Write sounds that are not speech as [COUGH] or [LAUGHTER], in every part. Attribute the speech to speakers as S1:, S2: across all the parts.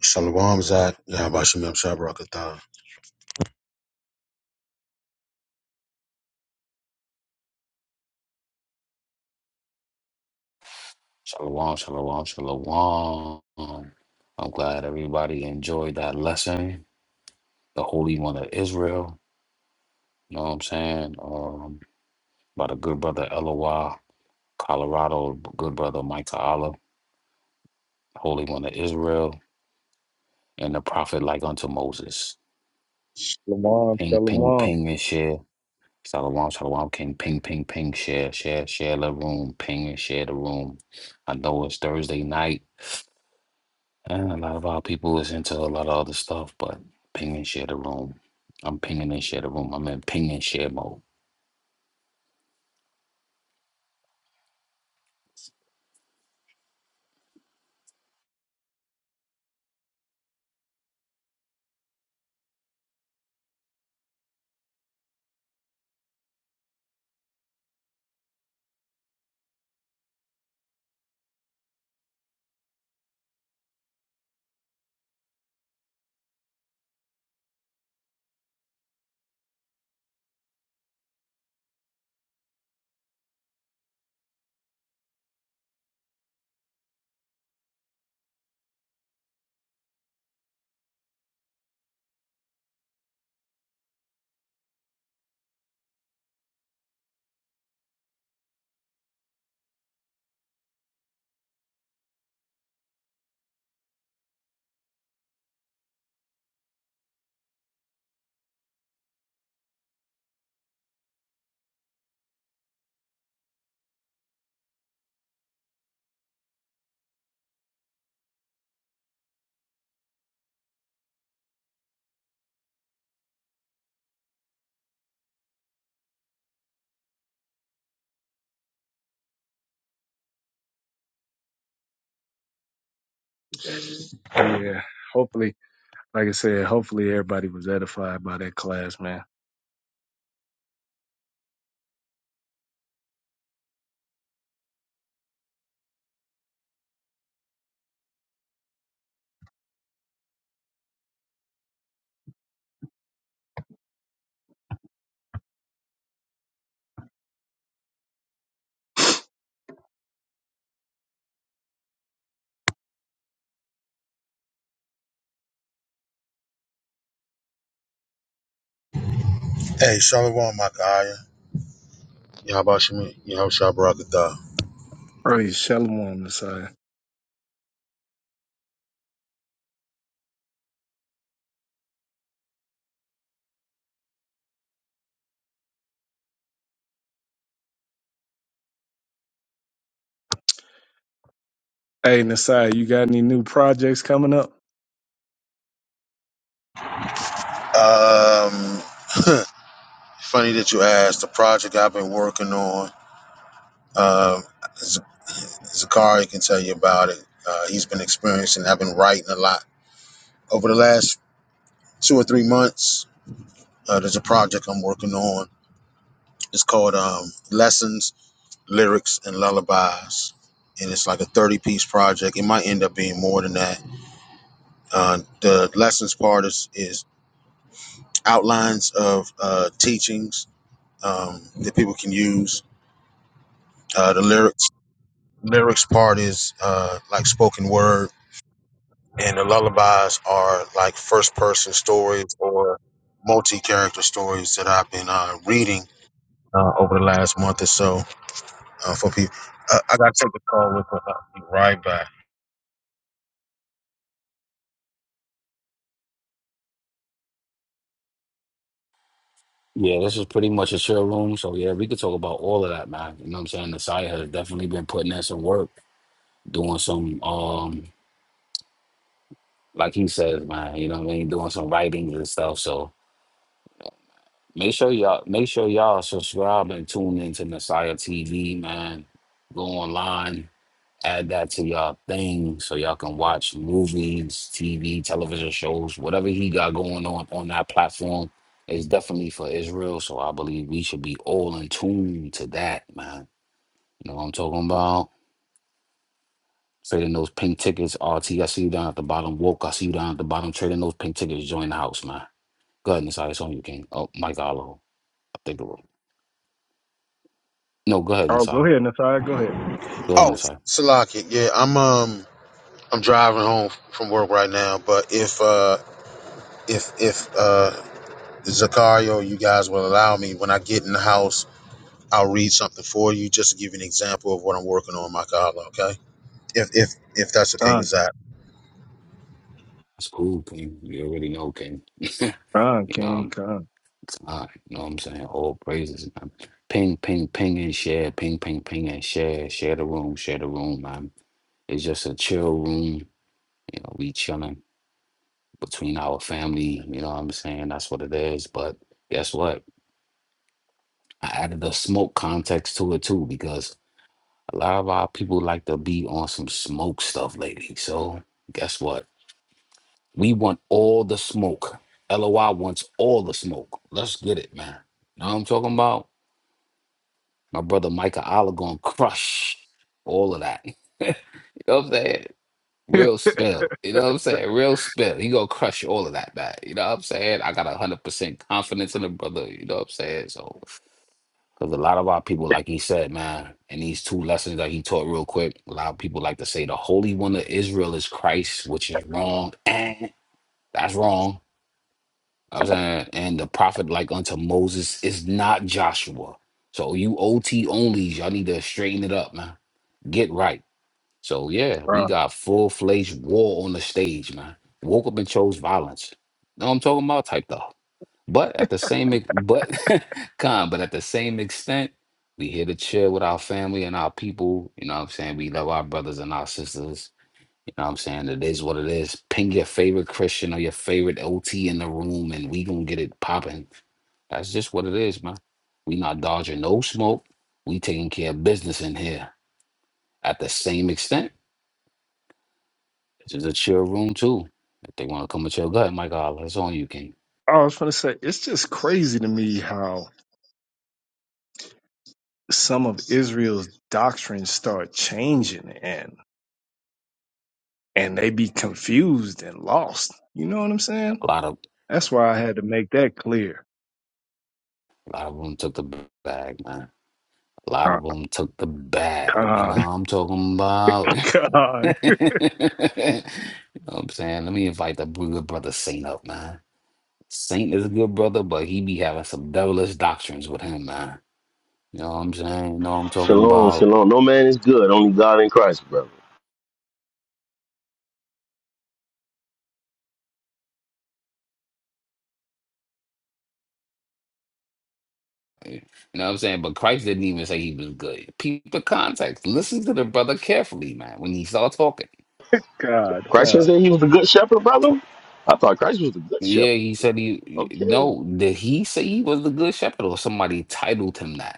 S1: Shalom Zad, Yahabashim Yabshah Barakatah.
S2: Shalom, shalom, shalom. I'm glad everybody enjoyed that lesson. The Holy One of Israel. You know what I'm saying? Um, by the good brother Eloi, Colorado, good brother Micah Allah, Holy One of Israel, and the prophet like unto Moses.
S3: Shalom,
S2: Ping, ping,
S3: shalom.
S2: ping, and share. Shalom, shalom, king. Ping, ping, ping, share, share, share the room. Ping and share the room. I know it's Thursday night. And a lot of our people is into a lot of other stuff, but ping and share the room. I'm pinging and share the room. I'm in ping and share mode.
S3: Yeah, hopefully, like I said, hopefully everybody was edified by that class, man.
S1: Hey, Shalom Makaya, Yahabashim Yabshah Barakatah.
S3: Praise shalom, Nasai. Hey, Nasai, you got any new projects coming up?
S1: Um, funny that you asked. The project I've been working on, um, Z- Zakari can tell you about it. Uh, he's been experiencing, I've been writing a lot. Over the last two or three months, uh, there's a project I'm working on. It's called um, Lessons, Lyrics, and Lullabies. And it's like a 30 piece project. It might end up being more than that Uh, the lessons part is, is outlines of uh, teachings um, that people can use. Uh, the lyrics lyrics part is uh, like spoken word, and the lullabies are like first person stories or multi character stories that I've been uh, reading uh, over the last month or so uh, for people. Uh, I got to take the call with uh, be right back.
S2: Yeah, this is pretty much a share room. So yeah, we could talk about all of that, man. You know what I'm saying? The has definitely been putting in some work, doing some um like he says, man, you know what I mean, doing some writings and stuff. So make sure y'all make sure y'all subscribe and tune into Messiah TV, man. Go online. add that to y'all thing so y'all can watch movies, TV, television shows, whatever he got going on on that platform is definitely for Israel. So I believe we should be all in tune to that, man. You know what I'm talking about? Trading those pink tickets, RT. I see you down at the bottom. Woke, I see you down at the bottom. Trading those pink tickets. Join the house, man. Go ahead, Nasai. It's on you, King. Oh, Mike Alo. I think it was. No, go ahead,
S3: Oh, go
S2: Nasai.
S3: ahead, Nasai. Go ahead.
S2: Go ahead,
S1: Oh,
S2: Nasai.
S1: Salaki, yeah, I'm um I'm driving home from work right now, but if uh if if uh Zakario, you guys will allow me when I get in the house, I'll read something for you just to give you an example of what I'm working on, my God, okay? If if if that's okay with
S3: Con,
S1: Zach.
S2: That's cool, King. You already know, King.
S3: con, King,
S2: Um,
S3: con.
S2: Uh, you know what I'm saying? All praises, man. Ping, ping, ping, and share. Ping, ping, ping, and share. Share the room, share the room, man. It's just a chill room. You know, we chilling between our family. You know what I'm saying? That's what it is. But guess what? I added the smoke context to it too because a lot of our people like to be on some smoke stuff lately. So guess what? We want all the smoke. LOI wants all the smoke. Let's get it, man. Know what I'm talking about? My brother Micah Allah gonna crush all of that. [LAUGHS] you know what I'm saying?
S3: [LAUGHS]
S2: Real spell. You know what I'm saying? Real spell. He gonna crush all of that, man. You know what I'm saying? I got hundred percent confidence in the brother. You know what I'm saying? So, because a lot of our people, like he said, man, and these two lessons that he taught real quick, a lot of people like to say the Holy One of Israel is Christ, which is wrong, and that's wrong. You know what I'm saying, and the prophet like unto Moses is not Joshua. So you OT onlys, y'all need to straighten it up, man. Get right. So yeah, we
S3: Con.
S2: got full fledged war on the stage, man. Woke up and chose violence. Know what I'm talking about? Type though. But at the same ex- but [LAUGHS] con, but at the same extent, we here to chill with our family and our people. You know what I'm saying? We love our brothers and our sisters. You know what I'm saying? It is what it is. Ping your favorite Christian or your favorite OT in the room and we gonna get it popping. That's just what it is, man. We not dodging no smoke. We taking care of business in here at the same extent This is a chill room too. If they want to come with your gut, my God, that's on you, King.
S3: I was going to say, it's just crazy to me how some of Israel's doctrines start changing and and they be confused and lost. You know what I'm
S2: A
S3: saying?
S2: lot of
S3: That's why I had to make that clear.
S2: a lot of them took the bag, man. A lot of
S3: Con,
S2: them took the bag. You know what
S3: con,
S2: I'm talking about?
S3: [LAUGHS]
S2: [LAUGHS] you know what I'm saying? Let me invite the good brother Saint up, man. Saint is a good brother, but he be having some devilish doctrines with him, man. You know what I'm saying? You know what I'm talking
S4: Shalom,
S2: about?
S4: shalom. No man is good, only God in Christ, brother.
S2: You know what I'm saying? But Christ didn't even say he was good. Peep the context. Listen to the brother carefully, man, when he start talking.
S3: God,
S4: Christ didn't
S3: God.
S4: say he was the good shepherd, brother. I thought Christ was the good
S2: Yeah,
S4: shepherd.
S2: he said he
S4: Okay.
S2: no. Did he say he was the good shepherd, or somebody titled him that?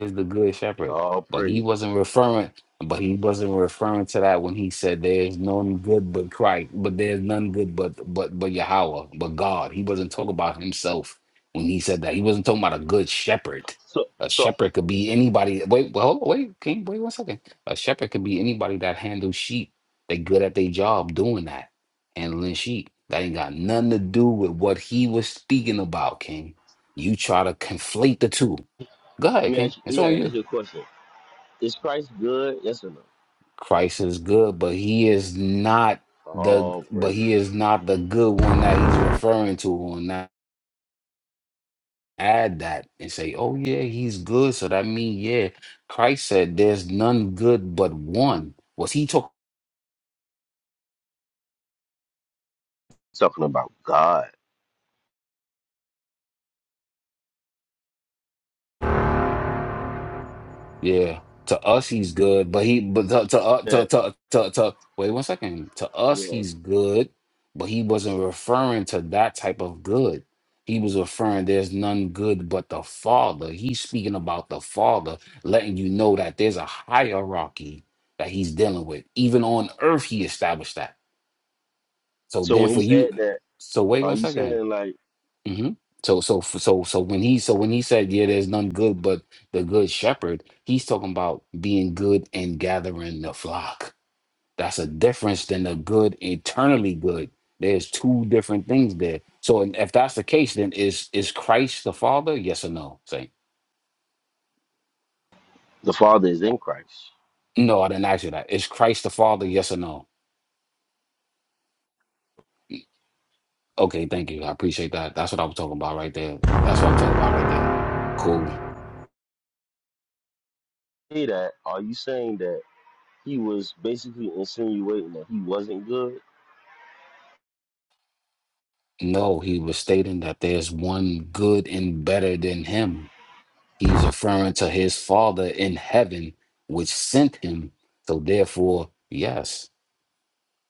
S2: is the good shepherd.
S4: All
S2: But he
S4: praise.
S2: wasn't referring, but he wasn't referring to that when he said there's none good but Christ, but there's none good but but but Yahweh, but God. He wasn't talking about himself when he said that. He wasn't talking about a good shepherd.
S4: So
S2: A
S4: so
S2: shepherd could be anybody. Wait, well, wait, King, wait one second. A shepherd could be anybody that handles sheep. They good at their job doing that, handling sheep. That ain't got nothing to do with what he was speaking about, King. You try to conflate the two Go
S4: let
S2: ahead,
S4: me
S2: King.
S4: ask
S2: It's
S4: you, let
S2: on
S4: me
S2: you.
S4: ask you a question. Is Christ good? Yes or no?
S2: Christ is good, but he is not the
S4: All
S2: but
S4: praise.
S2: he is not the good one that he's referring to. And not add that and say, oh yeah, he's good. So that means yeah, Christ said there's none good but one. Was he talking?
S4: Talking about God.
S2: Yeah, to us he's good, but he but to to uh, to,
S4: That-
S2: to to to wait one second. To us
S4: yeah.
S2: he's good, but he wasn't referring to that type of good. He was referring there's none good but the Father. He's speaking about the Father, letting you know that there's a hierarchy that he's dealing with. Even on earth he established that. So
S4: So
S2: then
S4: when
S2: for
S4: he
S2: you,
S4: said that,
S2: so wait
S4: are
S2: one
S4: you
S2: second
S4: saying like
S2: hmm So so f- so so when he so when he said, "Yeah, there's none good but the good shepherd," he's talking about being good and gathering the flock. That's a difference than the good eternally good. There's two different things there. So and if that's the case, then is is Christ the Father? Yes or no? Say
S4: the Father is in Christ?
S2: no. I didn't ask you that. Is Christ the Father? Yes or no? Okay, thank you. I appreciate that. That's what I was talking about right there. That's what I'm talking about right there. Cool.
S4: Say that, are you saying that he was basically insinuating that he wasn't good?
S2: No, he was stating that there's one good and better than him He's referring to his Father in heaven, which sent him. So, therefore, yes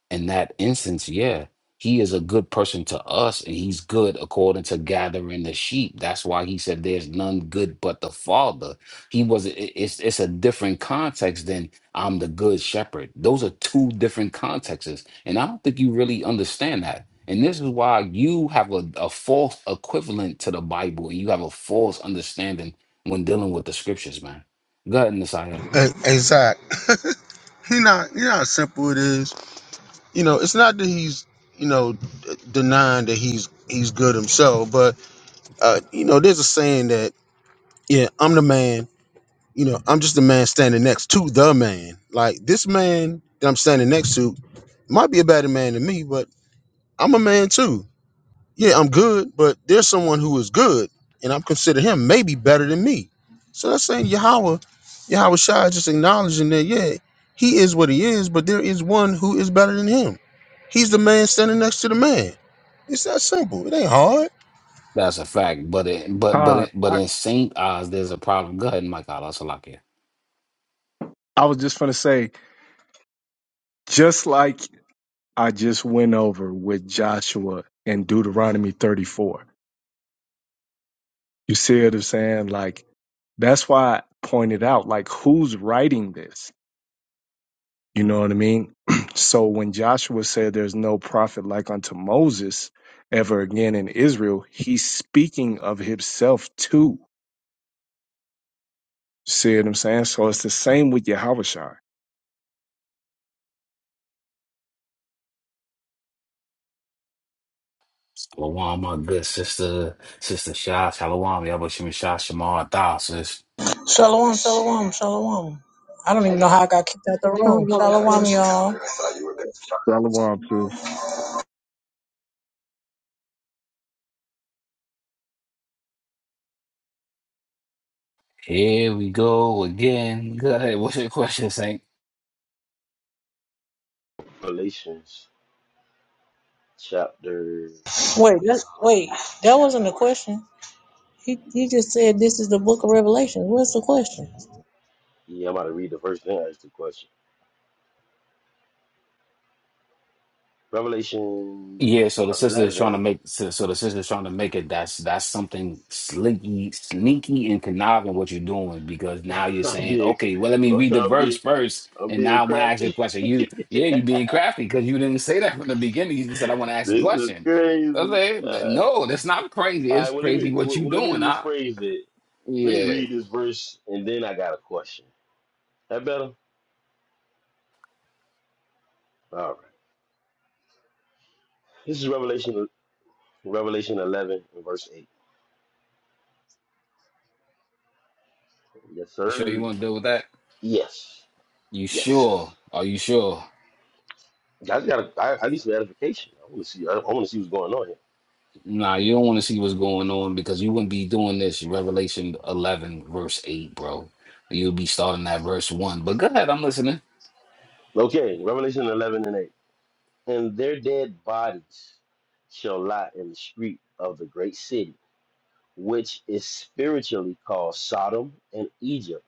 S2: in that instance, yeah, he is a good person to us, and he's good according to gathering the sheep. That's why he said, "There's none good but the Father." He was. i- It's it's a different context than I'm the good shepherd. Those are two different contexts, and I don't think you really understand that. And this is why you have a, a false equivalent to the Bible, and you have a false understanding when dealing with the scriptures, man. Go ahead, Messiah.
S1: Hey, hey Zach, [LAUGHS] he not you know how simple it is. You know, it's not that he's you know d- denying that he's he's good himself, but uh, you know, there's a saying that yeah, I'm the man. You know, I'm just the man standing next to the man. Like this man that I'm standing next to might be a better man than me, but I'm a man too. yeah, I'm good, but there's someone who is good, and I'm consider him maybe better than me. So that's saying Yahweh, Yahweh Shai is just acknowledging that, yeah, he is what he is, but there is one who is better than him. He's the man standing next to the man. It's that simple. It ain't hard.
S2: That's a fact. But it, but but
S3: Con,
S2: it, but
S3: I,
S2: in Saint Oz, there's a problem. Go ahead, Mike. Allah Salakia.
S3: I was just going to say, just like I just went over with Joshua in Deuteronomy 34, you see what I'm saying? Like, that's why I pointed out, like, who's writing this? You know what I mean? [CLEARS THROAT] so when Joshua said there's no prophet like unto Moses ever again in Israel, he's speaking of himself too. See what I'm saying? So it's the same with Yahushua.
S2: Shalom, my good sister, sister Shah. Shalom, Yabushim Shah Shamar Tha, sis.
S5: Shalom, shalom, shalom. I don't even know how I got kicked out the room.
S6: Shalom,
S5: Shalom,
S6: sis.
S5: y'all.
S3: Shalom, sis.
S2: Here we go again. Go ahead. What's your question, Saint?
S4: Galatians chapter
S5: Wait, that's, wait, that wasn't a question. He he just said this is the book of Revelation. What's the question?
S4: Yeah, I'm about to read the verse then ask the question. Revelation
S2: Yeah, so the sister is trying to
S4: 11.
S2: make so, so the sister is trying to make it that's that's something slinky, sneaky and conniving what you're doing because now
S4: [LAUGHS]
S2: you're
S4: I'm
S2: saying,
S4: being,
S2: okay, well let me read the
S4: I'm
S2: verse
S4: being,
S2: first,
S4: I'm
S2: and
S4: being
S2: now I'm gonna ask you a
S4: crafty. [LAUGHS]
S2: question. You
S4: this
S2: yeah, you being crafty because you didn't say that from the beginning. You just said I want to ask a
S4: is
S2: question.
S4: crazy.
S2: Okay, like,
S4: Uh,
S2: no, that's not crazy.
S4: all
S2: It's
S4: right, well let
S2: crazy
S4: me
S2: what
S4: well,
S2: you
S4: well, let me
S2: doing, huh?
S4: rephrase it. Let me
S2: Yeah,
S4: read this verse and then I got a question. That better? All right. This is Revelation Revelation 11 and verse 8. Yes,
S2: you sure you
S4: sir.
S2: want to deal with that?
S4: Yes.
S2: You
S4: Yes.
S2: sure? Are you sure?
S4: I got I, I need some edification. I want to see I, I want to see what's going on here.
S2: Nah, you don't want to see what's going on because you wouldn't be doing this. Revelation 11, verse 8, bro. You'll be starting at verse 1. But go ahead, I'm listening.
S4: Okay, Revelation 11 and 8. and their dead bodies shall lie in the street of the great city, which is spiritually called Sodom and Egypt,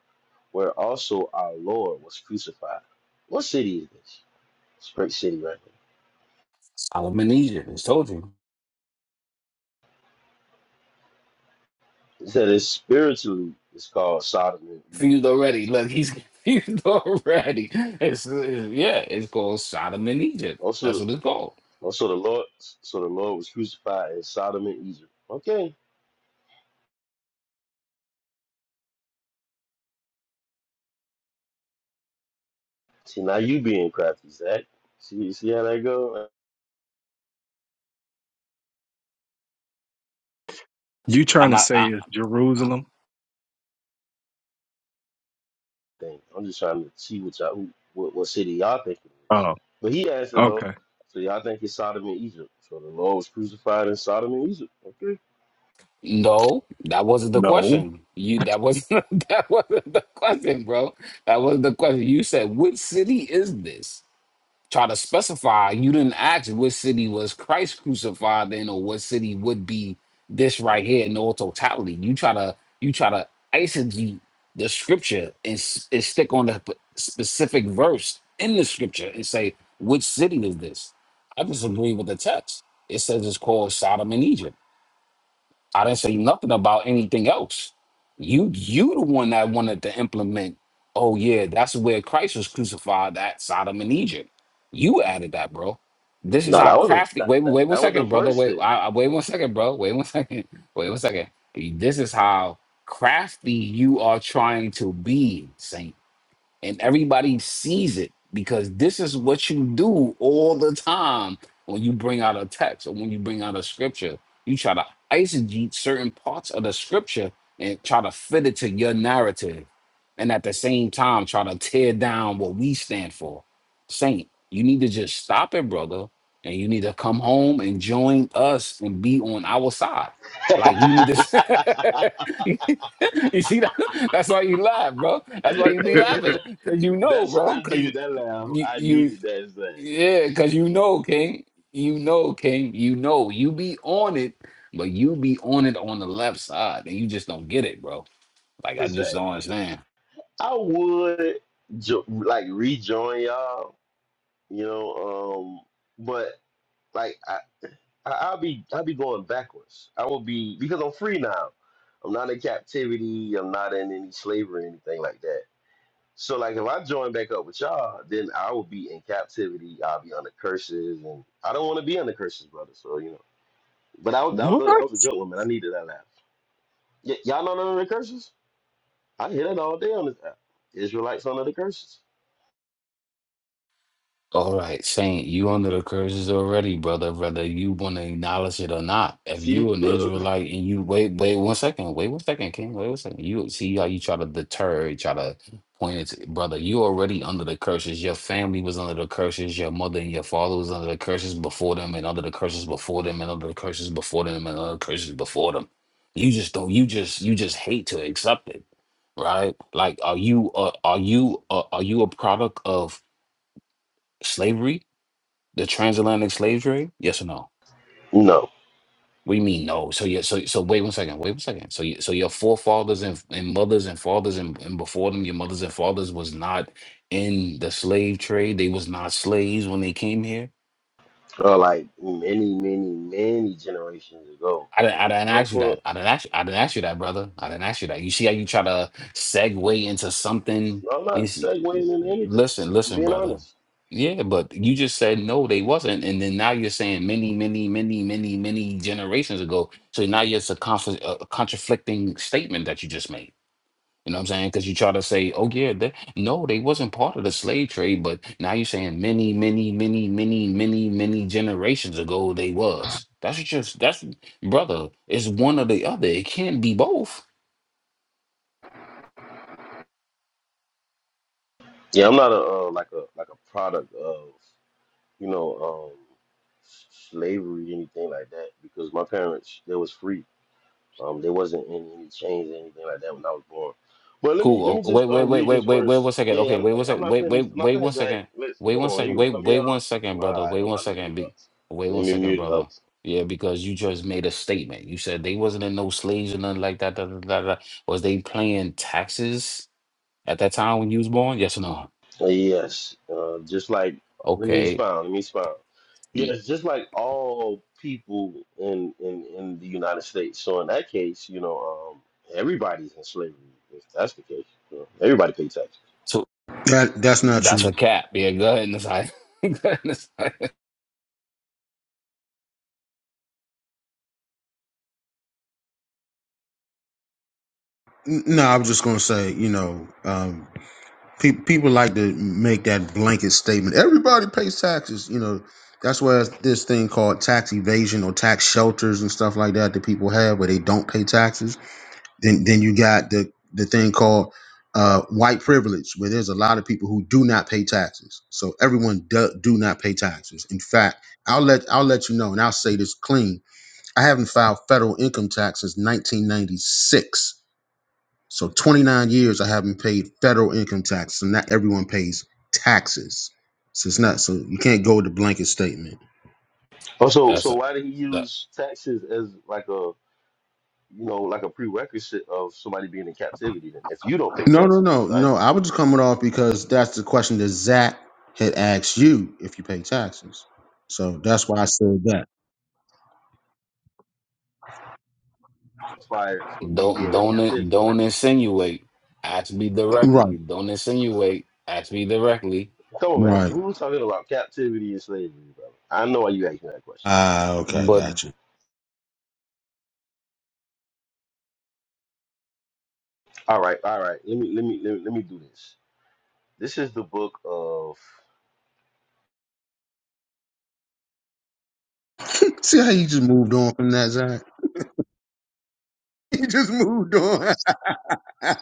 S4: where also our Lord was crucified. What city is this? It's a great city right there.
S2: Solomon Egypt, it's told you.
S4: It said it's spiritually it's called Sodom and
S2: Confused
S4: Egypt.
S2: already. Look, he's [LAUGHS] confused already. It's, it's- yeah, it's called Sodom and Egypt.
S4: Also
S2: That's what it's called.
S4: also the Lord so the Lord was crucified in Sodom and Egypt. Okay. See now you being crafty, Zach. See see how that go?
S3: You
S2: I'm
S3: trying to
S2: not.
S3: say
S2: I,
S3: it's Jerusalem?
S4: thing. I'm just trying to see what y'all, who, what, what city y'all think it is.
S3: Oh,
S4: But he answered though,
S3: Okay.
S4: so y'all think it's Sodom and Egypt. So the Lord was crucified in Sodom and Egypt. Okay.
S2: no, that wasn't the
S3: No.
S2: question. You that wasn't [LAUGHS] that wasn't the question, bro. That wasn't the question. You said, "Which city is this?" try to specify. You didn't ask what city was Christ crucified in, or what city would be this right here in all totality. You try to you try to isolate the scripture and, s- and stick on the p- specific verse in the scripture and say which city is this. I disagree with the text. It says it's called Sodom and Egypt. I didn't say nothing about anything else. You you the one that wanted to implement, oh yeah, that's where Christ was crucified at Sodom and Egypt. You added that, bro. This is
S4: No,
S2: how
S4: that was the
S2: crafty
S4: that,
S2: wait
S4: that,
S2: wait one
S4: that was the
S2: second, brother.
S4: first
S2: Wait,
S4: thing.
S2: I, I- wait one second, bro. Wait one second. [LAUGHS] Wait one second. This is how crafty you are trying to be, Saint and everybody sees it because this is what you do all the time when you bring out a text or when you bring out a scripture. You try to eisegete certain parts of the scripture and try to fit it to your narrative, and at the same time try to tear down what we stand for. Saint, you need to just stop it, brother, and you need to come home and join us and be on our side. Like you need to,
S4: [LAUGHS]
S2: [LAUGHS] you see that? That's why you laugh, bro. That's why you be
S4: hey, yo,
S2: laughing, cause you know,
S4: that's
S2: bro.
S4: I
S2: Cause
S4: needed
S2: you,
S4: that laugh.
S2: you,
S4: I needed that Zach.
S2: yeah, cause you know, King. You know, King. You know, you be on it, but you be on it on the left side, and you just don't get it, bro. Like I just
S4: Zach,
S2: don't understand.
S4: I would jo- like rejoin y'all, you know, um, but like I, I, I'll be I'll be going backwards. I will be because I'm free now. I'm not in captivity. I'm not in any slavery or anything like that. So like if I join back up with y'all, then I will be in captivity. I'll be under curses, and I don't want to be under curses, brother. So you know. But I was that was, that
S3: What?
S4: was a good one, man. I needed that laugh. Y- y'all know none of the curses? I hear that all day on this app. Israelites under the curses.
S2: All right, Saint, you under the curses already, brother, whether you want to acknowledge it or not. If
S4: See,
S2: you an
S4: look.
S2: Israelite and you wait, wait one second, wait one second, King, wait one second. You see how you try to deter, you try to point it, to- brother. You already under the curses. Your family was under the curses. Your mother and your father was under the curses before them, and under the curses before them, and under the curses before them, and under the curses before them. You just don't. You just you just hate to accept it, right? Like, are you uh, are you uh, are you a product of slavery? The transatlantic slave trade? Yes or no?
S4: No,
S2: What do you mean no? So yeah, so so wait one second, wait one second. So you, so your forefathers and, and mothers and fathers and, and before them, your mothers and fathers was not in the slave trade. They was not slaves when they came here.
S4: or like many, many, many generations ago.
S2: I didn't, I didn't
S4: But
S2: ask you
S4: for
S2: that. I didn't ask you, I didn't ask you that, brother. I didn't ask you that. You see how you try to segue into something?
S4: I'm
S2: You
S4: not
S2: see,
S4: segueing into anything.
S2: listen,
S4: I'm
S2: listen,
S4: being
S2: brother.
S4: honest.
S2: Yeah, but you just said no, they wasn't, and then now you're saying many, many, many, many, many generations ago. So now it's a, conf- a conflicting statement that you just made. You know what I'm saying? Because you try to say, oh, yeah, they, no, they wasn't part of the slave trade, but now you're saying many, many, many, many, many, many generations ago they was. That's just, that's, brother, it's one or the other. It can't be both.
S4: Yeah, I'm not a uh, like a like a product of you know um, s- slavery anything like that because my parents they was free. Um, there wasn't any, any change or anything like that when I was born. But let me let
S2: Cool.
S4: me
S2: Oh,
S4: just
S2: wait, wait,
S4: uh,
S2: wait,
S4: read
S2: wait,
S4: this
S2: wait, wait one
S4: verse.
S2: second.
S4: Yeah,
S2: Okay,
S4: I'm,
S2: wait one
S4: I'm
S2: second.
S4: not
S2: Wait,
S4: finished.
S2: wait,
S4: I'm not
S2: wait one
S4: finished. Zach.
S2: second.
S4: Let's
S2: Wait
S4: come
S2: one
S4: on.
S2: second.
S4: You gonna
S2: Wait,
S4: cut me
S2: wait one
S4: off?
S2: second,
S4: All
S2: brother.
S4: right,
S2: Wait
S4: I'm
S2: one
S4: about to
S2: second.
S4: mute up.
S2: Be, wait
S4: Let
S2: one
S4: me
S2: second,
S4: mute
S2: brother.
S4: up.
S2: Yeah, because you just made a statement. You said they wasn't in no slaves or nothing like that. Da, da, da, da. Was they paying taxes? at that time when you was born? Yes or no?
S4: Uh, Yes, uh, just like let me
S2: Okay.
S4: expound. Let me expound.
S2: Mm.
S4: Yes, just like all people in in in the United States. So in that case, you know, um, everybody's in slavery. If that's the case, you know, everybody pays taxes.
S2: So
S1: That that's not true.
S2: that's a cap. Yeah, go ahead and decide. [LAUGHS] go ahead and decide.
S1: N- No, I was just gonna say, you know, um, Pe- people like to make that blanket statement. Everybody pays taxes. You know, that's why it's this thing called tax evasion or tax shelters and stuff like that that people have where they don't pay taxes. Then, then you got the the thing called uh, white privilege, where there's a lot of people who do not pay taxes. So everyone do, do not pay taxes. In fact, I'll let I'll let you know, and I'll say this clean. I haven't filed federal income tax since 1996. So 29 years I haven't paid federal income tax, and not everyone pays taxes. So it's not so you can't go with the blanket statement.
S4: Oh, so
S2: That's
S4: so
S2: a
S4: why did he
S2: that,
S4: use taxes as like a you know like a prerequisite of somebody being in captivity? Then, if you don't pay
S1: No, no,
S4: taxes,
S1: no,
S4: Messiah,
S1: no. I was just coming off because that's the question that Zach had asked you if you pay taxes. So that's why I said that.
S4: fire for me
S2: don't
S4: being in
S2: don't in-
S4: captivity.
S2: don't insinuate. Ask me
S1: Right,
S2: directly. Don't insinuate. Ask me directly.
S4: Come on, man.
S1: right.
S4: We were talking about captivity and slavery, brother. I know why you asking that question.
S1: Ah, okay,
S2: But
S1: gotcha.
S4: All right, all right. Let me let me let me, let me do this. This is the book of
S1: [LAUGHS] See how you just moved on from that, Zach? [LAUGHS] You just moved on. [LAUGHS]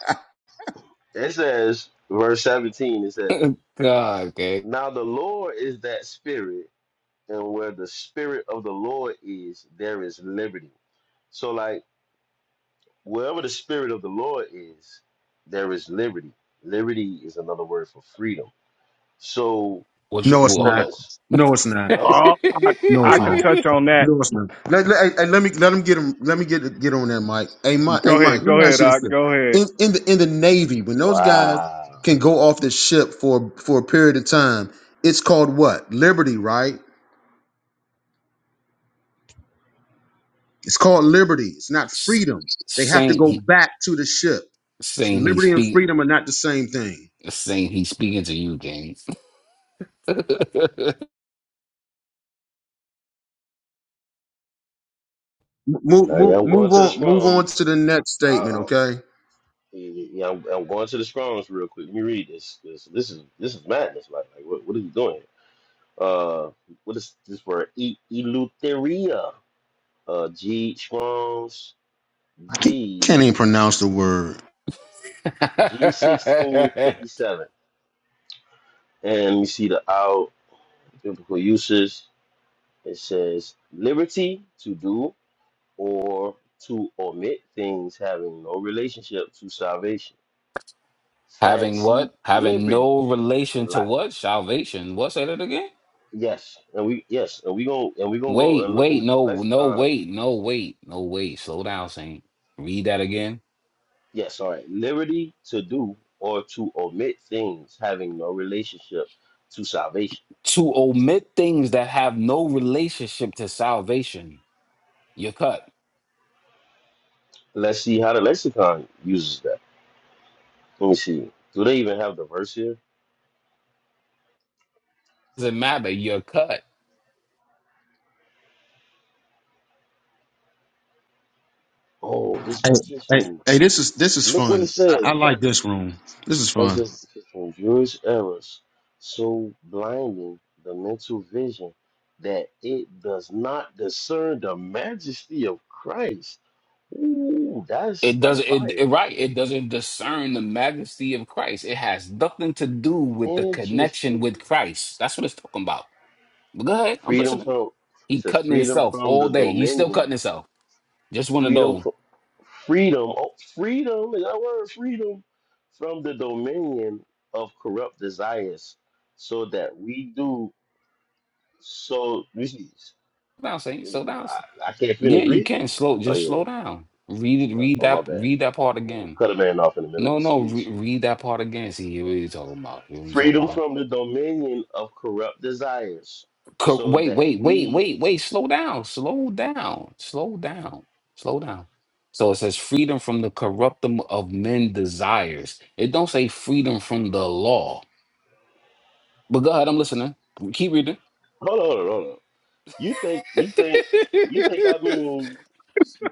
S4: it says verse 17 it says
S2: God, okay.
S4: now the Lord is that spirit and where the spirit of the Lord is there is liberty. So like wherever the spirit of the Lord is there is liberty. Liberty is another word for freedom. So
S2: What you
S1: no, it's
S2: well, hold
S1: not.
S4: once
S1: No, it's not.
S2: on,
S4: no?
S3: Oh, I,
S1: No,
S3: I
S1: it's
S3: could
S1: not.
S4: No?
S3: touch on that.
S1: Listen, let, let, hey, hey, let me let him get him. Let me get get on that, Mike. Hey, Mike. Hey,
S3: Go
S1: Mike.
S3: ahead.
S1: Let
S3: Go
S1: me ask
S3: ahead.
S1: you this:
S3: Doc.
S1: thing.
S3: go ahead.
S1: in in the in the Navy, when those guys
S4: Wow.
S1: can go off the ship for for a period of time, it's called what? Liberty, right? It's called liberty. It's not
S2: [LAUGHS] S-
S1: freedom. They have to
S2: Saint
S1: go
S2: he
S1: back to the ship. So
S2: saying he
S1: liberty and
S2: speak
S1: freedom are not the same thing.
S2: saying he speaking to you, James.
S1: M- Move
S4: Now
S1: move
S4: yeah, I'm going
S1: move
S4: to the
S1: on move on to
S4: Strong's.
S1: the next
S4: I,
S1: statement. Okay.
S4: Yeah, I'm, I'm going to the Strong's real quick. Let me read this. because this is this is madness. Like, like what, what are you doing? Uh, what is this word? E- Eleutheria. Uh, G Strong's
S1: I can't
S4: G
S1: even pronounce the word.
S4: G sixteen
S2: [LAUGHS]
S4: fifty seven. And we see the out biblical uses. It says liberty to do or to omit things having no relationship to salvation.
S2: Having
S4: Fancy
S2: what? Having
S4: liberty.
S2: no relation to
S4: Like
S2: what? Salvation. What? Say that again.
S4: Yes, and we yes, and we going and we gonna go
S2: Wait,
S4: and look in
S2: wait,
S4: the
S2: no, no,
S4: lexicon.
S2: wait, no, wait, no, wait. Slow down, Saint. Read that again.
S4: Yes, all right. Liberty to do or to omit things having no relationship to salvation.
S2: To omit things that have no relationship to salvation, you're cut.
S4: Let's see how the lexicon uses that. Let me see. Do they even have the verse here?
S2: Doesn't matter. You're cut.
S4: Oh, it's
S1: Hey, hey,
S4: interesting.
S1: hey this is this is
S4: Look what it
S1: fun. I,
S4: says.
S1: I like this room. This is
S4: Verse
S1: fun.
S4: is- from Jewish errors so blinding the mental vision that it does not discern the majesty of Christ. Ooh, that's
S2: It
S4: that's
S2: doesn't. It,
S4: fire.
S2: it right. It doesn't discern the majesty of Christ. It has nothing to do with the connection with
S4: Interesting.
S2: Christ. That's what it's talking about. But go ahead. I'm
S4: Freedom
S2: listening.
S4: from it
S2: He
S4: says
S2: cutting
S4: freedom
S2: himself
S4: from
S2: all
S4: the
S2: day. He's still cutting
S4: dominion.
S2: himself. Just want to
S4: Freedom
S2: know.
S4: from freedom. Oh, freedom is that word freedom from the dominion of corrupt desires, so that we do so. You see,
S2: down, Saint. Slow down.
S4: I, I can't
S2: Yeah,
S4: finish
S2: you can
S4: reading.
S2: slow.
S4: Oh
S2: Just slow
S4: yeah.
S2: down. Read it.
S4: Oh
S2: Read
S4: oh, my
S2: that.
S4: bad.
S2: Read that part
S4: Yeah, we
S2: again.
S4: Cut a man off in the middle of
S2: No,
S4: his
S2: no. Re-
S4: speech.
S2: read that part again. See what you really talking about. You know what I'm talking
S4: Freedom
S2: about.
S4: from the dominion of corrupt desires,
S2: Co-
S4: so
S2: Wait,
S4: that
S2: wait, wait,
S4: we
S2: wait, wait. Slow down. Slow down. Slow down. Slow down. So it says freedom from the corruptum of men desires. It don't say freedom from the law. But go ahead. I'm listening. Keep reading.
S4: hold on, hold on, hold on. You think you think you think I mean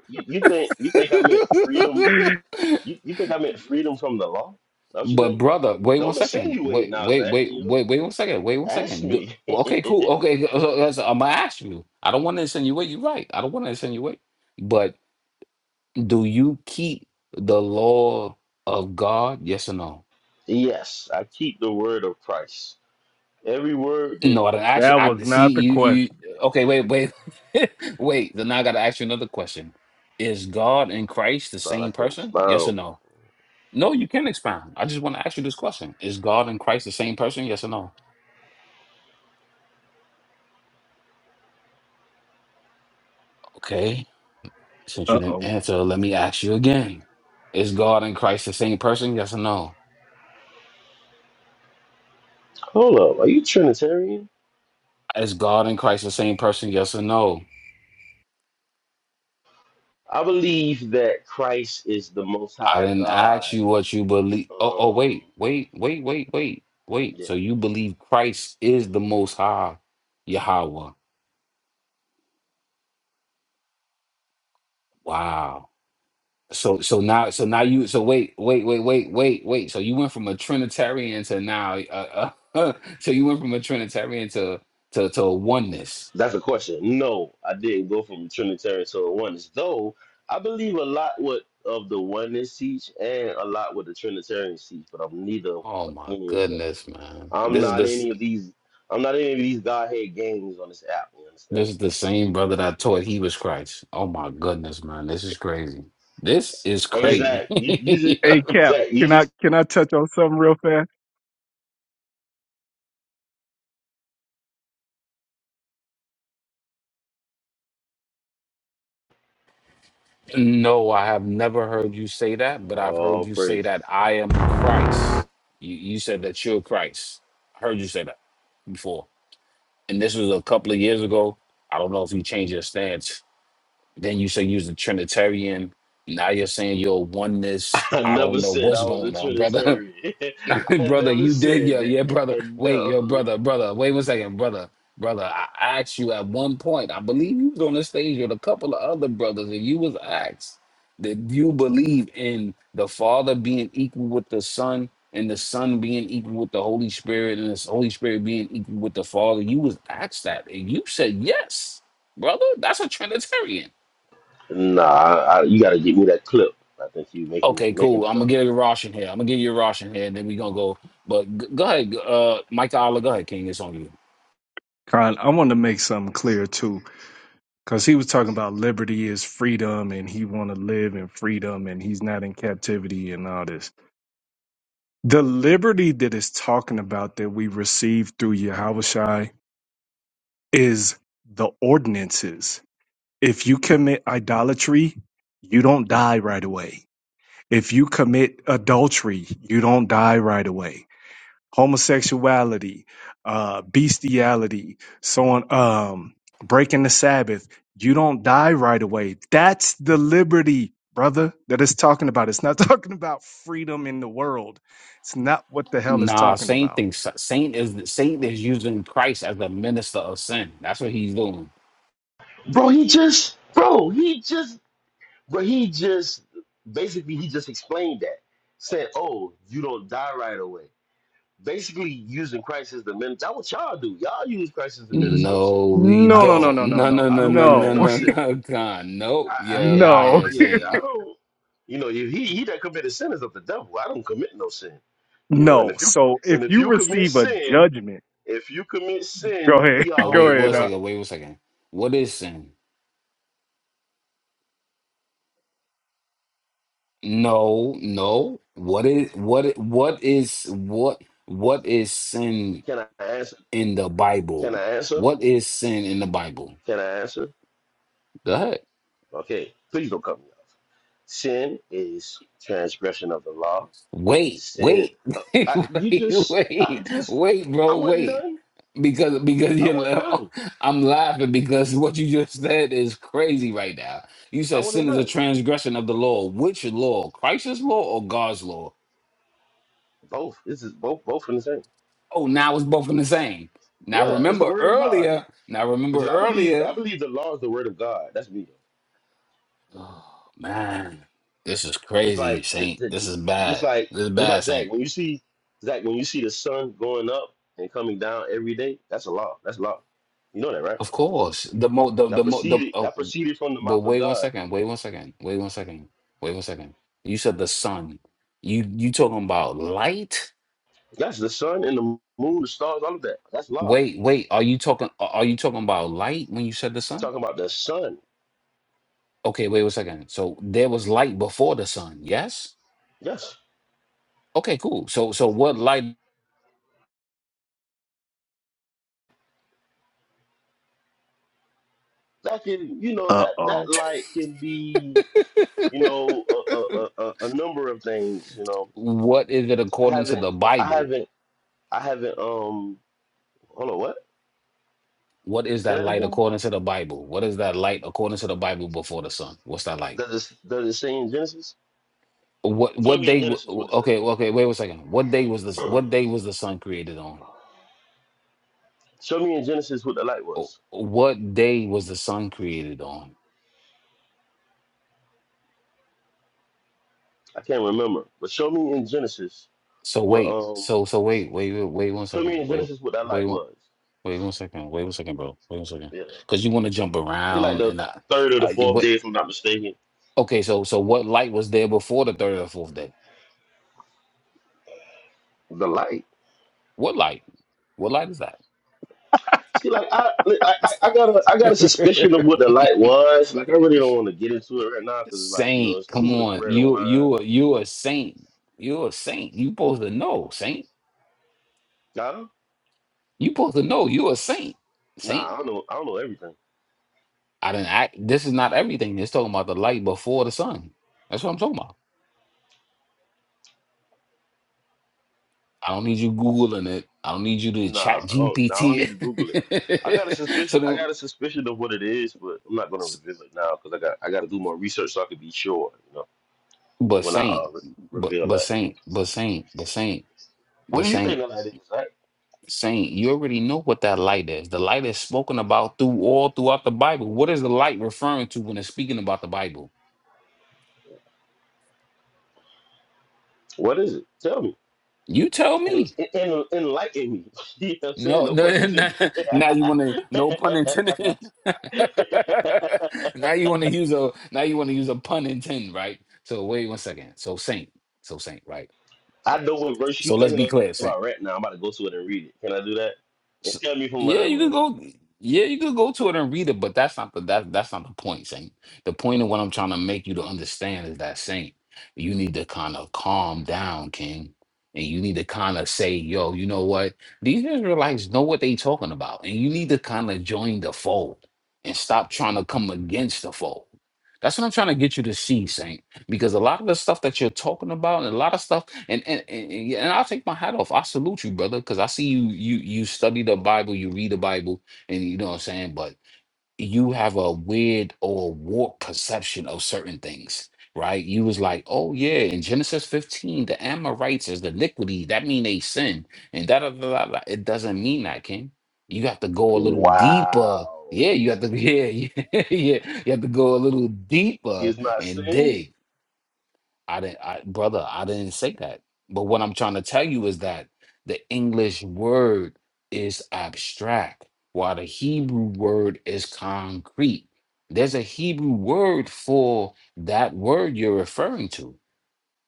S4: you, you think you think I meant freedom?
S2: [LAUGHS]
S4: You, you think I meant freedom from the law? That what you
S2: But
S4: think?
S2: brother, wait one
S4: Don't
S2: second.
S4: insinuate
S2: Wait,
S4: now,
S2: wait,
S4: Zach.
S2: wait,
S4: You know,
S2: wait, wait one second. Wait one
S4: ask
S2: second. Do-
S4: me.
S2: well, okay, cool. Okay, [LAUGHS] I'm gonna ask you. I don't want to insinuate. You're right. I don't want to insinuate. But do you keep the law of God? Yes or no?
S4: [LAUGHS] yes, I keep the word of Christ. Every word that
S2: No, I don't ask you.
S3: That was
S2: I see
S3: not the
S2: you. You
S3: question.
S2: okay? Wait, wait, [LAUGHS] wait. Then I gotta ask you another question. Is God and Christ the
S4: thought I
S2: same
S4: can
S2: person? Yes or
S4: expound.
S2: no? No, you can expound. I just want to ask you this question. Is God and Christ the same person? Yes or no? Okay. Since you
S3: Uh
S2: didn't
S3: oh.
S2: answer, let me ask you again. Is God and Christ the same person? Yes or no?
S4: Hold up, are you Trinitarian?
S2: Is God and Christ the same person? Yes or no?
S4: I believe that Christ is the Most
S2: I
S4: High
S2: didn't
S4: God.
S2: ask you what you believe. Oh, oh,
S4: Um,
S2: wait, wait, wait, wait, wait, wait.
S4: yeah,
S2: So you believe Christ is the most high Yahweh. Wow. So so now so now you so wait, wait, wait, wait, wait, wait. So you went from a Trinitarian to now uh, uh, [LAUGHS] so you went from a Trinitarian to to to a oneness.
S4: That's the question. No, I didn't go from Trinitarian to a oneness, though I believe a lot what of the oneness teach and a lot what the Trinitarians teach, but I'm neither of
S2: Oh my
S4: any of them.
S2: goodness, man.
S4: I'm
S2: This is
S4: not
S2: this.
S4: any of these. I'm not any of these godhead gangs on this app. You understand?
S2: This is the same brother that taught he was Christ. Oh my goodness, man. This is crazy. This is
S4: Hey
S3: Hey,
S2: crazy.
S4: Zach,
S2: [LAUGHS]
S4: you, you just
S3: hey, Cap.
S4: Zach, you
S3: Can I
S4: just
S3: can I touch on something real fast?
S2: No, I have never heard you say that, but I've heard
S4: oh
S2: you say
S4: praises.
S2: that I am Christ. You, you said that you're Christ. I heard you say that before. And this was a couple of years ago. I don't know if you changed your stance. Then you say you was a Trinitarian. Now you're saying you're a
S4: [LAUGHS]
S2: oneness.
S4: I
S2: I
S4: never
S2: don't know
S4: said
S2: what's
S4: I was a
S2: going on, brother. [LAUGHS]
S4: Trinitarian. [LAUGHS]
S2: [LAUGHS]
S4: I
S2: brother,
S4: never
S2: you did,
S4: said
S2: yeah, yeah,
S4: that.
S2: brother. Wait, yo,
S4: [LAUGHS]
S2: brother, brother, wait one second, brother, brother. I asked you at one point. I believe you was on the stage with a couple of other brothers, and you was asked, did you believe in the Father being equal with the Son, and the Son being equal with the Holy Spirit, and the Holy Spirit being equal with the Father?" You was asked that, and you said yes, brother. That's a Trinitarian.
S4: No. Nah, I, I, you got to get me that clip. I think you making
S2: Okay, cool.
S4: making it
S2: I'm
S4: up.
S2: gonna give you a Roshan here. I'm gonna give you a Roshan here, and then we gonna go. But g- go ahead, uh, Mike Allah, go ahead, King. It's on you.
S3: Con, I want to make something clear too, because he was talking about liberty is freedom, and he want to live in freedom, and he's not in captivity and all this. The liberty that is talking about that we receive through Yahushua is the ordinances If you commit idolatry, you don't die right away. If you commit adultery, you don't die right away. Homosexuality, uh, bestiality, so on, um, breaking the Sabbath, you don't die right away. That's the liberty, brother, that it's talking about. It's not [LAUGHS] talking about freedom in the world. It's not what the hell it's
S2: Nah,
S3: talking
S2: Saint
S3: about.
S2: thing. Saint is Saint is using Christ as the minister of sin. That's what he's doing.
S4: Bro, he just, bro, he just, bro, he just, basically, he just explained that. Said, oh, you don't die right away. Basically, using Christ as the minister. That what y'all do. Y'all use Christ as the
S3: Mhm.
S4: minister of sin.
S2: No, we
S4: I
S3: No, no,
S4: don't,
S3: no,
S2: don't.
S3: no,
S2: [LAUGHS]
S3: no,
S2: No,
S3: no,
S2: no,
S4: I
S2: no,
S4: don't
S2: no,
S4: commit
S2: no,
S4: no
S3: no,
S2: no,
S4: sin.
S2: no, God. Nope,
S4: I,
S3: [LAUGHS]
S4: I
S2: you're a
S4: yeah, I
S3: no.
S4: don't,
S2: liar,
S4: yeah,
S2: Saint.
S4: I don't. You know, if he he that committed sin is of the devil. I don't commit no sin. You know, and
S3: No.
S4: if you
S3: So if
S4: and if
S3: you
S4: you commit
S3: receive a
S4: sin,
S3: judgment,
S4: if you commit
S3: go
S4: sin,
S3: ahead.
S4: ye
S2: Oh,
S4: are
S3: [LAUGHS]
S4: of
S3: Go
S2: wait,
S4: the
S2: one
S3: ahead.
S4: devil.
S2: second. Wait one second. What is sin? No, no. What is what? i- What is what? What is sin?
S4: Can I answer?
S2: in the
S4: Can
S2: Bible?
S4: I answer?
S2: What is sin in the Bible?
S4: Can I answer?
S2: Go ahead.
S4: Okay, please don't cut me off. Sin is transgression of the law.
S2: Wait,
S4: Sin.
S2: wait,
S4: uh,
S2: [LAUGHS]
S4: I, you
S2: wait,
S4: just. I
S2: wait,
S4: just.
S2: wait,
S4: I
S2: bro,
S4: wasn't
S2: wait.
S4: done.
S2: Because because
S4: I
S2: you're
S4: wasn't
S2: la-
S4: done.
S2: [LAUGHS] I'm laughing because what you just said is crazy right now. You
S4: I
S2: said
S4: wasn't
S2: sin is a
S4: done.
S2: transgression of the law. Which law? Christ's law or God's law?
S4: Both. This is both. Both from the same.
S2: Oh, now it's both in the same. Now
S4: Yeah, it's the
S2: remember
S4: word of God.
S2: earlier. Now remember
S4: Because I believe.
S2: earlier.
S4: I believe the law is the word of God. That's me. Though.
S2: Oh man, this is
S4: Just
S2: crazy,
S4: like. j-
S2: Saint.
S4: j-
S2: This
S4: j-
S2: is
S4: Just
S2: bad.
S4: like.
S2: This is
S4: Just
S2: bad,
S4: like
S2: Saint.
S4: Zach. When you see Zach, when you see the sun going up and coming down every day, that's a law. That's law. You know that, right?
S2: Of course, the mo the
S4: That
S2: the mo the.
S4: proceeded.
S2: Uh,
S4: That proceeded from the
S2: but
S4: mouth of
S2: wait one
S4: God
S2: second. Wait one second. Wait one second. Wait one second. You said the sun. You you talking about light?
S4: That's the sun and the moon, the stars, all of that. That's love.
S2: Wait wait. Are you talking? a- Are you talking about light when you said the
S4: I'm
S2: sun?
S4: talking about the sun.
S2: Okay. Wait one second. So there was light before the sun. Yes.
S4: Yes,
S2: Okay. Cool. So so what light?
S4: that can you know
S3: Uh
S4: that that
S3: oh.
S4: light can be you know a a, a, a a number of things. You know,
S2: What is it
S4: I
S2: according to
S4: haven't
S2: the
S4: I
S2: Bible?
S4: haven't I haven't um hold on what
S2: What is
S4: say
S2: that
S4: that
S2: light
S4: again?
S2: according to the Bible? What is that light according to the Bible before the sun? What's that light?
S4: Does it does it say in Genesis?
S2: What
S4: Show
S2: what
S4: me in
S2: day? w-
S4: Genesis what it says.
S2: Okay, okay. Wait one second. What day was this?
S4: [CLEARS THROAT]
S2: What day was the sun created on?
S4: show me in Genesis what the light
S2: Oh,
S4: was.
S2: What day was the sun created on?
S4: I can't remember, but show me in Genesis
S2: So
S4: what
S2: wait.
S4: um
S2: So so wait. Wait wait wait one
S4: show me
S2: second.
S4: in
S2: Wait
S4: Genesis what that
S2: wait
S4: light
S2: one-
S4: was.
S2: wait one second. Wait one second, bro. Wait one second.
S4: Yeah.
S2: Because you want to jump
S4: Say like
S2: around
S4: the
S2: and I,
S4: third or the
S2: uh, you
S4: fourth day,
S2: wait.
S4: if I'm not mistaken.
S2: Okay. So so what light was there before the third or fourth day?
S4: The light.
S2: What light? What light is that?
S4: See, like I, I, I I got a, I got a suspicion
S2: [LAUGHS]
S4: of what the light was. Like I really don't want to get into it right now because, like, you know,
S2: saint.
S4: it's too
S2: Come
S4: much
S2: on.
S4: bread and
S2: You
S4: wine.
S2: you a- you a saint. You a saint. You supposed to know, saint.
S4: I do
S2: You supposed to know you a saint.
S4: nah,
S2: Saint?
S4: I don't know, I don't know everything.
S2: I didn't act this is not everything. It's talking about the light before the sun. That's what I'm talking about. I don't need you Googling it. I don't need you to chat
S4: Nah, I don't, nah, I don't
S2: GPT
S4: need to Google it. I got a
S2: it. [LAUGHS] so
S4: suspicion, I
S2: then
S4: got a suspicion of what it is, but I'm not gonna
S2: s-
S4: reveal it now because I got, I got to do more research so I can be sure, you know,
S2: but
S4: when I
S2: saint,
S4: uh, re-
S2: but
S4: reveal
S2: but
S4: that.
S2: saint, but saint, but saint,
S4: What
S2: but
S4: do you think
S2: saint,
S4: the light is? Right?
S2: saint, you already know what that light is. The light is spoken about through all throughout the Bible. What is the light referring to when it's speaking about the Bible?
S4: What is it? Tell me.
S2: You tell
S4: en-
S2: me.
S4: en- enlighten me. [LAUGHS] You know what I'm saying?
S2: No,
S4: No pun
S2: no, [LAUGHS] now,
S4: intended. [LAUGHS]
S2: now you want to, no pun intended. [LAUGHS] now you want to use a, now you want to use a pun intended, right? So wait one second. So saint, so saint, right?
S4: I know what verse you
S2: So let's be
S4: thinking
S2: clear, saint.
S4: about right now. I'm about to go to it and read it. Can I do that? And
S2: So,
S4: tell me if I'm
S2: yeah,
S4: right or
S2: you can
S4: wrong.
S2: go. Yeah, you can go to it and read it, but that's not the that that's not the point, Saint. The point of what I'm trying to make you to understand is that Saint, you need to kind of calm down, King, and you need to kind of say, yo, you know what? These Israelites know what they talking about, and you need to kind of join the fold and stop trying to come against the fold. That's what I'm trying to get you to see, Saint because a lot of the stuff that you're talking about and a lot of stuff and and and, and yeah, and I'll take my hat off. I salute you, brother, because I see you you you study the Bible, you read the Bible, and you know what I'm saying, but you have a weird or warped perception of certain things. Right, you was like, oh yeah, in Genesis 15, the Amorites is the iniquity. That mean they sin, and that da, da, da, da, da. it doesn't mean that, King. You have to go a little deeper.
S4: Wow.
S2: Yeah, you have to. [LAUGHS] Yeah, yeah, yeah. You have to go a little
S4: He
S2: deeper
S4: is not
S2: and
S4: sin.
S2: dig. I didn't, I, brother, I didn't say that. But what I'm trying to tell you is that the English word is abstract, while the Hebrew word is concrete. There's a Hebrew word for that word you're referring to,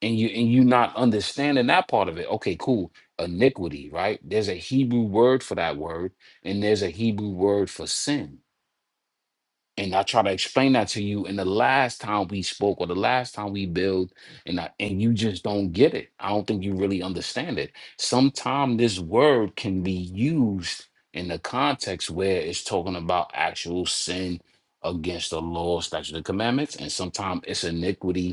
S2: and you and you not understanding that part of it. Okay, cool. Iniquity, right? There's a Hebrew word for that word, and there's a Hebrew word for sin and I try to explain that to you. And the last time we spoke, or the last time we built, and I, and you just don't get it. I don't think you really understand it. Sometimes this word can be used in the context where it's talking about actual sin against the law, statute, and commandments, and sometimes it's iniquity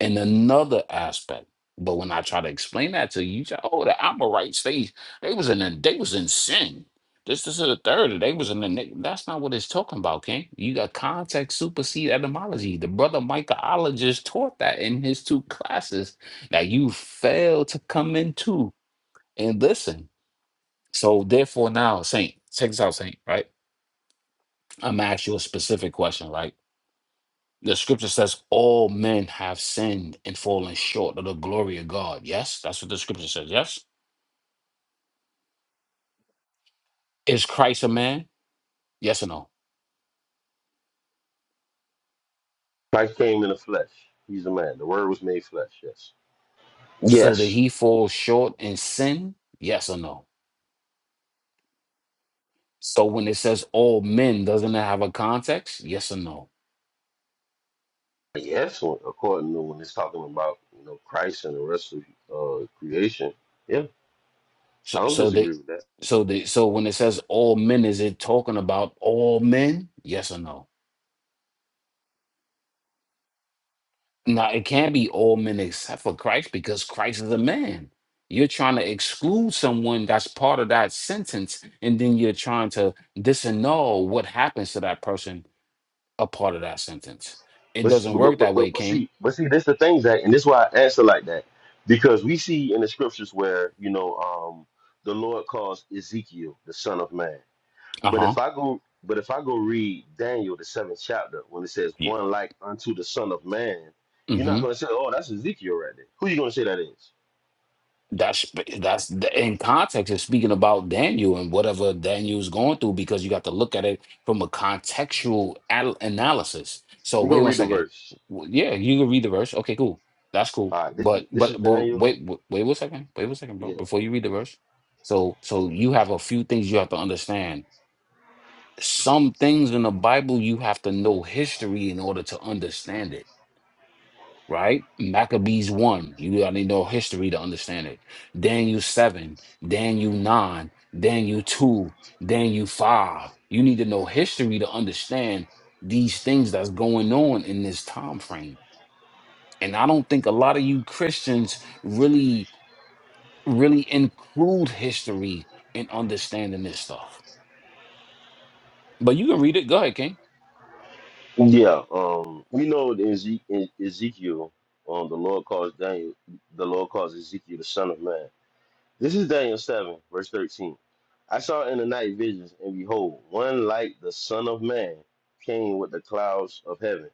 S2: in another aspect. But when I try to explain that to you, you say, oh, the Amorites, they they was in a, they was in sin. This, this is the third. They was in the ni-" that's not what it's talking about, King. You got context supersede etymology. The brother Michaelologist taught that in his two classes that you fail to come into and listen. So therefore now, Saint, take this out, Saint, right? I'm gonna ask you a specific question, right? The scripture says all men have sinned and fallen short of the glory of God. Yes, that's what the scripture says. Yes. Is Christ a man? Yes or no?
S4: Christ came in the flesh. He's a man. The word was made flesh. Yes.
S2: So did
S4: Yes.
S2: he fall short in sin? Yes or no? So when it says all men, doesn't it have a context? Yes or no?
S4: Yes. According to when it's talking about you know Christ and the rest of uh, creation. Yeah,
S2: So
S4: I don't
S2: so the
S4: disagree with that.
S2: so the so when it says all men, is it talking about all men? Yes or no? Now, it can't be all men except for Christ because Christ is a man. You're trying to exclude someone that's part of that sentence, and then you're trying to disannul what happens to that person a part of that sentence. It
S4: But,
S2: doesn't
S4: but,
S2: work
S4: but,
S2: that way,
S4: but, but
S2: King.
S4: see, but see, this the thing, Zach, and this is why I answer like that. Because we see in the scriptures where, you know, um, the Lord calls Ezekiel the son of man.
S2: Uh
S4: But
S2: huh.
S4: if I go but if I go read Daniel the seventh chapter, when it says
S2: Yeah.
S4: one like unto the son of man, you're not gonna say, Oh, that's Ezekiel right there. Who you gonna say that is?
S2: That's that's the, in context. It's speaking about Daniel and whatever Daniel's going through because you got to look at it from a contextual al- analysis. So
S4: We're
S2: wait
S4: gonna
S2: one
S4: read the
S2: second.
S4: verse.
S2: W- Yeah, you can read the verse. Okay, cool. That's cool.
S4: All right, this is
S2: But
S4: this is
S2: but but
S4: Daniel.
S2: wait w- wait one second. Wait one second, bro.
S4: Yeah.
S2: Before you read the verse, so so you have a few things you have to understand. Some things in the Bible you have to know history in order to understand it right? Maccabees 1. You gotta need no history to understand it. Daniel 7, Daniel 9, Daniel 2, Daniel 5. You need to know history to understand these things that's going on in this time frame. And I don't think a lot of you Christians really, really include history in understanding this stuff. But you can read it. Go ahead, King.
S4: Yeah. Um we know in Eze- in Ezekiel, um the Lord calls Daniel the Lord calls Ezekiel the son of man. This is Daniel 7, verse 13. I saw in the night visions, and behold, one like the Son of Man came with the clouds of heaven,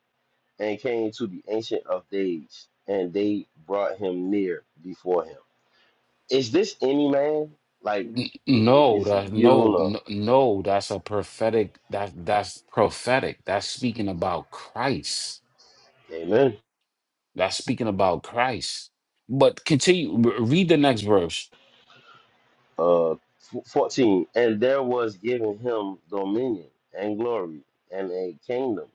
S4: and came to the Ancient of Days, and they brought him near before him. Is this any man? Like,
S2: N-
S4: is it
S2: No, that
S4: Ezekiel or
S2: no, no,
S4: no?
S2: no, that's a prophetic that that's prophetic. That's speaking about Christ.
S4: Amen?
S2: That's speaking about Christ. But continue re- read the next verse.
S4: uh, f- 14 and there was given him dominion and glory and a kingdom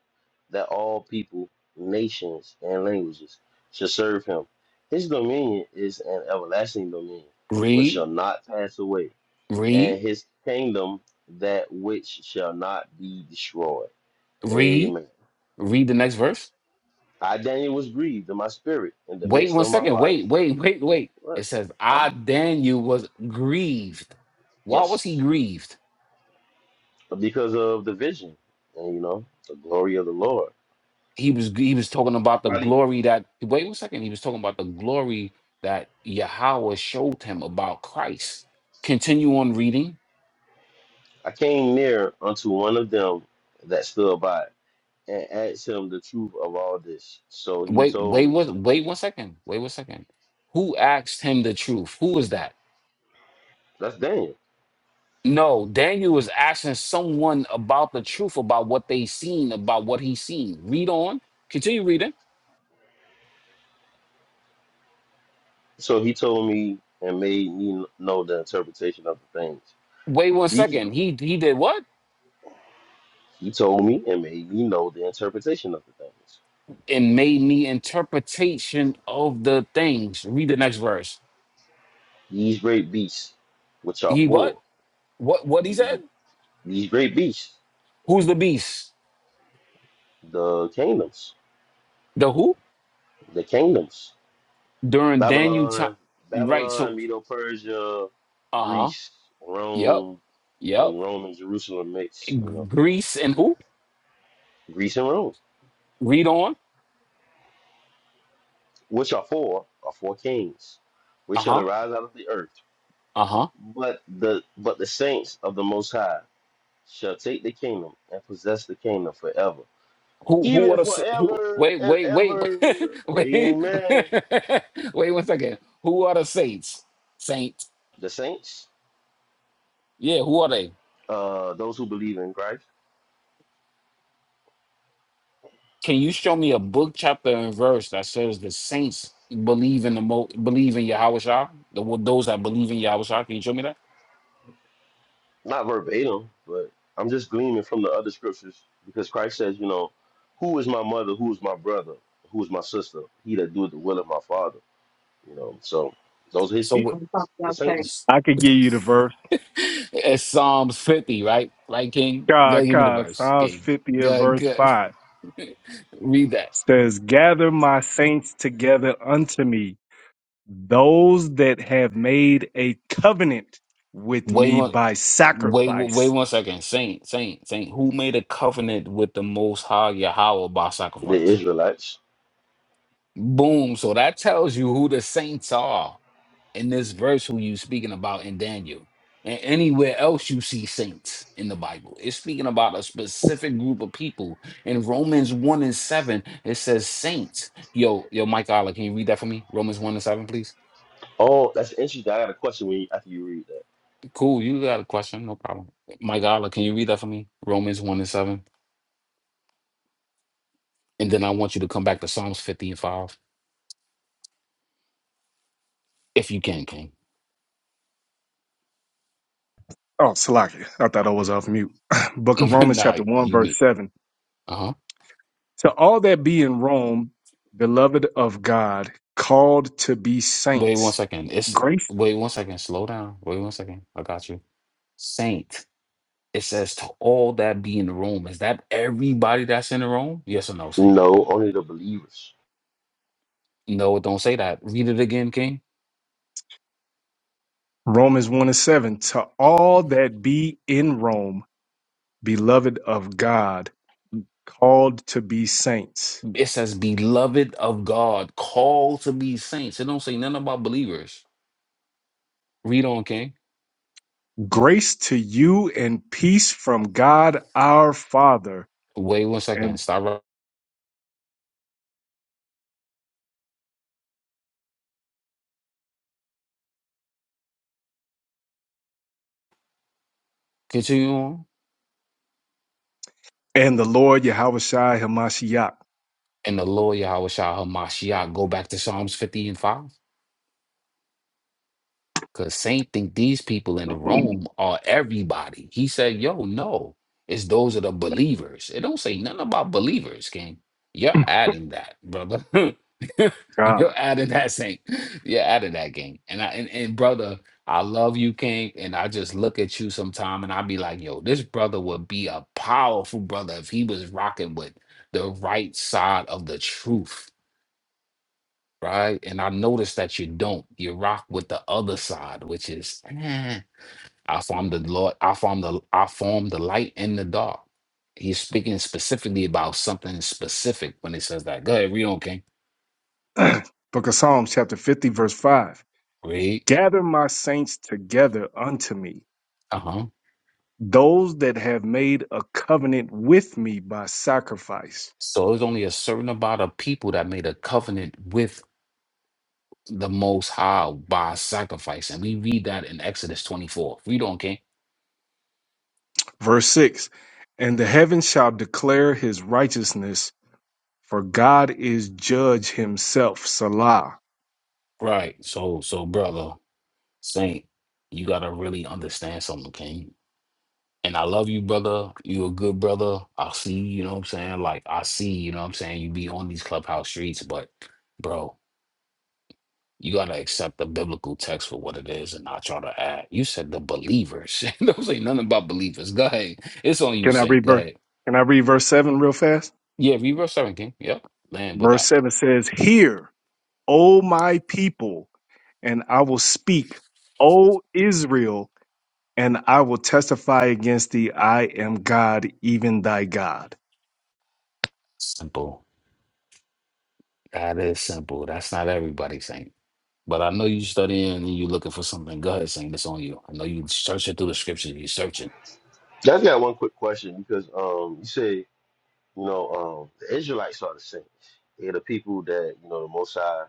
S4: that all people nations and languages should serve him his dominion is an everlasting dominion which
S2: Read,
S4: shall not pass away and
S2: read,
S4: his kingdom that which shall not be destroyed
S2: read,
S4: amen
S2: read the next verse.
S4: i daniel was grieved in my spirit in the
S2: Wait
S4: midst
S2: one
S4: of my
S2: second.
S4: bodies
S2: Wait, wait, [LAUGHS] wait, wait. It
S4: what
S2: says,
S4: I,
S2: I Daniel was grieved. Why was he
S4: yes
S2: grieved?
S4: because of the vision and you know the glory of the lord
S2: he was he was talking about the
S4: Probably
S2: glory that wait one second he was talking about the glory that Yahweh showed him about Christ. Continue on reading.
S4: I came near unto one of them that stood by and asked him the truth of all this. So he
S2: Wait, wait,
S4: told me,
S2: what? Wait one second. Wait one second. Who asked him the truth? Who was that?
S4: that's Daniel.
S2: No, Daniel was asking someone about the truth about what they seen, about what he seen. Read on. Continue reading.
S4: So he told me and made me know the interpretation of the things.
S2: Wait one
S4: These
S2: second. He he did what?
S4: he told me and made me know the interpretation of the things.
S2: And made me interpretation of the things. Read the next verse.
S4: These great beasts, which are
S2: He what?
S4: four,
S2: What what he said?
S4: these, these great beasts,
S2: Who's the beast?
S4: the kingdoms,
S2: The who?
S4: the kingdoms,
S2: During Daniel time.
S4: Babylon,
S2: Right.
S4: Babylon,
S2: So,
S4: Medo Persia,
S2: uh huh.
S4: Greece,
S2: Yep.
S4: Rome,
S2: Yep.
S4: and Rome and Jerusalem mix, you know,
S2: Greece and who?
S4: Greece and Rome,
S2: Read on.
S4: which are four, are four kings, which
S2: Uh
S4: shall
S2: huh.
S4: arise out of the earth.
S2: Uh huh.
S4: But the but the saints of the Most High shall take the kingdom and possess the kingdom forever,
S2: Who? Who are
S4: even
S2: the? s- Who?
S4: forever
S2: Wait.
S4: and
S2: Wait. Wait. [LAUGHS]
S4: ever.
S2: wait. [LAUGHS]
S4: Amen.
S2: wait one second. Who are the saints? Saints.
S4: The saints,
S2: Yeah. Who are they?
S4: uh, those who believe in Christ,
S2: Can you show me a book, chapter, and verse that says the saints believe in the mo believe in Yahweh Shah? The, wo- those that believe in Yahweh Shah. Can you show me that?
S4: not verbatim, but I'm just gleaning from the other scriptures because Christ says, you know, who is my mother, who is my brother, who is my sister, he that doeth the will of my father. You know, so those are his
S2: So
S4: people,
S3: I'm talking
S4: the
S3: about things.
S2: what?
S4: saints,
S3: I could give you the verse.
S2: It's Psalms 50, right? Right, King? Go
S3: God,
S2: give me the
S3: God,
S2: verse,
S3: Psalms
S2: King.
S3: 50 and
S2: Go,
S3: verse
S2: go.
S3: 5
S2: [LAUGHS] Read that.
S3: says, Gather my saints together unto me, those that have made a covenant with
S2: Wait
S3: me
S2: one
S3: by
S2: wait wait
S3: sacrifice.
S2: one second. Saint, Saint, Saint. Who made a covenant with the most high Yahweh by
S4: the
S2: sacrifice?
S4: Israelites.
S2: Boom. So that tells you who the saints are. in this verse who you speaking about in Daniel and anywhere else you see saints in the Bible. It's speaking about a specific group of people. In Romans 1 and 7, it says saints. Yo, yo, Mike Oller, can you read that for me? Romans 1 and 7, please.
S4: Oh, that's interesting. I got a question when you, after you read that.
S2: Cool, you got a question, no problem. Mike Oller, can you read that for me? Romans 1 and 7. And then I want you to come back to Psalms 50 and 5. If you can, King.
S3: Oh, Salaki, I thought I was off mute. [LAUGHS] [CLEARS THROAT] Book of
S2: [LAUGHS]
S3: Romans,
S2: nah,
S3: chapter 1,
S2: you mean.
S3: verse 7.
S2: Uh-huh.
S3: To all that be in Rome, beloved of God, called to be
S2: Wait one
S3: saints
S2: second. It's
S3: Grace,
S2: wait one second. Slow down. Wait one second. I got you. Saint. It says to all that be in the room. Is that everybody that's in the room? Yes or no, Saint?
S4: No, only the believers.
S2: No, it don't say that. Read it again, King.
S3: Romans 1 and 7, to all that be in Rome, beloved of God, called to be saints.
S2: It says, beloved of God, called to be saints. It don't say nothing about believers. Read on, King.
S3: Grace to you and peace from God our Father
S2: Wait one
S3: and,
S2: second. Stop. right- Continue on.
S3: and the Lord Yahushua Hamashiach.
S2: And the Lord Yahweh Shah Hamashiach. Go back to Psalms 50 and 5. Because Saint think these people in the room are everybody. He said, yo, no, it's those are the believers. It don't say nothing about believers, King. You're adding that, brother. [LAUGHS] You're
S3: God.
S2: adding that, Saint. You're adding that, King. And I and, and brother, I love you, King. And I just look at you sometime and I be like, yo, this brother would be a powerful brother if he was rocking with the right side of the truth right? And I notice that you don't. You rock with the other side, which is "Eh, I form the Lord, I form the I form the light and the dark. He's speaking specifically about something specific when he says that. Go ahead, read on, King.
S3: [CLEARS THROAT] Book of Psalms, chapter 50, verse 5.
S2: Read.
S3: Gather my saints together unto me,
S2: Uh-huh.
S3: those that have made a covenant with me by sacrifice.
S2: So it's only a certain amount of people that made a covenant with the most high by sacrifice. And we read that in Exodus 24. Read on, King.
S3: Verse 6 And the heavens shall declare his righteousness, for God is judge himself. Salah.
S2: Right. So so brother, Saint, you gotta really understand something, King And I love you, brother. You a good brother. I see, you you know what I'm saying? Like I see, you know what I'm saying? You be on these clubhouse streets, but bro, you gotta accept the biblical text for what it is and not try to add. You said the believers. [LAUGHS] You Don't say nothing about believers. Go ahead. It's on you,
S3: Can I
S2: Saint.
S3: read
S2: Go
S3: verse?
S2: ahead.
S3: Can I read verse 7 real fast?
S2: Yeah, reverse seven king. Yep. Land with
S3: Verse
S2: that.
S3: 7 says, Hear, O my people, and I will speak, O Israel, and I will testify against thee. I am God, even thy God.
S2: Simple. That is simple. That's not everybody, Saint. But I know you studying and you looking for something. Go ahead, Saint. It's on you. I know you searching through the scriptures. You searching.
S4: I just got one quick question because um, you say you know um, the Israelites are the saints. They're the people that you know the Most High.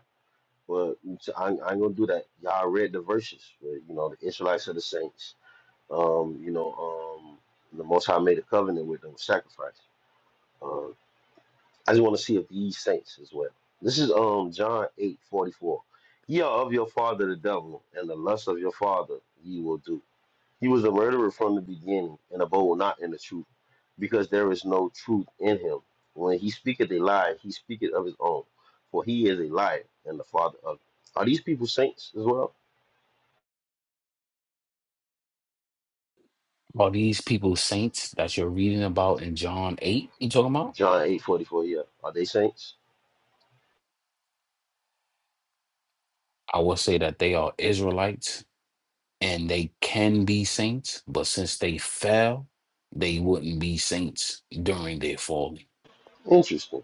S4: But I, I ain't gonna do that. Y'all read the verses where you know the Israelites are the saints. Um, you know um, the Most High made a covenant with them, sacrifice. Um, I just want to see if ye saints as well. This is um John eight forty four. Ye are of your father the devil, and the lust of your father ye will do. He was a murderer from the beginning, and abode not in the truth, because there is no truth in him. When he speaketh a lie, he speaketh of his own, for he is a liar and the father of it. Are these people saints as well?
S2: Are these people saints that you're reading about in John 8 you talking about?
S4: John eight forty four. yeah. Are they saints?
S2: I will say that they are Israelites and they can be saints, but since they fell, they wouldn't be saints during their falling.
S4: Interesting.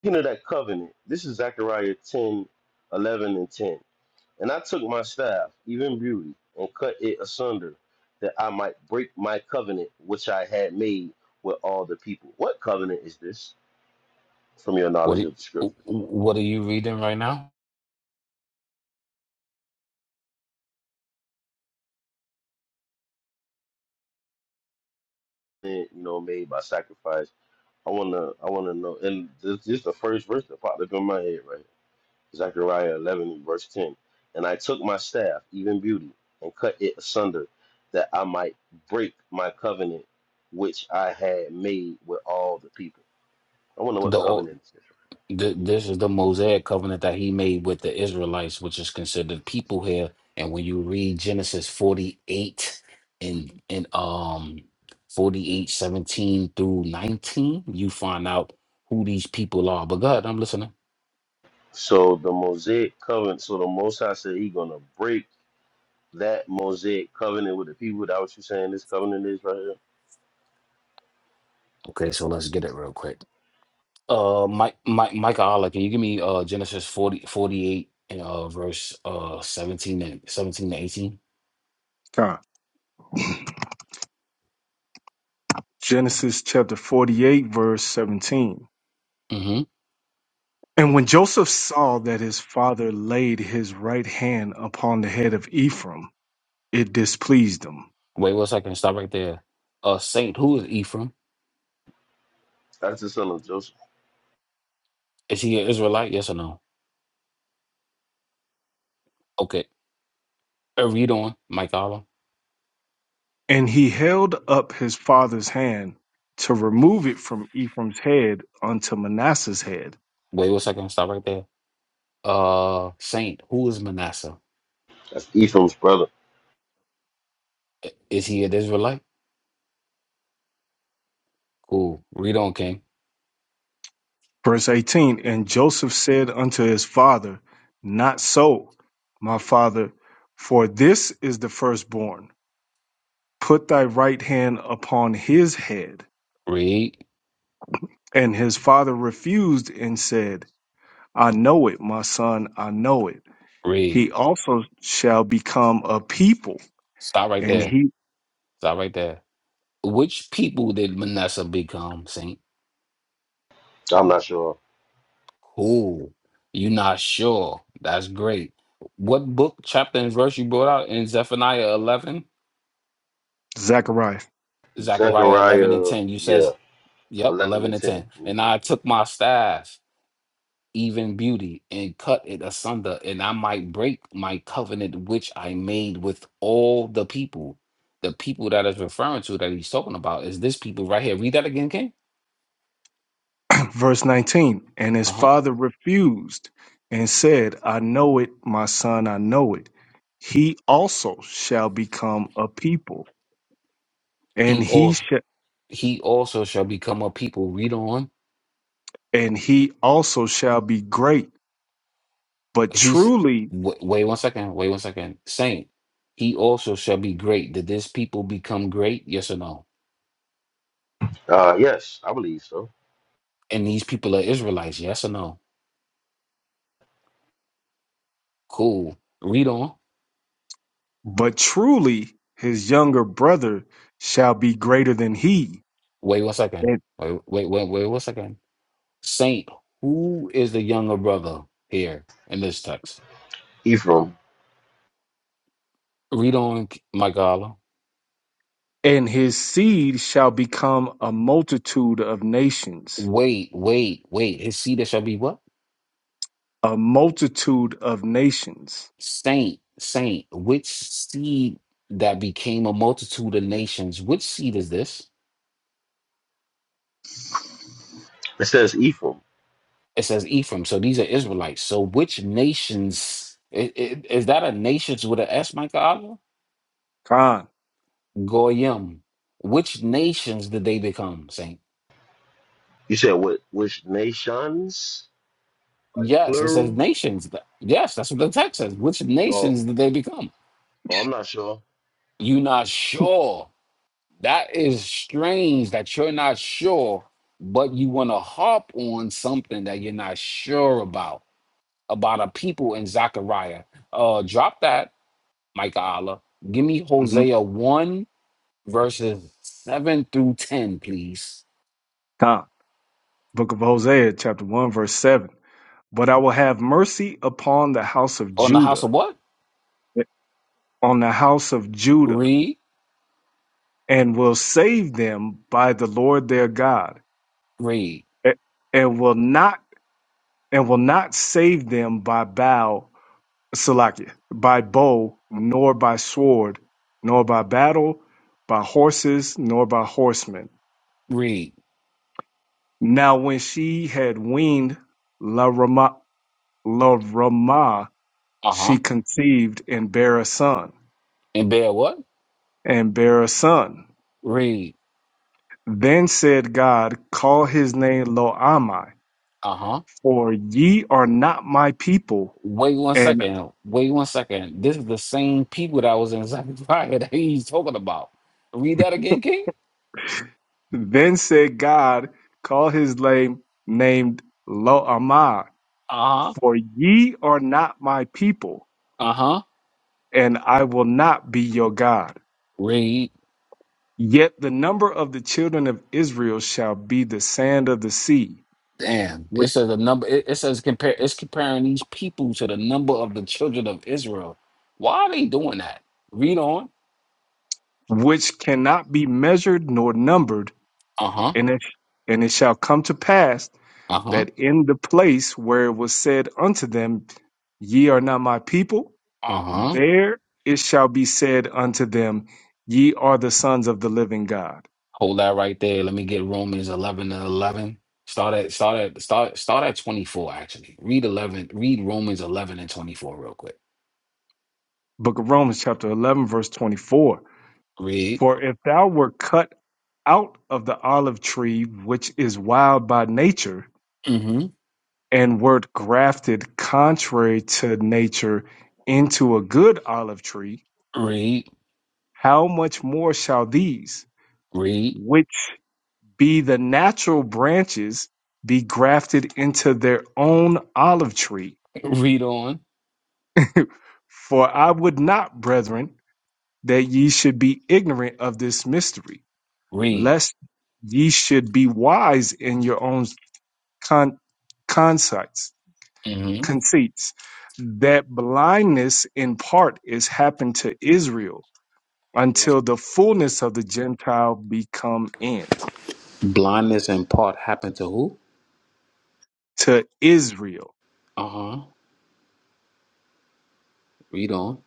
S4: Speaking of that covenant, this is Zechariah 10 11 and 10. And I took my staff, even beauty, and cut it asunder, that I might break my covenant which I had made with all the people. What covenant is this? From your
S2: What
S4: knowledge
S2: it-
S4: of the scriptures,
S2: what are you reading right now?
S4: And, you know, made by sacrifice. I wanna, I wanna know. And this, this is the first verse that popped up in my head, right? Zechariah 11, verse 10. And I took my staff, even beauty, and cut it asunder, that I might break my covenant which I had made with all the people. I wonder what covenant is this,
S2: Th- this is the Mosaic covenant that he made with the Israelites, which is considered people here. And when you read Genesis 48 and and um 48 17 through 19, you find out who these people are. But God, I'm listening.
S4: So the Mosaic covenant, so the Most High said he gonna break that Mosaic covenant with the people. That what you saying this covenant is right here?
S2: Okay, so let's get it real quick. Uh Mike Mike Micah Allah, can you give me uh Genesis forty forty-eight 48 and uh verse uh 17 and 17 to 18?
S3: Come. Genesis chapter 48, verse 17.
S2: Mm-hmm.
S3: And when Joseph saw that his father laid his right hand upon the head of Ephraim, it displeased him.
S2: Wait one second, stop right there. Uh Saint, who is Ephraim?
S4: That's the son of Joseph.
S2: Is he an Israelite? Yes or no? Okay. Uh, read on, Mike Allah.
S3: And he held up his father's hand to remove it from Ephraim's head unto Manasseh's head.
S2: Wait one second. Stop right there. Uh, Saint, who is Manasseh?
S4: That's Ephraim's brother.
S2: I- Is he an Israelite? Cool. Read on, King.
S3: Verse 18 And Joseph said unto his father, Not so, my father, for this is the firstborn. Put thy right hand upon his head.
S2: Read,
S3: And his father refused and said, I know it, my son, I know it. he
S2: read.
S3: also shall become a people.
S2: Stop right
S3: And
S2: there.
S3: he,
S2: Stop right there. Which people did Manasseh become, Saint?
S4: I'm not sure.
S2: Cool. you are not sure. That's great. What book, chapter, and verse you brought out in Zephaniah 11?
S3: Zechariah,
S2: Zechariah 11 and
S4: Zechariah,
S2: 10. You
S4: yeah,
S2: says, yep,
S4: 11
S2: 11
S4: and
S2: and 10.
S4: 10.
S2: And
S4: Mhm.
S2: I took my staff. even beauty and cut it asunder, and I might break my covenant which I made with all the people. The people that is referring to that he's talking about is this people right here. Read that again, King.
S3: [CLEARS THROAT] verse 19, and his
S2: Uh huh.
S3: father refused and said, I know it, my son, I know it. He also shall become a people, and
S2: He
S3: he
S2: also
S3: shall,
S2: he also shall become a people. Read on.
S3: and he also shall be great. But
S2: He's
S3: truly,
S2: w- wait one second. Wait one second. Saint. He also shall be great. Did this people become great? Yes or no?
S4: Uh, yes, I believe so.
S2: And these people are Israelites. Yes or no? Cool. Read on.
S3: but truly, his younger brother shall be greater than he,
S2: Wait one second.
S3: and,
S2: Wait wait wait wait one second Saint, who is the younger brother here in this text?
S4: Ephraim.
S2: Read on, Michaela.
S3: and his seed shall become a multitude of nations
S2: Wait, wait, wait. His seed that shall be what?
S3: a multitude of nations.
S2: Saint, saint. Which seed that became a multitude of nations? Which seed is this?
S4: It says Ephraim.
S2: It says Ephraim. So these are Israelites. So which nations? i- i- Is that a nations with an S, Michaela?
S3: Con,
S2: Goyim. Which nations did they become, Saint?
S4: You said what? Which nations? Like
S2: Yes, it says
S4: plural?
S2: nations. Th- Yes, that's what the text says. Which
S4: Oh,
S2: nations did they become?
S4: oh I'm not sure.
S2: You're not sure. That is strange that you're not sure, but you want to harp on something that you're not sure about, about a people in Zechariah. Uh, drop that, Micah Allah. Give me
S3: hmm
S2: Hosea 1, verses 7 through 10, please.
S3: Con. Book of Hosea, chapter 1, verse 7. But I will have mercy upon the house of
S2: On the house
S3: Judah,
S2: of what?
S3: on the house of Judah,
S2: Read,
S3: and will save them by the Lord their God,
S2: read,
S3: a- and will not and will not save them by bow, Salakia, by bow, nor by sword, nor by battle, by horses, nor by horsemen
S2: read.
S3: Now, when she had weaned La Rama, La Rama,
S2: Uh huh.
S3: she conceived and bare a son,
S2: And bear what?
S3: and bare a son.
S2: Read.
S3: Then said God, Call his name Lo Ammi,
S2: Uh huh.
S3: for ye are not my people.
S2: Wait one
S3: And
S2: second. Wait one second. This is the same people that was in Zechariah [LAUGHS] that he's talking about. Read that again, King.
S3: then said God, Call his name named Lo Ammi,
S2: Uh huh.
S3: for ye are not my people,
S2: Uh huh.
S3: and I will not be your God.
S2: Read.
S3: Yet the number of the children of Israel shall be the sand of the sea,
S2: Damn. It
S3: which,
S2: says the number. It, it says compare. It's comparing these people to the number of the children of Israel. Why are they doing that? Read on.
S3: which cannot be measured nor numbered.
S2: Uh huh.
S3: And it, and it shall come to pass
S2: Uh huh.
S3: that in the place where it was said unto them, Ye are not my people,
S2: Uh huh.
S3: there it shall be said unto them, Ye are the sons of the living God.
S2: Hold that right there. Let me get Romans eleven and eleven. Start at start at start start at twenty four. Actually, read eleven. Read Romans eleven and twenty four real quick.
S3: Book of Romans, chapter 11, verse 24.
S2: Read.
S3: For if thou were cut out of the olive tree, which is wild by nature,
S2: hmm
S3: and wert grafted contrary to nature into a good olive tree,
S2: Read,
S3: how much more shall these,
S2: read,
S3: which be the natural branches, be grafted into their own olive tree?
S2: read on,
S3: For I would not, brethren, that ye should be ignorant of this mystery,
S2: read.
S3: lest ye should be wise in your own con- conceits
S2: hmm
S3: conceits that blindness in part is happened to Israel until the fullness of the Gentile become in
S2: Blindness in part happened to who?
S3: to Israel.
S2: Uh huh. Read on.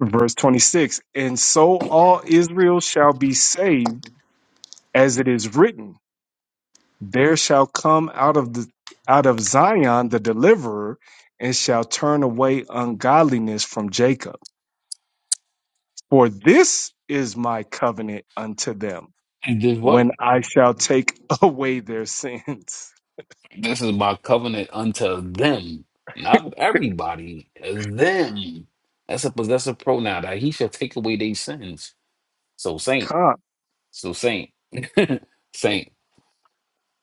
S3: Verse 26 And so all Israel shall be saved, as it is written, there shall come out of the out of Zion the deliverer, and shall turn away ungodliness from Jacob. For this is my covenant unto them
S2: And this what?
S3: when I shall take [LAUGHS] away their sins.
S2: This is my covenant unto them, not everybody. Them. That's a possessive pronoun that he shall take away their sins. So saint.
S3: Con.
S2: So saint. [LAUGHS] saint.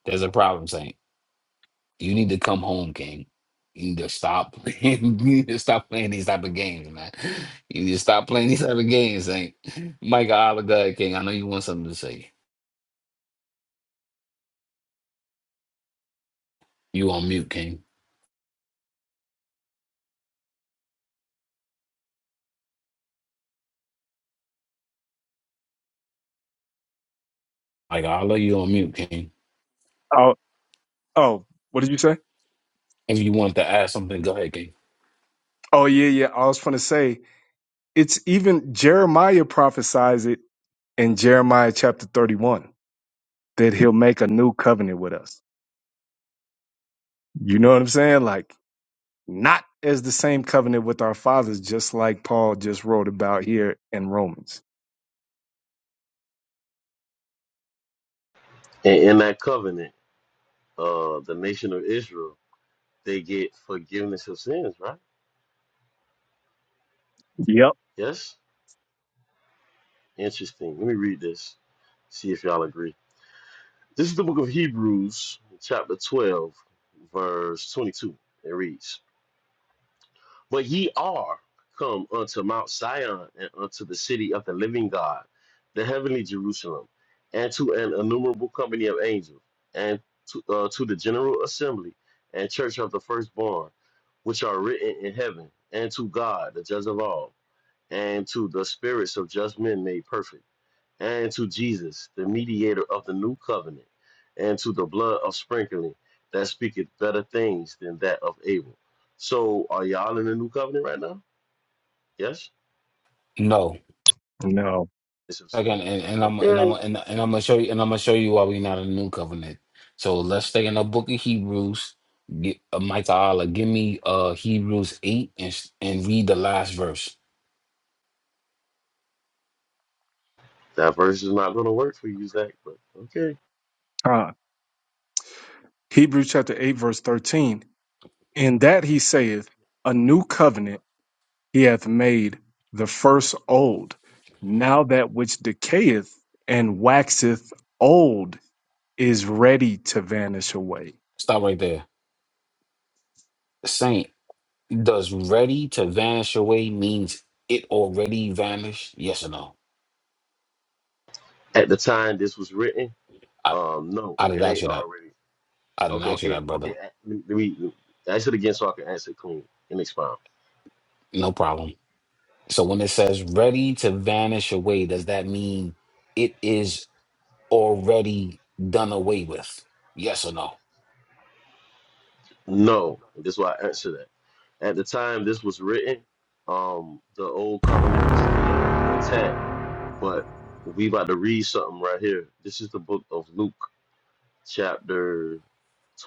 S2: There's a problem, You need to come home, King. You need to stop playing. [LAUGHS] You need to stop playing these type of games, man. You need to stop playing these type of games, Saint. Mike Oliver, King. I know you want something to say. You on mute, King. Mike Oliver, you on mute, King.
S3: Oh, oh, what did you say?
S2: If you want to add something, go ahead, King.
S3: Oh, yeah, yeah. I was going to say it's even Jeremiah prophesies it in Jeremiah chapter 31 that he'll make a new covenant with us. You know what I'm saying? Like, not as the same covenant with our fathers, just like Paul just wrote about here in Romans.
S4: And in that covenant, uh, the nation of Israel, they get forgiveness of sins, right?
S3: Yep.
S4: Yes. Interesting. Let me read this. See if y'all agree. This is the book of Hebrews, chapter 12, verse 22. It reads, But ye are come unto Mount Sion and unto the city of the living God, the heavenly Jerusalem, and to an innumerable company of angels, and to, uh, to the general assembly and church of the firstborn, which are written in heaven, and to God, the judge of all, and to the spirits of just men made perfect and to Jesus, the mediator of the new covenant, and to the blood of sprinkling that speaketh better things than that of Abel. So, are y'all in the new covenant right now? Yes?
S2: No.
S3: No.
S4: It's of
S2: Again, and,
S4: sins.
S2: and I'm and I'm
S4: Okay.
S2: and, and I'm gonna show you and I'm gonna show you why we not a new covenant. So let's stay in the book of Hebrews. Get, uh, Mike Allah, give me uh Hebrews eight and and read the last verse.
S4: That verse is not going to work for you, Zach, but okay.
S3: Con. Hebrews chapter 8, verse 13. In that he saith, a new covenant he hath made the first old. Now that which decayeth and waxeth old is ready to vanish away.
S2: Stop right there. Saint. Does ready to vanish away means it already vanished? Yes or no?
S4: At the time this was written,
S2: I,
S4: um, no,
S2: I did
S4: it
S2: not ask
S4: ain't
S2: you that.
S4: already.
S2: I didn't
S4: Okay,
S2: ask you
S4: okay,
S2: that,
S4: okay.
S2: brother.
S4: a- Let me, let me- ask it again so I can answer it clean and expound.
S2: No problem. So when it says ready to vanish away, does that mean it is already done away with? Yes or no?
S4: No, this is why I answer that. At the time this was written, um, the old covenant was still intact, but we about to read something right here. This is the book of Luke, chapter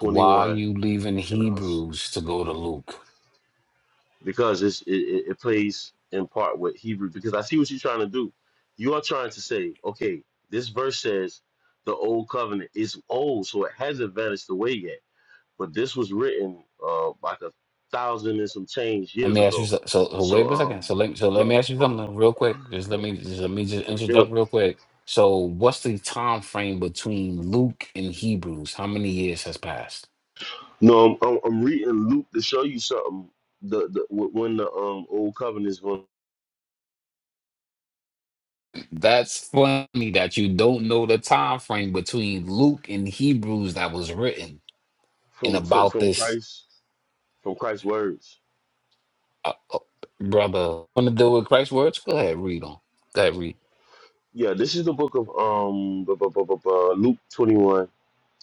S2: Why are you leaving
S4: and I was
S2: Hebrews to go to Luke?
S4: because it's, it, it it plays in part with Hebrew. Because I see what you're trying to do. You are trying to say, okay, this verse says the old covenant is old, so it hasn't vanished away yet but this was written uh, like a thousand and some change
S2: Let me
S4: years
S2: ask you
S4: ago.
S2: so, so so wait
S4: So
S2: a second.
S4: um,
S2: So let so let
S4: no,
S2: me ask you something real quick. Just let me just let me just
S4: There we
S2: interject
S4: go.
S2: real quick. So what's the time frame between Luke and Hebrews? How many years has passed?
S4: No, I'm, I'm, I'm reading Luke to show you something. The, the wh- when the um old covenant is going
S2: That's funny that you don't know the time frame between Luke and Hebrews that was written and
S4: from from
S2: about
S4: from
S2: this
S4: Christ from Christ's words.
S2: uh, uh, brother. Want to deal with Christ's words? Go ahead, read on. Go ahead, read.
S4: Yeah, this is the book of um bu- bu- bu- bu- bu- Luke 21,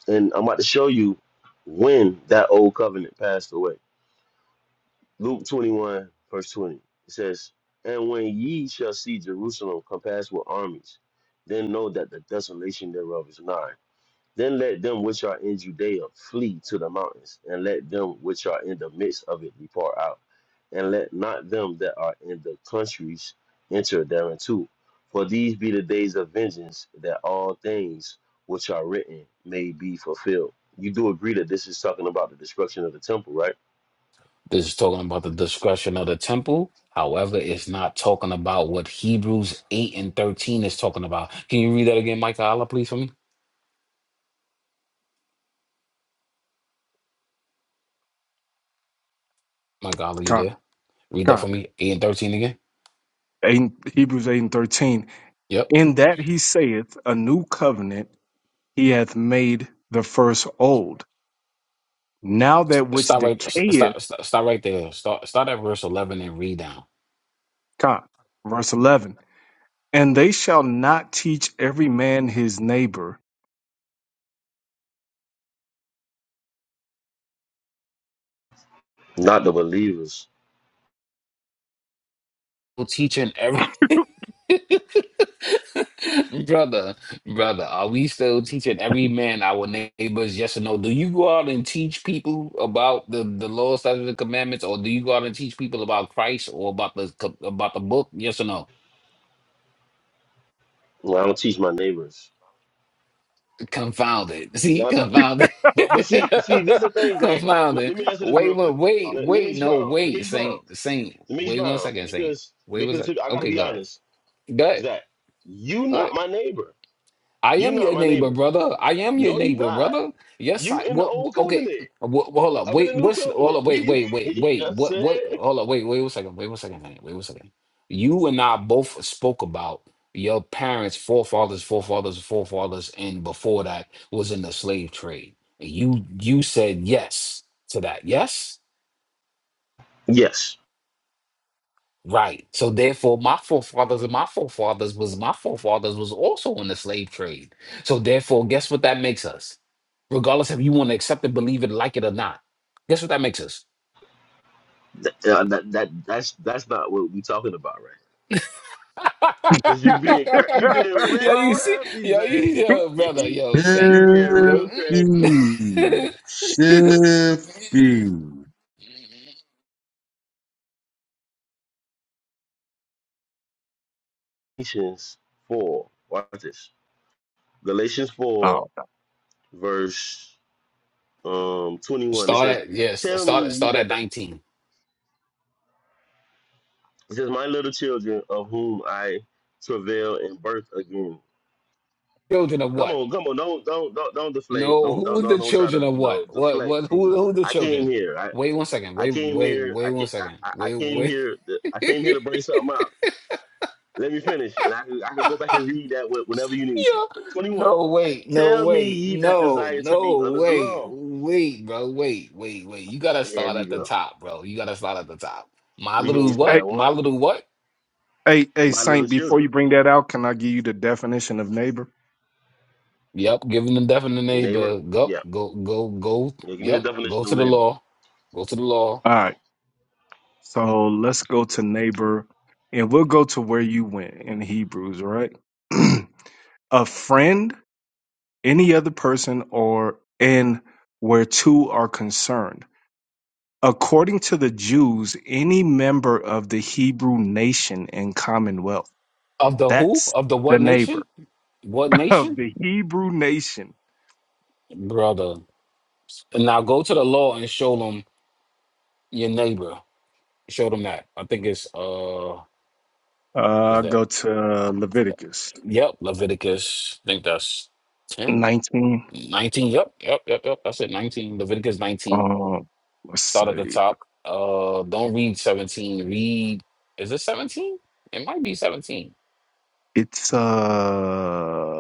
S4: and I'm about to show you when that old covenant passed away. Luke 21, verse 20. It says, And when ye shall see Jerusalem compassed with armies, then know that the desolation thereof is nigh. Then let them which are in Judea flee to the mountains, and let them which are in the midst of it depart out. And let not them that are in the countries enter thereinto. For these be the days of vengeance, that all things which are written may be fulfilled. You do agree that this is talking about the destruction of the temple, right?
S2: This is talking about the discretion of the temple. However, it's not talking about what Hebrews 8 and 13 is talking about. Can you read that again, Mike Allah, please, for me? Mike Allah, you
S3: Con,
S2: there? Read that for
S3: con.
S2: me. 8 and 13 again.
S3: Eight, Hebrews 8 and 13.
S2: Yep.
S3: In that he saith, A new covenant he hath made the first old. Now that which
S2: Stop right
S3: decayeth,
S2: stop stop, stop right there. Start start at verse 11 and read down.
S3: con. Verse 11. And they shall not teach every man his neighbor.
S4: Not the believers
S2: Teaching every. [LAUGHS] Brother, brother, are we still teaching every man our neighbors yes or no? Do you go out and teach people about the the law, statutes, and commandments, or do you go out and teach people about Christ or about the co- about the book? Yes or no?
S4: Well, I don't teach my neighbors.
S2: Confounded. See,
S4: No, no.
S2: confounded,
S4: But but see, see, this is the
S2: [LAUGHS]
S4: thing, Zach. Let,
S2: confounded.
S4: let me answer this
S2: Wait,
S4: real
S2: wait,
S4: quick.
S2: wait,
S4: Let, let me
S2: wait. No,
S4: expound. Let me
S2: wait,
S4: expound.
S2: Saint, Saint.
S4: Let me
S2: Wait one
S4: expound.
S2: second, Saint.
S4: Because
S2: Wait one
S4: because I
S2: second.
S4: gotta
S2: Okay,
S4: be
S2: go ahead.
S4: honest,
S2: Go
S4: Zach. You
S2: ahead.
S4: not my neighbor.
S2: I
S4: You
S2: am
S4: not
S2: your
S4: my
S2: neighbor,
S4: neighbor.
S2: brother. I am your
S4: No, you
S2: neighbor,
S4: not.
S2: brother. Yes,
S4: You
S2: I.
S4: in the
S2: What?
S4: old
S2: what- Okay.
S4: covenant.
S2: What, hold up.
S4: I'm in the
S2: Wait.
S4: new
S2: What's? Hold
S4: covenant.
S2: up.
S4: We
S2: Wait.
S4: [LAUGHS]
S2: Wait. Wait.
S4: you know what
S2: Wait.
S4: I'm
S2: What? What?
S4: saying?
S2: Hold up. Wait. Wait. One second. Wait. One second. Wait. Wait. One second. You and I both spoke about your parents, forefathers, forefathers, forefathers, and before that was in the slave trade. You you said yes to that. Yes.
S4: Yes.
S2: Right. So therefore, my forefathers and my forefathers was my forefathers was also in the slave trade. So therefore, guess what that makes us? regardless if you want to accept it, believe it, like it or not. Guess what that makes us?
S4: Th- uh, that, that that's that's not what we're talking about right
S2: [LAUGHS]
S4: Because you being cra-
S3: [LAUGHS]
S4: you being
S2: yeah,
S4: real
S2: you see,
S4: crafty,
S2: yo, you,
S4: Zach.
S2: yo,
S4: [LAUGHS]
S2: brother,
S4: you
S2: yo, saint.
S4: being
S2: Yo,
S4: real
S1: Shifty.
S4: crafty.
S2: mm.
S1: Shifty.
S2: [LAUGHS]
S4: Galatians 4. Watch this. Galatians 4,
S3: oh.
S4: verse um 21. It
S2: start
S4: says,
S2: at yes,
S4: Tell me
S2: start at
S4: ye
S2: start at
S4: that the,
S2: nineteen.
S4: it says, My little children of whom I travail in birth again.
S2: Children of
S4: Come
S2: what?
S4: on, come on, don't don't don't don't deflate.
S2: No,
S4: Don't don't
S2: who
S4: don't
S2: the
S4: don't try
S2: children
S4: to,
S2: of
S4: you
S2: what?
S4: know,
S2: What
S4: deflect
S2: what?
S4: from
S2: Who who the
S4: I came
S2: children?
S4: here. I
S2: Wait one second.
S4: I
S2: Wait
S4: came
S2: wait
S4: here.
S2: wait
S4: I
S2: one
S4: came, I,
S2: second.
S4: I I
S2: Wait
S4: came
S2: wait.
S4: here. to- I
S2: [LAUGHS]
S4: came here to bring something out. Let me finish, and I could, I could go back and read that wh- whenever you need to.
S2: Yeah.
S4: Twenty one.
S2: No, wait, no,
S4: Tell me
S2: wait,
S4: ye that
S2: no,
S4: desire to be
S2: no,
S4: under the
S2: wait,
S4: law.
S2: wait, bro, wait, wait, wait. You gotta
S4: Here
S2: start
S4: we
S2: at the
S4: go.
S2: top, bro. You gotta start at the top. My
S4: We
S2: little
S4: gonna start at
S2: what? My
S4: one.
S2: little what?
S3: Hey, hey,
S4: My little
S3: Saint, before
S4: children,
S3: you bring that out, can I give you the definition of neighbor?
S2: Yep, giving the deaf and the
S4: neighbor.
S2: neighbor. Go,
S4: Yeah.
S2: go, go, go.
S4: yeah. Give me the
S2: Yep, go
S4: definition of
S2: to the
S4: neighbor.
S2: law. Go to the law
S3: All right. So let's go to neighbor and we'll go to where you went in Hebrews, all right? [CLEARS THROAT] a friend, any other person, or and where two are concerned. According to the Jews, any member of the Hebrew nation and commonwealth.
S2: of the who?
S3: That's
S2: Of the
S3: the
S2: what nation?
S3: neighbor
S2: What
S3: [LAUGHS] of
S2: nation,
S3: the Hebrew nation.
S2: brother? And now go to the law and show them your neighbor. Show them that. I think it's uh, is
S3: Uh,
S2: that?
S3: go to Leviticus
S2: Yep, Leviticus. I think that's ten.
S3: 19.
S2: 19. Yep, yep, yep, yep. That's it. 19. Leviticus 19.
S3: Um, let's
S2: Start at the
S3: see.
S2: top. Uh don't read 17. Read is it 17? It might be 17.
S3: It's uh.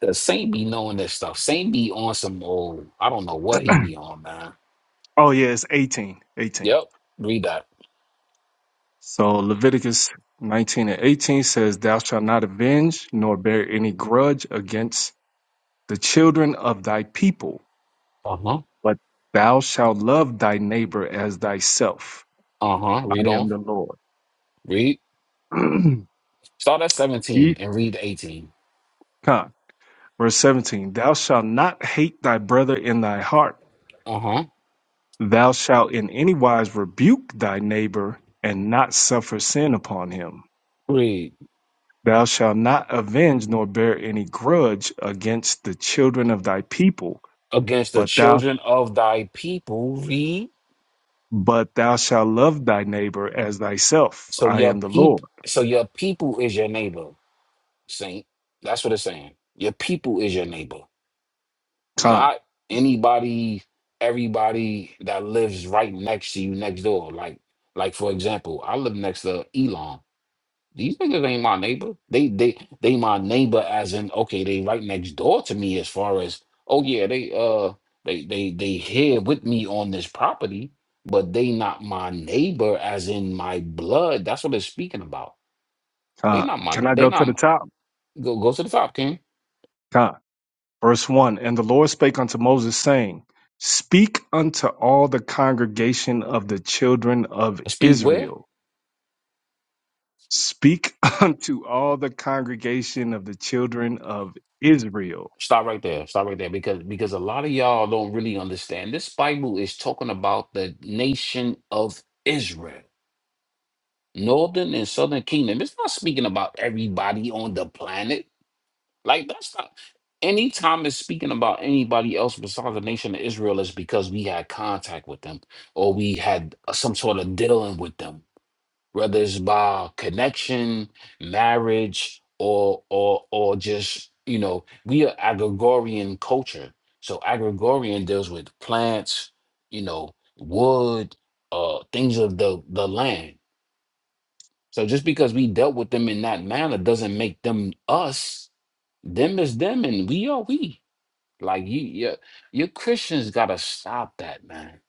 S2: The Saint be knowing this stuff. Saint be on some old, I don't know what he be on, man.
S3: Oh yeah, it's 18. 18.
S2: Yep. Read that.
S3: So Leviticus 19 and 18 says, "Thou shalt not avenge nor bear any grudge against the children of thy people,
S2: Uh-huh.
S3: but thou shalt love thy neighbor as thyself.
S2: Uh-huh. Read
S3: I am
S2: on.
S3: the Lord."
S2: Read.
S3: [CLEARS THROAT]
S2: Start at
S3: Ye
S2: 17 and read 18.
S3: Come. Verse 17, Thou shalt not hate thy brother in thy heart.
S2: Uh-huh.
S3: Thou shalt in any wise rebuke thy neighbor and not suffer sin upon him.
S2: Read.
S3: Thou shalt not avenge nor bear any grudge against the children of thy people,
S2: Against the
S3: but thou
S2: children of thy people. Read.
S3: but thou shalt love thy neighbor as thyself.
S2: So
S3: I
S2: your
S3: am the
S2: peep
S3: Lord.
S2: so your people is your neighbor. Saint. That's what it's saying. Your people is your neighbor,
S3: Con,
S2: not anybody, everybody that lives right next to you next door. Like, like for example, I live next to Elon. These niggas ain't my neighbor. They they they my neighbor as in okay, they right next door to me as far as oh yeah, they uh they they they here with me on this property, but they not my neighbor as in my blood. That's what it's speaking about. They
S3: con.
S2: not my
S3: Can I
S2: they
S3: go to the
S2: not
S3: top?
S2: go go to the top, King.
S3: Con. Verse one. And the Lord spake unto Moses, saying, Speak unto all the congregation of the children of
S2: Speak where?
S3: Israel Speak [LAUGHS] unto all the congregation of the children of Israel.
S2: Stop right there. Stop right there because because a lot of y'all don't really understand. This Bible is talking about the nation of Israel, northern and southern kingdom. It's not speaking about everybody on the planet. Like that's not anytime it's speaking about anybody else besides the nation of Israel is because we had contact with them or we had uh, some sort of dealing with them whether it's by connection, marriage, or or or just you know, we are agrigorian culture. So agrigorian deals with plants, you know, wood, uh, things of the the land. So just because we dealt with them in that manner doesn't make them us. Them is them, and we are we. Like you, you, your Christians gotta stop that, man.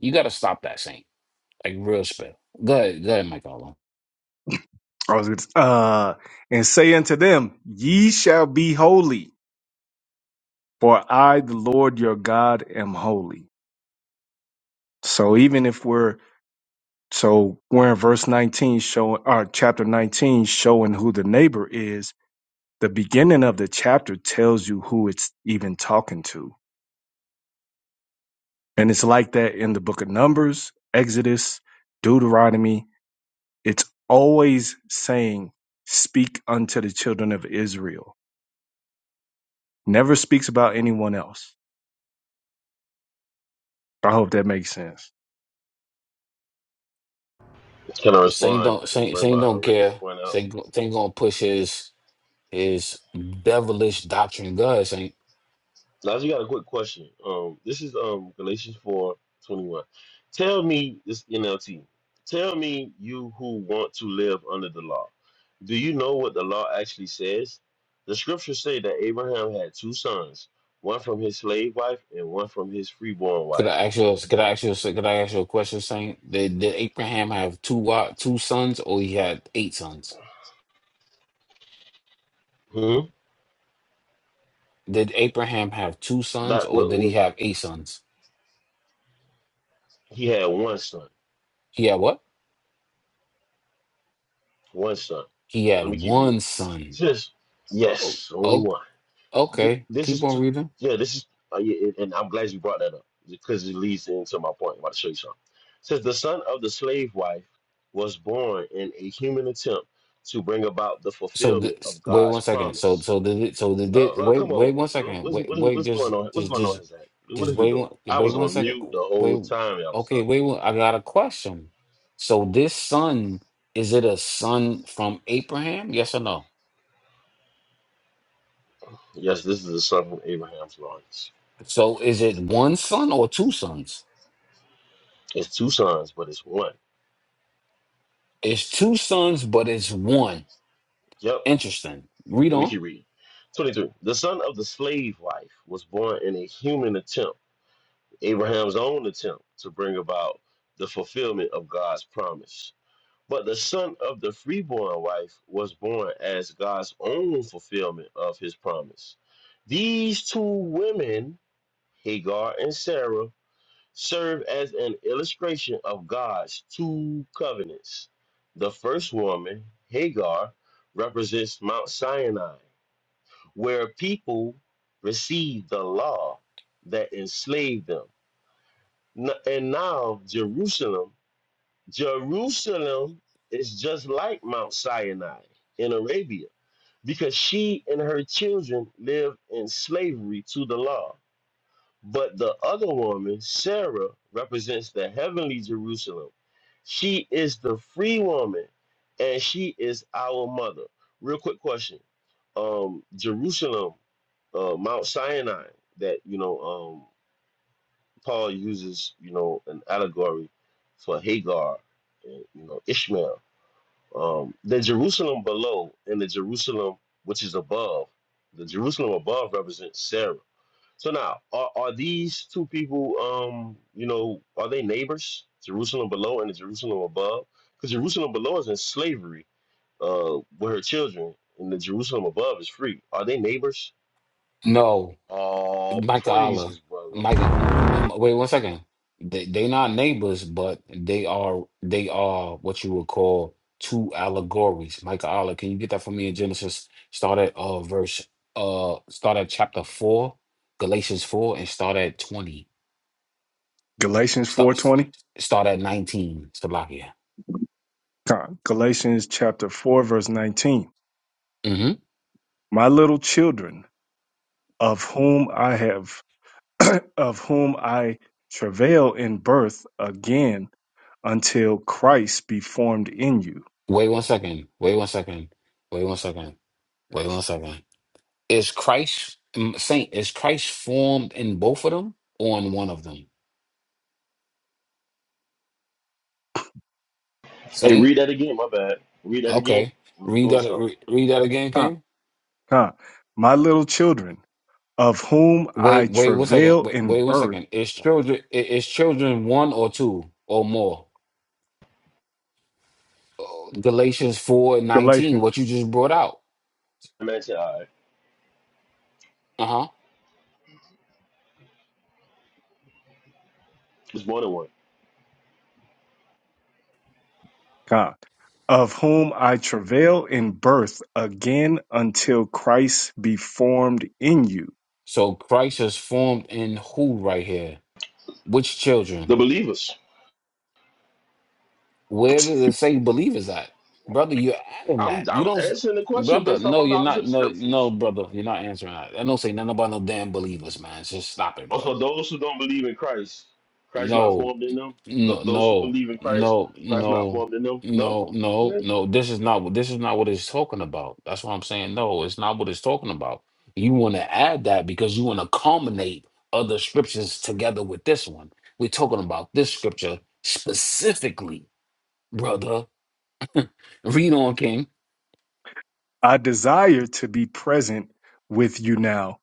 S2: You gotta stop that, Saint. Like real spell. Go ahead, go ahead, Michael.
S3: Or is it, Uh, and say unto them, Ye shall be holy, for I, the Lord your God, am holy. So even if we're so we're in verse 19 showing or chapter 19 showing who the neighbor is, the beginning of the chapter tells you who it's even talking to. And it's like that in the book of Numbers, Exodus, Deuteronomy, It's always saying, speak unto the children of Israel. Never speaks about anyone else. I hope that makes sense.
S4: Can I
S2: Saint
S4: respond
S2: don't
S4: and
S2: Saint
S4: bring
S2: Saint
S4: my
S2: don't
S4: original
S2: care.
S4: point out?
S2: Saint go- Saint gonna push his his devilish doctrine. God, Saint.
S4: Now, you got a quick question. Um, this is um Galatians four twenty one. Tell me this NLT. Tell me you who want to live under the law. Do you know what the law actually says? The scriptures say that Abraham had two sons, one from his slave wife and one from his freeborn
S2: Could
S4: wife.
S2: I ask you? Could I ask you? Could I ask you a question, Saint? Did did Abraham have two wa- two sons, or he had eight sons?
S4: Hmm.
S2: Did Abraham have two sons,
S4: That
S2: or
S4: what,
S2: did he
S4: what
S2: have eight sons?
S4: he had one son.
S2: He had what?
S4: One son.
S2: He had
S4: Let me keep reading.
S2: one
S4: It
S2: son.
S4: Says,
S2: Oh,
S4: yes, only
S2: oh
S4: one. Th-
S2: okay.
S4: This
S2: Keep
S4: is,
S2: on
S4: t-
S2: reading.
S4: yeah, this is, uh, yeah, and and I'm glad you brought that up because it leads into my point. I'm about to show you something. It says, the son of the slave wife was born in a human attempt to bring about the
S2: So
S4: fulfillment
S2: this,
S4: of
S2: wait one
S4: God's
S2: second. So
S4: promise.
S2: so the so the
S4: Uh,
S2: di-
S4: uh,
S2: wait
S4: come on,
S2: wait one second.
S4: what's,
S2: Wait
S4: what is-
S2: wait
S4: what's going
S2: just
S4: on? What's
S2: just
S4: going on,
S2: just
S4: his act? What
S2: just
S4: is he
S2: wait
S4: doing?
S2: one
S4: I
S2: wait
S4: was
S2: one
S4: on
S2: second.
S4: mute the whole
S2: Wait
S4: time y'all was
S2: okay
S4: talking.
S2: wait one, I got a question. So this son is it a son from Abraham? Yes or no?
S4: Yes, this is the son from Abraham's loins.
S2: So is it one son or two sons?
S4: It's two sons, but it's one.
S2: It's two sons, but it's one.
S4: Yep,
S2: Interesting. Read
S4: Let me
S2: on.
S4: keep reading. 23. The son of the slave wife was born in a human attempt, Abraham's own attempt to bring about the fulfillment of God's promise. But the son of the freeborn wife was born as God's own fulfillment of his promise. These two women, Hagar and Sarah, serve as an illustration of God's two covenants. The first woman, Hagar, represents Mount Sinai where people received the law that enslaved them. N- And now Jerusalem, Jerusalem is just like Mount Sinai in Arabia because she and her children live in slavery to the law. But the other woman, Sarah, represents the heavenly Jerusalem. She is the free woman and she is our mother. Real quick question um Jerusalem uh, Mount Sinai that you know um, Paul uses you know an allegory for Hagar and you know Ishmael. Um, the Jerusalem below and the Jerusalem which is above, the Jerusalem above represents Sarah. So now, are, are these two people, um, you know, are they neighbors? Jerusalem below and the Jerusalem above, because Jerusalem below is in slavery uh, with her children, and the Jerusalem above is free. Are they neighbors?
S2: No.
S4: All
S2: Micah Allah.
S4: praises, brother.
S2: Micah, m- m- m- wait one second. They they not neighbors, but they are they are what you would call two allegories. Micah Allah, can you get that for me in Genesis? Start at uh verse uh start at chapter four, Galatians four, and start at twenty.
S3: Galatians
S2: Start s-
S3: 4.20,
S2: start at nineteen, Slovakia.
S3: Galatians chapter 4, verse 19.
S2: Mm-hmm.
S3: My little children, of whom I have, [CLEARS THROAT] of whom I travail in birth again until Christ be formed in you.
S2: Wait one second. Wait one second. Wait one second. Wait one second. Is Christ mm, Saint? Is Christ formed in both of them or in one of them?
S4: Hey,
S2: Saint.
S4: read that again. My bad. Read that again.
S2: Okay.
S4: I was
S2: Read
S4: doing
S2: that.
S4: something.
S2: Re, read that again,
S3: Con-
S2: King.
S3: Con. My little children, of whom I
S2: Wait. Wait. One second.
S3: travail
S2: Wait.
S3: in
S2: Wait. One
S3: birth.
S2: second. Is children? i- Is children one or two or more? Uh, Galatians four and
S3: Galatians.
S2: nineteen. What you just brought out.
S4: I meant to. All right.
S2: Uh huh.
S4: It's more than one.
S3: God, of whom I travail in birth again until Christ be formed in you.
S2: So Christ is formed in who right here? Which
S4: The
S2: children?
S4: believers.
S2: Where did it say believers at, brother? You're adding
S4: I'm,
S2: that. You
S4: I'm
S2: don't, s-
S4: answering the question
S2: brother.
S4: based off
S2: No,
S4: my
S2: you're
S4: knowledge of
S2: not.
S4: the
S2: No,
S4: scriptures.
S2: no, brother. You're not answering that. I don't say nothing about no damn believers, man. Just stop it, bro.
S4: Also, those who don't believe in Christ, Christ not
S2: No.
S4: formed in them. Th-
S2: No,
S4: those who
S2: no,
S4: believe in Christ,
S2: no,
S4: Christ not
S2: no,
S4: formed in them. No.
S2: no, no,
S4: Okay.
S2: no. This is not what this is not what it's talking about. That's what I'm saying. No, it's not what it's talking about. You want to add that because you want to culminate other scriptures together with this one. We're talking about this scripture specifically, brother. [LAUGHS] Read on, King.
S3: I desire to be present with you now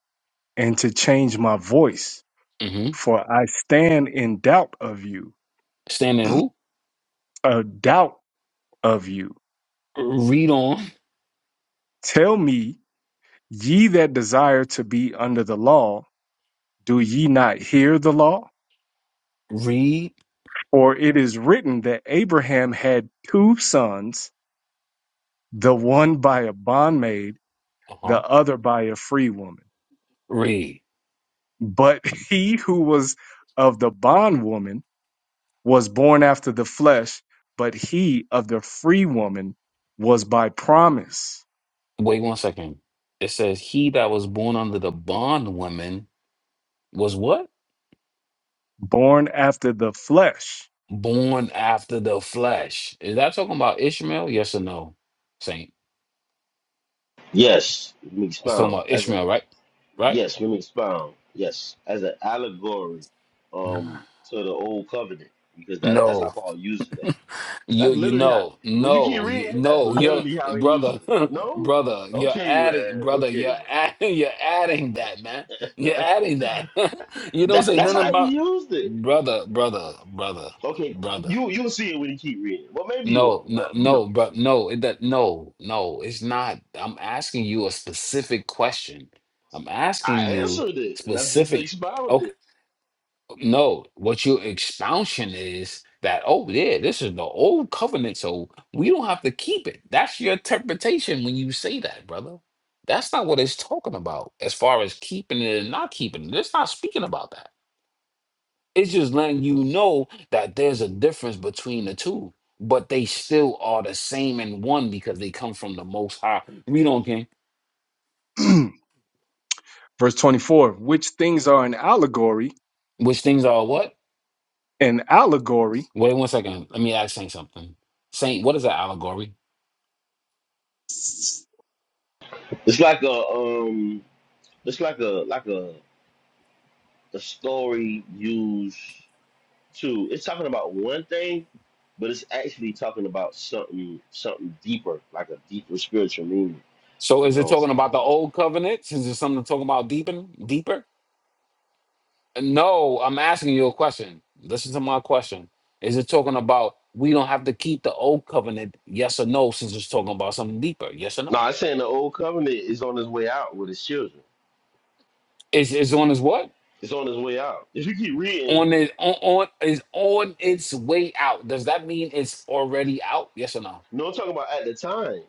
S3: and to change my voice,
S2: Mm-hmm.
S3: for I stand in doubt of you,
S2: Stand who?
S3: a doubt of you.
S2: Read on.
S3: Tell me, ye that desire to be under the law, do ye not hear the law?
S2: Read.
S3: For it is written that Abraham had two sons, the one by a bondmaid
S2: Uh-huh.
S3: the other by a free woman.
S2: Read.
S3: But [LAUGHS] he who was of the bondwoman was born after the flesh, but he of the free woman was by promise,
S2: Wait one second. It says, He that was born under the bondwoman was what?
S3: born after the flesh. [CLEARS THROAT]
S2: born after the flesh. Is that talking about Ishmael? Yes or no, Saint?
S4: Yes. Let me
S2: It's talking
S4: expound.
S2: about
S4: As a
S2: Ishmael, right? Right?
S4: yes. Let me expound. Yes. As an allegory, um, to the old covenant, because that that's how
S2: No,
S4: Paul uses that.
S2: you
S4: That's
S2: you
S4: literally how.
S2: know,
S4: When you keep
S2: no, you
S4: reading, that's
S2: no, your
S4: literally how he uses
S2: brother,
S4: it.
S2: [LAUGHS]
S4: No,
S2: brother, you're
S4: okay, man.
S2: adding, brother,
S4: Okay,
S2: you're
S4: bro.
S2: adding, [LAUGHS] you're adding that, man. You're
S4: [LAUGHS]
S2: adding that. [LAUGHS] you don't
S4: that
S2: say
S4: that's
S2: nothing
S4: how he
S2: about
S4: used it.
S2: brother, brother, brother,
S4: Okay,
S2: brother.
S4: you you'll see it when you keep reading. Well, maybe you
S2: No,
S4: won't.
S2: no,
S4: But who
S2: no, bro.
S4: knows?
S2: No, it that no, no, it's not. I'm asking you a specific question. I'm asking
S4: I
S2: you
S4: answered it, and I just
S2: specific.
S4: expounded.
S2: Okay,
S4: it.
S2: no, what your expansion is that, oh, yeah, this is the old covenant, so we don't have to keep it. That's your interpretation when you say that, brother. That's not what it's talking about as far as keeping it and not keeping it. It's not speaking about that. It's just letting you know that there's a difference between the two, but they still are the same in one because they come from the most high. We don't care.
S3: Verse 24, which things are an allegory,
S2: Which things are what?
S3: an allegory.
S2: Wait one second. Let me ask Saint something. Saint, what is that allegory?
S4: It's like a um, it's like a like a a story used to. It's talking about one thing, but it's actually talking about something something deeper, like a deeper spiritual meaning.
S2: So
S4: You
S2: is it
S4: know.
S2: talking about the
S4: um,
S2: old covenant? Is it something to talk about deepen deeper? No, I'm asking you a question. Listen to my question. Is it talking about we don't have to keep the old covenant? Yes or no, since it's talking about something deeper. Yes or
S4: No,
S2: no?
S4: I'm saying the old covenant is on his way out with his children.
S2: Is is on his what?
S4: It's on his way out. If you keep reading, you
S2: on it on, on is on its way out. Does that mean it's already out? Yes or no?
S4: know what I'm talking about at the time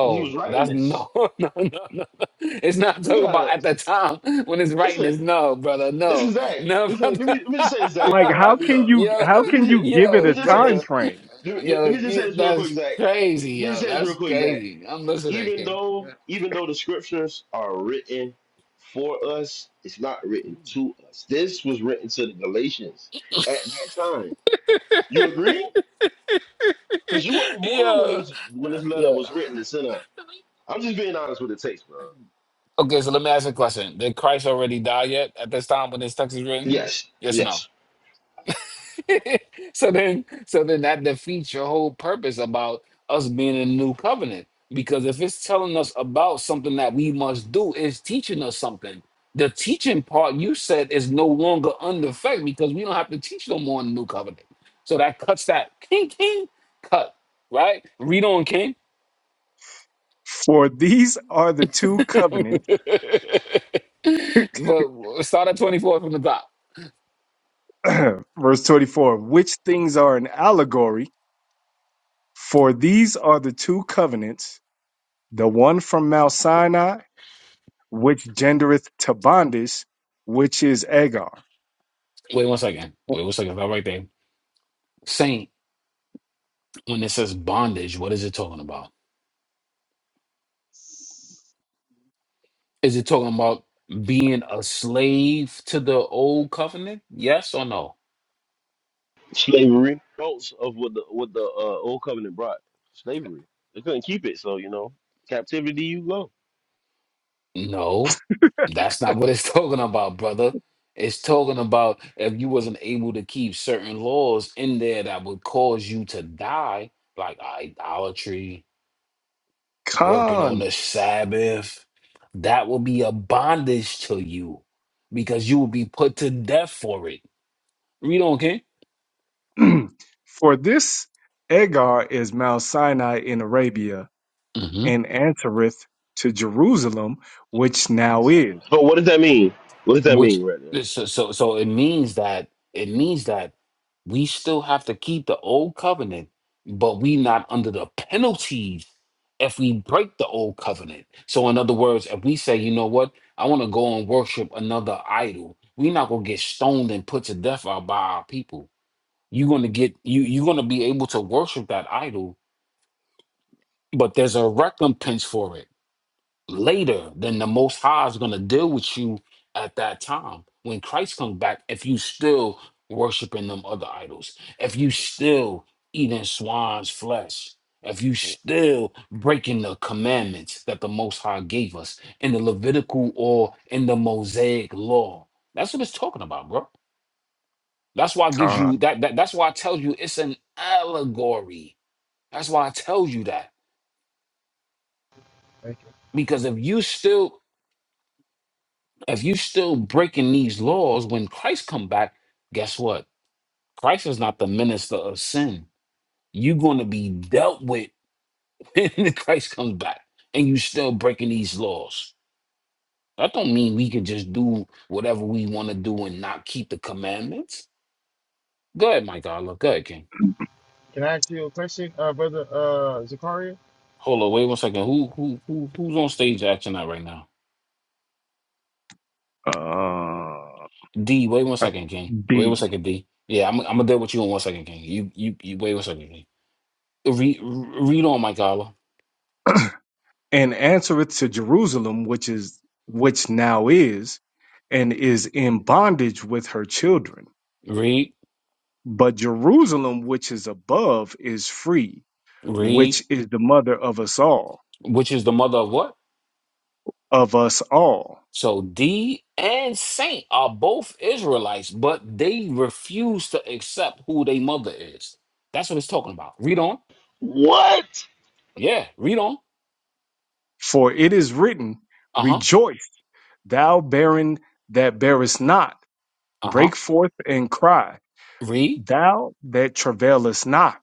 S4: when he was writing
S2: that's
S4: this.
S2: no, [LAUGHS] no, no, no. no. It's not
S4: We
S2: talking about
S4: gotta
S2: at the time when it's writing.
S4: listen,
S2: It's no, brother, no,
S4: listen, Zach.
S2: no, [LAUGHS]
S4: Listen, let
S2: brother.
S4: me let me just say this, Zach,
S3: Like
S4: and I'm about
S3: how
S4: to mute
S3: can
S4: up.
S3: you
S2: yo,
S3: how
S4: Let
S3: can
S4: me just
S3: you give it
S4: let me
S3: a
S2: yo,
S4: just say
S3: time
S2: brother,
S4: this.
S3: frame?
S4: Let me,
S2: yo,
S4: let me just say
S2: you,
S4: this real quick,
S2: that's
S4: Zach.
S2: crazy,
S4: Let me just
S2: yo,
S4: say this real
S2: that's
S4: quick, Zach.
S2: crazy. I'm listening,
S4: Even
S2: King.
S4: though even though the scriptures are written for us, it's not written to us. This was written to the Galatians at that time. You agree? Cause you
S2: [LAUGHS]
S4: wasn't born when it
S2: yo,
S4: was when this letter
S2: yo.
S4: was written and sent out. I'm just being honest with the text, bro.
S2: Okay, so let me ask you a question. Did Christ already die yet at this time when this text is written?
S4: Yes,
S2: Yes or no?
S4: yes.
S2: [LAUGHS] so then so then that defeats your whole purpose about us being in the new covenant because if it's telling us about something that we must do it's teaching us something the teaching part you said is no longer under effect because we don't have to teach no more in the new covenant so that cuts that king king cut right read on king
S3: For these are the two
S2: [LAUGHS] but
S3: covenants.
S2: start at 24 from the top
S3: [CLEARS THROAT] Verse 24, which things are an allegory For these are the two covenants, the one from Mount Sinai, which gendereth to bondage, which is Agar.
S2: wait one second wait one second start right there saint when it says bondage what is it talking about Is it talking about being a slave to the old covenant? Yes or no?
S4: Slavery. Results of what the what the uh, old covenant brought. Slavery. They couldn't keep it, so you know, captivity you go.
S2: No, that's not what it's [LAUGHS] talking about, brother. It's talking about if you wasn't able to keep certain laws in there that would cause you to die, like idolatry, working on
S3: Con.
S2: the Sabbath, that will be a bondage to you because you will be put to death for it. Read on, okay?
S3: [CLEARS THROAT] For this Agar is Mount Sinai in Arabia, and answereth to Jerusalem, which now is.
S4: But what does that mean? What does that
S2: which
S4: mean right there?
S2: so so so it means that it means that we still have to keep the old covenant but we not under the penalties if we break the old covenant so in other words if we say you know what i want to go and worship another idol we're not going to get stoned and put to death out by our people you're going to get you you're going to be able to worship that idol but there's a recompense for it later, then the Most High is going to deal with you at that time. When Christ comes back, if you still worshiping them other idols, if you still eating swine's flesh, if you still breaking the commandments that the Most High gave us in the Levitical or in the Mosaic law, that's what it's talking about, bro. That's why it gives
S3: Con.
S2: you that, that. That's why I tell you it's an allegory. That's why I tell you that
S7: Thank you.
S2: because if you still if you still breaking these laws when christ come back guess what christ is not the minister of sin you're going to be dealt with [LAUGHS] when christ comes back and you still breaking these laws that don't mean we can just do whatever we want to do and not keep the commandments go ahead my god look go ahead king
S7: Can I ask you a question, uh, brother uh, Zakaria?
S2: hold on wait one second who who, who who's on stage acting out right now
S3: Uh,
S2: d wait one second king wait one
S3: D.
S2: second d yeah i'm, I'm gonna deal with you in one second king you you, you wait one second king read read on my
S3: And answereth to Jerusalem, which is which now is, and is in bondage with her children.
S2: Read,
S3: But Jerusalem, which is above, is free,
S2: read,
S3: which is the mother of us all,
S2: which is the mother of what?
S3: of us all.
S2: So D and Saint are both Israelites, but they refuse to accept who their mother is. That's what it's talking about. Read on.
S4: What?
S2: Yeah, read on.
S3: For it is written,
S2: Uh-huh.
S3: Rejoice, thou barren that bearest not,
S2: Uh-huh.
S3: break forth and cry,
S2: Read,
S3: thou that travailest not.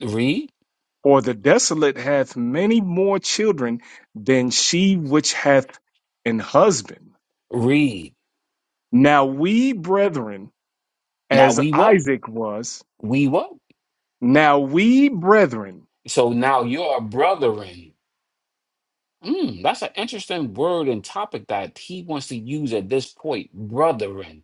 S2: read,
S3: For the desolate hath many more children than she which hath an husband.
S2: read.
S3: Now we, brethren,
S2: Now
S3: as
S2: we what?
S3: Isaac was,
S2: We what?
S3: now we, brethren,
S2: So now you're a brethren. Mm, that's an interesting word and topic that he wants to use at this point. Brethren.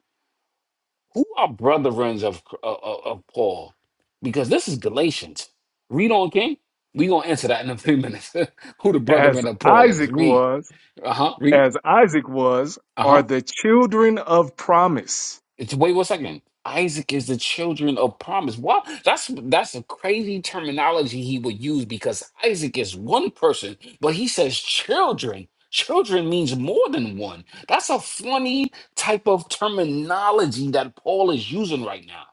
S2: Who are brethrens of, of, of Paul? Because this is Galatians. Read on, King. we going to answer that in a few minutes. [LAUGHS] Who the
S3: as
S2: brethren of Paul is.
S3: Isaac
S2: Read.
S3: was,
S2: Uh huh. Read.
S3: as Isaac was,
S2: Uh
S3: are
S2: huh.
S3: the children of promise.
S2: It's Wait one second. Isaac is the children of promise. What? That's that's a crazy terminology he would use because Isaac is one person, but he says children. Children means more than one. That's a funny type of terminology that Paul is using right now.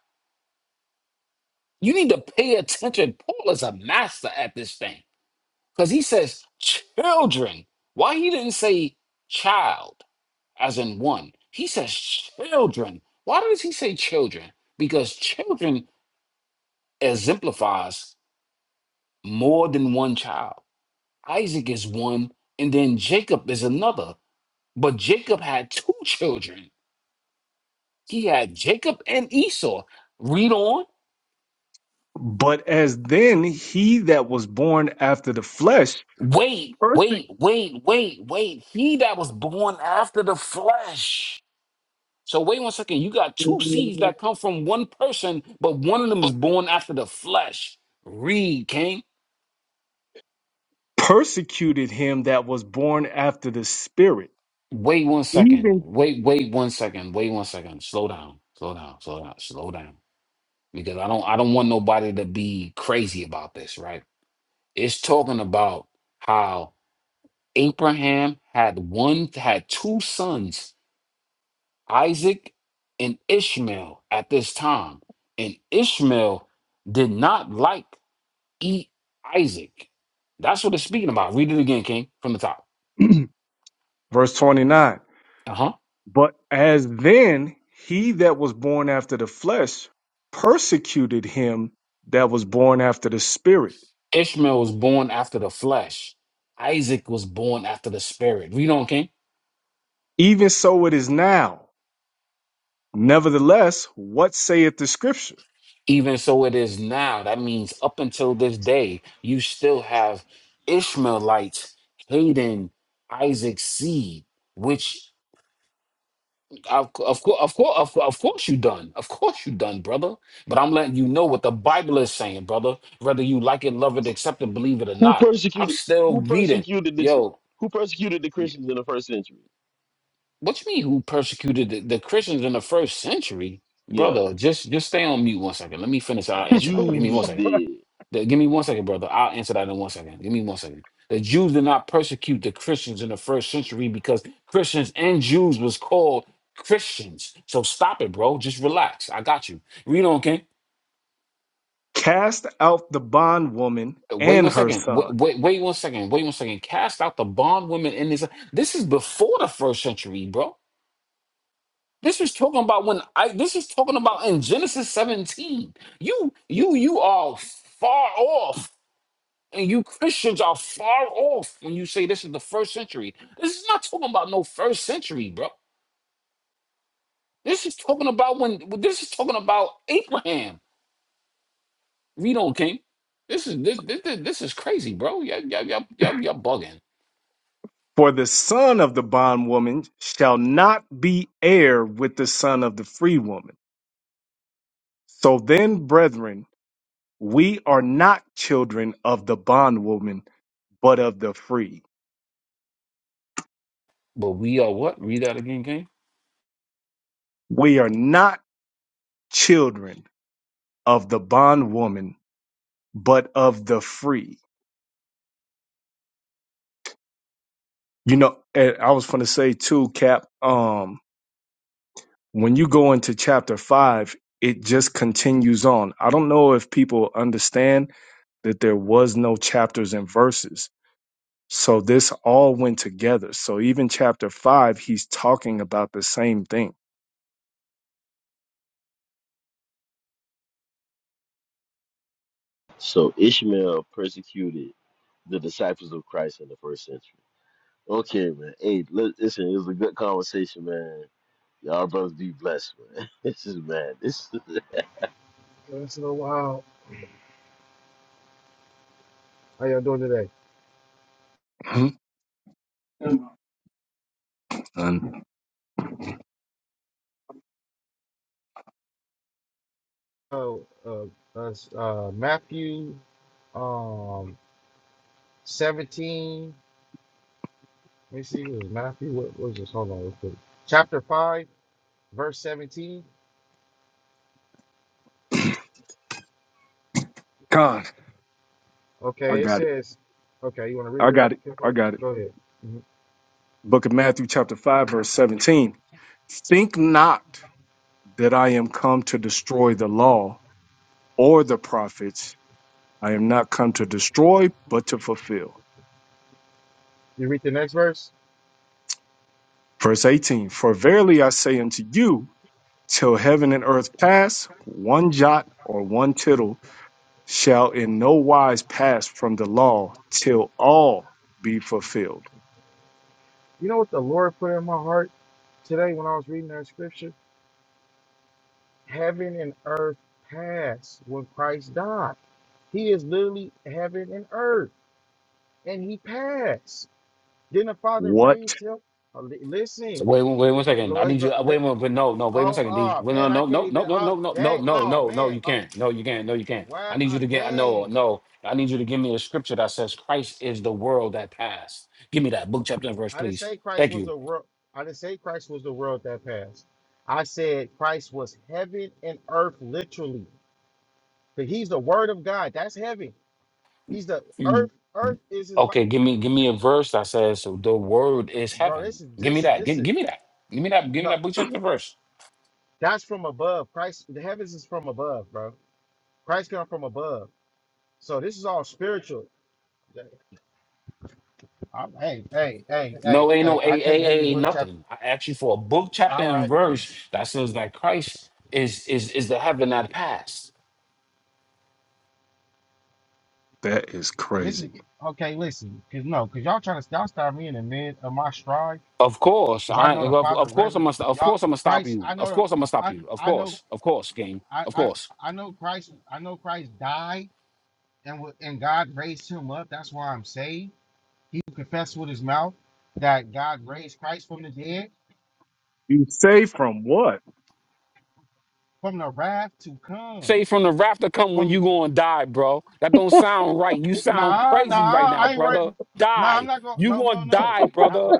S2: You need to pay attention. Paul is a master at this thing because he says children. Why he didn't say child as in one? He says children. Why does he say children? Because children exemplifies more than one child. Isaac is one, and then Jacob is another. But Jacob had two children. He had Jacob and Esau. Read on.
S3: But as then he that was born after the flesh
S2: Wait,
S3: perse-
S2: wait, wait, wait, wait. He that was born after the flesh. So wait one second. You got two seeds that come from one person, but one of them is born after the flesh. Read, King.
S3: persecuted him that was born after the spirit.
S2: Wait one second.
S3: Even
S2: Wait, wait one second. Wait one second. Slow down. Slow down. Slow down. Slow down. Because I don't I don't want nobody to be crazy about this, right? It's talking about how Abraham had one had two sons Isaac and Ishmael at this time. And Ishmael did not like eat Isaac. That's what it's speaking about. Read it again, King, from the top.
S3: [CLEARS THROAT] verse 29.
S2: Uh huh.
S3: But as then he that was born after the flesh persecuted him that was born after the spirit.
S2: Ishmael was born after the flesh. Isaac was born after the spirit. Read on, King.
S3: Even so it is now Nevertheless, what saith the scripture?
S2: Even so it is now. That means up until this day, you still have Ishmaelites hating Isaac's seed, which Of course, of course, of course, of, of course you done. Of course you done, brother. But I'm letting you know what the Bible is saying, brother. Whether you like it, love it, accept it, believe it or
S4: Who
S2: not, I'm
S4: persecuted?
S2: still
S4: Who
S2: reading.
S4: persecuted the? Ch-
S2: Yo,
S4: Who persecuted the
S2: you-
S4: Christians in the first century?
S2: what you mean? Who persecuted the, the Christians in the first century,
S4: Yeah,
S2: brother? Just, just stay on mute one second. Let me finish. I'll answer that. Give me one
S4: Jews
S2: second.
S4: did.
S2: The- give me one second, brother. I'll answer that in one second. Give me one second. The Jews did not persecute the Christians in the first century because Christians and Jews was called Christians. So stop it, bro. Just relax. I got you. Read on, King.
S3: Cast out the bondwoman
S2: Wait
S3: and
S2: one
S3: her
S2: second. Wait,
S3: son,
S2: wait, wait one second. Wait one second. Cast out the bondwoman. in this. This is before the first century, bro. This is talking about when I. This is talking about in Genesis 17. You, you, you are far off And you Christians are far off when you say this is the first century. This is not talking about no first century, bro. This is talking about when this is talking about Abraham. Read Reno King. This is this, this, this is crazy, bro. Yeah, yeah, yeah, yeah, yeah, bugging.
S3: for the son of the bondwoman shall not be heir with the son of the free woman. So then, brethren, we are not children of the bondwoman, but of the free.
S2: But we are what? Read that again, King.
S3: We are not children of the bondwoman, but of the free. You know, and I was going to say too, Cap. Um, when you go into chapter five, it just continues on. I don't know if people understand that there was no chapters and verses. So this all went together. So even chapter five, he's talking about the same thing.
S4: So Ishmael persecuted the disciples of Christ in the first century. Okay, man. Hey, li- listen, it was a good conversation, man. Y'all brothers be blessed, man. [LAUGHS] This is mad. This.
S7: It's been a while. How y'all doing today?
S3: [CLEARS THROAT] And
S7: Oh, uh, uh, uh, Matthew, um, seventeen. Let me see. Was it Matthew? What was this? Hold on, real quick. Chapter five, verse seventeen.
S3: God, I
S7: Okay, it
S3: got it.
S7: says. Okay, you want to read
S3: I
S7: it
S3: got
S7: up?
S3: it. I
S7: Kimbo?
S3: got it.
S7: Go ahead. Mhm.
S3: Book of Matthew, chapter 5, verse 17. Think not that I am come to destroy the law or the prophets. I am not come to destroy, but to fulfill.
S7: You read the next verse.
S3: Verse 18 For verily I say unto you, till heaven and earth pass, one jot or one tittle shall in no wise pass from the law till all be fulfilled.
S7: You know what the Lord put in my heart today when I was reading that scripture? Heaven and earth pass when Christ died. He is literally heaven and earth, and he passed. Then the father
S3: What?
S7: raised him. Uh, li-
S2: So
S7: Listen,
S2: wait, one- wait one second. I
S7: Lord,
S2: need you.
S7: but
S2: uh, Wait
S7: li-
S2: one, but no, no. Wait one
S7: oh,
S2: second, D.
S7: oh
S2: Well, no,
S7: man, I
S2: no,
S7: can't
S2: no, no,
S7: even.
S2: no,
S7: Oh,
S2: no, no, no,
S7: dang,
S2: no,
S7: oh
S2: no, no.
S7: man,
S2: You
S7: uh,
S2: can't. No, you can't. No, you can't.
S7: why?
S2: I need you
S7: Uh,
S2: to get. No,
S7: dang,
S2: no. I need you to give me a scripture that says Christ is the world that passed. Give me that book, chapter, and verse,
S7: I didn't
S2: please.
S7: say Christ
S2: Thank
S7: was
S2: you.
S7: the world. I didn't say Christ was the world that passed. I said Christ was heaven and earth literally, but he's the Word of God. That's heaven. He's the earth.
S2: Mm.
S7: Earth is his body,
S2: Okay, give me, give me a verse that says the word is
S7: bro.
S2: heaven.
S7: This is
S2: Give me
S7: this
S2: that.
S7: this
S2: Give,
S7: is
S2: give me that. Give me that. Give me
S7: no.
S2: that book, chapter, and verse.
S7: That's from above. Christ, the heavens is from above, bro. Christ came from above. So this is all spiritual. I'm, hey, hey, hey, hey,
S2: No, ain't no
S7: hey!
S2: a
S7: I can't give you
S2: a a
S7: book chapter.
S2: nothing. I asked you for a book, chapter,
S7: All
S2: and
S7: right,
S2: verse that says that Christ is is is the heaven that passed.
S3: That is
S7: this is
S3: crazy.
S7: okay. Listen, cause no, cause y'all trying to y'all stop me in the mid of my stride.
S2: Of course,
S7: Cause I
S2: I
S7: know the
S2: of,
S7: Father
S2: of course I'm
S7: resident.
S2: gonna st- of
S7: Y'all,
S2: course I'm gonna stop
S7: Christ.
S2: you.
S7: I
S2: Of
S7: know
S2: course
S7: the.
S2: I'm gonna stop
S7: I
S2: you. Of
S7: I know.
S2: course, of course, game.
S7: I
S2: Of
S7: I
S2: course.
S7: I know Christ. I know Christ died and wa- and God raised him up. That's why I'm saved. He confessed with his mouth that God raised Christ from the dead,
S3: You say from what?
S7: from the wrath to come.
S2: Say from the rafter come when you gonna die, bro. That don't sound right. You sound
S7: Nah,
S2: crazy right
S7: nah,
S2: now,
S7: I ain't
S2: brother.
S7: worried. Nah, I'm
S2: Die.
S7: not going.
S2: You
S7: No,
S2: gonna
S7: no, no,
S2: die,
S7: not,
S2: brother.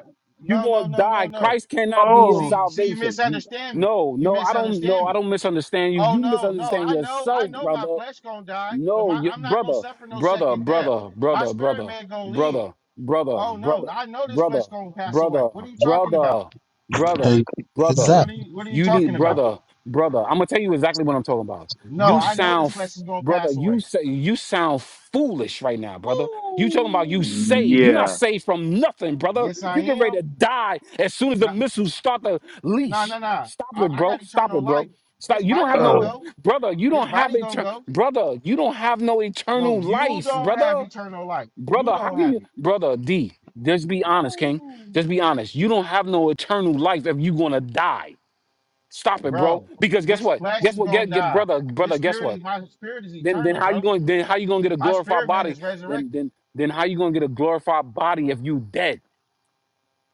S2: You
S7: no,
S2: gonna
S7: no, no, no,
S2: die.
S7: no. no.
S2: Christ cannot be your
S3: Oh,
S7: See, see, you
S2: salvation. You
S7: misunderstand me.
S2: no,
S7: You
S2: no, I don't No,
S7: misunderstand
S2: I
S7: me.
S2: don't misunderstand you.
S7: Oh
S2: You
S7: no, no,
S2: misunderstand
S7: I know, I
S2: yourself,
S7: know, my
S2: brother.
S7: flesh gonna die, but
S2: No,
S7: my,
S2: you,
S7: I'm not gonna
S2: brother,
S7: suffer no
S2: brother,
S7: second death.
S2: brother,
S7: My
S2: brother,
S7: spirit
S2: brother,
S7: man gonna live.
S2: brother, brother,
S7: Oh no,
S2: brother,
S7: I know this
S2: brother,
S7: flesh gonna pass
S2: brother,
S7: away. What are you talking
S2: brother,
S7: about?
S2: brother,
S1: Hey, Who's
S2: brother.
S1: that?
S7: What are you, what are you
S2: You
S7: talking
S2: need
S7: about?
S2: brother, brother. I'm gonna tell you exactly what I'm talking about.
S7: No,
S2: You
S7: I know
S2: sound,
S7: this
S2: f-
S7: flesh is gonna
S2: brother.
S7: pass
S2: You
S7: away.
S2: say you sound foolish right now, brother. You talking about you saved? you
S7: Woo!
S2: not
S3: yeah.
S2: saved from nothing, brother.
S7: Yes, I
S2: You get ready
S7: am.
S2: to die as soon as the
S7: Nah,
S2: missiles start to
S7: Nah,
S2: leash.
S7: nah, nah.
S2: Stop
S7: I,
S2: it,
S7: I
S2: bro.
S7: got
S2: Stop
S7: eternal
S2: it, bro.
S7: life.
S2: Stop.
S7: This
S2: You don't
S7: body
S2: have
S7: gonna
S2: no
S3: Oh.
S7: go.
S2: brother. You
S7: This
S2: don't have
S7: body
S2: it
S7: gonna go.
S2: brother, you don't have no
S7: No,
S2: eternal
S7: you
S2: life,
S7: don't have
S2: brother.
S7: eternal life. You
S2: Brother, how
S7: don't
S2: can
S7: have
S2: you,
S7: it.
S2: brother D? Just be honest, King.
S7: Woo.
S2: Just be honest. You don't have no eternal life if you gonna die. Stop it, bro.
S7: Bro,
S2: Because guess
S7: this
S2: what?
S7: flesh
S2: Guess
S7: is
S2: what?
S7: gonna
S2: Get, get
S7: die.
S2: brother,
S7: This
S2: brother. Guess
S7: spirit
S2: what?
S7: is my spirit is
S2: Then, then
S7: eternal,
S2: how you
S7: bro.
S2: going? to Then how you gonna get a
S7: My
S2: glorified
S7: spirit man
S2: body?
S7: is
S2: Then,
S7: resurrected.
S2: then, then how you gonna get a glorified body if you dead?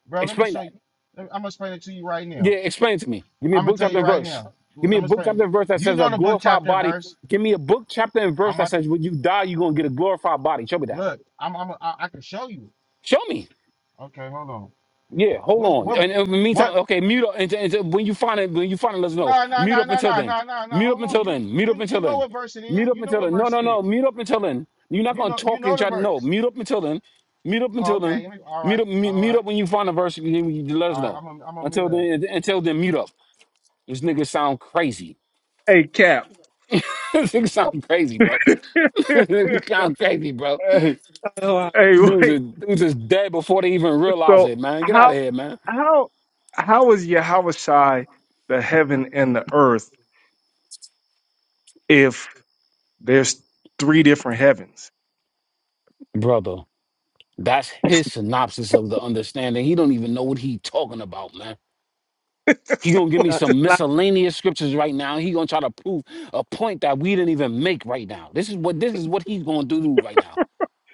S7: Bro, let me
S2: Explain
S7: show
S2: that.
S7: you. I'm gonna explain it to you right now.
S2: Yeah, explain to me. Give me a
S7: I'm gonna
S2: book,
S7: tell
S2: chapter,
S7: you
S2: and
S7: right
S2: verse.
S7: now.
S2: Give
S7: I'm
S2: me a
S7: gonna
S2: book, chapter,
S7: explain.
S2: and verse that
S7: You
S2: says a
S7: know the book
S2: glorified
S7: chapter and
S2: body.
S7: verse.
S2: Give me a book, chapter, and
S7: I'm
S2: verse that
S7: about to
S2: says when you die, you gonna get a glorified body. Show me that.
S7: look. I'm, I'm I, I can show you.
S2: Show me.
S7: Okay, hold on.
S2: Yeah, hold
S7: What
S2: on.
S7: what
S2: And in the
S7: what
S2: meantime, okay, mute up. And, and when you find it, when you find it, let us know.
S7: No, no,
S2: Mute
S7: no,
S2: up
S7: no,
S2: until
S7: no,
S2: then.
S7: no, no, no.
S2: Mute up
S7: Hold on.
S2: until
S7: You
S2: then. Mute up
S7: you
S2: until
S7: you know
S2: then.
S7: what verse it is.
S2: Mute up
S7: You know
S2: until
S7: what
S2: then. No,
S7: verse
S2: no,
S7: it
S2: no.
S7: is.
S2: Mute up until then. You're not
S7: You
S2: gonna
S7: know you
S2: talk
S7: know
S2: and
S7: the
S2: try to know.
S7: verse.
S2: Mute up until then. Mute up
S7: Oh,
S2: until
S7: okay.
S2: then.
S7: Let me, all
S2: Mute
S7: right.
S2: up. Mute,
S7: All
S2: mute
S7: right.
S2: up when you find a verse. You, you let us
S7: All right.
S2: know.
S7: I'm gonna I'm gonna
S2: Until
S7: mute up.
S2: then, until then, mute up. This nigga sound crazy.
S3: Hey, Cap.
S2: [LAUGHS] this nigga sound crazy, bro. [LAUGHS]
S3: [LAUGHS] hey,
S2: this nigga sound crazy, bro.
S8: Oh,
S3: hey,
S2: Dudes is
S3: wait.
S2: dudes is dead before they even realize
S3: So
S2: it, man. Get out of
S3: how
S2: here, man,
S3: how how is Yahweh Shai the heaven and the earth? if? There's three different heavens.
S2: brother. That's his synopsis of the understanding. He don't even know what he talking about, man. He gonna give
S3: [LAUGHS]
S2: me some
S8: Salakia.
S2: miscellaneous scriptures right now. He gonna try to prove a point that we didn't even make right now. This is what this is what he's gonna do right now.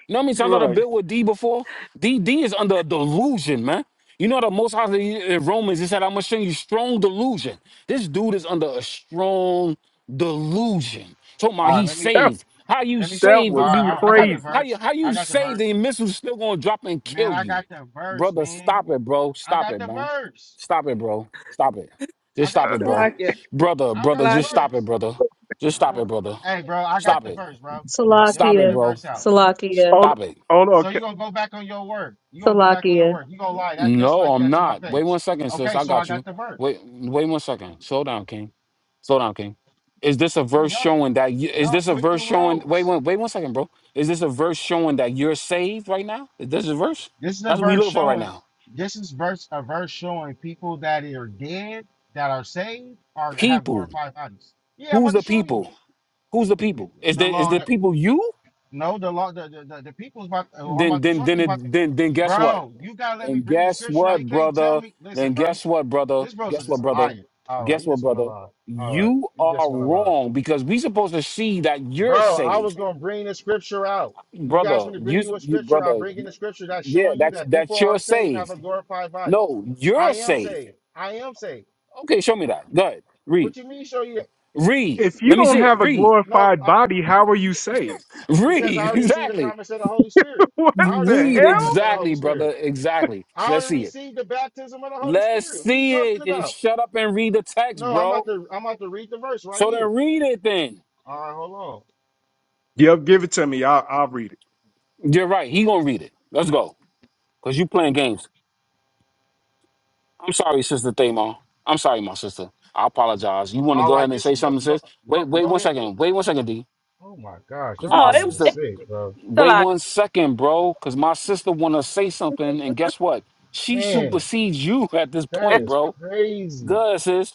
S2: You know how many times I've
S3: Right.
S2: built with D before? D D is under a delusion, man. You know the most high in in Romans, he said, I'm gonna show you strong delusion. This dude is under a strong delusion. Talking about
S7: All right.
S2: he's
S7: Let me
S3: That,
S2: saved. How you
S7: let me. Sh-
S3: that
S2: saved
S7: all
S2: and
S3: was
S2: you
S7: right. I, I
S2: how
S7: got
S2: you-
S7: the
S3: crazy.
S2: how you
S7: verse.
S2: how you
S7: I got the
S2: saved and
S7: verse.
S2: your missile's still gonna drop and
S7: Man,
S2: kill
S7: I
S2: you.
S7: got the verse.
S2: Brother,
S7: Man,
S2: stop it, bro.
S7: I
S2: Stop
S7: got
S2: it,
S7: the
S2: man.
S7: verse.
S2: Stop it, bro. Stop it.
S7: I
S2: Just
S7: got
S2: stop
S7: the
S2: it, bro.
S8: Salakia.
S7: verse.
S2: Brother,
S7: I
S2: brother,
S7: got the
S2: just
S8: Salakia.
S2: stop it,
S7: verse.
S2: brother. Just stop it,
S7: Well,
S2: brother.
S7: hey, bro. I got
S2: Stop
S7: the
S2: it.
S7: verse, bro. Let me
S2: Stop
S7: bring
S2: it,
S7: the
S6: Salakia,
S2: bro.
S7: verse out.
S6: Salakia,
S3: On
S2: Stop it.
S3: on
S7: So
S3: okay.
S7: you're gonna go back on your word. You're gonna go back on your
S6: Salakia,
S7: word. You're gonna lie that just
S2: No,
S7: like
S2: I'm
S7: that to my
S2: not. Wait
S7: face.
S2: one second, sis.
S7: Okay,
S2: I
S7: so I
S2: got you.
S7: got the verse.
S2: Wait, wait one second. Slow down, King. Slow down, King. Is this a
S7: Damn,
S2: verse
S7: y'all,
S2: showing that? You, is
S7: y'all
S2: this a
S7: quit the
S2: verse showing? Wait
S7: roads.
S2: one. Wait one second, bro. Is this a verse showing that you're saved right now? Is this a verse?
S7: This is a
S2: That's what we
S7: verse
S2: looking for right
S7: showing.
S2: now.
S7: This is verse a verse showing people that are dead, that are saved, or have
S2: People.
S7: glorified bodies. Yeah, I'm
S2: Who's
S7: about to
S2: the
S7: show you
S2: people? Who's the
S7: it.
S2: people? Is
S7: The
S2: the is
S7: law,
S2: the
S7: and the,
S2: people you?
S7: no, the law, the the, the, the people's about. Who I'm
S2: Then
S7: about to
S2: then
S7: show you
S2: then
S7: is about. to-
S2: it, then then guess what?
S7: bro, you gotta let me
S2: And
S7: bring the
S2: guess
S7: scripture out. You
S2: what,
S7: can't tell
S2: brother?
S7: me.
S2: Then
S7: Listen, bro, you,
S2: guess what, brother?
S7: this bro is
S2: Guess what,
S7: just a
S2: brother?
S7: liar. All right,
S2: Guess
S7: you
S2: what,
S7: just want to
S2: brother?
S7: lie. All right,
S2: You
S7: you just
S2: are
S7: want to lie.
S2: wrong because we supposed to see that you're
S7: Bro, I
S2: saved,
S7: was gonna bring the scripture out. You asked
S2: brother.
S7: me to bring
S2: You,
S7: you a
S2: you
S7: scripture. I'm
S2: brother.
S7: bringing the scripture that's
S2: Yeah,
S7: showing you
S2: that's
S7: that
S2: that's
S7: people are
S2: you're
S7: saved, have a
S2: saved.
S7: glorified body.
S2: No, you're
S7: I am
S2: saved.
S7: saved. I am saved.
S2: Okay, show me that. Good. Read.
S7: What you mean? Show you?
S2: Read.
S3: If you
S2: Let me
S3: don't
S2: see it.
S3: have a
S2: Read.
S7: No,
S3: glorified
S7: I,
S3: body, how are you saved?
S7: because I
S2: Read. [LAUGHS]
S7: already see the
S2: Exactly.
S7: promise of the Holy Spirit.
S3: [LAUGHS] What
S7: I already
S3: the
S7: see the
S2: Read.
S7: promise
S3: hell?
S7: of the Holy
S2: Exactly, brother.
S7: Spirit.
S2: Exactly.
S7: I
S2: Let's
S7: already
S2: see it.
S7: received the baptism of the Holy
S2: Let's
S7: Spirit. What are you
S2: see it.
S7: talking
S2: And
S7: about?
S2: shut up and read the text,
S7: No, I'm about
S2: bro.
S7: to. I'm about to read the verse right
S2: So then
S7: here.
S2: read it then.
S7: All right, hold on.
S3: Yep, give it to me. I'll, I'll read it.
S2: You're right. He gonna read it. Let's go. Cause you playing games. I'm sorry, sister Thamar. I'm sorry, my sister. I apologize. You want to
S7: All
S2: go
S7: right,
S2: ahead and
S7: this
S2: say
S7: is go
S2: something,
S7: go
S2: sis? Wait,
S7: go,
S2: wait
S7: go
S2: one
S7: ahead.
S2: second. Wait one second, D.
S7: Oh my gosh,
S2: Cause
S7: y'all
S2: my
S8: Oh, it,
S7: brothers are
S2: sister.
S8: it
S7: sick, bro.
S2: Wait one
S8: Salakia.
S2: second, bro. Cause my sister wanna say something, and guess what? She
S7: Man.
S2: supersedes you [LAUGHS] at this
S7: That
S2: point,
S7: is
S2: bro.
S7: crazy.
S2: Good, sis.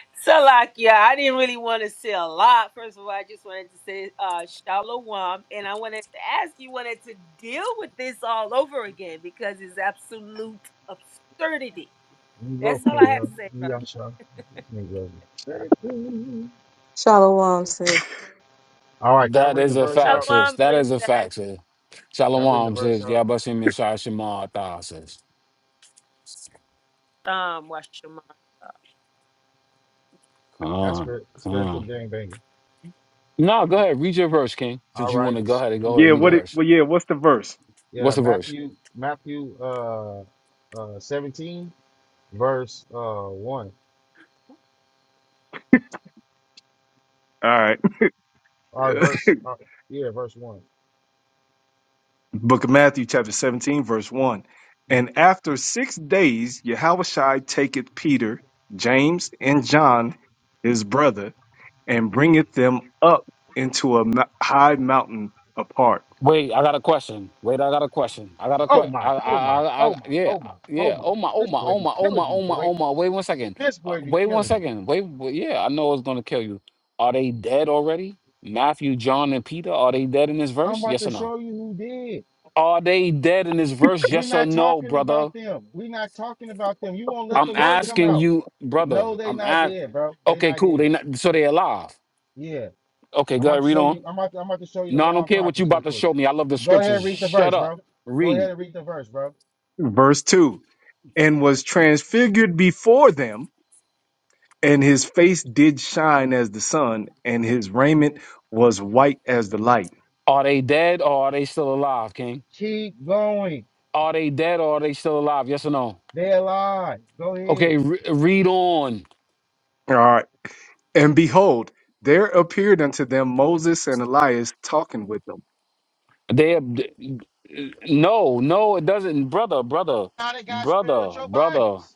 S8: [LAUGHS] Salakia. I didn't really want to say a lot. First of all, I just wanted to say uh Shalom. And I wanted to ask you wanted to deal with this all over again because it's absolute absurdity.
S7: Let me go
S8: That's
S7: for
S8: all I
S7: it,
S8: have
S7: yo.
S8: to say,
S7: Give me
S8: brother.
S7: your shot. This nigga crazy.
S6: Shalom, sis.
S7: All right, can I
S2: That
S7: bring the
S2: is a
S7: verse
S2: fact,
S7: out?
S2: sis.
S8: Shalom,
S2: That is a
S8: princess.
S2: fact, sis.
S7: Can I bring the
S2: Shalom,
S7: verse
S2: sis.
S7: out?
S2: Yabasim Mishai Shema Atah, sis.
S8: Um, Washama.
S2: Come
S7: That's
S2: on.
S7: spirit,
S2: Come on.
S7: spiritual game banger.
S2: No, go ahead. Read your verse, King.
S7: All
S2: Since you want
S7: right.
S2: to go ahead and go ahead and
S3: Yeah,
S2: read the
S3: what
S7: Thank
S3: it
S2: verse.
S3: well yeah, what's the verse?
S7: Yeah,
S2: What's the verse?
S7: Matthew, Matthew uh, uh, 17, verse uh, 1.
S3: All right.
S7: Or
S3: [LAUGHS]
S7: verse, uh, yeah, verse one
S3: Book of Matthew, chapter 17, verse 1.
S7: Mhm.
S3: And after six days, Yahushua taketh Peter, James, and John, his brother, and bringeth them up into a mo- high mountain apart.
S2: Wait, I got a question. Wait, I got a question. I got a
S7: Oh
S2: question.
S7: my,
S2: I,
S7: oh my,
S2: I, I, I,
S7: oh my,
S2: yeah,
S7: oh my, oh
S2: yeah.
S7: my.
S2: Oh my, oh
S7: This
S2: my,
S7: boy
S2: oh
S7: be
S2: my, oh my,
S7: killing me,
S2: oh my,
S7: boy.
S2: oh my. Wait one second.
S7: This
S2: Uh,
S7: boy be
S2: wait one
S7: killing me.
S2: second. Wait, wait. Yeah, I know it's gonna kill you. Are they dead already? Matthew, John, and Peter. Are they dead in this
S7: I'm
S2: verse?
S7: about
S2: Yes
S7: to
S2: or no?
S7: show you who did.
S2: Are they dead in this verse?
S7: We're
S2: Yes or
S7: not
S2: no,
S7: talking
S2: brother?
S7: about them. We're not talking about them. You won't let
S2: I'm
S7: the word come
S2: asking
S7: out.
S2: you, brother.
S7: No, they
S2: I'm
S7: not
S2: at.
S7: dead, bro. They
S2: Okay,
S7: not
S2: cool. They
S7: dead.
S2: not. So they alive.
S7: Yeah.
S2: Okay,
S7: I'm
S2: go
S7: about
S2: ahead.
S7: to
S2: Read
S7: show
S2: on.
S7: you. I'm about to, I'm about to show you the
S2: No, I
S7: law
S2: don't
S7: and
S2: care what you
S7: prophets real
S2: about to
S7: quick.
S2: show me. I love the
S7: Go ahead
S2: scriptures.
S7: and read the
S2: Shut
S7: verse,
S2: up.
S7: bro. Go
S2: Read.
S7: ahead and read the verse, bro.
S3: Verse 2 And was transfigured before them, and his face did shine as the sun, and his raiment was white as the light.
S2: Are they dead or are they still alive, King?
S7: Keep going.
S2: Are they dead or are they still alive? Yes or no?
S7: They alive. Go ahead.
S2: Okay, re- read on.
S3: All right. And behold, there appeared unto them Moses and Elias talking with them.
S2: They no, no, it doesn't, brother, brother,
S7: Now they got
S2: brother,
S7: spiritual
S2: brother,
S7: bodies.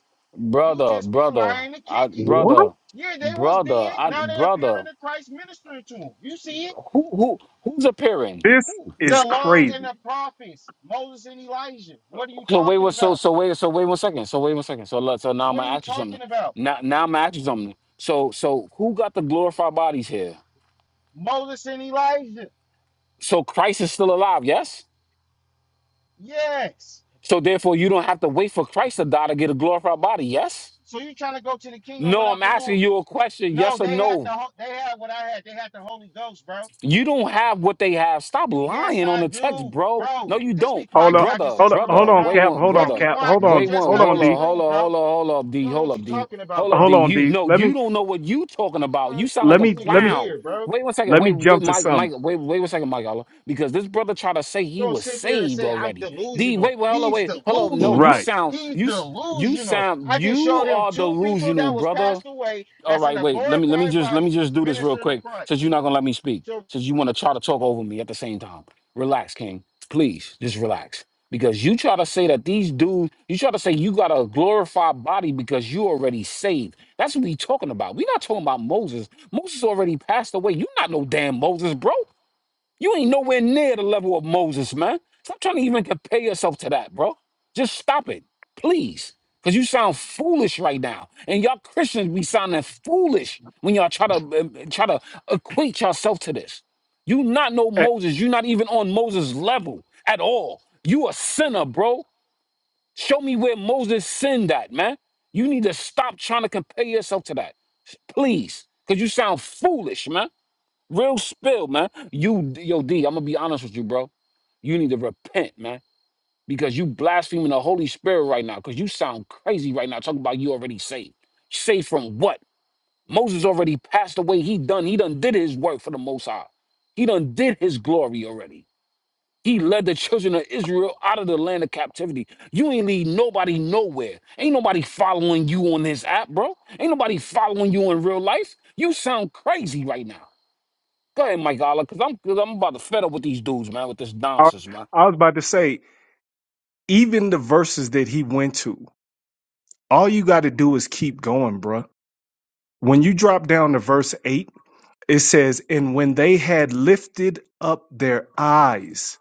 S7: You
S2: brother,
S7: just be
S2: brother,
S7: lying to
S2: I,
S7: kinky.
S3: What?
S2: brother,
S7: Yeah, they was
S2: brother,
S7: dead.
S2: I,
S7: Now they
S2: brother.
S7: appearing to Christ ministering to them. You see it?
S2: Who who who's appearing?
S3: This is
S7: The law and
S3: crazy.
S7: the prophets, Moses and Elijah. What are you
S2: So wait,
S7: talking
S2: what? So
S7: about?
S2: so wait, so wait one second. So wait one second. So look, so now I'm
S7: What are
S2: gonna
S7: you
S2: ask you something.
S7: talking about?
S2: Now now I'm gonna ask you something. So so who got the glorified bodies here?
S7: Moses and Elijah.
S2: So Christ is still alive, yes.
S7: Yes.
S2: So therefore, you don't have to wait for Christ to die to get a glorified body, yes.
S7: So you trying to go to the kingdom
S2: No, I'm
S7: without the
S2: asking
S7: Lord?
S2: you a question,
S7: No,
S2: yes or
S7: they had
S2: no.
S7: the ho- they had what I had. They had the Holy Ghost, bro.
S2: You don't have what they have. Stop
S7: Yes,
S2: lying on
S7: I
S2: the text,
S7: do,
S2: bro. No,
S7: bro.
S2: you
S7: Just be
S2: don't,
S3: Hold
S7: quiet,
S3: up.
S7: cause I just
S2: brother.
S3: Hold on,
S7: disproved
S3: hold
S2: Brother,
S7: you,
S3: on,
S2: wait
S7: bro.
S3: Cap.
S2: one,
S7: You
S3: Hold on,
S7: just
S2: brother,
S7: be
S3: Cap.
S7: quiet,
S3: Hold
S7: cause you
S2: wait
S3: on,
S7: just
S2: one.
S3: hold
S7: got
S3: on,
S2: Hold up,
S3: D.
S2: hold up,
S7: disproved, bro.
S2: hold up, hold up,
S7: You
S2: D.
S7: don't know
S2: Hold
S7: what
S2: up,
S7: you're
S2: D.
S7: talking about,
S2: Hold up, D.
S3: Hold
S7: bro.
S3: on,
S2: You
S3: D.
S2: no,
S3: Let
S2: you
S3: me,
S2: don't know what you talking about. You
S7: Fuck,
S2: sound like
S3: let
S2: a
S7: this
S3: me, let
S7: nigga
S3: me,
S2: clown.
S7: weird, bro.
S2: Wait one second.
S3: let me
S2: Wait, wait
S3: jump to
S2: Mike, Mike.
S3: something.
S2: Wait, wait one second, Mike. Hold up. Because this brother tried to say he
S7: Don't
S2: was
S7: sit there and
S2: saved
S7: say I'm
S2: already. D.
S7: delusional.
S2: Wait, wait, hold up,
S7: He's
S2: wait, hold up. No, you
S7: delusional.
S3: Right
S2: sound
S7: He's
S2: you s- you
S7: delusional.
S2: sound
S7: I just
S2: you
S7: showed him
S2: are
S7: two people
S2: delusional,
S7: that was
S2: brother.
S7: passed away
S2: All
S7: that's in
S2: right,
S7: a
S2: wait. Let me let me
S7: glorified
S2: just let me
S7: body
S2: just do this real
S7: ministering to
S2: quick. Since you're
S7: Christ.
S2: not gonna let me speak,
S7: So
S2: since you want to try to talk over me at the same time, relax, King. Please, just relax. Because you try to say that these dudes, you try to say you got a glorified body because you already saved. That's what we talking about. we not talking about Moses. Moses already passed away. you not no damn Moses, bro. You ain't nowhere near the level of Moses, man. Stop trying to even compare yourself to that, bro. Just stop it, please. Because you sound foolish right now. And y'all Christians be sounding foolish when y'all try to uh, try to equate yourself to this. You not know Moses. you not even on Moses' level at all. You a sinner, bro. Show me where Moses sinned at, man. You need to stop trying to compare yourself to that. Please. Because you sound foolish, man. Real spill, man. You, yo, D, I'm gonna be honest with you, bro. You need to repent, man, because you blaspheming the Holy Spirit right now. Because you sound crazy right now. Talking about you already saved. Saved from what? Moses already passed away. He done. He done did his work for the Most High. He done did his glory already. He led the children of Israel out of the land of captivity. You ain't lead nobody nowhere. Ain't nobody following you on this app, bro. Ain't nobody following you in real life. You sound crazy right now. Go ahead, Mike Allah, because I'm cause I'm about to fed up with these dudes, man, with this
S3: I,
S2: nonsense, man.
S3: I was about to say, even the verses that he went to, all you got to do is keep going, bruh. When you drop down to verse 8, it says, And when they had lifted up their eyes,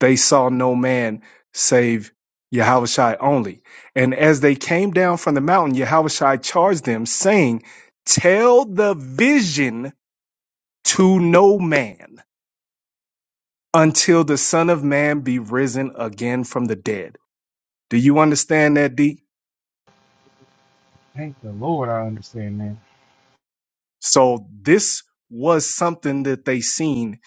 S3: they saw no man save Yahushai only. And as they came down from the mountain, Yahushai charged them, saying, Tell the vision to no man until the Son of Man be risen again from the dead. Do you understand that, D?
S7: Thank the Lord, I understand that.
S3: So this was something that they seen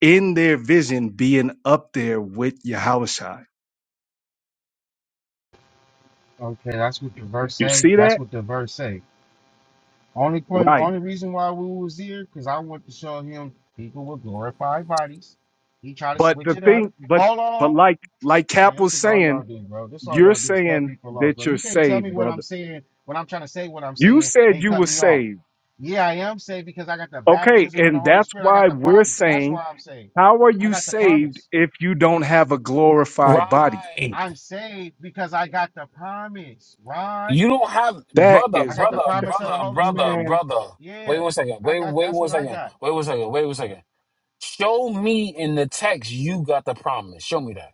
S3: in their vision being up there with Yahushua.
S7: Okay, that's what the verse
S3: You
S7: say.
S3: see
S7: That's
S3: that?
S7: what the verse say. Only point,
S3: Right.
S7: only reason why we was here, because I want to show him people with glorified bodies. He tried to
S3: But
S7: switch
S3: the
S7: it up.
S3: thing, but
S7: Hold on.
S3: but like like
S7: Man,
S3: Cap
S7: this
S3: was
S7: is all y'all
S3: saying,
S7: do, bro. This all
S3: you're
S7: y'all do is cut
S3: saying
S7: people off, bro.
S3: that you're
S7: You can't tell
S3: saved,
S7: me what I'm
S3: brother.
S7: saying when I'm trying to say what I'm
S3: You
S7: saying
S3: said
S7: and
S3: you
S7: cut
S3: were
S7: me off.
S3: saved.
S7: Yeah, I am saved because I got the
S3: Okay,
S7: baptism of the
S3: and
S7: Holy
S3: that's
S7: Spirit. I got
S3: why
S7: the
S3: we're
S7: promise. That's
S3: saying,
S7: why I'm saved.
S3: how are
S7: I
S3: you
S7: got the
S3: saved
S7: promise.
S3: if you don't have a glorified body?
S2: Right.
S7: I'm saved because I got the promise, right?
S2: You don't have
S3: That
S2: brother,
S7: I
S3: is
S7: got the
S3: ri-
S2: brother,
S7: promise of the
S2: brother,
S7: Holy
S2: brother,
S7: Spirit.
S3: man.
S2: brother. Wait
S7: Yeah,
S2: one second.
S7: I
S2: Wait,
S7: got.
S2: wait
S7: That's
S2: one
S7: what I
S2: second.
S7: got.
S2: Wait one second. Wait one second. Show me in the text you got the promise. Show me that.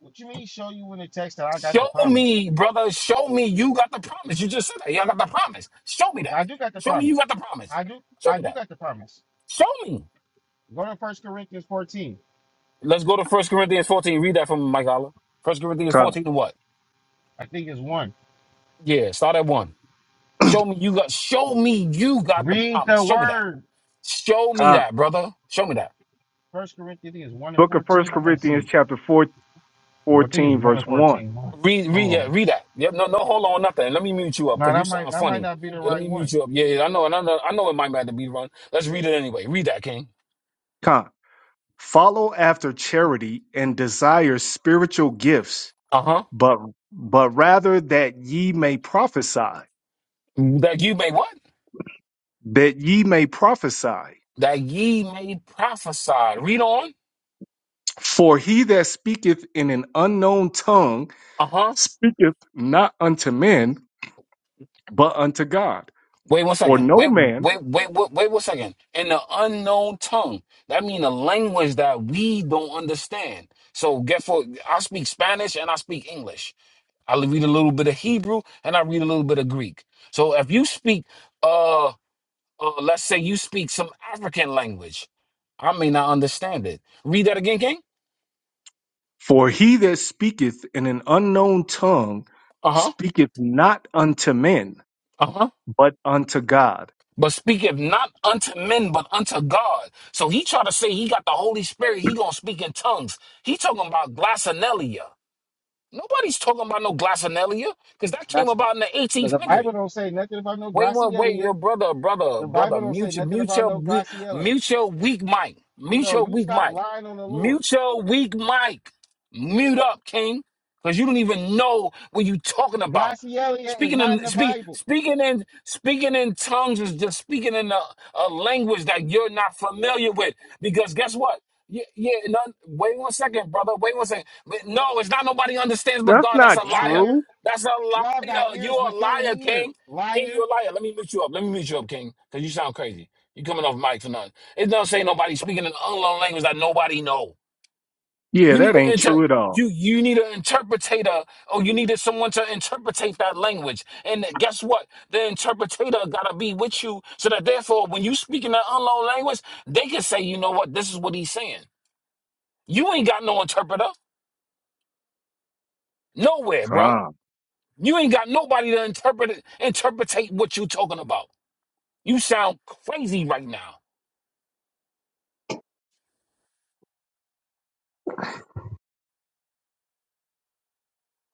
S7: What you mean? Show you in the text that I got the
S2: Show
S7: promise?
S2: me, brother. Show me you got the promise. You just said that. you got the promise. Show me
S7: Yeah, I
S2: that.
S7: do got the
S2: Show me you
S7: promise.
S2: got the promise.
S7: I do.
S2: Show
S7: I
S2: me
S7: do
S2: that.
S7: got the promise.
S2: Show me.
S7: Go to First Corinthians 14.
S2: Let's go to First Corinthians 14. Read that from Mike Allah. First Corinthians
S3: Come,
S2: 14 to what?
S7: I think it's one.
S2: Yeah, start at one. Show me you got show me you got the
S7: Read
S2: promise.
S7: the
S2: Show me that.
S7: word.
S2: Show me
S3: come.
S2: that, brother. Show me that.
S7: First Corinthians I think it's one and
S3: Book of First
S7: fourteen. I gotta
S3: Corinthians
S7: see.
S3: chapter 4,
S7: Well, I think it's
S3: 14,
S7: one
S3: verse
S7: and
S3: 1.
S7: fourteen. Hold on.
S2: Read read
S7: Hold
S2: yeah,
S7: on.
S2: read that. Yeah, no, no, hold on, nothing. Let me mute you up
S7: Now
S2: because you
S7: that might
S2: sound
S7: that might
S2: funny.
S7: not be the
S2: Yeah, let
S7: right
S2: me mute
S7: one.
S2: you up. Yeah, yeah, I know, and I know I know it might matter to be wrong. Let's read it anyway. Read that, King.
S3: Con. Follow after charity and desire spiritual gifts,
S2: Uh-huh.
S3: but but rather that ye may prophesy,
S2: That you may what?
S3: that ye may prophesy.
S2: That ye may prophesy. Read on.
S3: For he that speaketh in an unknown tongue
S2: Uh huh.
S3: speaketh not unto men, but unto God.
S2: Wait one
S3: For
S2: second.
S3: no
S2: Wait,
S3: man,
S2: wait, wait, wait, wait one second. In the unknown tongue, that means a language that we don't understand. So, get for I speak Spanish and I speak English. I read a little bit of Hebrew and I read a little bit of Greek. So if you speak, uh, uh let's say you speak some African language, I may not understand it. Read that again, King.
S3: for he that speaketh in an unknown tongue
S2: Uh
S3: speaketh not unto men,
S2: huh.
S3: but unto God.
S2: but speaketh not unto men, but unto God. So he try to say he got the Holy Spirit. He gonna speak in tongues. He talking about glossonelia. Nobody's talking about no glossonelia because that came
S7: That's
S2: about in the
S7: the, the
S2: 1800.
S7: Bible don't say nothing about no
S2: Wait one wait,
S7: Glacielia.
S2: your brother, brother,
S7: The
S2: brother,
S7: Bible don't say
S2: mute your,
S7: nothing
S2: mute
S7: about
S2: your,
S7: no Glaciella.
S2: mute your weak mic, mute
S7: No,
S2: your
S7: you
S2: weak
S7: stop
S2: mic,
S7: lying on the Lord.
S2: mute your weak mic, mute up, King, because you don't even know what you talking about.
S7: Glacielia is
S2: Speaking
S7: not
S2: in
S7: in the
S2: speak,
S7: Bible.
S2: speaking in speaking in tongues is just speaking in a, a language that you're not familiar with. Because guess what? Yeah, yeah. No, wait one second, brother. Wait one second. No, it's not nobody understands but
S3: That's
S2: God. That's a
S3: not
S2: liar.
S7: Liar.
S3: true.
S2: That's a
S7: Y'all got
S2: liar. You
S7: ears
S2: a
S7: but can't
S2: liar,
S7: hear.
S2: King. King,
S7: Liar.
S2: you a liar. Let me mute you up. Let me mute you up, King, because you sound crazy. You coming off mic for nothing. It don't say nobody speaking an unknown language that nobody know.
S3: Yeah,
S2: You need
S3: that
S2: to
S3: ain't
S2: inter-
S3: true at all.
S2: you you need an interpreter, or you needed someone to interpretate that language. And guess what? The interpreter gotta be with you, so that therefore, when you speak in that unknown language, they can say, you know what, this is what he's saying. You ain't got no interpreter nowhere, bro.
S3: Con.
S2: You ain't got nobody to interpret it, interpretate what you talking about. You sound crazy right now.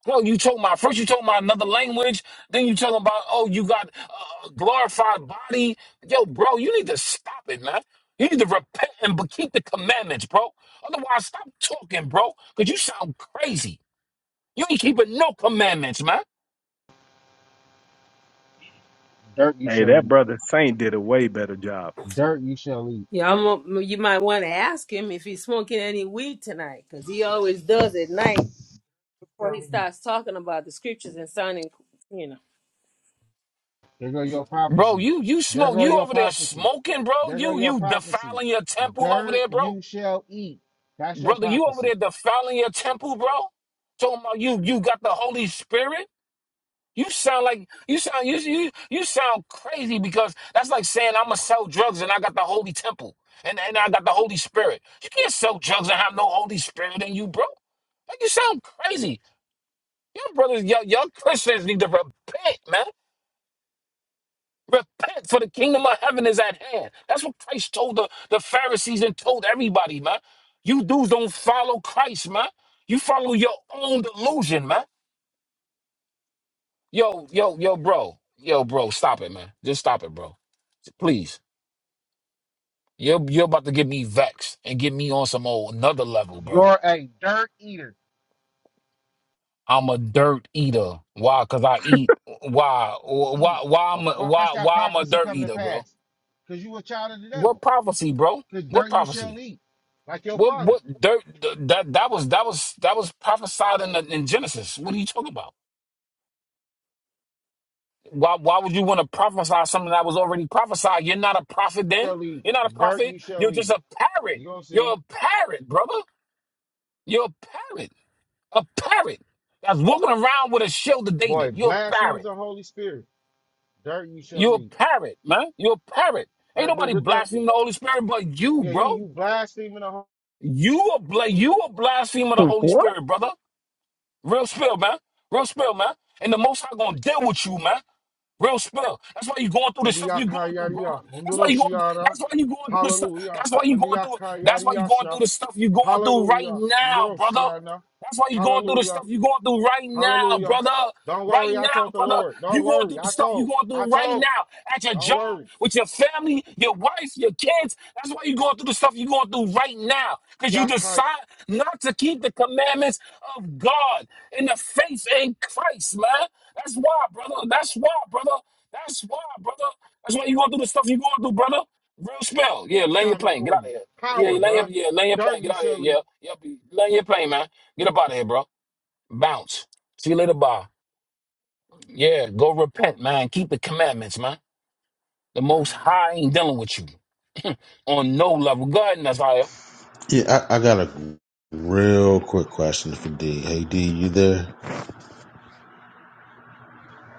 S2: Well, you told my first you told my another language, then you talking about oh you got uh, glorified body. Yo, bro, you need to stop it, man. You need to repent and b- keep the commandments, bro. Otherwise, stop talking, bro, because you sound crazy. You ain't keeping no commandments, man.
S7: Dirt you
S3: Hey,
S7: shall
S3: that
S7: eat.
S3: brother Saint did a way better job.
S7: Dirt you shall eat.
S8: Yeah, I'm a, you might want to ask him if he's smoking any weed tonight, because he always does at night before he starts talking about the scriptures and signing.
S7: There go your
S2: Bro,
S7: prophecy.
S2: you you
S7: There
S2: smoke
S7: go
S2: you
S7: your
S2: over there
S7: prophecy.
S2: smoking, bro.
S7: There go
S2: You
S7: your
S2: you
S7: prophecy.
S2: defiling your temple over
S7: Dirt
S2: there, bro.
S7: you shall eat. That's your
S2: Brother, you over
S7: prophecy.
S2: there defiling your temple, bro. Talking about you you got the Holy Spirit. You sound like you sound you you you sound crazy because that's like saying I'm gonna sell drugs and I got the holy temple and and I got the Holy Spirit. You can't sell drugs and have no Holy Spirit in you, bro. Like you sound crazy. Your brothers, your young Christians need to repent, man. Repent, for the kingdom of heaven is at hand. That's what Christ told the, the Pharisees and told everybody, man. You dudes don't follow Christ, man. You follow your own delusion, man. Yo, yo, yo, bro. Yo, bro, stop it, man. Just stop it, bro. Please. You're you're about to get me vexed and get me on some old another level, bro.
S7: You're a dirt eater.
S2: I'm a dirt eater. Why? Cause I eat. Why? Why?
S7: Eat.
S2: Why? I'm a,
S7: Watch
S2: why?
S7: that
S2: Why I'm a
S7: prophecy
S2: dirt
S7: come to
S2: eater, bro?
S7: pass. Because you a child of the
S2: What
S7: devil.
S2: prophecy, bro?
S7: Because
S2: What
S7: dirt you shall
S2: prophecy?
S7: eat. Like your
S2: What?
S7: father.
S2: What dirt? th- That that was that was that was prophesied in, the, in Genesis. What are you talking about? Why why would you want to prophesy something that was already prophesied? You're not a prophet then.
S7: Shall eat.
S2: You're not a
S7: Dirt
S2: prophet.
S7: you
S2: You're
S7: shall
S2: just
S7: eat.
S2: a parrot.
S7: You gonna
S2: You're
S7: see?
S2: a parrot, brother. You're a parrot. A parrot. That's walking around with a shield of
S7: Boy,
S2: David. You're a
S7: blasphemes
S2: parrot.
S7: the Holy Spirit. Dirt you shall
S2: You're
S7: eat.
S2: a parrot, man. You're a parrot. Ain't
S7: That the,
S2: nobody
S7: the
S2: blaspheming the Holy Spirit but you,
S7: yeah, you
S2: bro.
S7: you blaspheming the
S2: You a bla- you a blasphemer of the Holy
S3: What?
S2: Spirit, brother. Real spill, man. Real spill, man. And the most High gonna deal with you, man. Real spill. That's why you going through the stuff you going through, brother.
S7: Andiyakayariya,
S2: That's why you going.
S7: Munduroshiara,
S2: That's why you going through the stuff.
S7: hallelujah.
S2: That's why you going through. That's why you going through
S7: Andiyakayariyasha,
S2: the stuff you going through right
S7: hallelujah.
S2: now, brother.
S7: Munduroshiana,
S2: That's why you're going through the stuff
S7: hallelujah,
S2: you're going through right now,
S7: hallelujah.
S2: brother.
S7: Don't
S2: Right
S7: worry, I
S2: now,
S7: told the
S2: brother.
S7: Lord.
S2: You're
S7: Don't
S2: going
S7: worry,
S2: through the
S7: I
S2: stuff you're
S7: told,
S2: going
S7: I
S2: through right
S7: told.
S2: now at your
S7: Don't
S2: job,
S7: worry.
S2: with your family, your wife, your kids. That's why you're going through the stuff you're going through right now. Because you
S7: Yakai
S2: decide not to keep the commandments of God in the faith in Christ, man. That's why, brother. That's why, brother. That's why, brother. That's why you're going through the stuff you're going through, brother. Real spell. Yeah, land your
S7: shine
S2: plane. Get
S7: before
S2: out of
S7: you.
S2: here. Yeah,
S7: Power,
S2: land your,
S7: bruh.
S2: yeah, land your
S7: Dirt
S2: plane. Get
S7: you
S2: out of
S7: shall
S2: here.
S7: leave.
S2: Yeah, yeah. Land your plane, man. Get up out of here, bro. Bounce. See you later, bye. Yeah, go repent, man. Keep the commandments, man. The Most High ain't dealing with you on no level. Go ahead, Nasiah.
S1: yeah, I, I got a real quick question for D. Hey, D, you there?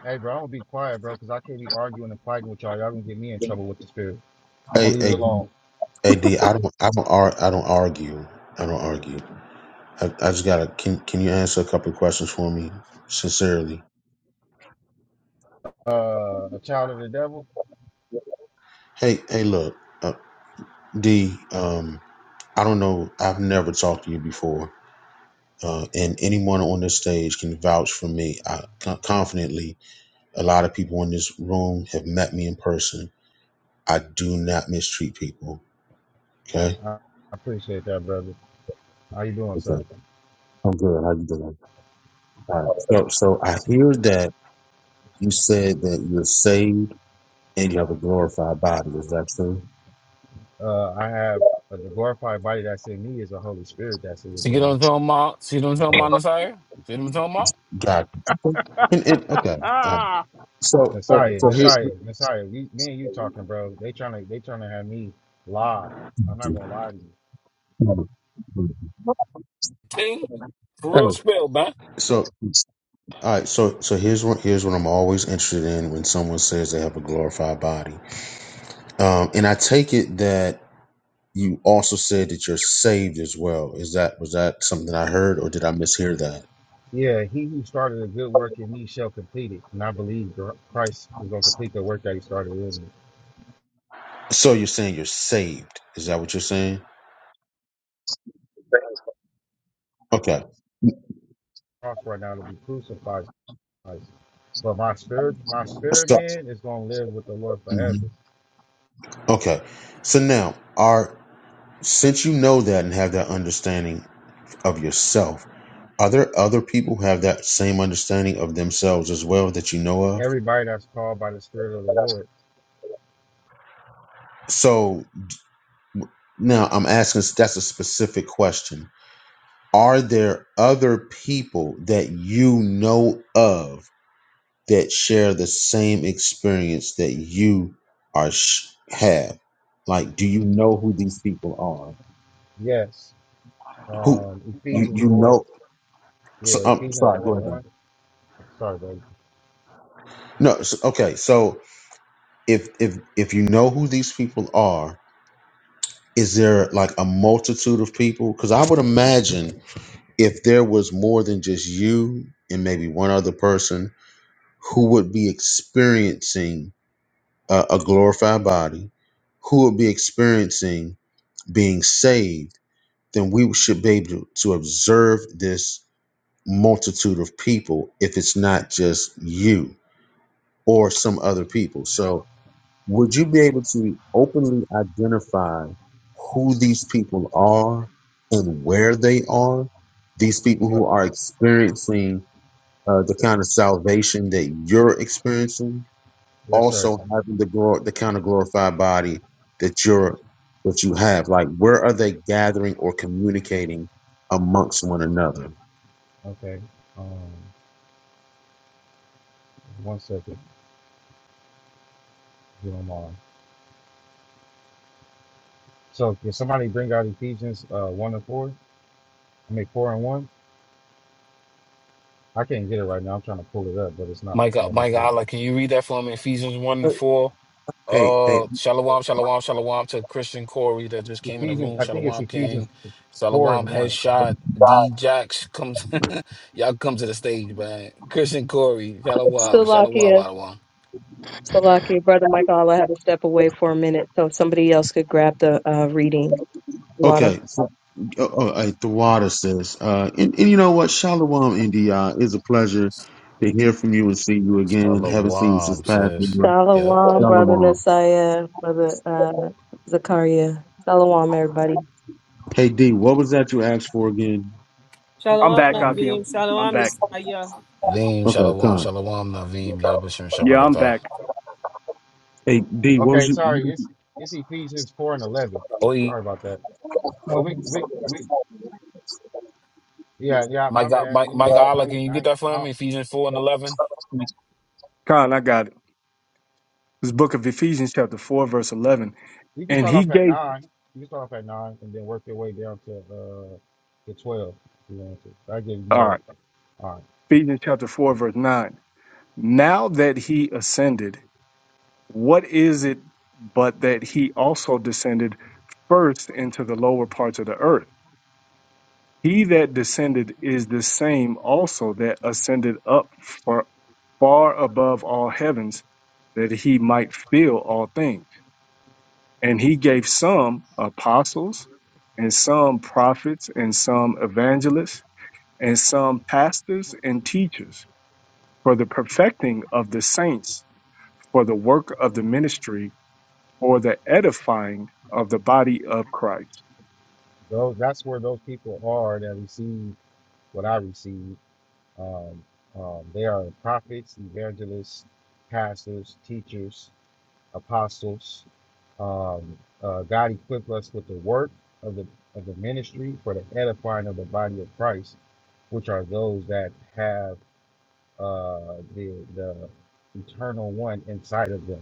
S7: Hey, bro, I'm gonna be quiet, bro, because I can't be arguing and fighting with y'all. Y'all gonna get me in trouble with the spirit. I'm
S1: Hey,
S7: gonna leave it
S1: hey,
S7: alone.
S1: hey, D, I don't, I don't, ar- I don't argue. I don't argue. I, I just gotta. Can Can you answer a couple of questions for me, sincerely?
S7: Uh, a child of the devil.
S1: Hey, hey, look, uh, D. Um, I don't know. I've never talked to you before, uh, and anyone on this stage can vouch for me I, con- confidently A lot of people in this room have met me in person. I do not mistreat people. Okay.
S7: I I appreciate that, brother. How you doing, sir?
S1: Okay. I'm good. How you doing? All right. So, so I hear that you said that you're saved and you have a glorified body. Is that true?
S7: uh, I have uh, the glorified body that's in me is a Holy Spirit that's
S2: See what
S7: within me.
S2: I'm talking about? See what I'm talking about,
S7: So
S2: Nasiah? See what I'm talking about?
S1: God. And, and okay. All right.
S3: Ah,
S1: So, so
S7: Messiah,
S1: so here.
S7: Messiah, Messiah, we, me and you talking, bro. They trying to they trying to have me lie. I'm not gonna lie to you.
S2: King, for real
S1: Oh,
S2: spell, man.
S1: So, all right. So, so here's what here's what I'm always interested in when someone says they have a glorified body, um, and I take it that You also said that you're saved as well. Is that was that something I heard or did I mishear that?
S7: Yeah, he who started a good work in me shall complete it, and I believe gr- Christ is gonna complete the work that he started in me.
S1: So you're saying you're saved. Is that what you're saying? Okay.
S7: Cross right now to be crucified, Christ. but my spirit, my spirit
S1: So,
S7: man is gonna live with the Lord
S1: mhm.
S7: forever.
S1: Okay. So now, are since you know that and have that understanding of yourself, are there other people who have that same understanding of themselves as well that you know of?
S7: Everybody that's called by the Spirit of the Lord,
S1: So now I'm asking that's a specific question. Are there other people that you know of that share the same experience that you are sh- have? Like, do you know who these people are?
S7: yes.
S1: Who
S7: Um,
S1: you
S7: Ephesians
S1: you
S7: four.
S1: know? So,
S7: Yeah,
S1: um,
S7: Ephesians
S1: sorry, go
S7: 4
S1: ahead.
S7: and
S1: Then.
S7: 1. Sorry, baby.
S1: No, so, okay. So if if if you know who these people are, is there like a multitude of people? Because I would imagine if there was more than just you and maybe one other person who would be experiencing a, a glorified body, who would be experiencing being saved then we should be able to, to observe this multitude of people if it's not just you or some other people. So, would you be able to openly identify who these people are and where they are? These people who are experiencing uh, the kind of salvation that you're experiencing?
S7: Yes, sir.
S1: also having the glor- the kind of glorified body that you're that you have like where are they gathering or communicating amongst one another
S7: Okay. Um, one second. if You don't mind. So, can somebody bring out Ephesians uh, 1 and 4? I mean, 4 and 1? I can't get it right now. I'm trying to pull it up, but it's not
S2: My God,
S7: letting me
S2: my
S7: do
S2: God, like,
S7: it.
S2: can you read that for me? Ephesians 1 and 4.
S1: hey hey
S2: Uh, shalom, shalom, shalom to Christian Corey that just came in the
S7: Ephesians,
S2: room.
S7: I think it's
S2: Shalom
S7: Ephesians
S2: King,
S7: 4
S2: shalom
S7: and 1.
S2: Headshot, D Jax comes. [LAUGHS] y'all come to the stage, man. Christian Corey, shalom, shalom,
S6: Salakia,
S2: shalom.
S6: Salakia. Brother Michael, I had to step away for a minute so somebody else could grab the uh, reading. Water.
S1: okay so, oh, oh, hey, the water says uh and, and you know what shalom india is a pleasure to hear from you and see you again haven't seen you since
S2: Shalom,
S1: past
S2: sis.
S1: year.
S2: Yep.
S6: Shalom, Brother
S1: shalom
S6: Nasiah, Brother uh, Zakaria. Shalom, everybody.
S1: Hey D, what was that you asked for again?
S7: I'm,
S3: I'm
S8: Shalom
S7: I'm
S3: back,
S7: trying to.
S3: Akim.
S8: Navim,
S3: I'm
S8: Shalom
S3: back.
S8: Nasaya.
S2: Naveem,
S1: Okay,
S2: shalom,
S1: Con.
S2: shalom, Naveem, Yabashim,
S3: Yeah, I'm
S2: Shabakata.
S3: back.
S1: Hey D, what was
S7: Okay,
S1: you?
S7: sorry. It's it's Ephesians 4 and 11.
S2: Oh,
S7: Sorry about that. But we, we, we, yeah, yeah,
S2: my
S7: my
S2: God,
S7: bad.
S2: my,
S7: You know,
S2: my
S7: I,
S2: God, like,
S7: I,
S2: can you get
S7: I,
S2: that for
S7: I,
S2: me? Ephesians 4 and 11.
S3: Con, I got it. This book of Ephesians, chapter 4, verse 11.
S7: You can
S3: And
S7: start
S3: he
S7: off at
S3: gave,
S7: nine. You can start off at nine and then work your way down to uh to twelve. if You want to. I give you
S3: all
S7: more.
S3: right,
S7: All right.
S3: Ephesians chapter 4, verse 9. Now that he ascended, what is it but that he also descended first into the lower parts of the earth? He that descended is the same also that ascended up for far above all heavens, that he might fill all things. And he gave some apostles, and some prophets, and some evangelists, and some pastors and teachers for the perfecting of the saints, for the work of the ministry, for the edifying of the body of Christ.
S7: Those that's where those people are that receive what I receive. Um, um, they are prophets, evangelists, pastors, teachers, apostles. Um, uh, God equipped us with the work of the of the ministry for the edifying of the body of Christ, which are those that have uh, the the eternal one inside of them.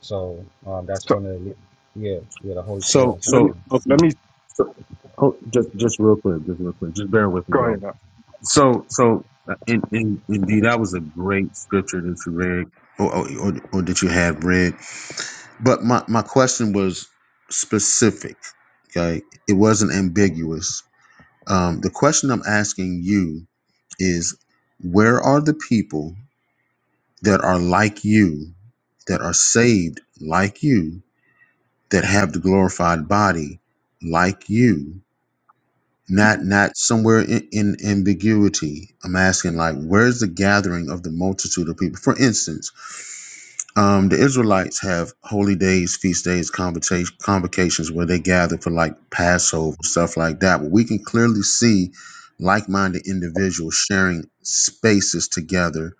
S7: So um, that's
S3: So
S7: one of the yeah yeah the Holy Spirit
S1: So
S7: inside
S3: let me
S1: so
S7: of
S1: okay.
S3: let me
S1: So, oh, just just real quick, just real quick, just bear with me
S3: go ahead.
S1: though. So so uh, in, in, indeed, that was a great scripture that you read, or or, or or that you had read. But my my question was specific. Okay, it wasn't ambiguous. Um, the question I'm asking you is, where are the people? that are like you, that are saved like you, that have the glorified body like you, not not somewhere in, in ambiguity. I'm asking like, where's the gathering of the multitude of people? For instance, um, the Israelites have holy days, feast days, convocation, convocations where they gather for like Passover stuff like that. But we can clearly see like-minded individuals sharing spaces together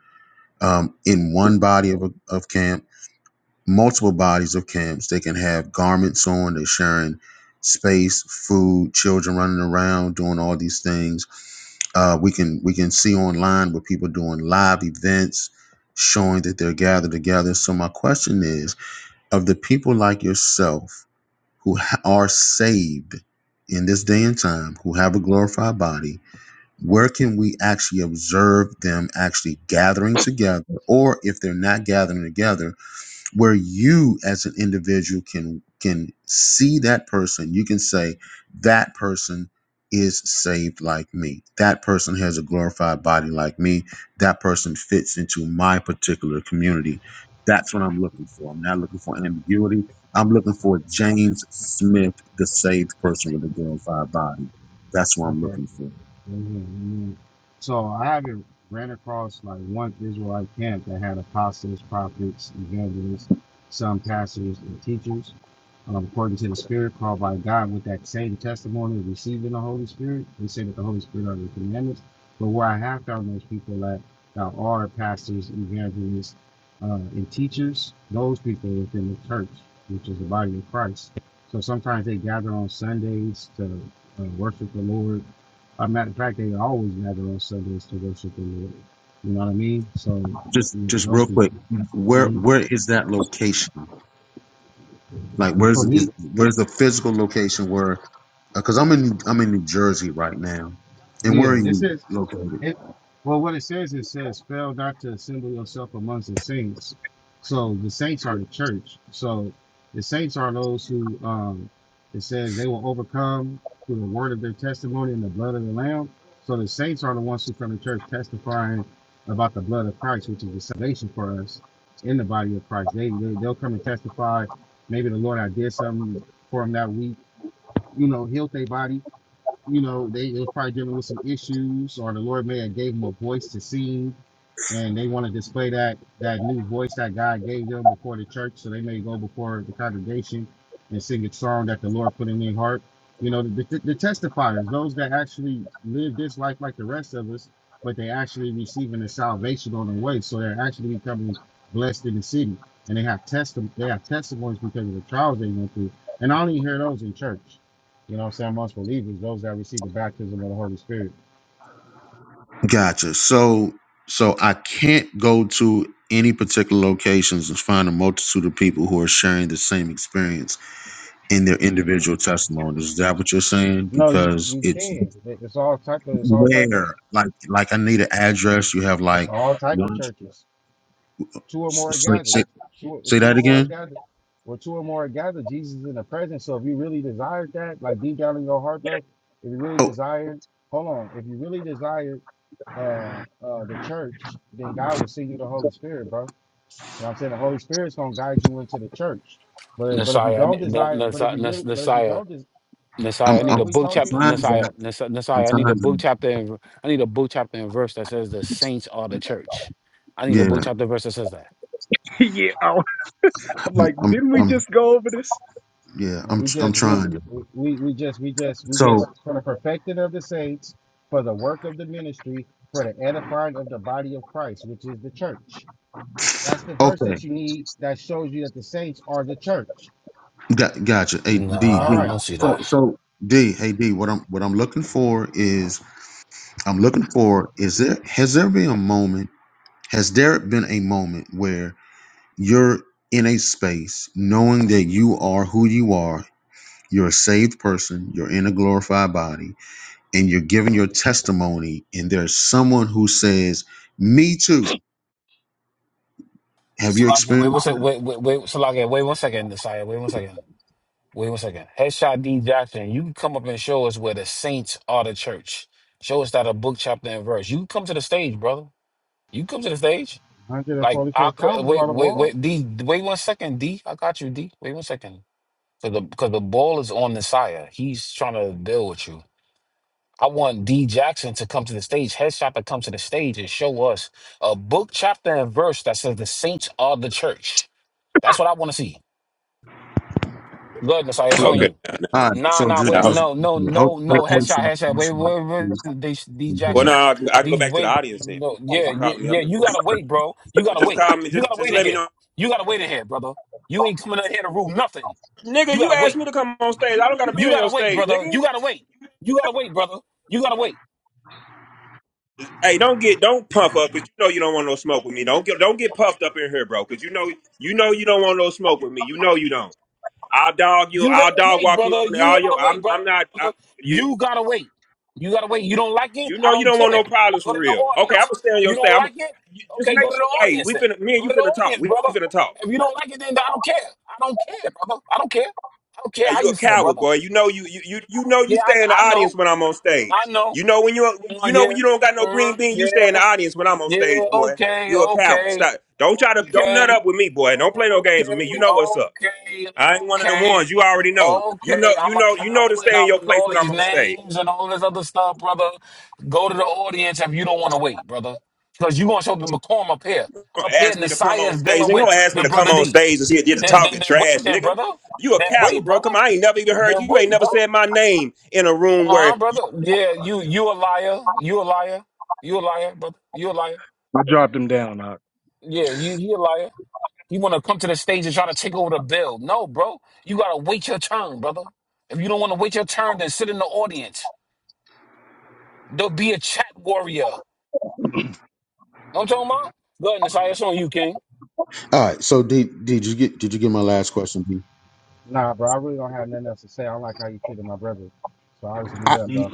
S1: um, in one body of, of camp multiple bodies of camps. They can have garments on, they're sharing space, food, children running around, doing all these things. Uh, we can we can see online with people doing live events showing that they're gathered together. So my question is of the people like yourself who ha- are saved in this day and time, who have a glorified body, where can we actually observe them actually gathering together? Or if they're not gathering together, where you as an individual can can see that person you can say that person is saved like me that person has a glorified body like me that person fits into my particular community that's what i'm looking for i'm not looking for ambiguity i'm looking for james smith the saved person with a glorified body that's what i'm
S7: them.
S1: looking for
S7: Amen, So I haven't ran across like one Israelite camp that had apostles, prophets, evangelists, some pastors, and teachers, um, according to the Spirit called by God, with that same testimony of receiving the Holy Spirit. They say that the Holy Spirit are the commandments. But where I have found those people that, that are pastors, evangelists, uh, and teachers, those people within the church, which is the body of Christ. So sometimes they gather on Sundays to uh, worship the Lord a matter of fact, they always gather on Sundays to worship the Lord. You know what I mean? So
S1: just
S7: yeah,
S1: just
S7: those
S1: real
S7: people.
S1: quick where
S7: Mhm.
S1: where is that location like
S7: And
S1: where's
S7: For
S1: is
S7: me,
S1: where's the physical location where Because I'm in I'm in New Jersey right now. And
S7: yeah,
S1: where are
S7: it
S1: you
S7: says
S1: located?
S7: It well, what it says, it says, fail not to assemble yourself amongst the saints. So the saints are the church. So the saints are those who um it says they will overcome through the word of their testimony and the blood of the Lamb. So the saints are the ones who come to church testifying about the blood of Christ, which is the salvation for us in the body of Christ. They, they they'll come and testify. Maybe the Lord I did something for him that week. You know, healed their body you know, they, they were probably dealing with some issues, or the Lord may have gave them a voice to sing, and they want to display that that new voice that God gave them before the church, so they may go before the congregation and sing a song that the Lord put in their heart. You know, the, the, the testifiers, those that actually live this life like the rest of us, but they actually receiving the salvation on the way, so they're actually becoming blessed in the city, and they have testi- they have testimonies because of the trials they went through, and I only hear those in church. You know what I'm saying? Amongst believers, those that receive the baptism of the Holy Spirit.
S1: Gotcha. So so I can't go to any particular locations and find a multitude of people who are sharing the same experience in their individual testimonies. Is that what you're saying?
S7: No, you,
S1: Because
S7: you
S1: it's
S7: can. It- It's all type of it's all type of
S1: where like like I need an address. You have
S7: it's
S1: like
S7: all type of
S1: one.
S7: churches. Two or more are
S1: Say,
S7: gathered.
S1: say,
S7: Two or-
S1: say
S7: two
S1: that
S7: or more are
S1: again.
S7: gathered. Well, two or more are gathered. Jesus is in the presence. So if you really desired that, like deep down in your heart, bro, if you really
S1: Oh,
S7: desired, hold on. If you really desired uh uh the church, then God will send you the Holy Spirit, bro. You know what I'm saying? The Holy Spirit's gonna guide you into the church. But but if you
S2: Messiah,
S7: don't desire, but if you really but if you
S2: Messiah,
S7: don't des-
S2: Messiah, I
S1: I'm
S7: bro,
S2: need
S7: are
S1: I'm,
S2: a
S7: we
S2: book
S1: I'm
S7: talking?
S2: chapter.
S1: trying
S2: Messiah,
S1: that.
S2: Messiah,
S1: I'm
S2: Messiah, I
S1: trying
S2: need a book
S1: that.
S2: chapter. And, I need a book chapter and verse that says the saints are the church. I need a book
S1: Yeah,
S2: chapter verse that says that.
S3: [LAUGHS] Yeah. I'm
S1: I'm,
S3: like,
S1: I'm,
S3: didn't we
S1: I'm
S3: just go over this?
S1: yeah,
S7: Now
S1: I'm
S7: we
S1: I'm
S7: just we,
S1: trying.
S7: we we just we just we
S1: So,
S7: just for the perfecting of the saints, for the work of the ministry, for the edifying of the body of Christ, which is the church. That's the
S1: okay.
S7: verse that you need that shows you that the saints are the church.
S1: Got, gotcha. Hey D,
S7: All
S1: D.
S2: Nah, I
S7: right,
S2: don't see that.
S1: So so D, hey D, what I'm what I'm looking for is I'm looking for is there has there been a moment has there been a moment where you're in a space knowing that you are who you are, you're a saved person, you're in a glorified body, and you're giving your testimony, and there's someone who says, "Me too." Have you
S2: Salaki, wait,
S1: experienced?
S2: what's it? Wait, wait, wait, Salaki, wait one second, Messiah, wait one second, wait one second. Headshot D Jackson, you can come up and show us where the saints are the church. Show us that a book chapter and verse. You can come to the stage, brother. You come to the stage.
S7: one hundred and
S2: Like I
S7: forty-four
S2: could
S7: thousand
S2: wait,
S7: on the
S2: wait,
S7: wall.
S2: wait, D, wait one second, D. I got you, D. Wait one second. Cause the because the ball is on Nasiah. He's trying to build with you. I want D Jackson to come to the stage, headshot to come to the stage and show us a book, chapter, and verse that says the saints are the church. That's what I want to see. Go ahead, Nasiah. It's
S1: Okay.
S2: on
S9: Okay.
S2: you.
S9: Now,
S1: All
S9: now,
S1: right.
S2: Nah,
S1: So
S2: nah,
S1: just
S2: wait,
S9: now-
S1: just
S2: no, no,
S1: hold.
S2: no, no, headshot, headshot. Wait,
S1: hold- hold-
S2: wait, wait, D, D
S9: well, no,
S2: Jackson.
S9: I can I can go
S2: D,
S9: back to the
S2: wait,
S9: audience then.
S2: no,
S9: What
S2: yeah,
S9: you
S2: yeah,
S9: calling me
S2: yeah.
S9: up here
S2: You
S9: for?
S2: gotta wait, bro. You
S9: Well,
S2: gotta
S9: just
S2: wait.
S9: call me.
S2: You
S9: Just,
S2: gotta
S9: just
S2: wait in
S9: let me
S2: here.
S9: know.
S2: You gotta wait in here, brother. You ain't coming in here to rule nothing.
S9: Nigga,
S2: You
S9: you
S2: gotta
S9: asked
S2: wait.
S9: me to come on stage. I don't got to be
S2: You
S9: on
S2: gotta
S9: your
S2: wait,
S9: stage,
S2: brother.
S9: nigga.
S2: You gotta wait. You gotta wait, brother. You gotta wait.
S9: Hey, don't get, don't puff up, cause you know you don't want no smoke with me. Don't get, don't get puffed up in here, bro, cause you know, you know you don't want no smoke with me. You know you don't. I'll dog you.
S2: You
S9: I'll
S2: gotta
S9: dog
S2: wait,
S9: walk you in
S2: brother.
S9: front of
S2: You
S9: all your.
S2: gotta wait,
S9: I'm, I'm not. I,
S2: brother.
S9: you,
S2: You gotta wait. You gotta wait. You don't like it?
S9: you
S2: I
S9: know you
S2: don't
S9: don't want no
S2: care.
S9: problems
S2: Go
S9: for
S2: to the
S9: real. Okay, I'm
S2: audience.
S9: gonna stay on
S2: You
S9: your stage.
S2: don't
S9: I'm,
S2: like it?
S9: you, just
S2: Okay, go
S9: make
S2: to
S9: sure.
S2: the
S9: Hey,
S2: audience
S9: we
S2: then.
S9: finna, me and
S2: Go
S9: you
S2: to the
S9: finna talk.
S2: audience,
S9: We
S2: brother.
S9: finna talk.
S2: If you don't like it, then I don't care. I don't care, brother. I don't care. I don't care
S9: Hey,
S2: how
S9: you
S2: you
S9: a
S2: feel,
S9: coward,
S2: brother.
S9: boy. You know you you you you know you
S2: Yeah,
S9: stay in the
S2: I, I
S9: audience
S2: know.
S9: when I'm on
S2: I
S9: stage.
S2: know.
S9: You know when you
S2: Uh,
S9: you know
S2: yeah.
S9: when you don't got no
S2: Uh,
S9: green bean,
S2: yeah.
S9: you stay in the audience when I'm on
S2: Yeah.
S9: stage, boy.
S2: Okay.
S9: You a coward.
S2: Okay.
S9: Stop. Don't try to don't nut
S2: Okay.
S9: up with me, boy. Don't play no games with me. You
S2: Okay,
S9: know what's up.
S2: okay,
S9: I ain't one of them
S2: okay,
S9: ones. You already know. You know
S2: okay.
S9: you
S2: I'm a
S9: know you know to
S2: coward.
S9: stay in
S2: I'm
S9: your
S2: with
S9: place
S2: all
S9: when
S2: these
S9: I'm on stage.
S2: names and all this other stuff, brother. Go to the audience if you don't want to wait, brother. Because you going to show the McCorm up here.
S9: Don't
S2: Up here,
S9: ask me to come
S2: Nasiah
S9: on
S2: is
S9: stage.
S2: dealing
S9: They
S2: with
S9: don't ask me
S2: the
S9: to come
S2: brother
S9: on
S2: D.
S9: stage and see it did the
S2: Then, then,
S9: talking
S2: then wait,
S9: trash,
S2: then,
S9: nigga.
S2: brother.
S9: You a
S2: Then
S9: coward,
S2: wait,
S9: bro.
S2: brother.
S9: Come on, I ain't never even heard
S2: Then
S9: you. You ain't
S2: wait,
S9: never
S2: bro.
S9: said my name in a room where
S2: Uh-huh, brother. Yeah, you, you a liar. You a liar. You a liar, brother. You a liar.
S3: I dropped him down. I,
S2: Yeah, you, he a liar. You want to come to the stage and try to take over the bill. No, bro. You got to wait your turn, brother. If you don't want to wait your turn, then sit in the audience. Don't be a chat warrior. Know what I'm talking about? Go ahead, Nasai. It's on you, King.
S1: All right. So D, D, did you get did you get my last question? D?
S7: Nah, bro, I really don't have nothing else to say. I don't like how you treated my brother, so I'll just
S1: I,
S7: mute up, bro.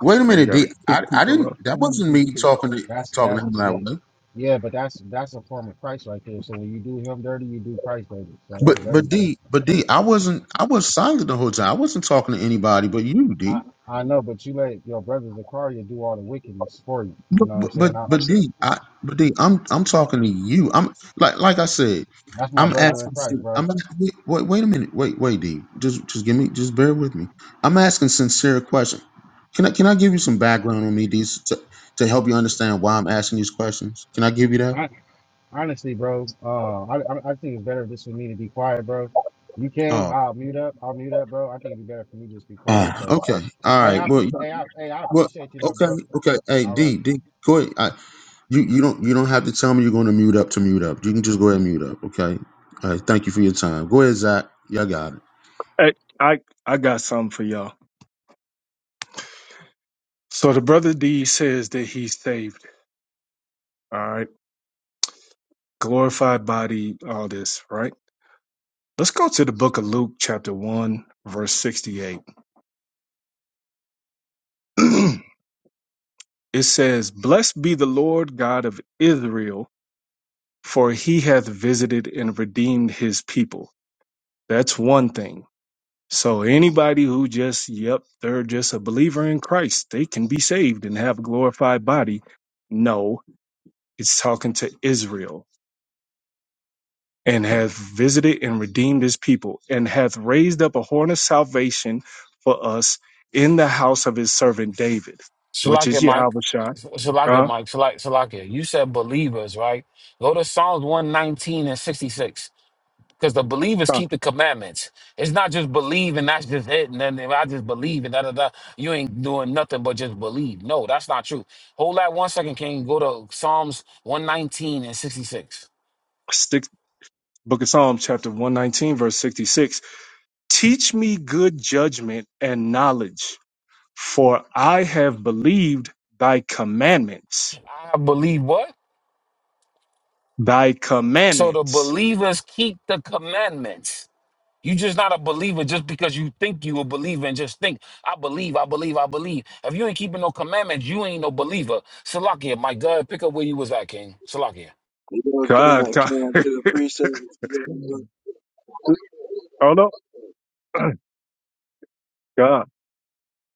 S1: wait a
S3: I
S1: minute,
S3: gotta
S1: D.
S3: kick
S1: I I
S3: people
S1: didn't.
S3: off.
S1: That wasn't me
S3: Hey,
S1: talking to
S7: That's
S1: talking to
S7: that's
S1: him that
S7: the
S1: way.
S7: yeah, but that's that's a form of Christ right there. So when you do him dirty, you do Christ dirty. So that's
S1: But
S7: dirty,
S1: but
S7: bro.
S1: D but D I wasn't I was silent the whole time. I wasn't talking to anybody but you, D.
S7: I, I know, but you let your brother Zakaria do all the wickedness for you. You
S1: But
S7: know what
S1: but
S7: I'm
S1: but,
S7: saying? I,
S1: but D, I, but D, I'm I'm talking to you. I'm like like I said,
S7: that's my
S1: I'm
S7: brother in
S1: asking.
S7: Christ,
S1: sin-
S7: bro.
S1: I'm wait, wait wait a minute. Wait wait D, just just give me just bear with me. I'm asking sincere question. Can I can I give you some background on me D s- to, to help you understand why I'm asking these questions? Can I give you that?
S7: I, honestly, bro, uh, I, I I think it's better just for me to be quiet, bro. You can,
S1: Oh,
S7: I'll mute up, I'll mute up, bro. I think it'd be better for me to just be quiet,
S1: oh
S7: though.
S1: okay. All
S7: Hey,
S1: right.
S7: I,
S1: Well, you-
S7: pre- hey, I, hey, I
S1: well
S7: appreciate you, though,
S1: okay
S7: bro.
S1: okay. Hey
S7: All right.
S1: D D, go ahead. You you don't you don't have to tell me you're going to mute up to mute up. You can just go ahead and mute up. Okay. All right. Thank you for your time. Go ahead, Zach. Y'all got it.
S3: I I got something for y'all. So the brother D says that he's saved. All right, glorified body, all this, right? Let's go to the book of Luke, chapter one, verse sixty-eight. [CLEARS THROAT] it says, "Blessed be the Lord God of Israel, for He hath visited and redeemed His people." That's one thing. So anybody who just, yep, they're just a believer in Christ, they can be saved and have a glorified body. No, it's talking to Israel and hath visited and redeemed his people and hath raised up a horn of salvation for us in the house of his servant David, which is
S2: Shalaka, Mike.
S3: Yahweh
S2: Shalaka,
S3: Uh,
S2: Mike. Shalaka, You said believers, right? Go to Psalms 119 and 66. Because the believers
S3: uh,
S2: keep the commandments. It's not just believe and that's just it. And then if I just believe and da da da, you ain't doing nothing but just believe. No, that's not true. Hold that one second, King. Go to Psalms 119 and 66.
S3: stick, Book of Psalms, chapter 119, verse 66. Teach me good judgment and knowledge, for I have believed thy commandments
S2: I believe what?
S3: Thy
S2: So the
S3: commandments.
S2: believers keep the commandments. you just not a believer just because you think you a believer and just think, I believe, I believe, I believe. If you ain't keeping no commandments, you ain't no believer. Salakia, my God, pick up where you was at, King. Salakia.
S10: You know, can
S3: God,
S10: I
S3: God.
S10: can I
S3: [LAUGHS]
S10: get a precept?
S3: Hold up. [CLEARS THROAT] God.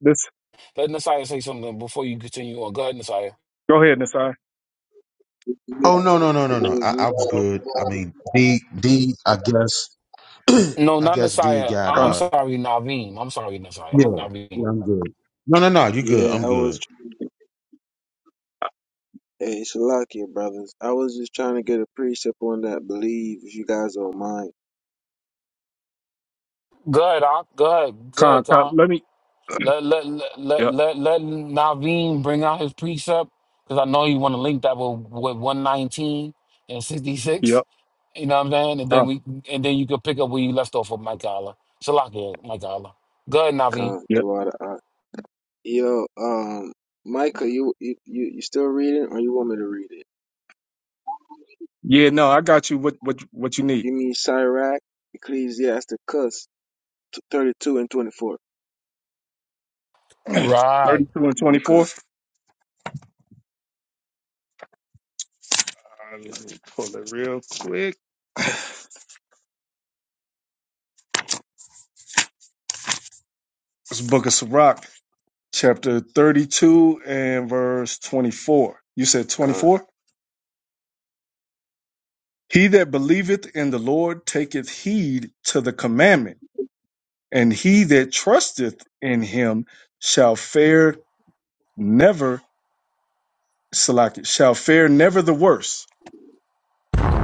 S3: This
S2: Let Nasiah say something before you continue on. Go ahead, Nasiah.
S3: go ahead, Nasai.
S1: Oh no no no no no. I, I was good. I mean D D. I guess [CLEARS THROAT]
S2: No,
S1: I
S2: not
S1: guess D
S2: Nasiah.
S1: got
S2: I- I'm
S3: Con,
S1: uh.
S2: sorry, Naveem. I'm sorry, Nasiah.
S1: Yeah. Yeah.
S2: Naveem.
S1: I'm good. No no no. You good. I'm
S10: Yeah, I was.
S1: good.
S10: trying- Hey, Shalakia brothers, I was just trying to get a precept on that. Believe if you guys don't mind,
S2: Go ahead, Ak. Go ahead. Go
S3: con,
S2: ahead,
S3: con.
S2: Khan.
S3: Let me
S2: Let, let, let, let,
S3: Yep.
S2: let, let Naveem bring out his precept because I know you want to link that with, with 119 and 66.
S3: Yep.
S2: You know what I'm saying? And
S3: Con.
S2: then we and then you can pick up where you left off with Mike Allah. Salakia, Mike Allah. Go ahead, Naveem.
S10: come
S3: Yep.
S10: through out the eye. Yo, um, Micah, you you you you still reading, or you want me to read it?
S3: Yeah, no, I got you what what what you need.
S10: You mean Sirach, Ecclesiasticus, t- thirty-two and twenty-four.
S2: Right.
S3: Thirty two and
S10: Come on,
S3: twenty four.
S10: come,
S3: Let me pull it real quick. This book of Sirach, chapter thirty two and verse twenty four. You said twenty
S10: come.
S3: four? He that believeth in the Lord taketh heed to the commandment, and he that trusteth in him shall fare Never, Salaki, shall fare never the worse.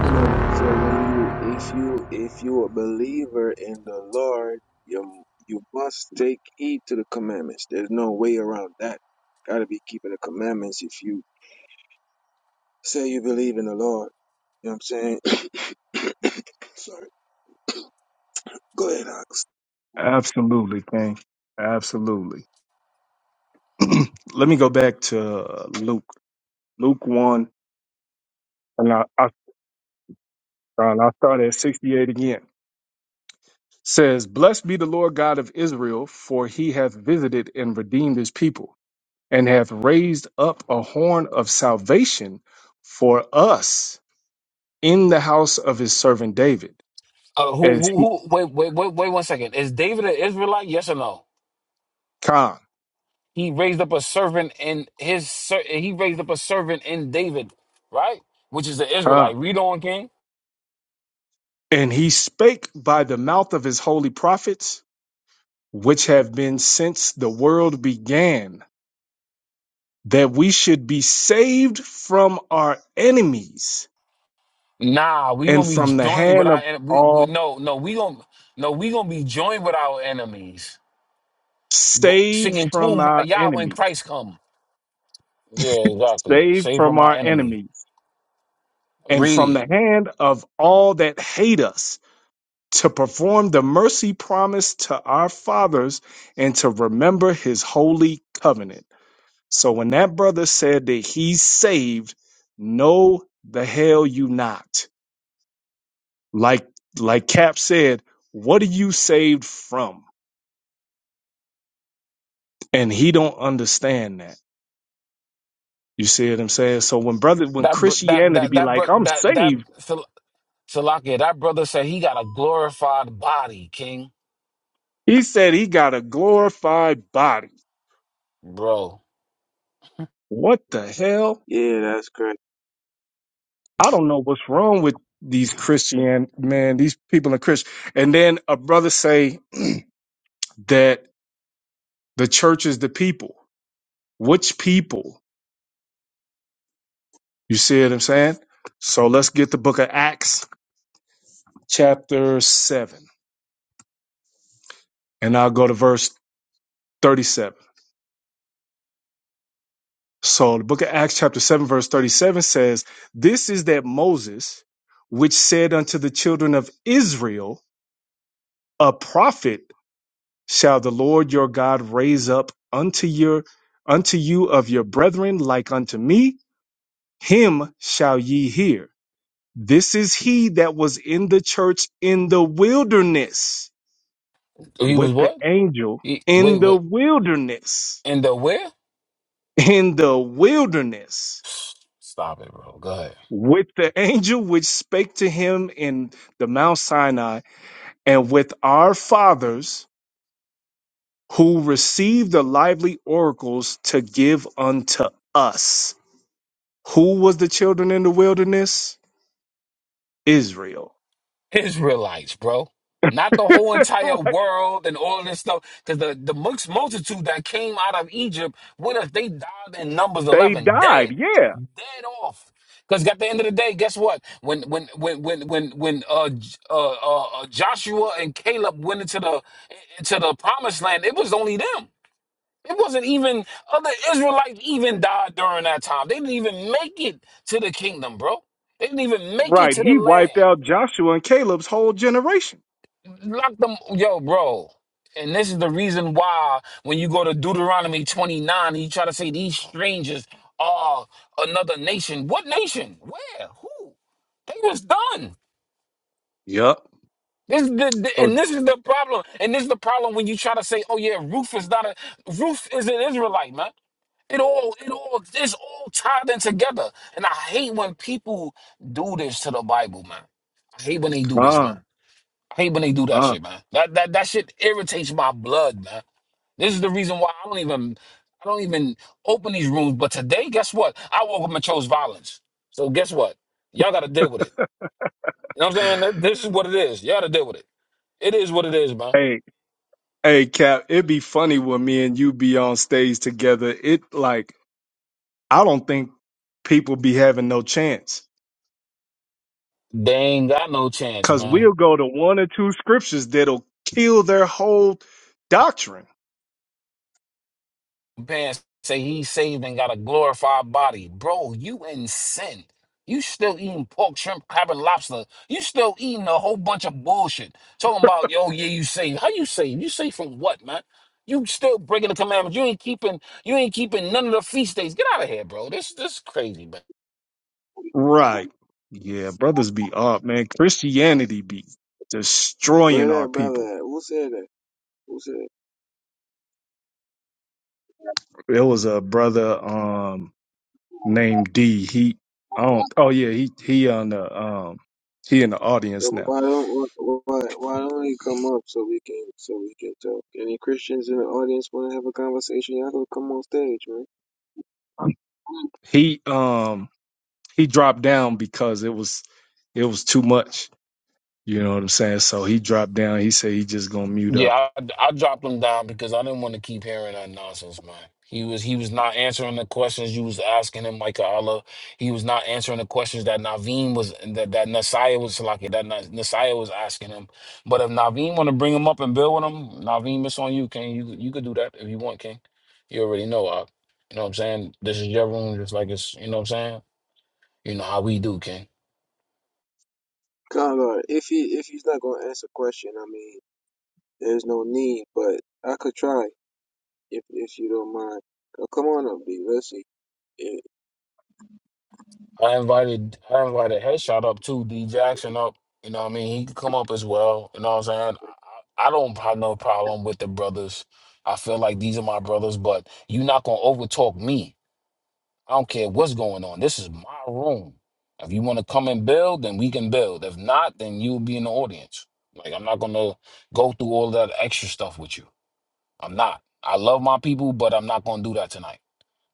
S10: Good. So when you, if you, if you a believer in the Lord, you you must take heed to the commandments. There's no way around that. Gotta be keeping the commandments if you say you believe in the Lord. You know what I'm saying? [COUGHS] Sorry. Go ahead, Ox.
S3: Absolutely, King. Absolutely. [CLEARS THROAT] Let me go back to uh, Luke. Luke 1, and I, I, and I'll start at 68 again. Says, Blessed be the Lord God of Israel, for he hath visited and redeemed his people, and hath raised up a horn of salvation for us in the house of his servant David,
S2: Uh, who,
S3: as
S2: who,
S3: he,
S2: who, wait, wait, wait, wait one second. Is David an Israelite? Yes or no?
S3: Khan,
S2: He raised up a servant in his ser- he raised up a servant in David, right? Which is the
S3: Khan.
S2: Israelite. Read on, King.
S3: And he spake by the mouth of his holy prophets which have been since the world began, that we should be saved from our enemies
S2: Nah, we
S3: and
S2: gonna be
S3: from the
S2: joined with
S3: hand
S2: our
S3: of
S2: en- we, we-
S3: all,
S2: no no we gonna no we gonna be joined with our enemies. Go,
S3: saved
S2: singing
S3: from our
S2: Kumbaya when
S3: enemies,
S2: Christ come. Yeah, exactly.
S3: saved
S2: Save
S3: from
S2: from our
S3: our
S2: enemy.
S3: enemies, and from
S2: Read
S3: the hand of all that hate us, to perform the mercy promised to our fathers and to remember his holy covenant. So when that brother said that he's saved, no, the hell you not Like like Cap said, what are you saved from? And he don't understand that. You see what I'm saying? So when brother when
S2: that br- that
S3: Christianity
S2: that
S3: be
S2: that
S3: like,
S2: br-
S3: I'm
S2: that that
S3: saved,
S2: Sil- Salakia. That brother said he got a glorified body, King.
S3: he said he got a glorified body.
S2: Bro,
S3: What the hell?
S10: Yeah, that's correct.
S3: I don't know what's wrong with these Christian man, these people in Christian. And then a brother say that the church is the people. Which people? You see what I'm saying? So let's get the book of Acts, chapter 7. And I'll go to verse 37. So the book of Acts, chapter 7, verse 37 says, This is that Moses, which said unto the children of Israel, A prophet shall the Lord your God raise up unto your unto you of your brethren like unto me, him shall ye hear. This is he that was in the church in the wilderness
S2: he was
S3: with the
S2: what?
S3: angel
S2: He, wait,
S3: in the
S2: what?
S3: wilderness.
S2: In the where?
S3: In the wilderness
S2: Stop it, bro. Go ahead.
S3: with the angel which spake to him in the Mount Sinai, and with our fathers who received the lively oracles to give unto us. Who was the children in the wilderness? Israel.
S2: Israelites, bro. Not the
S3: [LAUGHS]
S2: whole entire
S3: Like,
S2: world and all of this stuff. Because the, the mixed multitude that came out of Egypt, what if they died in Numbers
S3: they
S2: 11?
S3: died,
S2: Dead.
S3: yeah.
S2: Dead off. Because at the end of the day, guess what? When when when when when when uh, J- uh, uh uh, Joshua and Caleb went into the into the promised land, it was only them. It wasn't even other Israelites even died during that time. They didn't even make it to the kingdom, bro. They didn't even make it
S3: Right.
S2: to the
S3: He wiped
S2: land.
S3: out Joshua and Caleb's whole generation.
S2: Lock them, yo, bro. And this is the reason why when you go to Deuteronomy 29, and you try to say these strangers are another nation. What nation? Where? Who? They was done.
S3: Yup.
S2: This is the, the-
S3: So
S2: and this is the problem. And this is the problem when you try to say, "Oh yeah, Ruth is not a Ruth is an Israelite, man." It all, it all, it's all tied in together. And I hate when people do this to the Bible, man. I hate when they do this,
S3: uh,
S2: man. I hate when they do that
S3: uh.
S2: shit, man. That that that shit irritates my blood, man. This is the reason why I don't even, I don't even open these rooms. But today, guess what? I woke up and chose violence. So guess what? Y'all got to deal with it. You know what I'm saying? That- This is what it is. Y'all got to deal with it. It is what it is, man.
S3: Hey, hey, Cap, it'd be funny when me and you be on stage together. It like I don't think people be having no chance
S2: They ain't got no chance,
S3: because
S2: man.
S3: we'll go to one or two scriptures that'll kill their whole doctrine.
S2: Pants say he's saved and got a glorified body. Bro, you in sin. You still eating pork, shrimp, crab, and lobster. You still eating a whole bunch of bullshit. Talking about, yo, yeah, you saved. How you saved? You saved from what, man? You still breaking the commandments. You ain't keeping, you ain't keeping none of the feast days. Get out of here, bro. This this is crazy, man.
S3: Right. Yeah, brothers be up, man. Christianity be destroying
S10: Where
S3: our
S10: that
S3: people.
S10: brother at? Who said that? Who said? that?
S3: There was a brother um named D. He I don't oh yeah, he he on the um he in the audience
S10: So
S3: now.
S10: why don't why why don't he come up so we can so we can talk? Any Christians in the audience want to have a conversation? Y'all gonna come on stage, man.
S3: He um he dropped down because it was it was too much. You know what I'm saying? So he dropped down. He said he just gonna mute up.
S2: Yeah, I, I dropped him down because I didn't want to keep hearing that nonsense, man. He was he was not answering the questions you was asking him, like Allah. He was not answering the questions that Naveen was that that Nasiah was like that Na- Nasiah was asking him. But if Naveen want to bring him up and build with him, Naveen, it's on you, King. You you could do that if you want, King. You already know, I, you know what I'm saying. This is your room, just like it's you know what I'm saying. You know how we do, King.
S10: Conrad, if he if he's not gonna answer question, I mean, there's no need. But I could try if if you don't mind. So come on up, B. Let's see. Yeah.
S2: I invited I invited Headshot up too, D Jackson up. You know what I mean? He could come up as well. You know what I'm saying? I, I don't have no problem with the brothers. I feel like these are my brothers, but you're not gonna overtalk me. I don't care what's going on. This is my room. If you wanna come and build, then we can build. If not, then you'll be in the audience. Like I'm not gonna go through all that extra stuff with you. I'm not. I love my people, but I'm not gonna do that tonight.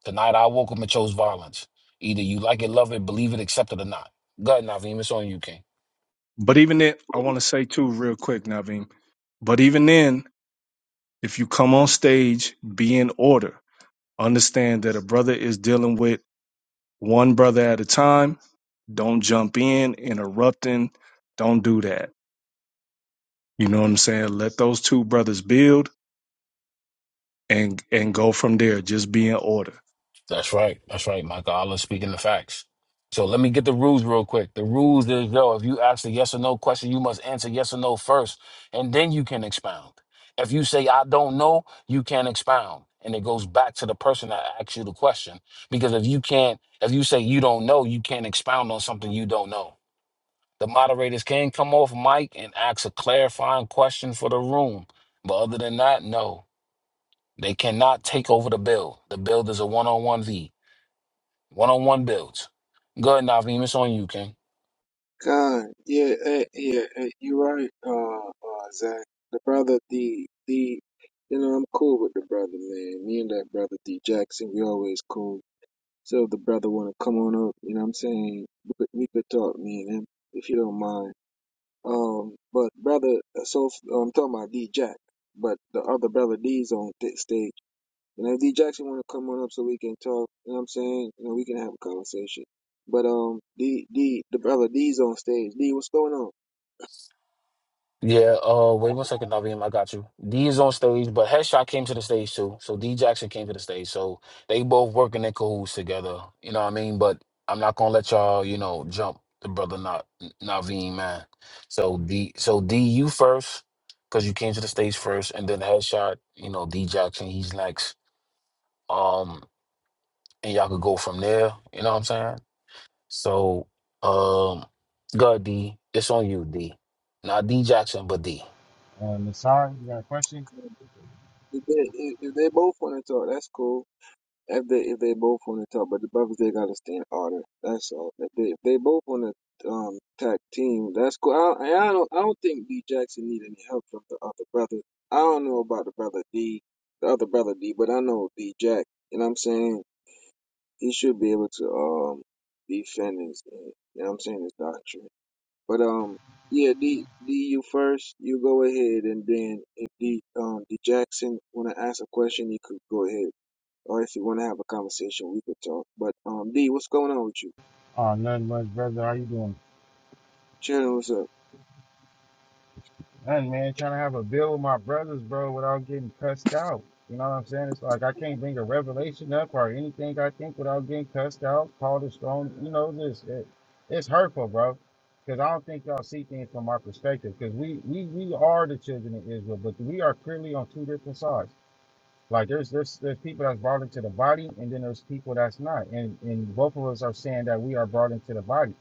S2: Tonight I woke up and chose violence. Either you like it, love it, believe it, accept it or not. God, Naveem, it's on you, King.
S3: But even then, I want to say too, real quick, Naveem. But even then, if you come on stage, be in order. Understand that a brother is dealing with one brother at a time. Don't jump in, interrupting. Don't do that. You know what I'm saying? Let those two brothers build and and go from there. Just be in order.
S2: That's right. That's right, Michael. Allah speaking the facts. So let me get the rules real quick. The rules is yo, if you ask a yes or no question, you must answer yes or no first, and then you can expound. If you say I don't know, you can't expound. And it goes back to the person that asked you the question. Because if you can't, if you say you don't know, you can't expound on something you don't know. The moderators can come off mic and ask a clarifying question for the room. But other than that, no. They cannot take over the build. The build is a one on one lead. One on one builds. Go ahead, Naveem. It's on you, King.
S10: Con, yeah, eh, yeah, eh, you're right. Uh, uh, Zach, the brother, the the, you know, I'm cool with the brother, man. Me and that brother D Jackson, we always cool. So if the brother wanna come on up, you know, what I'm saying we could we could talk, me and him, if you don't mind. Um, but brother, uh, so I'm talking about D Jack, but the other brother D's on th- stage. And if D Jackson want to come on up so we can talk, you know what I'm saying? You know, we can have a conversation. But um, D D the brother D's on stage. D, what's going on?
S2: Yeah, uh, wait one second, Naveem. I got you. D is on stage, but Headshot came to the stage too. So D Jackson came to the stage. So they both working in cahoots together. You know what I mean? But I'm not gonna let y'all, you know, jump the brother not Naveem, man. So D so D you first, because you came to the stage first, and then Headshot, you know, D Jackson, he's next. Um, and y'all could go from there, you know what I'm saying? So um go ahead, D. It's on you, D. Not D Jackson, but D.
S7: Uh, Nasar, you got a question?
S10: If they, if they both want to talk, that's cool. If they if they both want to talk, but the brothers they gotta stay in order. That's all. If they if they both want to um tag team, that's cool. I, I don't I don't think D Jackson need any help from the other brother. I don't know about the brother D, the other brother D, but I know D Jack. You know what I'm saying? He should be able to um defend his you know what I'm saying his doctrine. But um yeah D D you first. You go ahead and then if D um D Jackson wanna ask a question, you could go ahead or if you want to have a conversation, we could talk. But um, D, what's going on with you?
S7: Oh, nothing much, brother. How you doing?
S10: Chilling, what's up?
S7: Nothing, man. Trying to have a bill with my brothers, bro, without getting cussed out. You know what I'm saying? It's like I can't bring a revelation up or anything I think without getting cussed out, called a strong. You know, this it, it's hurtful, bro. Because I don't think y'all see things from our perspective. Because we, we we are the children of Israel, but we are clearly on two different sides. Like there's there's there's people that's brought into the body, and then there's people that's not. And and both of us are saying that we are brought into the body,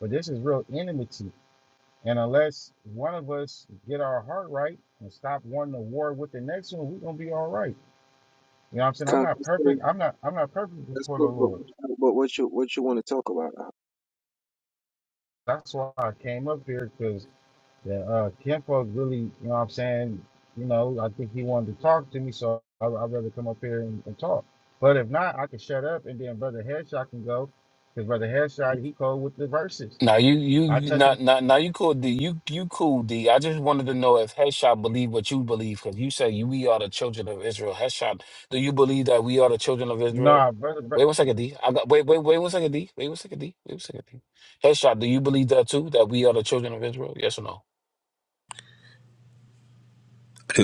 S7: but this is real enmity and unless one of us get our heart right and stop wanting to war with the next one, we're gonna be all right. You know what I'm saying? I'm
S10: Con-
S7: not
S10: That's cool.
S7: perfect. I'm not I'm not perfect
S10: That's
S7: before the
S10: cool. But,
S7: Lord.
S10: but what you what you want to talk about?
S7: That's why I came up here because the uh kinfolk really, you know what I'm saying, you know, I think he wanted to talk to me, so I would rather come up here and, and talk. But if not, I can shut up and then Brother Headshot can go. Because Brother Headshot, he go with the verses.
S2: Now you
S7: I
S2: you
S7: touch it.
S2: not now, now you cool D you you cool D. I just wanted to know if Headshot believe what you believe because you say you we are the children of Israel. Headshot, do you believe that we are the children of Israel?
S7: Nah, brother,
S2: Wait one second, D. I got wait wait wait one second, D. Wait one second, D. Wait one second, D. Headshot, do you believe that too? That we are the children of Israel? Yes or no?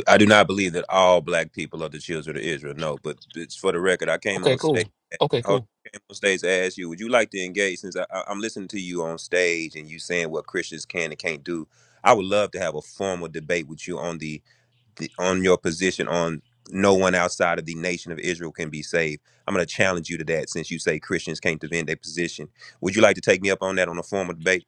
S9: I do not believe that all black people are the children of Israel. No, but it's for the record. I came
S2: Okay,
S9: on stage.
S2: cool.
S9: I
S2: Okay, cool.
S9: came on stage to ask you, would you like to engage? Since I, I, I'm listening to you on stage and you saying what Christians can and can't do, I would love to have a formal debate with you on the, the on your position on no one outside of the nation of Israel can be saved. I'm going to challenge you to that since you say Christians can't defend their position. Would you like to take me up on that on a formal debate?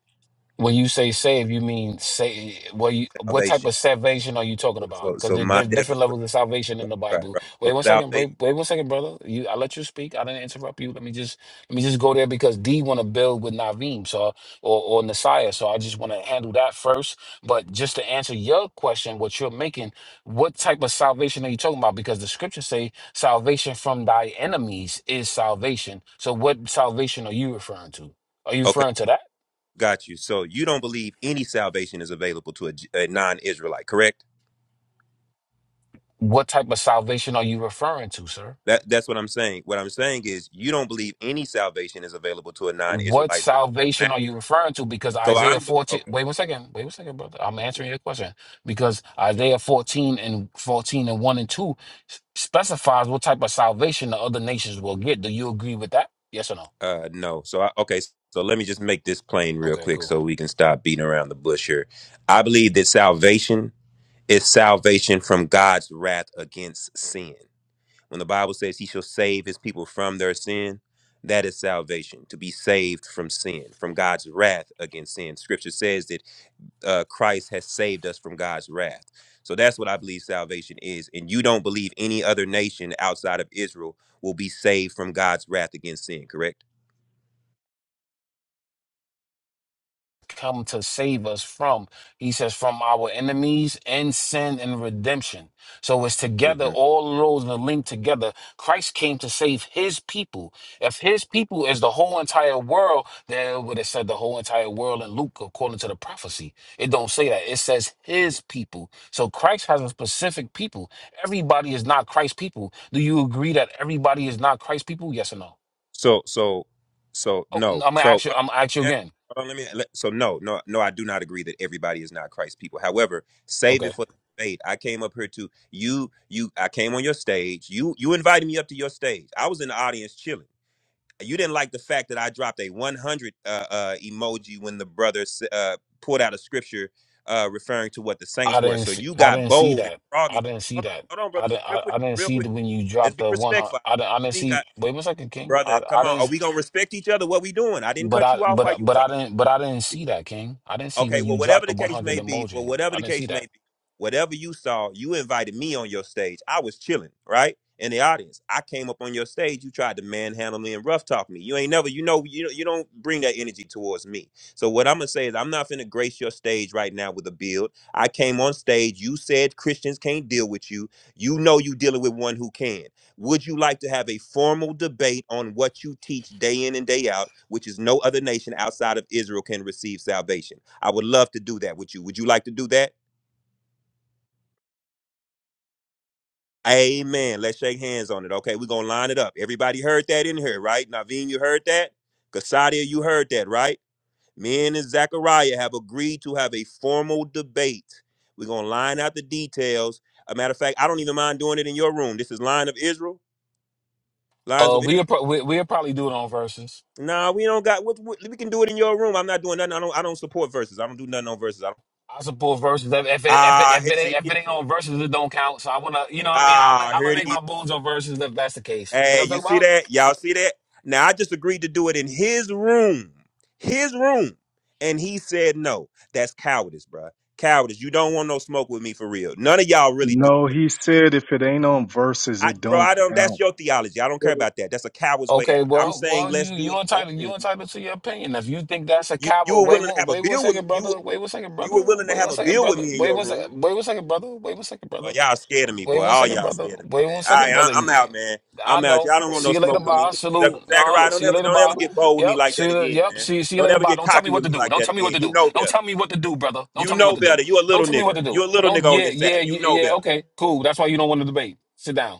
S2: When you say save, you mean say what you what type
S9: Salvation.
S2: of salvation are you talking
S9: So,
S2: about?
S9: so
S2: Because
S9: so
S2: there,
S9: my
S2: there's
S9: death.
S2: different levels of salvation in
S9: Right,
S2: the
S9: right.
S2: Bible.
S9: right, So
S2: Wait one second,
S9: salvation.
S2: wait, wait one second, brother. You I let you speak. I didn't interrupt you. Let me just let me just go there because D wanna build with Naveem, so or or Nasiah. So I just wanna handle that first. But just to answer your question, what you're making, what type of salvation are you talking about? Because the scriptures say salvation from thy enemies is salvation. So what salvation are you referring to? Are you
S9: okay.
S2: referring to that?
S9: Got you. So you don't believe any salvation is available to a, J- a non-Israelite, correct?
S2: What type of salvation are you referring to, sir?
S9: That that's what I'm saying. What I'm saying is you don't believe any salvation is available to a
S2: What
S9: non-Israelite.
S2: salvation are you referring to? Because
S9: So
S2: Isaiah
S9: I'm
S2: 14,
S9: okay.
S2: wait one second, wait one second, brother. I'm answering your question. Because Isaiah 14 and 14 and 1 and 2 s- specifies what type of salvation the other nations will get. Do you agree with that? Yes or no?
S9: Uh, no. So I, okay. So let me just make this plain real
S2: Okay,
S9: quick,
S2: cool.
S9: so we can stop beating around the bush here. I believe that salvation is salvation from God's wrath against sin. When the Bible says he shall save his people from their sin, that is salvation, to be saved from sin, from God's wrath against sin. Scripture says that uh, Christ has saved us from God's wrath. So that's what I believe salvation is. And you don't believe any other nation outside of Israel will be saved from God's wrath against sin, correct?
S2: come to save us from. He says, from our enemies and sin and redemption. So it's together,
S9: hmm
S2: all roads are linked together. Christ came to save his people. If his people is the whole entire world, then it would have said the whole entire world in Luke according to the prophecy. It don't say that. It says his people. So Christ has a specific people. Everybody is not Christ's people. Do you agree that everybody is not Christ's people? Yes or no?
S9: So so so
S2: Oh, I'm
S9: no.
S2: gonna
S9: So
S2: ask you,
S9: uh,
S2: I'm gonna ask you
S9: yeah,
S2: again.
S9: hold on, let me. Let, so no, no, no. I do not agree that everybody is not Christ people. However, save
S2: Okay.
S9: it for the debate. I came up here to you. You. I came on your stage. You. You invited me up to your stage. I was in the audience chilling. You didn't like the fact that I dropped a 100 uh, uh, emoji when the brother s- uh, pulled out a scripture uh, referring to what the
S2: I
S9: saints were.
S2: didn't
S9: So
S2: see,
S9: you
S2: I
S9: got
S2: didn't see
S9: bold and
S2: that. I
S9: froggy.
S2: didn't see
S9: Hold on,
S2: that.
S9: hold on,
S2: I
S9: brothers,
S2: didn't,
S9: just real
S2: I,
S9: quick,
S2: I didn't
S9: real
S2: see the,
S9: quick.
S2: when you
S9: Let's
S2: dropped
S9: be
S2: the one hundred.
S9: respectful
S2: I didn't, I didn't see. Wait one second, King. I,
S9: brother,
S2: I
S9: come
S2: didn't.
S9: on. Are
S2: s-
S9: we gonna respect each other? What we doing? I didn't
S2: But
S9: cut
S2: I
S9: you off
S2: but
S9: while
S2: I-
S9: you
S2: but
S9: were
S2: I
S9: talking.
S2: didn't but I didn't see that, King. I didn't see
S9: Okay,
S2: when
S9: well,
S2: you
S9: whatever
S2: dropped the
S9: the
S2: one
S9: case
S2: hundred
S9: may be, well,
S2: emoji.
S9: whatever
S2: I
S9: the
S2: didn't see
S9: case may
S2: that.
S9: be, whatever you saw, you invited me on your stage. I was chilling, right? In the audience. I came up on your stage, you tried to manhandle me and rough talk me. You ain't never, you know, you you don't bring that energy towards me. So what I'm gonna say is I'm not finna grace your stage right now with a build. I came on stage, you said Christians can't deal with you. You know you dealing with one who can. Would you like to have a formal debate on what you teach day in and day out, which is no other nation outside of Israel can receive salvation? I would love to do that with you. Would you like to do that? Amen. Let's shake hands on it. Okay, we're gonna line it up. Everybody heard that in here, right? Naveen, you heard that? Kasadia, you heard that, right? Me and Zachariah have agreed to have a formal debate. We're gonna line out the details. A matter of fact, I don't even mind doing it in your room. This is line of Israel, lines of
S2: Uh,
S9: Israel.
S2: we'll pro- we, we'll probably do it on verses.
S9: Nah, we don't got. What, what, we can do it in your room. I'm not doing nothing. I don't. I don't support verses. I don't do nothing on verses. I don't.
S2: I support verses. If if it, if it,
S9: Ah,
S2: if
S9: he-
S2: it ain't
S9: see.
S2: if it ain't on verses, it don't count. So I wanna, you know, what I mean, I'm
S9: Ah,
S2: I'm
S9: here
S2: gonna
S9: it
S2: make
S9: is.
S2: my bones on verses if that's the case. You know
S9: Hey,
S2: what
S9: you
S2: I'm talking
S9: see
S2: about?
S9: that? Y'all see that? Now I just agreed to do it in his room, his room, and he said no. That's cowardice, bruh. Cowardice. You don't want no smoke with me for real. None of y'all really do.
S3: No, he said if it ain't on verses,
S9: I,
S3: it
S9: bro,
S3: don't
S9: I don't. That's
S3: count.
S9: your theology. I don't care
S10: Uh,
S9: about that. That's a coward's way
S2: Okay,
S9: out. I'm
S2: well,
S9: saying
S2: well, you
S9: let's do
S2: you
S9: it in your
S2: entitled you
S9: room.
S2: entitled to your opinion. If you think that's a
S9: You you
S2: coward,
S9: were
S2: wait
S9: willing to
S2: one
S9: have a
S2: wait one
S9: bill with me.
S2: second,
S9: You were-
S2: brother. Wait one second,
S9: you
S2: brother.
S9: were willing to
S2: Wait one
S9: have a
S2: second,
S9: bill with
S2: brother.
S9: me in
S2: Wait
S9: your
S2: one
S9: room.
S2: second. Wait one second, brother. Wait one second,
S9: Well,
S2: brother.
S9: y'all scared of me,
S2: Wait
S9: boy.
S2: one
S9: All
S2: second,
S9: y'all
S2: brother.
S9: scared of
S2: Wait
S9: me,
S2: one
S9: man. All
S2: second,
S9: right,
S2: brother.
S9: I, I'm
S2: Yeah.
S9: out, man.
S2: I
S9: I'm out.
S2: know.
S9: Y'all don't want
S2: See
S9: no
S2: you later,
S9: smoke with me.
S2: bye.
S9: Zach-
S2: Salute. Uh-huh.
S9: Zachariah, don't
S2: See you
S9: ever,
S2: later,
S9: don't
S2: bye.
S9: ever get bold with me
S2: Yep.
S9: like
S2: See
S9: that
S2: you.
S9: again,
S2: Yep.
S9: man.
S2: See see you
S9: Don't
S2: later,
S9: ever
S2: bye.
S9: get
S2: Don't tell me
S9: cocky
S2: what
S9: with
S2: to
S9: me
S2: do.
S9: like
S2: Don't
S9: that
S2: tell me what
S9: again.
S2: to
S9: You
S2: do.
S9: know
S2: Don't
S9: better.
S2: tell me what to do, brother. Don't
S9: You
S2: tell me what
S9: know
S2: to do.
S9: better. You a
S2: Don't
S9: little
S2: tell me what
S9: nigga.
S2: to
S9: You
S2: do.
S9: a little nigga
S2: Don't.
S9: on
S2: Yeah.
S9: this
S2: Yeah.
S9: app. You
S2: Yeah.
S9: know
S2: yeah.
S9: better.
S2: Okay. Cool. That's why you don't want to debate. Sit down.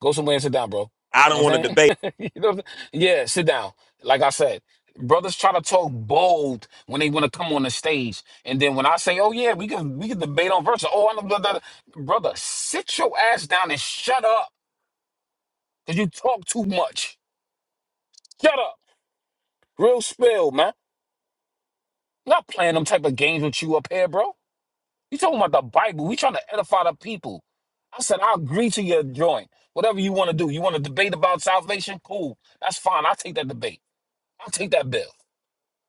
S2: Go somewhere and sit down, bro.
S9: I
S2: You know
S9: don't
S2: what
S9: want to
S2: I'm
S9: debate.
S2: saying? [LAUGHS] you know what I'm saying? Yeah, sit down. Like I said, brothers try to talk bold when they want to come on the stage. And then when I say, oh yeah, we can we can debate on verses. Oh, I know blah, blah, blah." brother, sit your ass down and shut up. Cause you talk too much. Shut up. Real spill, man. Not playing them type of games with you up here, bro. You talking about the Bible. We trying to edify the people. I said, I agree to your joint. Whatever you want to do. You want to debate about salvation? Cool. That's fine. I'll take that debate. I'll take that bill.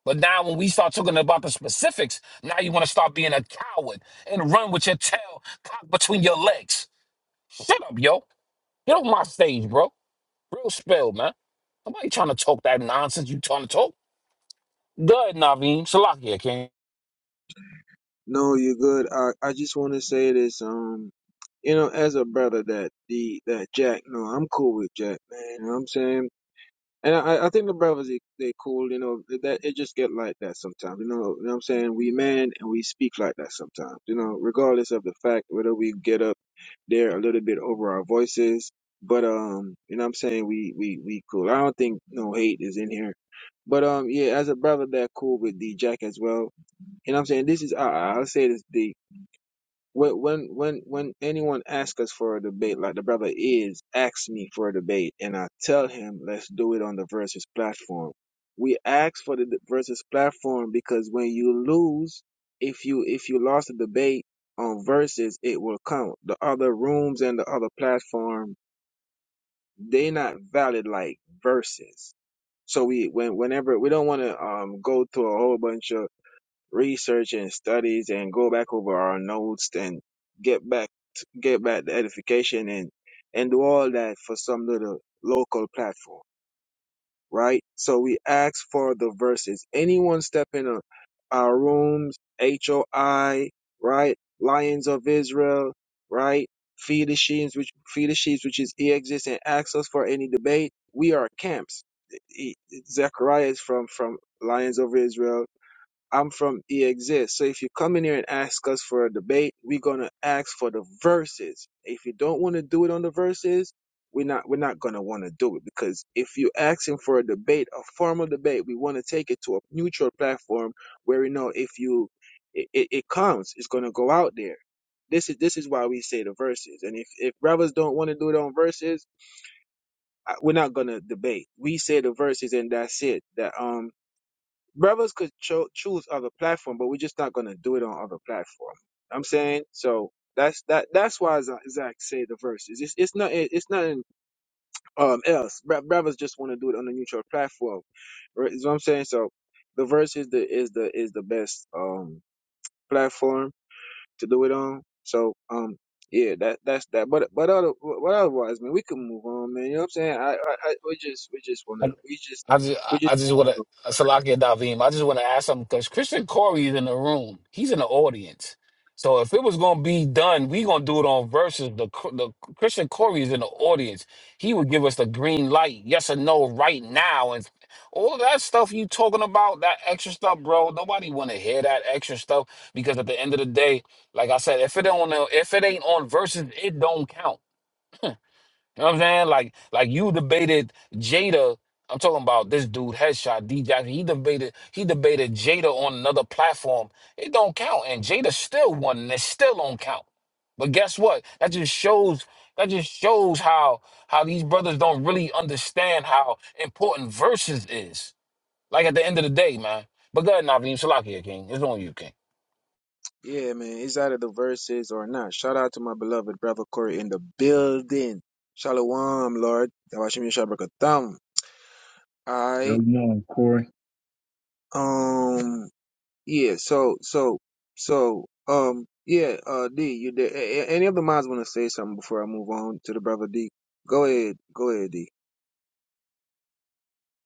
S2: But now, when we start talking about the specifics, now you want to start being a coward and run with your tail cocked between your legs. Shut up, yo. Get off my stage, bro. Real spell, man. Nobody trying to talk that nonsense you trying to talk. Good, Naveem. Salakia, King.
S10: No, you're good. I I just want to say this. Um, you know, as a brother, that the that Jack. No, I'm cool with Jack, man. You know what I'm saying. And I, I think the brothers they, they cool, you know. That it just get like that sometimes, you know. You know what I'm saying? We man and we speak like that sometimes, you know. Regardless of the fact whether we get up They're a little bit over our voices, but um, you know what I'm saying we we we cool. I don't think no hate is in here, but um, yeah, as a brother that cool with D Jack as well. You know what I'm saying this is I I- will say this D when when when when anyone asks us for a debate, like the brother is asks me for a debate, and I tell him let's do it on the versus platform. We ask for the versus platform because when you lose, if you if you lost a debate on versus, it will count. The other rooms and the other platform, they not valid like versus. So we when whenever we don't want to um go to a whole bunch of research and studies and go back over our notes and get back get back the edification and and do all that for some little local platform right so we ask for the verses anyone step in a, our rooms hoi right lions of israel right feed the sheep which feed the sheep which is exist and ask us for any debate we are camps E- e, zechariah is from from lions of israel I'm from E EXIST. So if you come in here and ask us for a debate, we're gonna ask for the verses. If you don't want to do it on the verses, we're not we're not gonna want to do it because if you're asking for a debate, a formal debate, we want to take it to a neutral platform where we know if you it, it, it comes, it's gonna go out there. This is this is why we say the verses. And if if brothers don't want to do it on verses, I- we're not gonna debate. We say the verses and that's it. That um brothers could cho- choose other platform, but we're just not gonna do it on other platform. I'm saying so. That's that. That's why Za- Zach say the verses. It's it's not it's nothing um else. Bro- Brothers just want to do it on a neutral platform. Right? Is what I'm saying. So the verse is the is the is the best um platform to do it on. So um yeah, that that's that. But but other but otherwise, man, we can move on, man. You know what I'm saying? I I, I we just we just wanna we just
S2: I just, I
S10: we just
S2: just want to, Salaki and Davim, I just want to ask something because Christian Corey is in the room. He's in the audience. So if it was going to be done, we going to do it on versus the, Cr- the Christian Corey is in the audience. He would give us the green light, yes or no, right now. And all of that stuff you talking about, that extra stuff, bro, nobody want to hear that extra stuff because at the end of the day, like I said, if it don't, if it ain't on versus, it don't count. You know what I'm saying? Like, like you debated Jada. I'm talking about this dude, Headshot D Jackson. He debated, he debated Jada on another platform. It don't count, and Jada still won, and it still don't count. But guess what? That just shows. That just shows how how these brothers don't really understand how important verses is. Like at the end of the day, man. But go ahead, Naveem Salakia, King. It's on you, King.
S10: Yeah, man. It's out of the verses or not. Shout out to my beloved brother Corey in the building. Shalom, Lord. Yawashim Yashabrakatam. Alright.
S3: Shalom, Corey.
S10: Um yeah, so so so um yeah, uh D, you did a- a- any of the mods wanna say something before I move on to the brother D? Go ahead. Go ahead, D.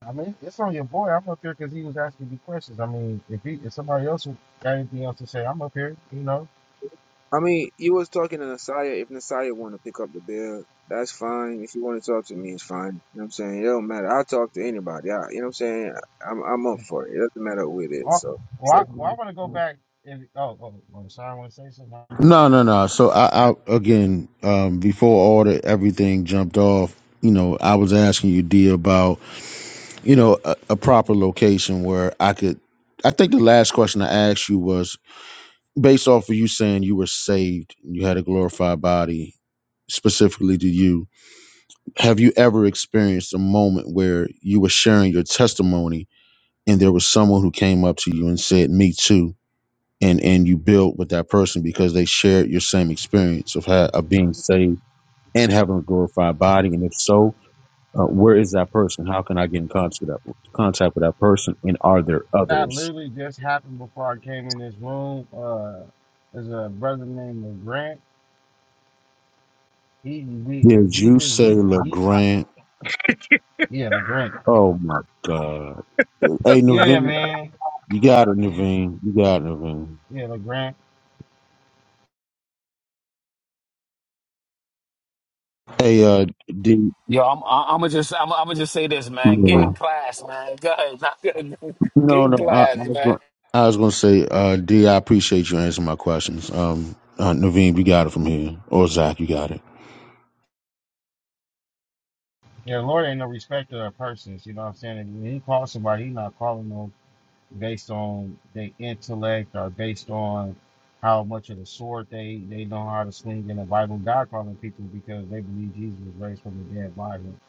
S7: I mean, it's on your boy. I'm up here because he was asking me questions. I mean, if he, if somebody else who got anything else to say, I'm up here. You know,
S10: I mean, you was talking to Nasiah. If Nasiah want to pick up the bill, that's fine. If you want to talk to me, it's fine. You know what I'm saying? It don't matter. I'll talk to anybody. I, you know what I'm saying? I'm I'm up for it. It doesn't matter who it is.
S7: Oh,
S10: So,
S7: well, I, well, I want to go back. And, oh, oh, oh, sorry, I want to say something.
S1: No no no. So I, I again um before all the everything jumped off. You know, I was asking you, D, about you know a, a proper location where I could. I think the last question I asked you was based off of you saying you were saved, you had a glorified body, specifically to you, have you ever experienced a moment where you were sharing your testimony and there was someone who came up to you and said, "Me too," and and you built with that person because they shared your same experience of ha- of being saved and having a glorified body, and if so. Uh, where is that person? How can I get in contact with that, contact with that person? And are there
S7: That
S1: others?
S7: literally just happened before I came in this room. Uh, there's a brother named Grant. He, we,
S1: Did
S7: he
S1: you
S7: just,
S1: say
S7: we, he, I,
S1: LeGrand?
S7: yeah, Grant.
S1: Oh my god. Hey
S7: Yeah,
S1: Naveen,
S7: man.
S1: you got it,
S7: Yeah,
S1: Naveen. You got it, Naveen.
S7: yeah, Grant.
S1: Hey, uh, D.
S2: Yo, I'm I'm gonna just I'm I'm gonna just say this,
S1: Yeah.
S2: man. Get in class, man. Go ahead, [LAUGHS] Get
S1: No,
S2: in
S1: no. I, I
S2: class,
S1: was
S2: man.
S1: gonna, I was gonna say, uh, D. I appreciate you answering my questions. Um, uh, Naveen, you got it from here, or Zach, you got it.
S7: Yeah, Lord ain't no respecter of persons. You know what I'm saying? If he calls somebody, he not calling no. based on their intellect or based on how much of the sword they, they know how to swing in the Bible. God calling people because they believe Jesus was raised from the dead by him.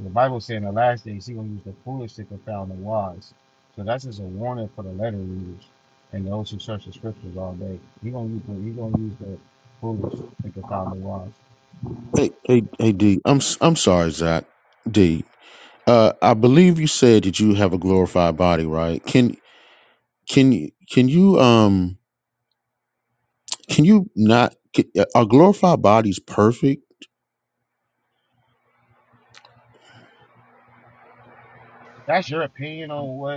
S7: The Bible says in the last days He's gonna use the foolish to confound the wise. So that's just a warning for the letter readers and those who search the scriptures all day. He gonna use the he gonna use the foolish to confound the wise.
S1: Hey, hey, hey, D. I'm s- I'm sorry, Zach. D. Uh, I believe you said that you have a glorified body, right? Can can you can you um Can you not? c- Are glorified bodies perfect?
S7: That's your opinion on what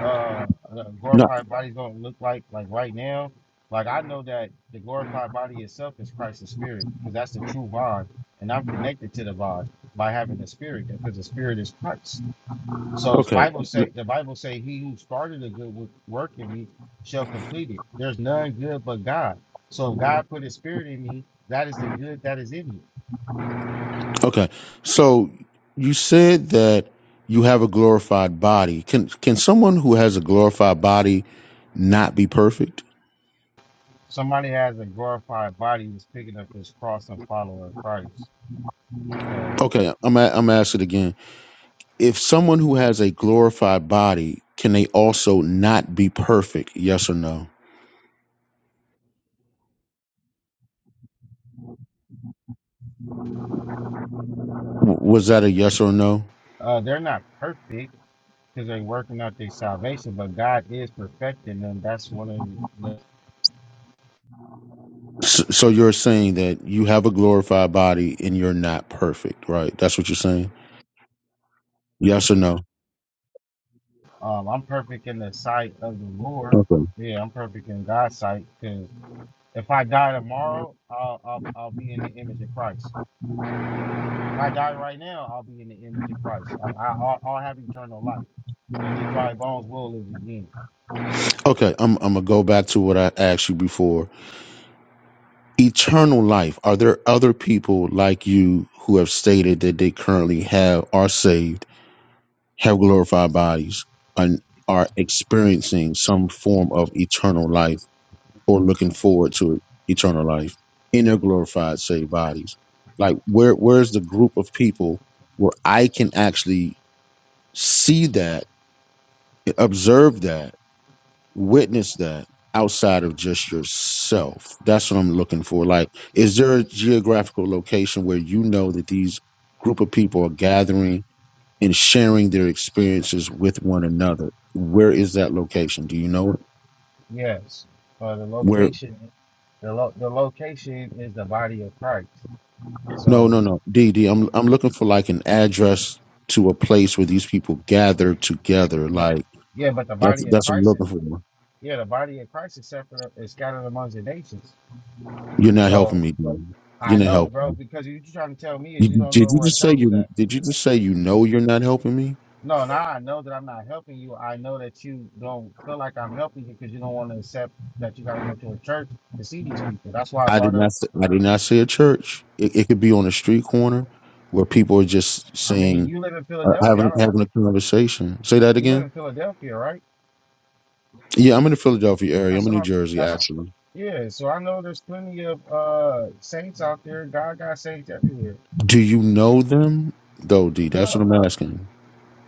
S7: uh, uh
S1: Not
S7: glorified body is going to look like like right now like i know that the glorified body itself is christ's spirit because that's the true vine and i'm connected to the vine by having the spirit because the spirit is christ so the
S1: okay.
S7: bible say the bible say he who started a good wo- work in me shall complete it there's none good but god so if god put his spirit in me that is the good that is in me
S1: Okay. So you said that you have a glorified body. Can can someone who has a glorified body not be perfect?
S7: somebody has a glorified body who's picking up his cross and following christ so
S1: Okay. I'm a- I'm asked it again. If someone who has a glorified body, can they also not be perfect? Yes or no? W- Was that a yes or no?
S7: uh, they're not perfect because they're working out their salvation, but God is perfecting them. That's one of the
S1: S- So you're saying that you have a glorified body and you're not perfect, right? That's what you're saying. Yes or no?
S7: um, I'm perfect in the sight of the Lord.
S1: Okay.
S7: Yeah, I'm perfect in God's sight because if I die tomorrow, I'll, I'll I'll be in the image of Christ. If I die right now, I'll be in the image of Christ. I, I, I'll, I'll have eternal life, and these dry bones will live again.
S1: Okay, I'm I'm gonna go back to what I asked you before. Eternal life. Are there other people like you who have stated that they currently have are saved, have glorified bodies, and are experiencing some form of eternal life or looking forward to eternal life in their glorified saved bodies? Like where where's the group of people where I can actually see that, observe that witness that outside of just yourself. That's what I'm looking for. Like, is there a geographical location where you know that these group of people are gathering and sharing their experiences with one another? Where is that location? Do you know it?
S7: Yes, but the
S1: Where?
S7: location, the lo- the location is the body of Christ.
S1: No,
S7: So,
S1: no, no. D am I'm I'm looking for like an address to a place where these people gather
S7: the-
S1: together.
S7: the-
S1: Like
S7: yeah, but the
S1: that's
S7: body of
S1: that's what I'm
S7: Christ is
S1: looking for.
S7: Yeah, the body of Christ is separate is scattered amongst the nations.
S1: You're not helping
S7: So
S1: me, bro.
S7: I
S1: You're not
S7: know,
S1: helping.
S7: bro, because you you trying to tell me is you don't
S1: did
S7: know
S1: you
S7: where
S1: just say
S7: church is
S1: you?
S7: at.
S1: Did you just say you know you're not helping me?
S7: No, now I know that I'm not helping you. I know that you don't feel like I'm helping you because you don't want to accept that you got to go to a church to see these people. That's why I
S1: I do
S7: brought
S1: not.
S7: up.
S1: s- I do not say a church. It, it could be on a street corner where people are just
S7: I mean,
S1: saying,
S7: you live in
S1: uh,
S7: Philadelphia. I
S1: having
S7: don't,
S1: having a conversation. Say that
S7: you live
S1: again.
S7: in Philadelphia, right?
S1: Yeah, I'm in the Philadelphia area. I'm
S7: That's
S1: in
S7: what
S1: New
S7: I'm.
S1: Jersey,
S7: That's what,
S1: actually.
S7: yeah. So I know there's plenty of uh saints out there. God got saints everywhere.
S1: Do you know them though, D?
S7: No.
S1: That's what I'm asking.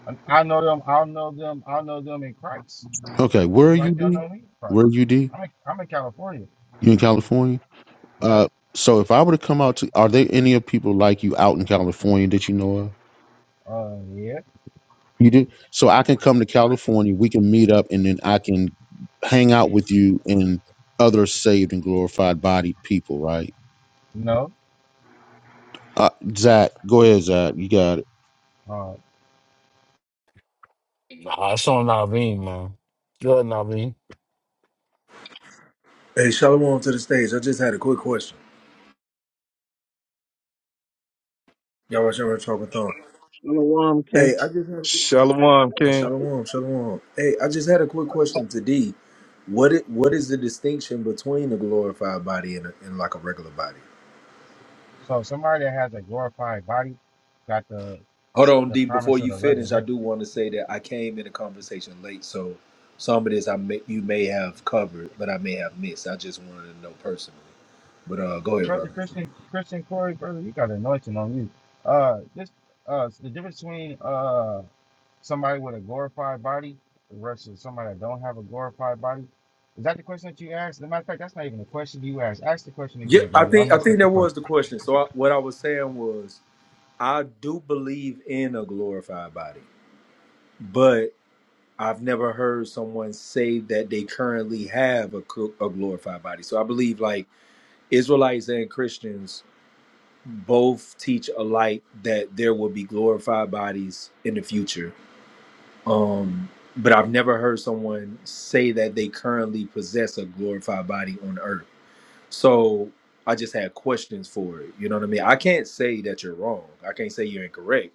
S7: And I know them. I'll know them. I'll know them in Christ.
S1: Okay, where are
S7: Just
S1: you,
S7: like they'll
S1: D?
S7: know me in Christ.
S1: Where are you, D?
S7: I'm in, I'm in California.
S1: You in California?
S7: Yeah.
S1: Uh, so if I were to come out to, are there any of people like you out in California that you know of?
S7: Uh, yeah.
S1: You do so I can come to California, we can meet up and then I can hang out with you and other saved and glorified bodied people, right?
S7: No.
S1: Uh, Zach, go ahead, Zach. You got it.
S7: Uh,
S2: Nah, it's on Naveen, man. Go ahead, Naveen.
S11: Hey, Shalom to the stage. I just had a quick question. Y'all watch y'all talking thong.
S12: Shalom, King.
S11: Hey, I just had
S3: Shalom,
S11: hey,
S3: King.
S11: Shalom, Shalom. Hey, I just had a quick question to D. What it, what is the distinction between a glorified body and, a, and like a regular body?
S7: so somebody that has a glorified body got the
S11: Hold on,
S7: the
S11: D. Before
S7: promise of
S11: you
S7: the
S11: finish, I
S7: resurrection.
S11: do want to say that I came in a conversation late, so some of this I may, you may have covered, but I may have missed. I just wanted to know personally. But uh, go ahead,
S7: Brother
S11: brother.
S7: Christian, Christian Corey, brother, you got anointing on you. Uh, this uh, the difference between uh somebody with a glorified body versus somebody that don't have a glorified body. Is that the question that you asked? As a matter of fact, that's not even the question you asked. Ask the question
S11: Yeah,
S7: again,
S11: I
S7: brother. I
S11: think I
S7: messed
S11: think
S7: up the
S11: that
S7: question.
S11: was the question. So I, what I was saying was I do believe in a glorified body, but I've never heard someone say that they currently have a, cl- a glorified body. So I believe like Israelites and Christians both teach alike that there will be glorified bodies in the future. Um, but I've never heard someone say that they currently possess a glorified body on earth. So I just had questions for it. You know what I mean? I can't say that you're wrong. I can't say you're incorrect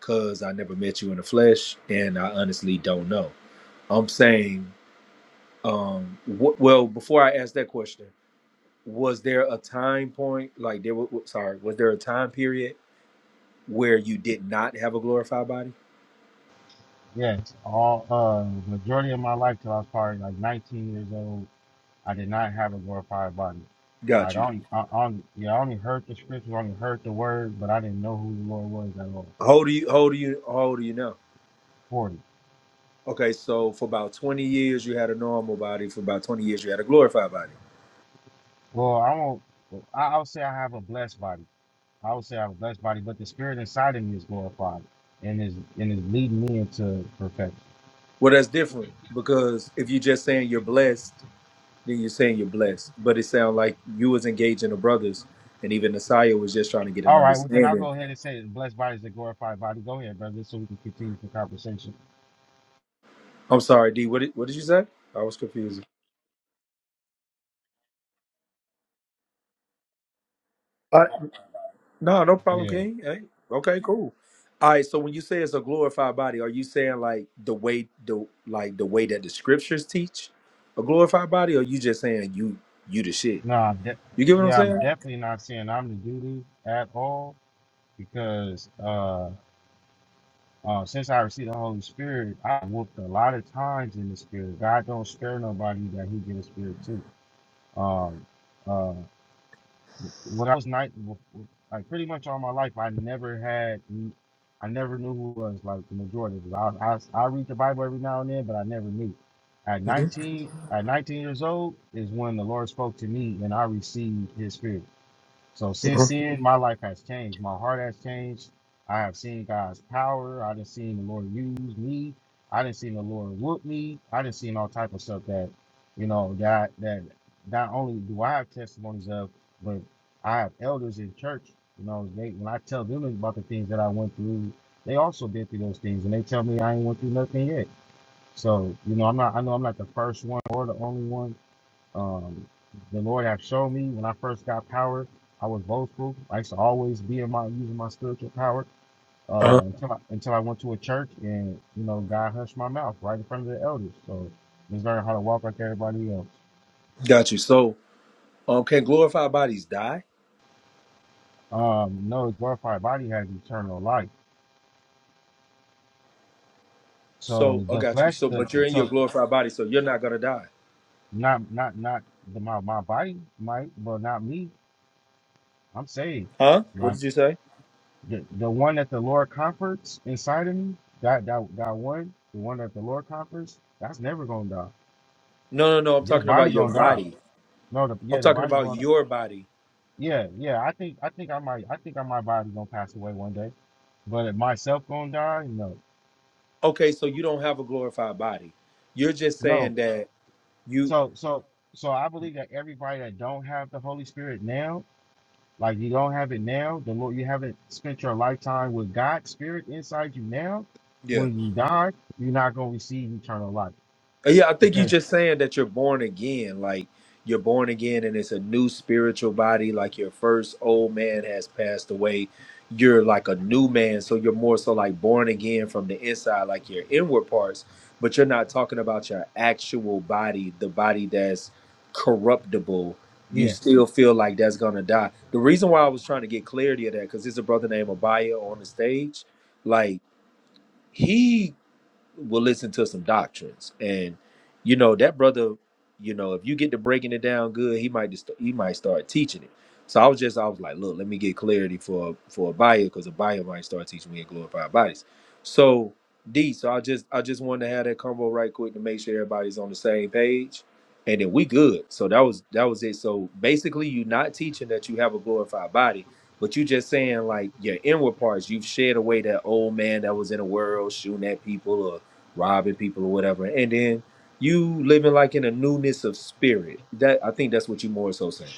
S11: because I never met you in the flesh, and I honestly don't know. I'm saying, um, wh- well, before I ask that question, was there a time point, like there was, sorry, was there a time period where you did not have a glorified body?
S7: Yes, all uh majority of my life till I was probably like 19 years old, I did not have a glorified body. Like
S11: Got
S7: I
S11: you.
S7: only, I, I only, yeah, I only heard the scriptures, I only heard the word, but I didn't know who the Lord was at all.
S11: How old are you? How old are you? How old are you now?
S7: 40.
S11: Okay, so for about 20 years you had a normal body. For about 20 years you had a glorified body.
S7: Well, I won't. I, I would say I have a blessed body. I would say I have a blessed body, but the spirit inside of me is glorified and is and is leading me into perfection.
S11: Well, that's different because if you're just saying you're blessed, then you're saying you're blessed. But it sounds like you was engaging the brothers, and even Messiah was just trying to get an
S7: All right, well then I'll
S11: understanding.
S7: go ahead and say the blessed body is a glorified body. Go ahead, brother, so we can continue the conversation.
S11: I'm sorry, D. What did, what did you say? I was confused. I, No, no problem,
S7: Yeah.
S11: King. Hey, okay, cool. All right. So when you say it's a glorified body, are you saying like the way the like the way that the scriptures teach a glorified body, or you just saying you you the shit?
S7: No, I'm de-
S11: You get what I'm
S7: yeah, I'm
S11: saying?
S7: definitely not saying I'm the duty at all because uh, uh, since I received the Holy Spirit, I whooped a lot of times in the Spirit. God don't spare nobody that He get Spirit too. Um, uh, when I was night, like pretty much all my life, I never had, I never knew who was like the majority. of it. I, I I read the Bible every now and then, but I never knew. At 19, at 19 years old is when the Lord spoke to me and I received His Spirit. So since then, my life has changed. My heart has changed. I have seen God's power. I done seen the Lord use me. I done seen the Lord whoop me. I done seen all type of stuff that, you know, that that not only do I have testimonies of, but I have elders in church. You know, they when I tell them about the things that I went through, they also been through those things, and they tell me I ain't went through nothing yet. So you know, I'm not. I know I'm not the first one or the only one um, the Lord have shown me when I first got power, I was boastful. I used to always be in my using my spiritual power
S11: Uh-huh.
S7: uh, until I, until I went to a church and you know God hushed my mouth right in front of the elders. So just learning how to walk like everybody else.
S11: Got you. So um, can glorified bodies die?
S7: Um, no, the glorified body has eternal life.
S11: So
S7: So
S11: I
S7: the
S11: got you.
S7: flesh,
S11: So,
S7: the
S11: but you're
S7: the-
S11: in your
S7: so
S11: glorified body, so you're not gonna die,
S7: not not not the, my my body might, but not me. I'm saved.
S11: huh? What
S7: Like,
S11: did you say?
S7: the the one that the Lord comforts inside of me, that that that one, the one that the Lord comforts, that's never gonna die.
S11: No, no, no. I'm
S7: This
S11: talking about
S7: body
S11: your
S7: gonna die.
S11: body.
S7: No, the
S11: I'm
S7: yeah, the
S11: talking
S7: body
S11: about
S7: going.
S11: your body.
S7: Yeah, yeah. I think I think I might I think I my body gonna pass away one day, but if myself gonna die, no,
S11: Okay, so you don't have a glorified body. You're just
S7: no.
S11: saying that you.
S7: So so so I believe that everybody that don't have the Holy Spirit now, like you don't have it now, the Lord, you haven't spent your lifetime with God's Spirit inside you now.
S11: Yeah.
S7: When you die, you're not gonna receive eternal life
S11: Uh, Yeah, I think you're
S7: because
S11: just saying that you're born again. Like you're born again and it's a new spiritual body. Like your first old man has passed away. You're like a new man. So you're more so like born again from the inside, like your inward parts. But you're not talking about your actual body, the body that's corruptible. You
S7: Yeah.
S11: still feel like that's going to die. The reason why I was trying to get clarity of that, because there's a brother named Abaya on the stage. Like, he will listen to some doctrines and you know that brother you know if you get to breaking it down good he might just he might start teaching it so i was just i was like look let me get clarity for for a buyer because a buyer might start teaching me in glorified bodies so d so i just i just wanted to have that convo right quick to make sure everybody's on the same page and then we good so that was that was it so basically you're not teaching that you have a glorified body but you just saying like your inward parts you've shed away that old man that was in the world shooting at people robbing people or whatever, and then you living like in a newness of spirit. That I think that's what you more so saying.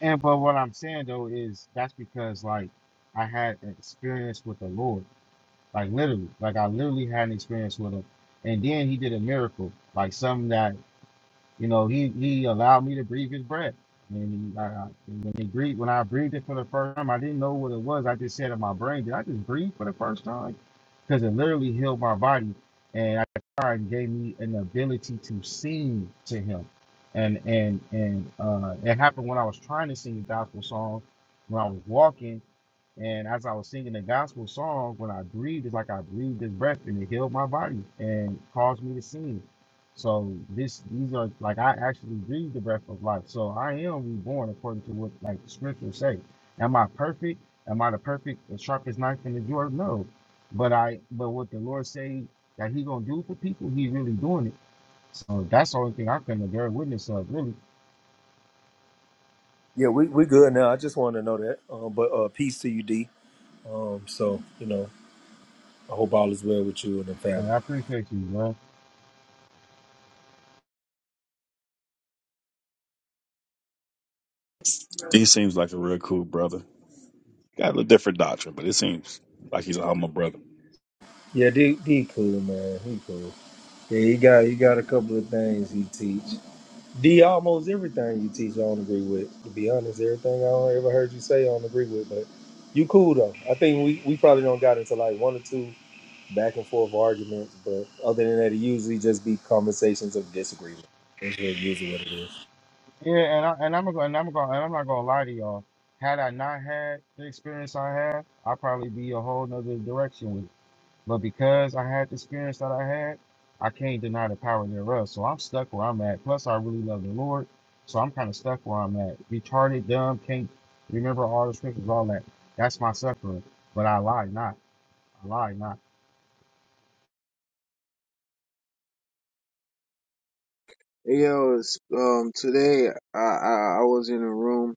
S7: And but what I'm saying though is that's because like I had an experience with the Lord. Like literally. Like I literally had an experience with him. And then he did a miracle. Like something that You know, he he allowed me to breathe his breath. And he, I, I, when he breathed, when I breathed it for the first time, I didn't know what it was. I just said in my brain, did I just breathe for the first time? Because it literally healed my body, and I God gave me an ability to sing to Him. And and and uh, it happened when I was trying to sing a gospel song, when I was walking, and as I was singing the gospel song, when I breathed, it's like I breathed his breath and it healed my body and caused me to sing. So this these are like I actually breathe the breath of life. So I am reborn according to what like the scriptures say. Am I perfect? Am I the perfect the sharpest knife in the drawer? No. But I but what the Lord say that he gonna do for people, he really doing it. So that's the only thing I can bear witness of, really.
S11: Yeah, we we good now. I just wanted to know that. Um, but uh, peace to you, D. Um, so you know, I hope all is well with you and the family.
S7: And I appreciate you, bro.
S13: He seems like a real cool brother. Got a different doctrine, but it seems like he's a humble brother.
S11: Yeah, D, D cool man, he cool. Yeah, he got he got a couple of things he teach. D almost everything you teach I don't agree with. To be honest, everything I ever heard you say I don't agree with, but you cool though. I think we, we probably don't got into like one or two back and forth arguments, but other than that, it usually just be conversations of disagreement. That's what usually what it is.
S7: Yeah, and I and I'm gonna and I'm gonna and I'm not gonna lie to y'all. Had I not had the experience I had, I'd probably be a whole nother direction But because I had the experience that I had, I can't deny the power thereof. So I'm stuck where I'm at. Plus, I really love the Lord. So I'm kind of stuck where I'm at. Retarded, dumb, can't remember all the scriptures, all that. That's my suffering. But I lie not. I lie not.
S10: yo, it's, um, today I, I I was in a room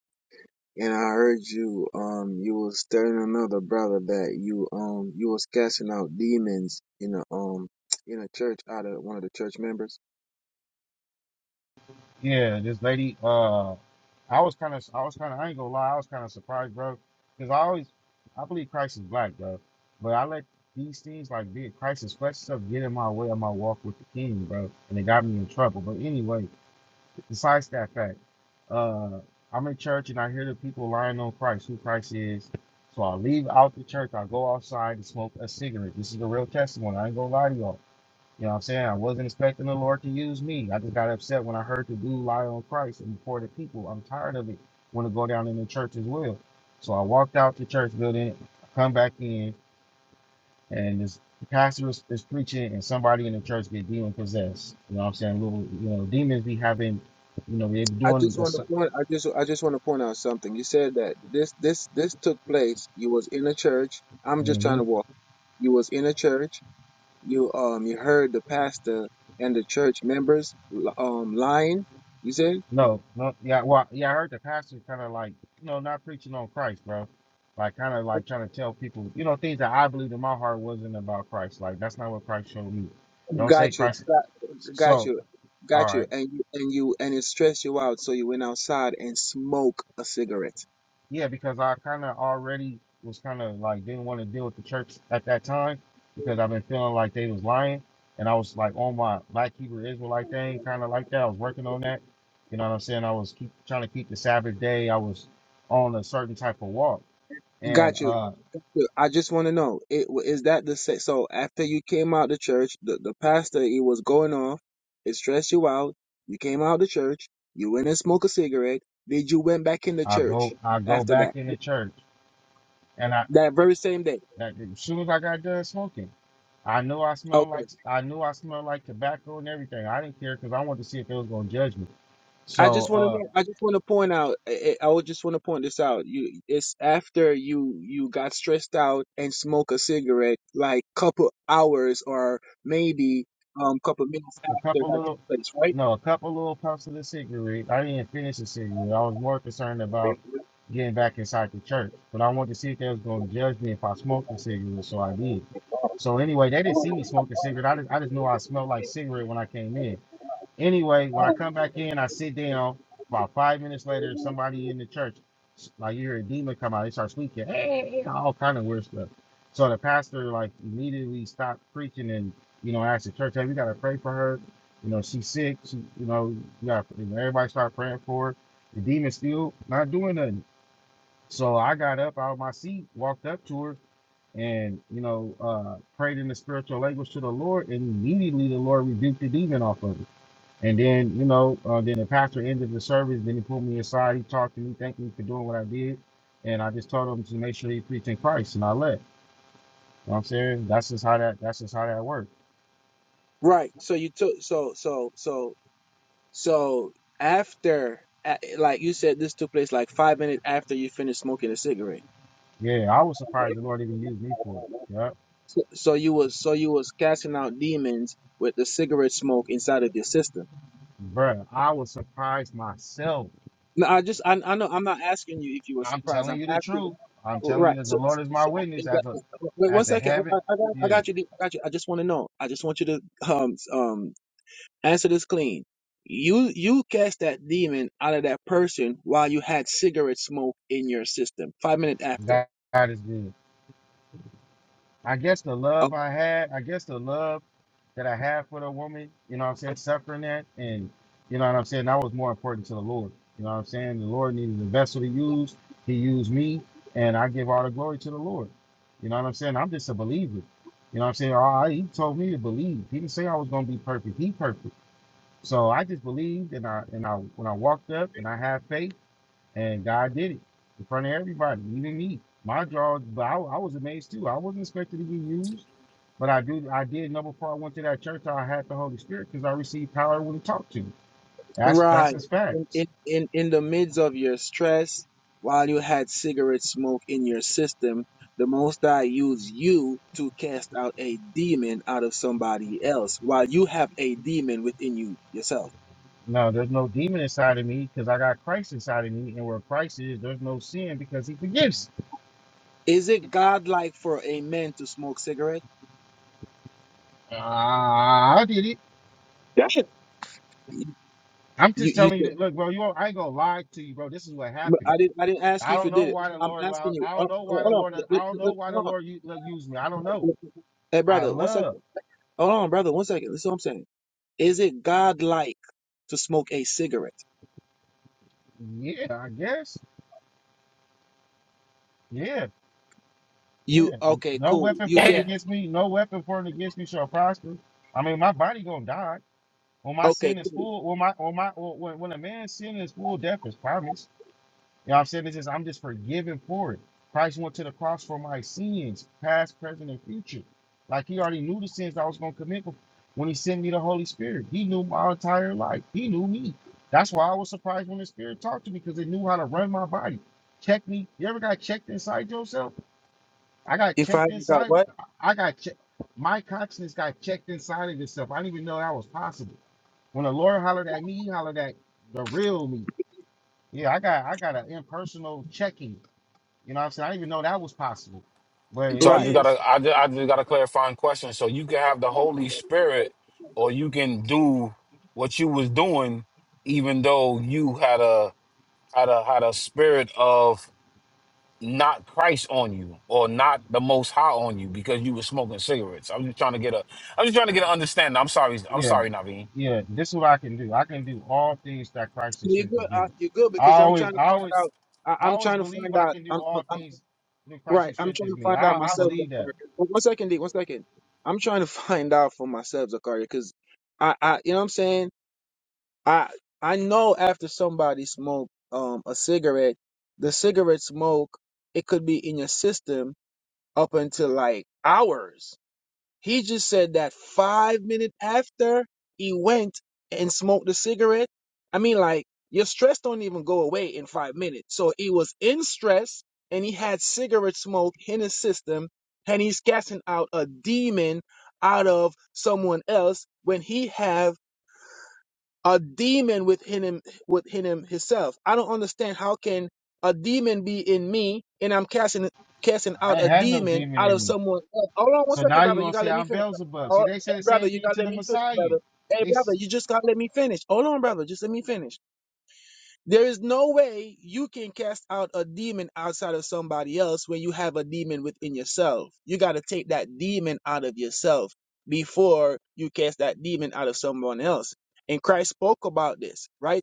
S10: and I heard you um you was telling another brother that you um you was casting out demons in a um in a church out of one of the church members.
S7: Yeah, this lady, uh, I was kind of, I was kind of, I ain't gonna lie, I was kind of surprised, bro. Because I always, I believe Christ is black, bro. But I let these things like being Christ's flesh stuff get in my way of my walk with the king, bro. And it got me in trouble. But anyway, Besides that fact, uh, I'm in church and I hear the people lying on Christ, who Christ is. So I leave out the church. I go outside and smoke a cigarette. This is a real testimony. I ain't gonna lie to y'all. You know what I'm saying? I wasn't expecting the Lord to use me. I just got upset when I heard the dude lie on Christ and before the people. I'm tired of it. Want to go down in the church as well. So I walked out the church building, come back in and this pastor is, is preaching and somebody in the church get demon possessed. You know what I'm saying? Little, you know, demons be having, you know, they're
S10: I
S7: doing
S10: just
S7: a
S10: want to point. I just I just want to point out something. You said that this this this took place. You was in a church. I'm just trying to
S7: Mhm.
S10: walk. You was in a church. You um you heard the pastor and the church members um lying. You said
S7: No, no, yeah, well, yeah, I heard the pastor kind of like, you know, not preaching on Christ, bro. Like, kind of like trying to tell people, you know, things that I believed in my heart wasn't about Christ. Like, that's not what Christ showed me. Don't say
S10: got you
S7: Christ.
S10: got, got
S7: So,
S10: you
S7: all
S10: got you
S7: right.
S10: and you and you and it stressed you out. So you went outside and smoked a cigarette.
S7: Yeah, because I kind of already was kind of like didn't want to deal with the church at that time because I've been feeling like they was lying, and I was like on my Black Hebrew Israelite thing, kind of like that. I was working on that. You know what I'm saying? I was keep trying to keep the Sabbath day. I was on a certain type of walk, and
S10: Got you
S7: uh,
S10: I just want to know, it is that the sa- so after you came out the church, the, the pastor he was going off, it stressed you out. You came out the church, you went and smoked a cigarette. Did you went back in the
S7: I
S10: church
S7: go I go
S10: after
S7: back
S10: that?
S7: in the church, and I
S10: That very same day.
S7: that, as soon as I got done smoking, I knew I smelled like
S10: Okay.
S7: I knew I smelled like tobacco and everything. I didn't care because I wanted to see if they was gonna judge me.
S10: I
S7: So.
S10: just want
S7: uh,
S10: to I just want to point out I, I I would just want to point this out. You it's after you you got stressed out and smoke a cigarette like couple hours or maybe um couple minutes
S7: a
S10: after
S7: couple
S10: that took
S7: little,
S10: place,
S7: no, a couple little puffs of the cigarette. I didn't finish the cigarette. I was more concerned about getting back inside the church, but I wanted to see if they was going to judge me if I smoked a cigarette, so I did. So anyway, they didn't see me
S10: right?
S7: smoke a cigarette. I just, I just knew I smelled like cigarette when I came in. Anyway, when I come back in, I sit down. About five minutes later, somebody in the church, like you hear a demon come out, they start speaking, hey, hey, hey, all kind of weird stuff. So the pastor like immediately stopped preaching and you know asked the church, hey, we gotta pray for her. You know she's sick. She, you know, we gotta, you got everybody start praying for her. The demon still not doing nothing. So I got up out of my seat, walked up to her, and you know uh, prayed in the spiritual language to the Lord, and immediately the Lord rebuked the demon off of her. And then, you know, uh, then the pastor ended the service. Then he pulled me aside. He talked to me, thanked me for doing what I did. And I just told him to make sure he preached in Christ. And I left. You know what I'm saying? That's just how that, that's just how that worked.
S10: Right. So you took so so so so after a- like you said this took place like five minutes after you finished smoking a cigarette.
S7: Yeah, I was surprised the Lord even used me for it. Yeah.
S10: So, so you was so you was casting out demons with the cigarette smoke inside of your system.
S7: Bruh, I was surprised myself.
S10: No, I just I I know I'm not asking you if you were
S7: I'm
S10: surprised. I'm
S7: telling you the
S10: asking
S7: truth. I'm telling you
S10: right.
S7: that the
S10: So,
S7: Lord
S10: so,
S7: is my
S10: so
S7: witness as a,
S10: exactly. wait one
S7: as a
S10: second. I,
S7: heaven.
S10: I got I
S7: Yeah.
S10: got you. dude. I got you. I just want to know. I just want you to um s- um Answer this clean. You you cast that demon out of that person while you had cigarette smoke in your system. Five minutes after.
S7: God, God is good. I guess the love
S10: Up-
S7: I had, I guess the love that I had for the woman, you know what I'm saying, suffering that and you know what I'm saying, that was more important to the Lord. You know what I'm saying? The Lord needed a vessel to use. He used me and I give all the glory to the Lord. You know what I'm saying? I'm just a believer. You know what I'm saying? All right, he told me to believe. He didn't say I was gonna be perfect. He perfect. So I just believed and I and I when I walked up and I had faith. And God did it in front of everybody, even me. My jaw, but I, I was amazed too. I wasn't expected to be used, but I do. I did know before I went to that church I had the Holy Spirit because I received power when talked to. That's that's
S10: Right.
S7: his
S10: In,
S7: facts.
S10: in in in the midst of your stress, while you had cigarette smoke in your system, the Most High used you to cast out a demon out of somebody else while you have a demon within you yourself.
S7: No, there's no demon inside of me because I got Christ inside of me, and where Christ is, there's no sin because He forgives.
S10: Is it godlike for a man to smoke cigarette?
S7: Ah, I did it.
S12: That's a,
S10: You
S7: I'm just
S10: you
S7: telling you, that, look, bro. You, all I ain't gonna lie to you, bro. This is what
S10: But
S7: happened.
S10: I didn't. I didn't ask
S7: I
S10: you if you
S7: don't know
S10: did it.
S7: why the
S10: I'm
S7: Lord allowed.
S10: asking you.
S7: I don't
S10: Hold
S7: know why
S10: hold-
S7: the
S10: hold on.
S7: Lord. I
S10: Let-
S7: don't
S10: let-
S7: know
S10: let-
S7: why the
S10: hold
S7: Lord u- used me. I don't know.
S10: on. Hey,
S7: I
S10: brother, one
S7: love.
S10: second. Hold on, brother, one second. This is what I'm saying. Is it godlike to smoke a cigarette?
S7: Yeah, I guess. Yeah,
S10: You
S7: yeah.
S10: okay?
S7: No
S10: Cool.
S7: weapon
S10: You
S7: formed
S2: Damn.
S10: get
S7: against me. No weapon formed against me shall prosper. I mean, my body gonna die when my
S10: okay.
S7: sin is
S10: cool.
S7: full. When my, when my, when, when a man's sin is full, death is promised. You know what I'm saying? It's just I'm just forgiven for it. Christ went to the cross for my sins, past, present, and future. Like he already knew the sins I was gonna commit bef- when he sent me the Holy Spirit. He knew my entire life. He knew me. That's why I was surprised when the Spirit talked to me because it knew how to run my body. Check me. You ever got checked inside yourself? I got
S10: If I
S7: checked
S10: haven't got
S7: inside.
S10: what?
S7: I I got checked. My consciousness got checked inside of itself. I didn't even know that was possible. When the Lord hollered at me, he hollered at the real me. Yeah, I got I got an impersonal checking. You know what I'm saying? I didn't even know that was possible. But it
S2: So I just
S10: Right.
S2: got to
S7: is.
S2: I just, I just got a clarifying question. So you can have the Holy Spirit, or you can do what you was doing, even though you had a had a had a spirit of not Christ on you, or not the Most High on you, because you was smoking cigarettes. I'm just trying to get a, I'm just trying to get an understanding. I'm sorry, I'm
S7: Yeah.
S2: sorry, Naveen.
S7: Yeah. This is what I can do. I can do all things that Christ has
S10: You're good.
S7: strengthens
S10: Uh,
S7: me.
S10: you're good
S7: I
S10: because I'm
S7: always,
S10: trying to
S7: I
S10: find
S7: always,
S10: out. I,
S7: I
S10: I'm
S7: always
S10: trying to
S7: believe
S10: find
S7: I
S10: out.
S7: can do
S10: I'm, I'm,
S7: all
S10: I'm
S7: things through Christ
S10: right.
S7: who
S10: I'm trying
S7: strengthens
S10: to
S7: me.
S10: find
S7: I,
S10: out
S7: I
S10: myself,
S7: believe that.
S10: Zakaria. One one second, D. One second. I'm trying to [LAUGHS] find out for myself, Zakaria, because I, I, you know what I'm saying. I I know after somebody smoke um a cigarette, the cigarette smoke it could be in your system up until like hours. He just said that five minutes after he went and smoked the cigarette. I mean, like your stress don't even go away in five minutes. So he was in stress and he had cigarette smoke in his system, and he's casting out a demon out of someone else when he have a demon within him within him himself. I don't understand how can a demon be in me and I'm casting casting
S7: I
S10: out
S7: ain't
S10: a
S7: had no
S10: demon
S7: demon
S10: out
S7: in
S10: of
S7: me.
S10: someone else. Hold on one
S7: So
S10: second,
S7: now you
S10: brother. You
S7: gonna
S10: gotta
S7: say
S10: let me
S7: I'm
S10: finish.
S7: Beelzebub. See,
S10: Oh,
S7: they
S10: hey,
S7: said the
S10: brother,
S7: same
S10: you
S7: thing
S10: gotta
S7: to
S10: let
S7: the
S10: me finish,
S7: Messiah.
S10: brother. Hey
S7: They
S10: brother,
S7: s-
S10: you just gotta let me finish. Hold on, brother, just let me finish. There is no way you can cast out a demon outside of somebody else when you have a demon within yourself. You got to take that demon out of yourself before you cast that demon out of someone else. And Christ spoke about this, right?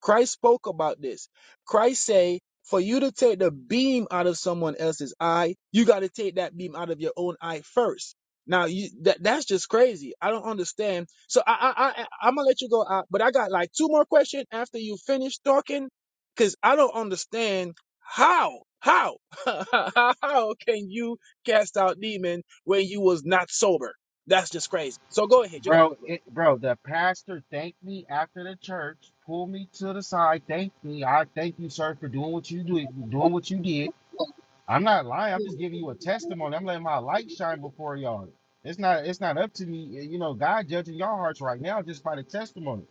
S10: Christ spoke about this. Christ say, for you to take the beam out of someone else's eye, you got to take that beam out of your own eye first. Now you that that's just crazy. I don't understand. So I I, I I'm gonna let you go out, but I got like two more questions after you finish talking, because I don't understand how how [LAUGHS] how can you cast out demon when you was not sober? That's just crazy. So go ahead, you got the
S7: bro,
S10: floor.
S7: it, bro, the pastor thanked me after the church, pulled me to the side, thanked me. I thank you, sir, for doing what you do, doing what you did. I'm not lying. I'm just giving you a testimony. I'm letting my light shine before y'all. It's not it's not up to me. You know, God judging your hearts right now just by the testimony.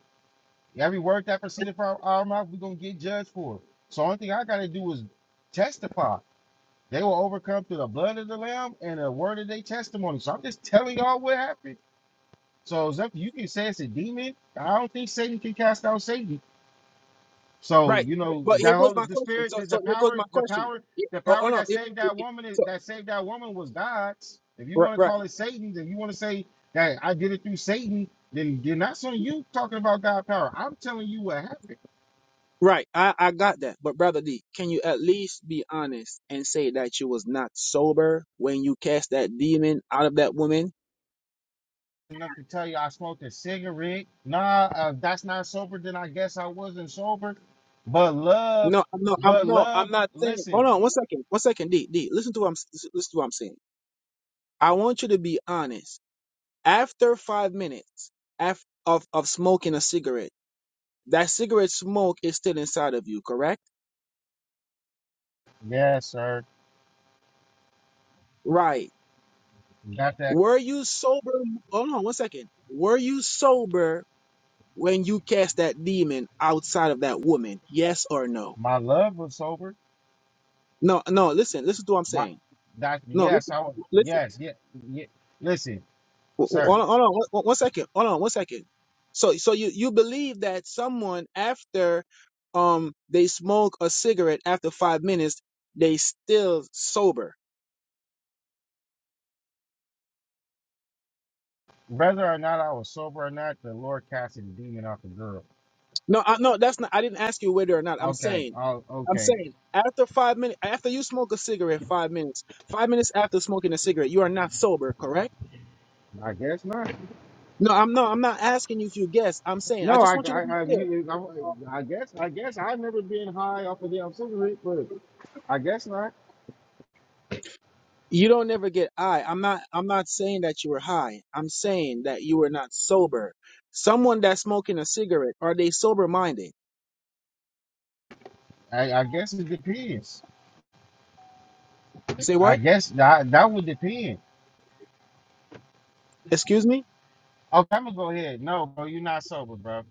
S7: Every word that proceeded from our mouth, we're gonna get judged for. So only thing I gotta do is testify. They were overcome through the blood of the Lamb and the word of their testimony. So I'm just telling y'all what happened. So it's up to you can say it's a demon. I don't think Satan can cast out Satan. So
S10: Right,
S7: you know
S10: but
S7: that
S10: here
S7: whole
S10: goes my
S7: the
S10: question.
S7: spirit,
S10: So
S7: the, the
S10: so here goes
S7: power,
S10: my
S7: the
S10: question.
S7: power,
S10: Yeah,
S7: the
S10: Oh, oh
S7: power
S10: no,
S7: that
S10: it,
S7: saved
S10: it,
S7: that
S10: it-
S7: woman,
S10: so
S7: that saved that woman was God's. If you
S10: right,
S7: want to
S10: right.
S7: call it Satan's, if you want to say that I did it through Satan, then then that's on you talking about God power. I'm telling you what happened.
S10: Right, I, I got that. But brother D, can you at least be honest and say that you was not sober when you cast that demon out of that woman?
S7: Enough to tell you I smoked a cigarette. Nah, uh, if that's not sober. Then I guess I wasn't sober. But love,
S10: No, I'm not. I'm
S7: but
S10: no.
S7: love.
S10: I'm not saying. Hold
S7: Listen,
S10: on, one second. One second, D. D. Listen to what I'm. s- Listen listen to what I'm saying. I want you to be honest. After five minutes af of of smoking a cigarette, that cigarette smoke is still inside of you, correct?
S7: yes, sir,
S10: Right.
S7: got that.
S10: Were you sober? Hold on, one second. Were you sober when you cast that demon outside of that woman? Yes or no?
S7: My love was sober.
S10: No, no, listen, listen to what I'm
S7: My
S10: saying.
S7: that
S10: No,
S7: yes,
S10: listen.
S7: I was
S10: listen.
S7: yes, yeah, yeah. Listen,
S10: Ho- ho- Hold
S7: sir,
S10: on, hold on, one one- one second. Hold on, one second. So, so you, you believe that someone after um they smoke a cigarette after five minutes, they still sober.
S7: whether or not I was sober or not, the Lord casted the demon off the girl.
S10: No, I, no, that's not. I didn't ask you whether or not. I'm
S7: Okay,
S10: saying,
S7: oh,
S10: I'm
S7: okay.
S10: saying after five minutes, after you smoke a cigarette, five minutes, five minutes after smoking a cigarette, you are not sober, correct?
S7: I guess not.
S10: No, I'm no, I'm not asking you if you guess. I'm saying I
S7: No,
S10: just
S7: I,
S10: want you to
S7: I,
S10: be
S7: I,
S10: clear.
S7: you- I, I guess, I guess I've never been high off of the cigarette, but I guess not.
S10: You don't never get high. I'm not I'm not saying that you were high. I'm saying that you were not sober. Someone that's smoking a cigarette, are they sober minded?
S7: I, I guess it depends.
S10: Say
S7: I
S10: what?
S7: guess that that would depend.
S10: Excuse me?
S7: Okay, I'm gonna go ahead. No, bro, you're not sober, bro.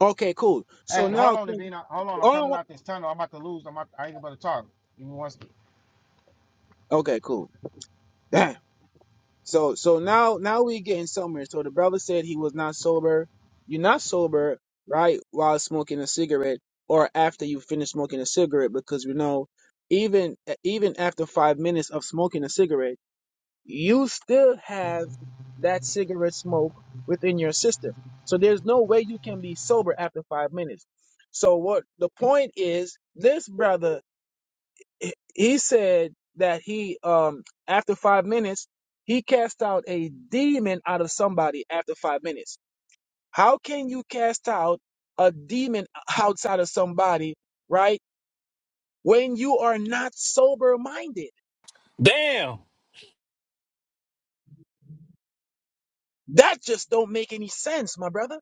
S10: Okay, cool. So
S7: Hey, hold
S10: now
S7: on, Davina. Hold on, I'm coming
S10: oh
S7: out this tunnel. I'm about to lose. I'm about, I ain't about to talk. Give me one. second.
S10: okay, cool. [LAUGHS] [CLEARS THROAT] So so now now we getting somewhere. So the brother said he was not sober. You're not sober, right, while smoking a cigarette or after you finish smoking a cigarette because we know even even after five minutes of smoking a cigarette, you still have that cigarette smoke within your system. So there's no way you can be sober after five minutes. So what the point is, this brother he he said that he um after five minutes he cast out a demon out of somebody after five minutes how can you cast out a demon [LAUGHS] outside of somebody right when you are not sober minded
S2: Damn,
S10: that just don't make any sense my brother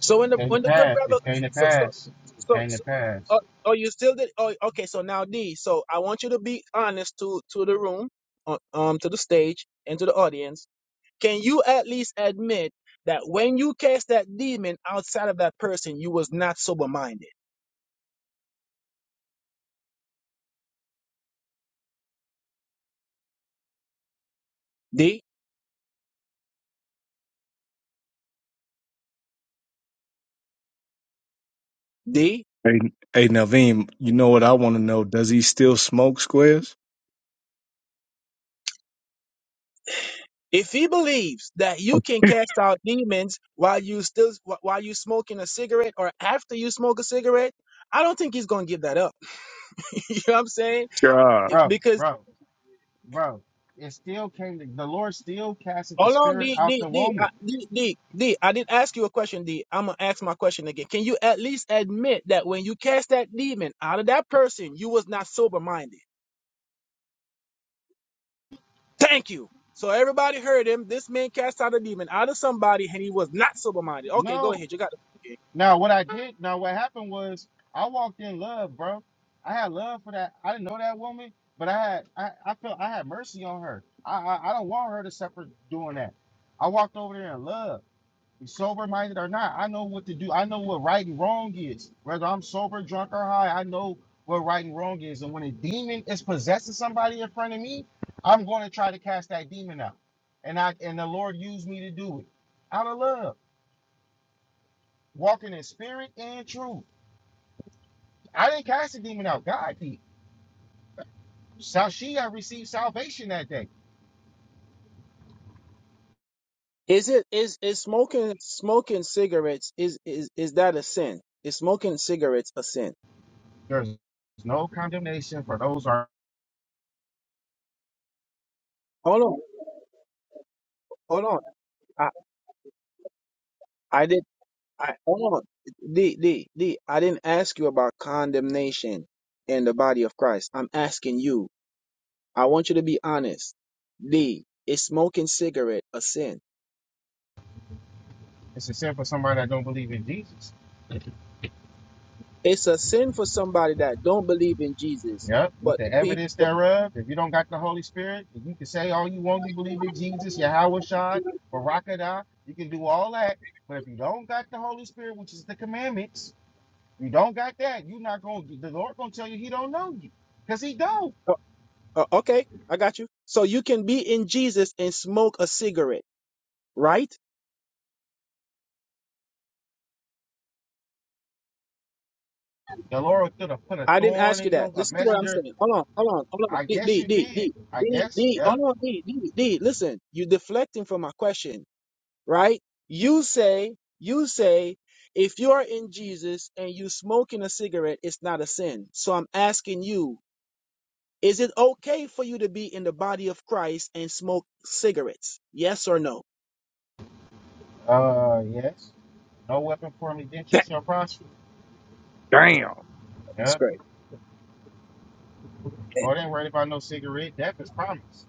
S10: so when
S7: It
S10: the
S7: came to
S10: when the good
S7: pass.
S10: brother
S7: It came to
S10: so so
S7: pass. It
S10: so,
S7: came to
S10: so
S7: pass.
S10: uh, oh you still did oh okay so now d so i want you to be honest to to the room uh, um to the stage and to the audience Can you at least admit that when you cast that demon outside of that person, you was not sober minded? D D.
S3: Hey, hey, Naveem, you know what I want to know? Does he still smoke squares?
S10: If he believes that you can
S3: [LAUGHS]
S10: cast out demons while you still wh- while you smoking a cigarette or after you smoke a cigarette, I don't think he's gonna give that up. [LAUGHS] you know what I'm saying?
S3: God,
S7: Bro,
S10: Because
S7: bro, bro. It still came to the Lord still casted the
S10: hold on,
S7: spirit
S10: D
S7: out
S10: D
S7: the
S10: D I-
S7: woman.
S10: D D D. I didn't ask you a question, D. I'm gonna ask my question again. Can you at least admit that when you cast that demon out of that person, you was not sober minded? Thank you. So everybody heard him. This man cast out a demon out of somebody, and he was not sober minded. Okay, go
S7: No.
S10: ahead. You got it.
S7: Now what I did now what happened was I walked in love, bro. I had love for that. I didn't know that woman, but I had I, I felt I had mercy on her. I, I I don't want her to suffer doing that. I walked over there in love. sober minded or not, I know what to do. I know what right and wrong is. Whether I'm sober, drunk, or high, I know what right and wrong is. And when a demon is possessing somebody in front of me, I'm going to try to cast that demon out. And I and the Lord used me to do it out of love, walking in spirit and truth. I didn't cast the demon out. God did. So she I received salvation that day.
S10: Is it is is smoking smoking cigarettes is is is that a sin? Is smoking cigarettes a sin?
S7: There's no condemnation for those who are.
S10: Hold on, hold on. I I did I hold on. D D D. I didn't ask you about condemnation in the body of Christ. I'm asking you. I want you to be honest. D. Is smoking cigarette a sin?
S7: It's a sin for somebody that don't believe in Jesus.
S10: It's a sin for somebody that don't believe in Jesus,
S7: Yep, with
S10: but
S7: the evidence
S10: people.
S7: thereof. If you don't got the Holy Spirit, if you can say all you want, you believe in Jesus, Yahweh Shai, Barakadah, you can do all that. But if you don't got the Holy Spirit, which is the commandments, you don't got that, you're not going to, the Lord going to tell you he don't know you. Because he don't.
S10: Uh, uh, okay, I got you. So you can be in Jesus and smoke a cigarette, right?
S7: The Lord could have put a
S10: I didn't
S7: thorn
S10: ask you
S7: in
S10: that.
S7: your, a
S10: Listen to what I'm
S7: messenger.
S10: saying. Hold on, hold on, hold on.
S7: I
S10: D,
S7: guess
S10: D,
S7: you
S10: D,
S7: can.
S10: D,
S7: I
S10: D,
S7: guess,
S10: D,
S7: yeah.
S10: hold on, D, D, D. Listen, you deflecting from my question, right? You say, you say, if you are in Jesus and you smoking a cigarette, it's not a sin. So I'm asking you, Is it okay for you to be in the body of Christ and smoke cigarettes? Yes or no?
S7: Uh, yes. No weapon formed against you shall prosper.
S3: damn,
S10: That's
S7: Yeah.
S10: great.
S7: Lord ain't worried about no cigarette. Death is promised.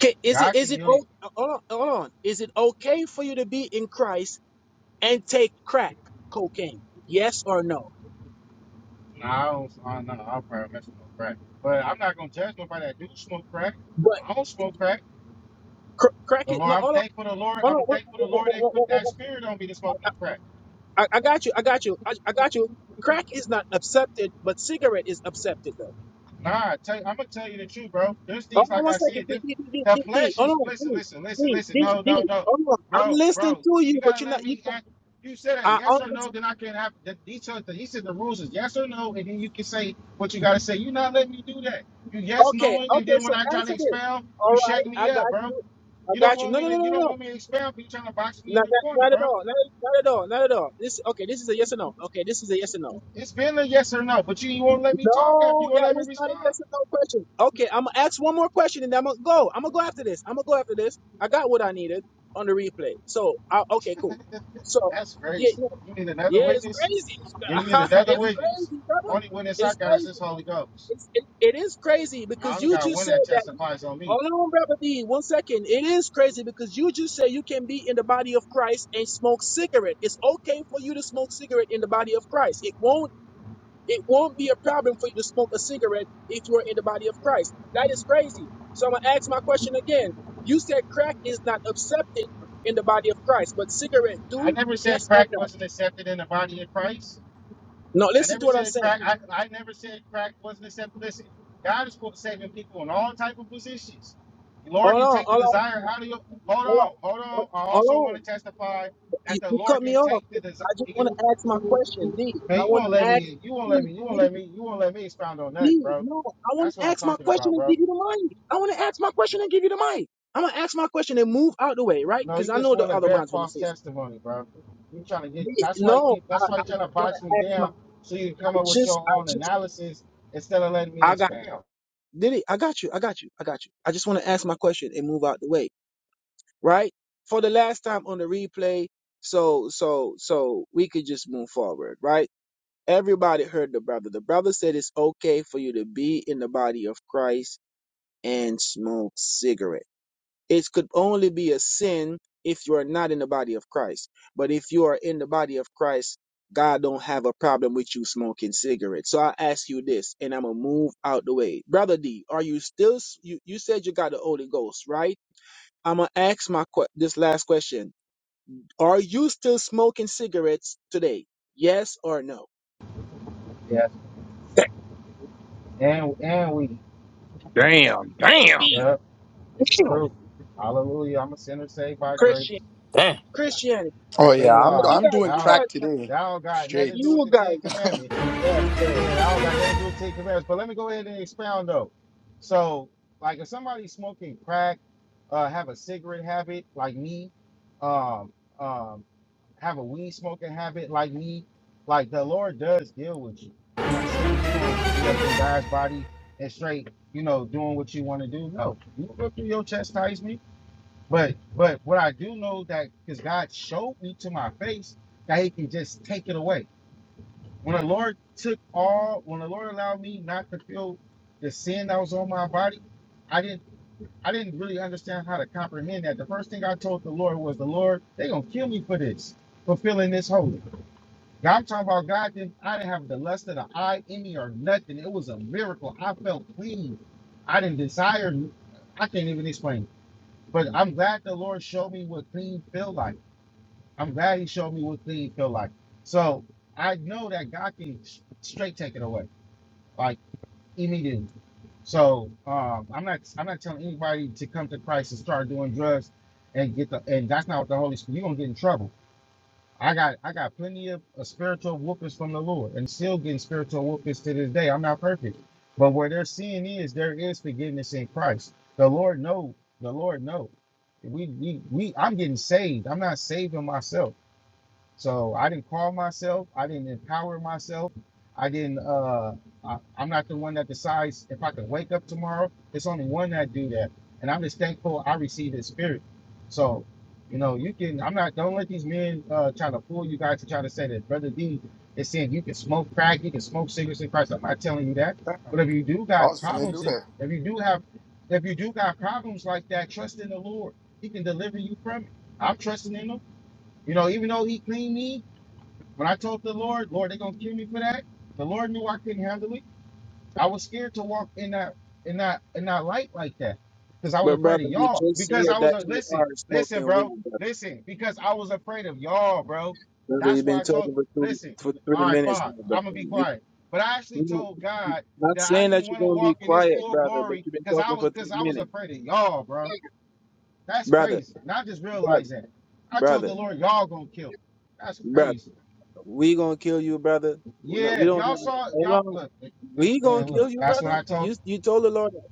S10: Okay, is it
S7: God can
S10: is it
S7: heal you.
S10: o- hold on, hold on? Is it okay for you to be in Christ and take crack cocaine? Yes or no?
S7: No, I don't. I do know. I'll probably mess with no crack, but I'm not gonna judge nobody that do smoke crack.
S10: But
S7: I don't smoke crack.
S10: cr- crack
S7: The
S10: it.
S7: Lord,
S10: No,
S7: I'm
S10: hold on,
S7: thankful the Lord.
S10: hold on.
S7: I'm
S10: What,
S7: thankful the
S10: what-
S7: Lord ain't
S10: what-
S7: put
S10: what- what-
S7: that
S10: what-
S7: spirit on me to smoke no crack.
S10: I, I got you. I got you. I, I got you. Crack is not accepted, but cigarette is accepted.
S7: Nah, I tell, I'm gonna tell you the truth, bro. There's
S10: Hold
S7: things
S10: on
S7: like
S10: one
S7: I
S10: second,
S7: said.
S10: D,
S7: This,
S10: D, D, D,
S7: the
S10: D, D.
S7: flesh
S10: Hold
S7: is
S10: on,
S7: listen,
S10: D,
S7: listen, listen,
S10: D,
S7: listen.
S10: D,
S7: No, no,
S10: D.
S7: no,
S10: Hold on. I'm
S7: bro,
S10: listening
S7: bro.
S10: to you,
S7: You
S10: but
S7: gotta
S10: you're
S7: let
S10: not. You,
S7: me. Act. You said a
S10: I
S7: yes or
S10: almost.
S7: no, then I can have. The, he said he said the rules is yes or no, and then you can say what you gotta say. You not letting me do that. You yes
S10: Okay,
S7: knowing, and
S10: okay.
S7: then when
S10: So
S7: I try to
S10: answer this.
S7: expound,
S10: All
S7: you shut
S10: right,
S7: me
S10: I
S7: up,
S10: got
S7: bro.
S10: you. I
S7: You don't
S10: got you.
S7: want
S10: No,
S7: me
S10: no, no,
S7: to.
S10: no,
S7: You
S10: no.
S7: don't
S10: no.
S7: want me to expound. you trying to box me in
S10: Not,
S7: the
S10: not,
S7: corner,
S10: not at
S7: bro.
S10: all. Not, not at all. Not at all. This okay. This is a yes or no. Okay, this is a yes or no.
S7: It's been a yes or no, but you, you won't let me talk. huh?
S10: No,
S7: You won't
S10: that
S7: let me
S10: was not a
S7: respond.
S10: yes or no question. Okay, I'm gonna ask one more question and then I'm gonna go. I'm gonna go after this. I'm gonna go after this. I got what I needed on the replay. So, I, okay, cool. So,
S7: That's crazy.
S10: yeah,
S7: You need another
S10: Yeah, it's
S7: witness.
S10: crazy.
S7: You need
S10: [LAUGHS]
S7: another
S10: it's
S7: witness.
S10: crazy, brother.
S7: Only witness I
S10: It's
S7: got is this
S10: crazy.
S7: Holy Ghost.
S10: It's, it, it is crazy
S7: I
S10: because
S7: only
S10: you
S7: got
S10: just
S7: one
S10: said
S7: that
S10: that.
S7: testifies on me.
S10: Hold on, brother D. One second. It is crazy because you just said you can be in the body of Christ and smoke cigarette. It's okay for you to smoke cigarette in the body of Christ. It won't. It won't be a problem for you to smoke a cigarette if you are in the body of Christ. That is crazy. So I'm gonna ask my question again. You said crack is not accepted in the body of Christ, but cigarette
S7: I
S10: do?
S7: never said
S10: Yes or
S7: crack
S10: no?
S7: wasn't accepted in the body of Christ.
S10: No.
S7: I
S10: Listen
S7: never
S10: to what I'm
S7: said
S10: saying.
S7: crack. I, I never said crack wasn't acceptable. Listen, God is saving people in all type of positions. The Lord
S10: Hold
S7: can
S10: on,
S7: take the
S10: hold on,
S7: desire out of your. Hold
S10: hold on.
S7: on, hold on. I also
S10: Hold
S7: want
S10: on.
S7: to testify that
S10: You,
S7: the
S10: you
S7: Lord
S10: cut
S7: can
S10: me off.
S7: take the desire.
S10: I just want to ask my question, D. I
S7: Man, you
S10: want
S7: won't
S10: to
S7: let
S10: ask
S7: me. You won't let
S10: D,
S7: me. You won't
S10: D,
S7: let me. You won't let me expound on nothing,
S10: D.
S7: bro.
S10: No, I want
S7: That's
S10: to
S7: what I'm
S10: ask my
S7: talking
S10: question
S7: about,
S10: and
S7: bro.
S10: give you the mic. I want to ask my question and give you the mic. I'm gonna ask my question and move out the way, right?
S7: No,
S10: Because
S7: you
S10: I
S7: just
S10: know the
S7: want to
S10: other
S7: bear
S10: minds wanna
S7: false
S10: say
S7: testimony, bro. You trying to get.
S10: something. D,
S7: That's why you
S10: No,
S7: keep.
S10: I,
S7: That's why you
S10: I
S7: trying to
S10: want
S7: box me
S10: to ask my.
S7: down
S10: I
S7: so you can come up with
S10: just,
S7: your
S10: I
S7: own
S10: just,
S7: analysis instead of letting me
S10: I got.
S7: expound.
S10: Did I got you. I got you. I got you. I just want to ask my question and move out the way. right? For the last time on the replay, so so so we could just move forward, right? Everybody heard the brother. The brother said it's okay for you to be in the body of Christ and smoke cigarette. It could only be a sin if you are not in the body of Christ. But if you are in the body of Christ, God don't have a problem with you smoking cigarettes. So I ask you this, and I'm gonna move out the way, brother D. Are you still? You you said you got the Holy Ghost, right? I'm gonna ask my que- this last question are you still smoking cigarettes today? Yes or no? That
S7: And and we,
S3: damn, damn.
S10: Be
S7: yep, it's the
S12: damn.
S7: truth. Hallelujah. I'm a sinner saved by grace.
S10: Christian
S2: Damn.
S10: Christianity.
S7: I
S14: Oh yeah,
S7: can't
S14: I'm
S7: lie.
S10: You
S14: I'm
S10: guys,
S14: doing
S10: you
S7: Now,
S14: crack
S10: guys,
S14: today,
S7: that don't got nothing
S14: straight.
S7: to do with
S10: you
S7: the
S10: guys,
S7: Ten Commandments.
S10: that's right.
S7: Yeah, that don't got nothing to do with the Ten Commandments. But let me go ahead and expound though. So, like, if somebody's smoking crack, uh, have a cigarette habit, like me, um, um, have a weed smoking habit like me, like the Lord does deal with you. I'm not saying you're gonna be up in God's body and straight, you know, doing what you want to do. No, you go through your chastisement. But but what I do know that because God showed me to my face that He can just take it away. When the Lord took all, when the Lord allowed me not to feel the sin that was on my body, I didn't I didn't really understand how to comprehend that. The first thing I told the Lord was, the Lord, they gonna kill me for this, for feeling this holy. Now I'm talking about God didn't I didn't have the lust of the eye in me or nothing. It was a miracle. I felt clean. I didn't desire I can't even explain. it. But I'm glad the Lord showed me what clean feel like. I'm glad he showed me what clean feel like. So I know that God can s- straight take it away. Like immediately. So um, I'm not I'm not telling anybody to come to Christ and start doing drugs and get the and that's not what the Holy Spirit you're gonna get in trouble. I got I got plenty of uh, spiritual whoopings from the Lord, and still getting spiritual whoopings to this day. I'm not perfect, but where their sin is, there is forgiveness in Christ. The Lord know. The Lord know. We we we. I'm getting saved. I'm not saving myself. So I didn't call myself. I didn't empower myself. I didn't. Uh, I, I'm not the one that decides if I can wake up tomorrow. It's only one that do that, and I'm just thankful I received His Spirit. So, you know, you can. I'm not. Don't let these men uh, try to fool you guys to try to say that Brother D is saying you can smoke crack, you can smoke cigarettes in Christ. I'm not telling you that.
S14: Damn,
S7: But if you do
S14: I
S7: got
S14: was finna
S7: problems,
S14: do
S7: if
S14: that.
S7: if you do have, if you do got problems like that, trust in the Lord. He can deliver you from it. I'm trusting in Him. You know, even though He cleaned me, when I told the Lord, Lord, they're gonna kill me for that. The Lord knew I couldn't handle it. I was scared to walk in that in that in that light like that. Because I was
S10: But
S7: afraid of
S10: brother, you
S7: y'all.
S10: just said
S7: Because I was
S10: that
S7: a
S10: you
S7: listen,
S10: are
S7: listen,
S10: smoking weed,
S7: bro.
S10: brother.
S7: Listen, because I was afraid of y'all, bro.
S10: Brother,
S7: That's
S10: you've
S7: why
S10: been
S7: I
S10: talking
S7: told
S10: for two,
S7: listen,
S10: for three
S7: all right,
S10: minutes
S7: fine.
S10: now,
S7: I'm
S10: brother.
S7: gonna be
S10: You,
S7: quiet. But I actually
S10: you know,
S7: told
S10: you-
S7: God
S10: not
S7: that I
S10: saying that
S7: didn't
S10: you're
S7: want to
S10: gonna be
S7: walk in his
S10: quiet,
S7: full
S10: brother, but
S7: glory
S10: you've been
S7: because I
S10: talking
S7: was
S10: for three
S7: because I was
S10: minutes,
S7: afraid of y'all, bro. That's
S10: brother,
S7: crazy. And I just
S10: brother,
S7: realized that. I told the
S10: brother,
S7: Lord, y'all gonna kill me. That's
S10: brother.
S7: crazy.
S10: We gonna kill you, brother. No,
S7: Yeah,
S10: We
S7: if
S10: don't.
S7: y'all
S10: Have,
S7: saw if
S10: hold
S7: y'all
S10: on,
S7: look, look
S10: We gonna
S7: man, look,
S10: kill you,
S7: that's what
S10: brother.
S7: I told
S10: You you told the Lord that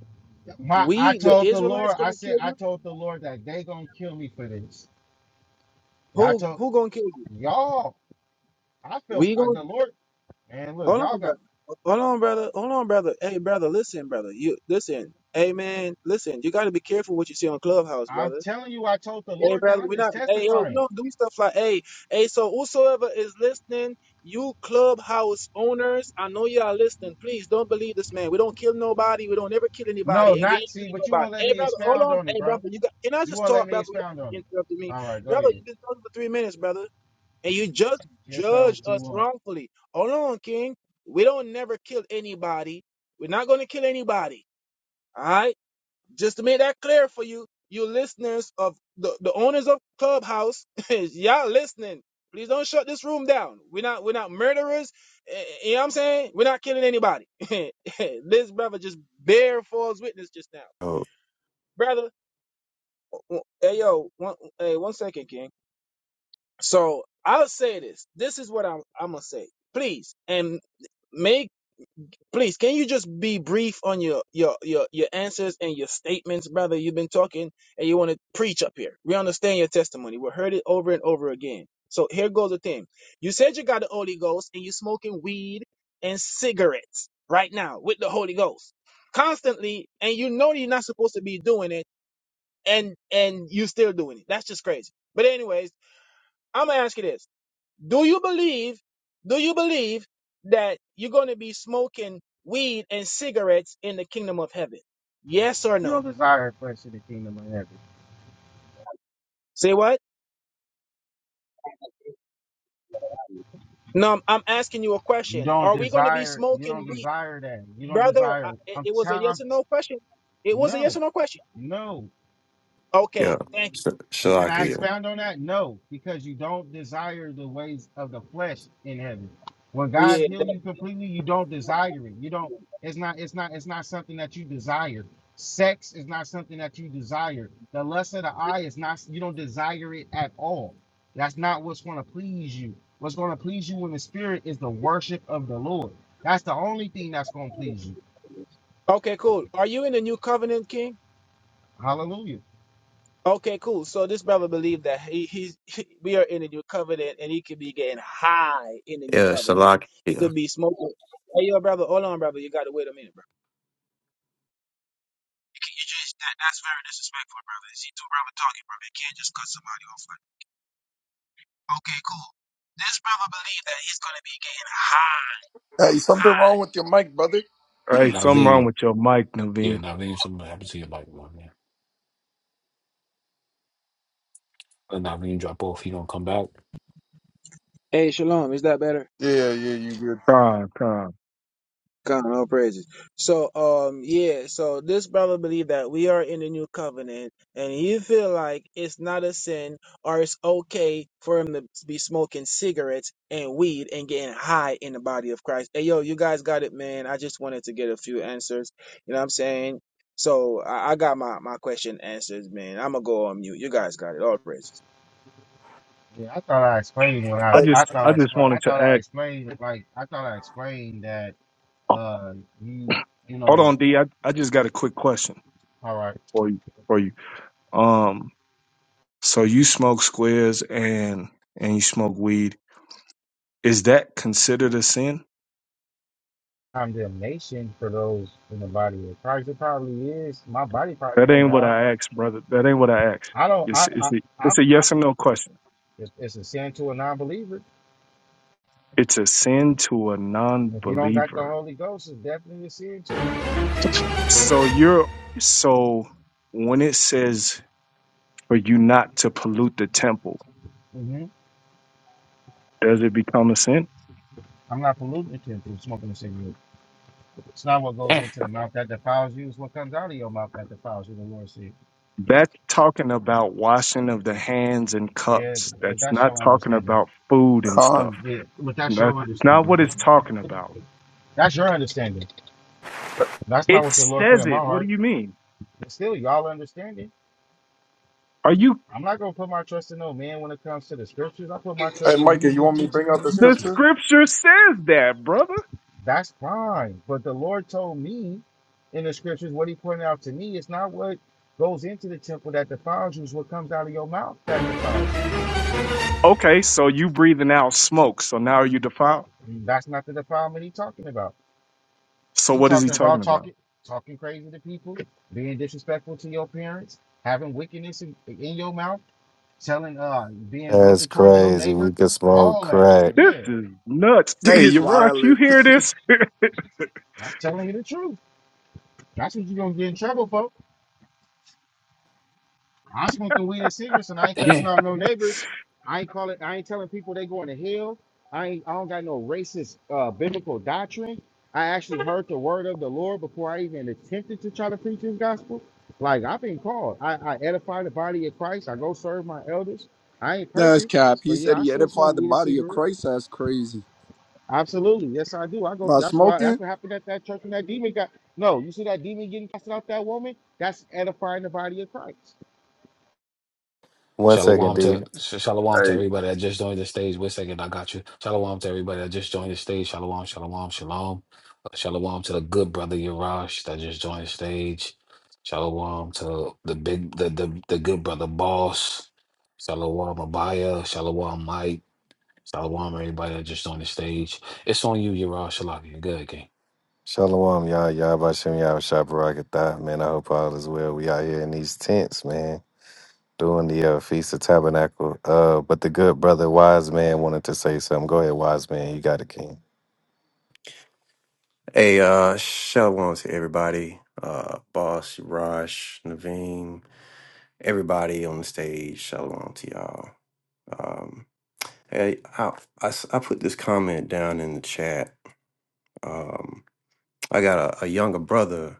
S7: my I
S10: we the
S7: told the
S10: Israelites
S7: Lord, I
S10: gonna
S7: said
S10: kill
S7: I
S10: you.
S7: told the Lord that they gonna kill me for this. Yeah, I
S10: Who
S7: told
S10: who gonna kill you?
S7: y'all, I felt
S10: We
S7: I,
S10: gonna
S7: the Lord, man, look,
S10: hold
S7: y'all
S10: on,
S7: got
S10: brother. Hold on, brother. Hold on, brother. Hey, brother. Listen, brother. You listen. Hey, man. Listen. You gotta be careful what you see on Clubhouse, brother.
S7: I'm telling you I told the
S10: Hey
S7: Lord that
S10: brother,
S7: I'm
S10: we
S7: just
S10: not hey yo, we
S7: testifying.
S10: don't do stuff like hey hey. So whosoever is listening, you clubhouse owners, I know you are listening. Please don't believe this man. We don't kill nobody. We don't ever kill
S7: No,
S10: anybody, and we
S7: not
S10: ain't
S7: see,
S10: killing
S7: but you
S10: nobody.
S7: won't let
S10: Hey
S7: me
S10: brother, hold
S7: expound
S10: on.
S7: on it,
S10: Hey
S7: bro.
S10: brother, you got can I
S7: You
S10: just
S7: won't let
S10: talk,
S7: me
S10: brother?
S7: expound
S10: Without
S7: on
S10: you
S7: it.
S10: interrupting me,
S7: All right, go
S10: brother.
S7: ahead.
S10: You've been talking for three minutes, brother, and you just
S7: Guess that was
S10: judge
S7: too
S10: us
S7: long.
S10: wrongfully. Hold on, King. We don't never kill anybody. We're not gonna kill anybody. All right just to make that clear for you, you listeners of the, the owners of Clubhouse, [LAUGHS] y'all listening. Please don't shut this room down. We're not we're not murderers. eh, eh, You know what I'm saying? We're not killing anybody. [LAUGHS] this brother just bare false witness just now.
S15: Oh,
S10: Brother, w- hey yo, one hey, one second, King. So I'll say this. This is what I'm I'm gonna say. Please and make Please, can you just be brief on your your your, your answers and your statements, brother? You've been talking and you want to preach up here. We understand your testimony. We heard it over and over again. So here goes the thing. You said you got the Holy Ghost and you smoking weed and cigarettes right now with the Holy Ghost constantly, and you know you're not supposed to be doing it, and and you still doing it. That's just crazy. But anyways, I'm gonna ask you this. Do you believe, do you believe that you're going to be smoking weed and cigarettes in the kingdom of heaven? Yes or
S7: You
S10: no?
S7: don't desire flesh in the kingdom of heaven.
S10: Say what? No, I'm, I'm asking you a
S7: You
S10: question.
S7: don't
S10: Are we going to be
S7: desire. You
S10: smoking
S7: don't
S10: weed?
S7: desire that. You don't
S10: Brother, I,
S7: desire.
S10: it,
S7: I'm
S10: it was a
S7: telling.
S10: yes or no question. It was a yes
S7: No,
S10: or no question.
S7: no.
S15: yeah.
S10: Okay, thank you.
S15: Sh-
S7: And can I
S15: Shalakia.
S7: expound on that? No, because you don't desire the ways of the flesh in heaven. When God
S10: Yeah.
S7: heals you
S10: that-
S7: completely, you don't desire it. You don't. It's not. It's not. It's not something that you desire. Sex is not something that you desire. The lust of the eye is not. You don't desire it at all. That's not what's going to please you. What's going to please you in the spirit is the worship of the Lord. That's the only thing that's going to please you.
S10: okay, cool. Are you in the new covenant, King?
S7: Hallelujah.
S10: Okay, cool. So this brother believed that he, he's [LAUGHS] we are in the new covenant, and he could be getting high in the new
S15: Yeah,
S10: covenant. He
S15: Shalakia.
S10: could be smoking. Hey, yo, brother, hold on, brother. You got to wait a minute, bro. Can you just that, that's very disrespectful, brother. See two brother talking, brother. You can't just cut somebody off like. that. Okay, cool. This brother believed that he's gonna be getting high.
S14: Hey, something
S10: high.
S14: wrong with your mic, brother?
S3: Hey, something wrong
S2: Naveen.
S3: with your mic,
S2: Yeah,
S3: Naveem.
S2: Naveen. Something happened to your bike, man. Let Naveen drop off. He don't come back.
S10: Hey, shalom. Is that better?
S14: Yeah, yeah, you good?
S3: Con, con.
S10: God, all praises. So, um, yeah, so this brother believe that we are in the new covenant, and he feel like it's not a sin or it's okay for him to be smoking cigarettes and weed and getting high in the body of Christ. Hey, yo, you guys got it, man. I just wanted to get a few answers. You know what I'm saying? So I, I got my, my question answered, man. I'm gonna go on mute. You guys got it. All praises.
S7: Yeah, I thought I explained what
S3: I
S7: I
S14: Hey,
S3: just,
S7: I thought
S3: I
S7: I
S3: just
S7: explained I
S3: wanted to
S7: thought I
S3: act.
S7: explained like I thought I explained that uh you you
S3: Hold
S7: know
S3: on, D. I, I just got a quick question
S7: all right
S3: for you, for you. Um, so you smoke squares and and you smoke weed. Is that considered a sin?
S7: condemnation for those in the body of Christ it probably is my body probably
S3: That
S7: gonna
S3: ain't what
S7: die
S3: I asked, brother. That ain't what I asked.
S7: I don't
S3: It's
S7: I I
S3: it's a,
S7: I,
S3: it's a
S7: I
S3: yes or no question.
S7: it's, it's a sin to a non-believer
S3: It's a sin to a
S7: if you don't got the
S3: non-believer.
S7: Holy Ghost it's definitely a sin to
S3: So you're so when it says for you not to pollute the temple,
S7: hmm
S3: does it become a sin?
S7: I'm not polluting it to through smoking a cigarette it's not what goes
S2: Eh,
S7: into the mouth that defiles you it's what comes out of your mouth that defiles you the Lord said
S3: That's talking about washing of the hands and
S7: yeah
S3: cups.
S7: but
S3: That's
S7: that's
S3: not
S7: your
S3: talking
S7: understanding.
S3: about food and stuff.
S14: Con.
S7: Yeah, but that's your
S3: That's not
S7: understanding.
S3: what it's talking about.
S7: That's your understanding. That's not
S3: It
S7: what the Lord put
S3: says
S7: in my
S3: it. What do
S7: heart.
S3: you mean?
S7: But still, y'all understanding.
S3: Are you
S7: I'm not gonna put my trust in no man when it comes to the scriptures. I put my
S14: Hey,
S7: trust in He
S14: Micah, you
S7: who
S14: want me to
S7: teaches
S14: bring
S7: me
S14: out
S7: the
S14: the
S3: the
S7: scriptures.
S14: scripture?
S3: scripture says that, brother?
S7: That's fine. But the Lord told me in the scriptures what He pointed out to me. It's not what goes into the temple that defiles you. It's what comes out of your mouth that defiles you.
S3: Okay, so you breathing out smoke, so now you defiled.
S7: That's not the defilement He talking about.
S3: So
S7: He
S3: what is he
S7: talking
S3: talking
S7: about
S3: about?
S7: talking, talking crazy to people, being disrespectful to your parents, having wickedness in, in your mouth telling uh being
S16: That's
S7: wicked towards your
S16: crazy. We
S7: neighbor,
S16: could smoke
S7: all that.
S16: crack.
S3: This
S7: Yeah,
S3: is nuts.
S14: [LAUGHS] Dude,
S3: Hey,
S14: he's
S7: yeah.
S3: Yarash, you
S14: wildin'.
S3: hear this?
S7: I'm telling you the truth. That's what you're gonna get in trouble for. I'm smoking weed and cigarettes and I ain't cussing
S2: eh.
S7: out no neighbors. I ain't calling I ain't telling people they going to hell. I ain't I don't got no racist uh biblical doctrine. I actually heard the word of the Lord before I even attempted to try to preach his gospel. Like I've been called. I, I edify the body of Christ. I go serve my elders. I ain't
S14: That's
S7: perfect,
S14: cap.
S7: but
S14: He said
S7: yeah, I
S14: he
S7: still smoke
S14: edified the
S7: weed and
S14: body of
S7: cigarettes.
S14: Christ. That's crazy.
S7: Absolutely. Yes, I do. I go to
S14: By
S7: that's why that's
S14: smoking,
S7: what happened at that church when that demon got no, you see that demon getting casted out that woman? That's edifying the body of Christ.
S16: One second,
S2: Shalom
S16: D.
S2: to sh- shalom to
S17: Hey,
S2: everybody that just joined the stage. Wait a second, I got you. Shalom to everybody that just joined the stage. Shalom, shalom, shalom. Uh, Shalom to the good brother Yarash that just joined the stage. Shalom to the big the the, the good brother boss. Shalom Abaya. Shalom Mike. Shalom everybody that just joined the stage. It's on you, Yarash Shalaki. Good King.
S16: Shalom, y'all. Y'all about Shem Yah Shabarakatah. Man, I hope all is well. We out here in these tents, man, doing the uh, Feast of Tabernacle. Uh, but the good brother, Wise Man, wanted to say something. Go ahead, Wise Man. You got it, King.
S15: Hey, uh, shalom to everybody. Uh, Boss, Raj, Naveen, everybody on the stage. Shalom to y'all. Um, hey, I, I s- I put this comment down in the chat. Um, I got a, a younger brother.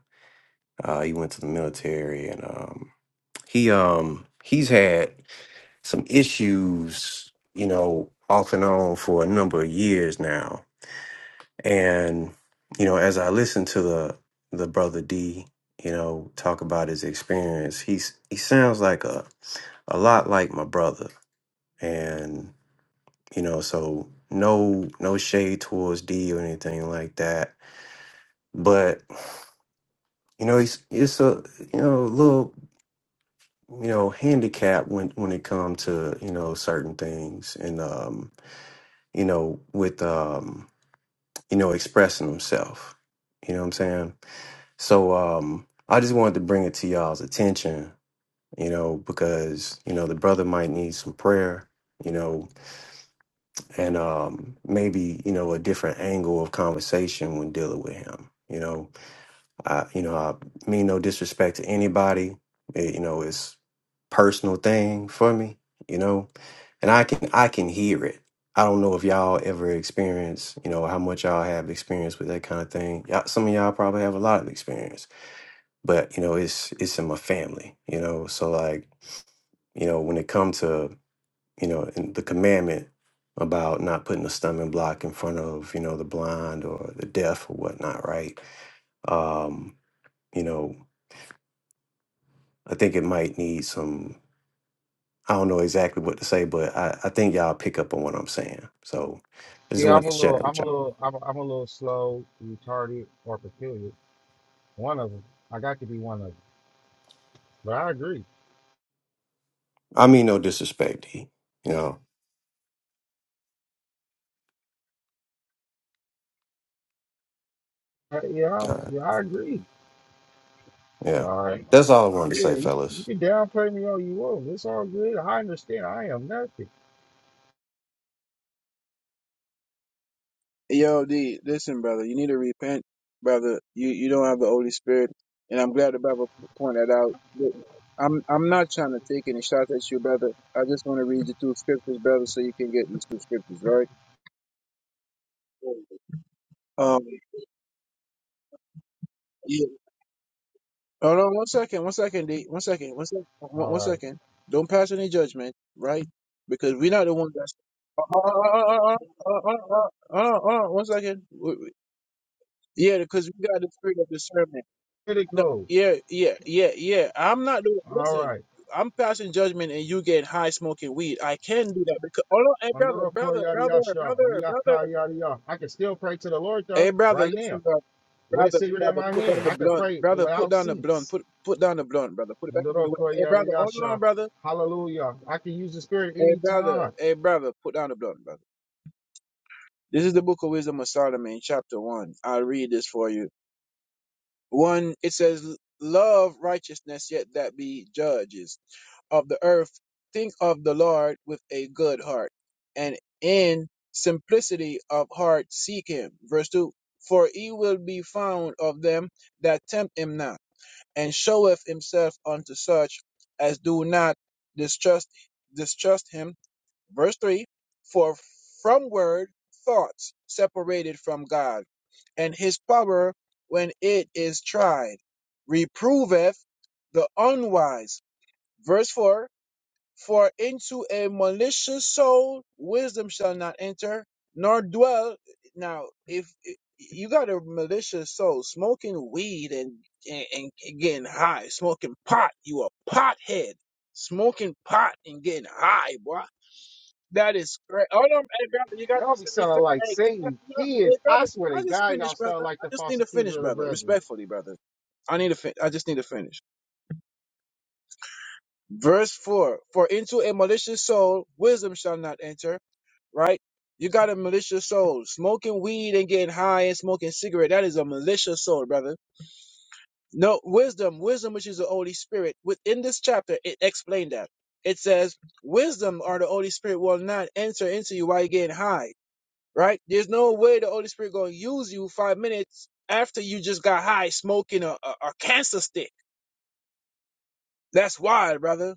S15: Uh, he went to the military and, um, he, um, he's had some issues, you know, off and on for a number of years now And you know, as I listened to the the brother D, you know, talk about his experience, he's he sounds like a a lot like my brother, and you know, so no no shade towards D or anything like that, but you know, it's it's a you know little you know handicap when when it comes to you know certain things and um you know with um you know expressing himself you know what i'm saying So um, I just wanted to bring it to y'all's attention, you know, because you know the brother might need some prayer, you know, and um, maybe you know a different angle of conversation when dealing with him. You know, I you know I mean no disrespect to anybody. It, you know, it's personal thing for me. You know, and I can I can hear it. I don't know if y'all ever experience, you know, how much y'all have experience with that kind of thing. Y'all, some of y'all probably have a lot of experience but you know it's it's in my family you know so like you know when it comes to you know in the commandment about not putting a stumbling block in front of you know the blind or the deaf or whatnot right um you know i think it might need some i don't know exactly what to say but i i think y'all pick up on what i'm saying so i just
S7: Yeah, I'm
S15: wanted
S7: a
S15: to share
S7: little,
S15: that with
S7: I'm a
S15: y'all
S7: little, I'm, a, I'm a little slow, retarded, or peculiar. One of them. I got to be one of them. But I agree.
S15: i mean no disrespect D, you know
S7: Uh, yeah, i
S15: all right
S7: yeah, I agree.
S15: yeah
S7: All right.
S15: that's all i wanted
S7: Yeah,
S15: to say
S7: you, you
S15: fellas
S7: can downplay me all you want. It's all good. I understand. I am nothing.
S10: Yo, D, listen, brother. You need to repent, brother. You you don't have the Holy Spirit, and I'm glad the Bible pointed that out. But I'm I'm not trying to take any shots at you, brother. I just want to read you two scriptures, brother, so you can get these two scriptures, right? Um, yeah. Hold on, one second, one second, D, one second, one second, one,
S7: All
S10: one
S7: right.
S10: second. Don't pass any judgment, right? Because we're not the ones that's. Uh, uh, uh, uh, uh, uh, uh, uh, uh, uh, one second. W- w- Yeah, because we got the spirit of discernment. No,
S7: Critical.
S10: yeah, yeah, yeah, yeah. I'm not doing.
S7: All
S10: Listen,
S7: right.
S10: I'm passing judgment, and you get high smoking weed. I can do that because. Oh no, hey brother,
S7: Mandoroko
S10: brother,
S7: yada
S10: brother,
S7: yasha,
S10: brother, brother.
S7: Riaka yada ya. I can still pray to the Lord
S10: Hey
S7: though,
S10: brother,
S7: right
S10: listen,
S7: now,
S10: brother,
S7: with a
S10: brother,
S7: cigarette in
S10: brother.
S7: my
S10: Put down
S7: hand.
S10: the
S7: I can
S10: blunt,
S7: pray
S10: brother. Put
S7: without
S10: down the blunt.
S7: seats.
S10: Put put down the blunt, brother. Put it back in the way.
S7: Mandoroko
S10: Hey
S7: yada
S10: brother, hold on,
S7: yasha,
S10: brother.
S7: Hallelujah. I can use the Spirit
S10: Hey brother,
S7: anytime.
S10: hey brother. Put down the blunt, brother. This is the Book of Wisdom of Solomon, chapter one. I'll read this for you. One, it says, Love righteousness, yet that be judges of the earth. Think of the Lord with a good heart, and in simplicity of heart seek him. Verse 2 For he will be found of them that tempt him not, and showeth himself unto such as do not distrust, distrust him Verse 3 For from word thoughts separated from God, and his power, when it is tried, reproveth the unwise. Verse 4 For into a malicious soul wisdom shall not enter, nor dwell. Now, if you got a malicious soul smoking weed and, and, and getting high, smoking pot, you a pothead. Smoking pot and getting high, boy that is great. Hold on, hey brother, you got to
S7: Y'all be
S10: send me.
S7: sounding
S10: fi-
S7: like
S10: Hey, can I,
S7: Satan
S10: you know, hey
S7: kids. I
S10: brother,
S7: swear to
S10: can I just
S7: God,
S10: finish,
S7: y'all sound
S10: brother?
S7: like
S10: I
S7: the
S10: just need
S7: false
S10: to
S7: accuser
S10: finish,
S7: of the
S10: brother.
S7: brethren.
S10: Respectfully, brother. I need to. Fin- I just need to finish. Verse four: For into a malicious soul wisdom shall not enter. Right? You got a malicious soul, smoking weed and getting high and smoking cigarette. That is a malicious soul, brother. No wisdom, wisdom which is the Holy Spirit. Within this chapter, it explained that. It says, wisdom or the Holy Spirit will not enter into you while you're getting high right? There's no way the Holy Spirit gonna use you five minutes after you just got high smoking a, a, a cancer stick. That's wild, brother.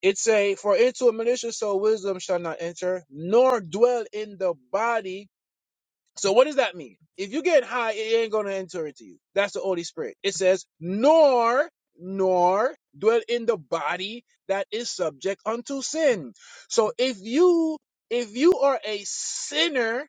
S10: It a for into a malicious soul wisdom shall not enter, nor dwell in the body. So what does that mean? If you get high, it ain't gonna enter into you. That's the Holy Spirit. It says, nor nor dwell in the body that is subject unto sin. So if you if you are a sinner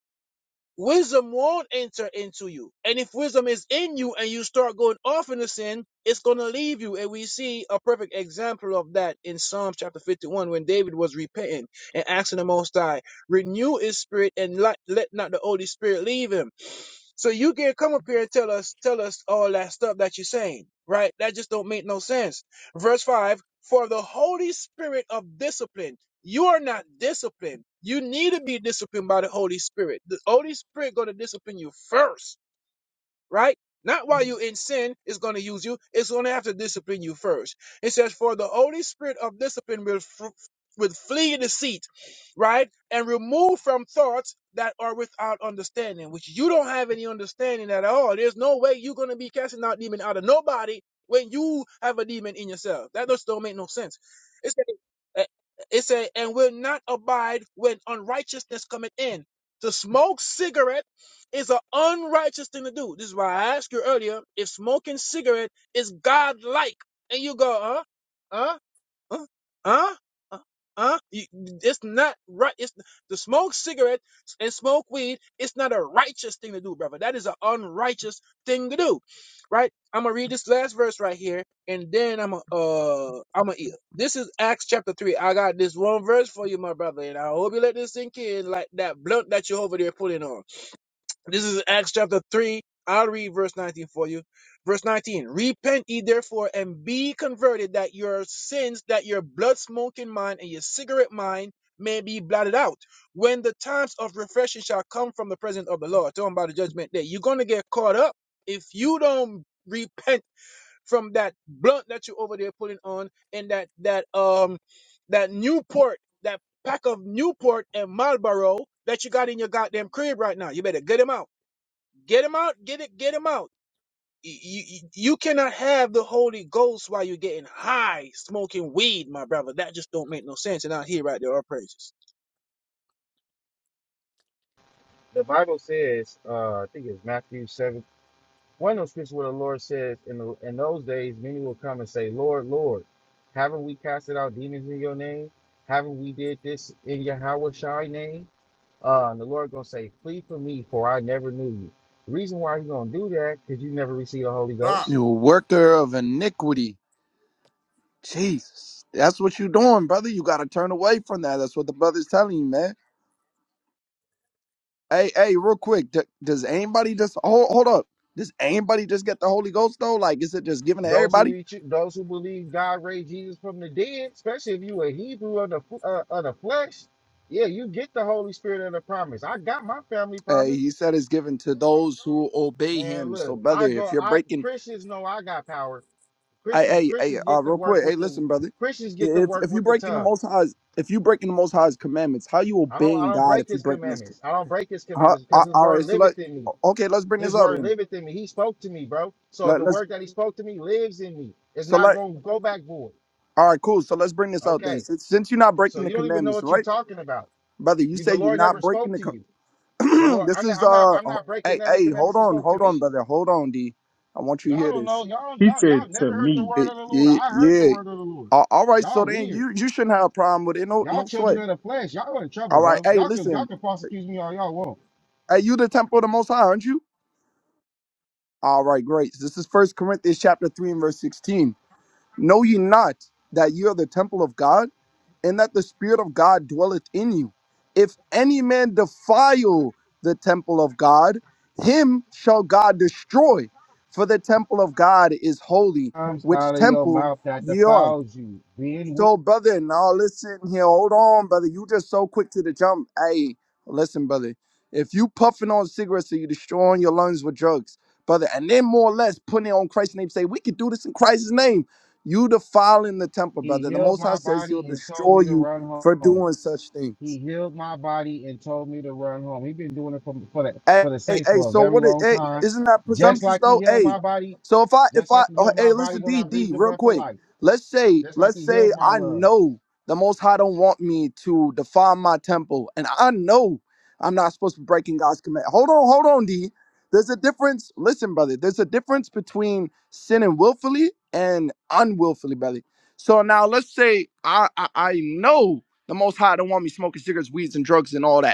S10: wisdom won't enter into you. And if wisdom is in you and you start going off in the sin, it's going to leave you. And we see a perfect example of that in Psalm chapter 51 when David was repenting and asking the Most High, renew his spirit and let, let not the Holy Spirit leave him. So you can't come up here and tell us tell us all that stuff that you're saying, right? That just don't make no sense. Verse five: For the Holy Spirit of discipline, you are not disciplined. You need to be disciplined by the Holy Spirit. The Holy Spirit going to discipline you first right? Not while you're in sin is going to use you. It's going to have to discipline you first. It says, for the Holy Spirit of discipline will, fr- will flee deceit, right? And remove from thoughts that are without understanding, which you don't have any understanding at all. There's no way you're going to be casting out demon out of nobody when you have a demon in yourself. That just don't make no sense. It says, it says, and will not abide when unrighteousness cometh in. To smoke cigarettes is an unrighteous thing to do. This is why I asked you earlier if smoking cigarette is God-like, and you go, huh, huh, huh, huh, huh. huh? You, it's not right. It's to smoke cigarette and smoke weed. It's not a righteous thing to do, brother. That is an unrighteous thing to do, right? I'm gonna read this last verse right here, and then I'm a, uh, I'm a eat. This is Acts chapter three. I got this one verse for you, my brother, and I hope you let this sink in like that blunt that you're over there pulling on. This is Acts chapter 3. I'll read verse 19 for you. Verse 19 Repent ye therefore and be converted, that your sins, that your blood smoking mind and your cigarette mind may be blotted out. When the times of refreshing shall come from the presence of the Lord, talking about the judgment day, you're going to get caught up if you don't repent from that blunt that you're over there putting on and that, that, um, that Newport, that pack of Newport and Marlboro that you got in your goddamn crib right now. You better get them out. Get him out. Get it. Get him out. You, you, you cannot have the Holy Ghost while you're getting high, smoking weed, my brother. That just don't make no sense. And out here, right there, our praises.
S7: The Bible says, uh, I think it's Matthew 17:17. One of those scriptures where the Lord says, in, the, in those days, many will come and say, Lord, Lord, haven't we casted out demons in your name? Haven't we did this in Yahweh Shai name? Uh, and the Lord gonna say, Flee from me, for I never knew you. The reason why He's gonna do that, because you never received the Holy
S18: stop
S7: Ghost.
S14: you a worker of iniquity. Jesus, that's what you doing, brother. You gotta turn away from that. That's what the brother's telling you, man. Hey, hey, real quick, d- does anybody just hold hold up? Does anybody just get the Holy Ghost though? Like, is it just given to
S7: Those who
S14: everybody?
S7: reach, those who believe God raised Jesus from the dead, especially if you a Hebrew of the f- uh, of the flesh, yeah, you get the Holy Spirit of the promise. I got my family
S14: Hey,
S7: promise,
S14: he said it's given to those who obey
S7: man.
S14: him. So,
S7: Look,
S14: brother,
S7: I
S14: if
S7: go,
S14: you're
S7: I
S14: breaking,
S7: Christians know I got power.
S14: hey,
S7: Christians
S14: hey, hey,
S7: Christians
S14: uh,
S7: get to
S14: real
S7: work
S14: quick, hey,
S7: with the
S14: listen, brother,
S7: Christians get to
S14: if
S7: work
S14: if you
S7: with the
S14: breaking the Most
S7: tongues.
S14: High's, if you breaking the Most High's commandments, how you
S7: I don't I
S14: obeying
S7: don't
S14: God
S7: break
S14: if you
S7: his
S14: breaking His?
S7: commandments. I don't break his
S14: Huh?
S7: commandments
S14: A-
S7: because his
S14: All right,
S7: word
S14: so let
S7: liveth in me.
S14: okay, let's bring this
S7: His
S14: out
S7: word
S14: then.
S7: liveth in me. He spoke to me, bro. So
S14: Let,
S7: the
S14: let's
S7: word that he spoke to me lives in me. It's
S14: so
S7: not
S14: let
S7: going to go back void.
S14: all right, cool. So let's bring this out then.
S7: Okay.
S14: Since, since you're not breaking
S7: So
S14: the
S7: you don't even know
S14: commandments,
S7: what you're
S14: right,
S7: talking about.
S14: brother? You
S7: You
S14: say
S7: the
S14: you're
S7: Lord
S14: not
S7: never
S14: breaking
S7: spoke
S14: the. com-
S7: to you. The
S14: [CLEARS THROAT]
S7: Lord
S14: this
S7: I'm not
S14: is
S7: I'm not,
S14: uh
S7: I'm
S14: oh,
S7: not breaking
S14: hey
S7: none of the
S14: hey
S7: commandments
S14: hold
S7: he
S14: on
S7: spoke to
S14: hold on
S7: me.
S14: brother hold on D I want you to
S7: Y'all
S14: hear
S7: don't
S14: this
S7: know. Y'all
S3: He
S7: y'all
S3: said
S7: y'all
S3: to
S7: never heard the
S3: me.
S7: word
S14: it,
S7: of the Lord.
S14: it,
S7: I heard the
S14: yeah
S7: word of the Lord.
S14: all all right so
S7: Y'all
S14: then
S7: weird.
S14: you you shouldn't have a problem with it no
S7: Y'all
S14: no sweat
S7: children of the flesh. Y'all in
S14: all
S7: trouble,
S14: right
S7: bro.
S14: hey
S7: Y'all can y'all
S14: listen
S7: can false accuse me all y'all want.
S14: hey you the temple of the Most High aren't you all right great this is First Corinthians chapter three and verse sixteen Know ye not that ye are the temple of God, and that the Spirit of God dwelleth in you? If any man defile the temple of God, him shall God destroy. For the temple of God is holy,
S7: Comes
S14: which
S7: out of your
S14: temple
S7: mouth that
S14: ye are.
S7: defiles you. Being weak,
S14: So, brother, now listen here. Hold on, brother. You just so quick to the jump. Hey, listen, brother. If you puffing on cigarettes and you destroying your lungs with drugs, brother, and then more or less putting it on Christ's name, say we can do this in Christ's name. You defiling the temple,
S7: he
S14: brother. The
S7: healed
S14: Most High
S7: my
S14: says He'll
S7: body and told
S14: destroy
S7: me to
S14: you
S7: run
S14: for
S7: home.
S14: doing such things.
S7: He healed my body and told me to run home. he been doing it for for the
S14: Hey,
S7: for the
S14: hey,
S7: saints
S14: hey,
S7: for a
S14: so
S7: very
S14: what is,
S7: long
S14: hey,
S7: time.
S14: isn't that
S7: Just
S14: presumptuous
S7: like he
S14: though?
S7: healed
S14: Hey,
S7: my body,
S14: so if I, if
S7: just
S14: I,
S7: like he
S14: oh,
S7: healed my
S14: hey,
S7: body
S14: listen,
S7: when
S14: D,
S7: I
S14: D,
S7: breathed the
S14: real
S7: breath of
S14: quick.
S7: life.
S14: Let's say,
S7: Just like
S14: let's
S7: he
S14: say
S7: healed my
S14: I
S7: lungs.
S14: know the Most High don't want me to defile my temple, and I know I'm not supposed to be breaking God's command. Hold on, hold on, D. There's a difference. Listen, brother, there's a difference between sinning willfully and unwillfully, brother. So now let's say I, I, I know the Most High don't want me smoking cigarettes, weeds, and drugs, and all that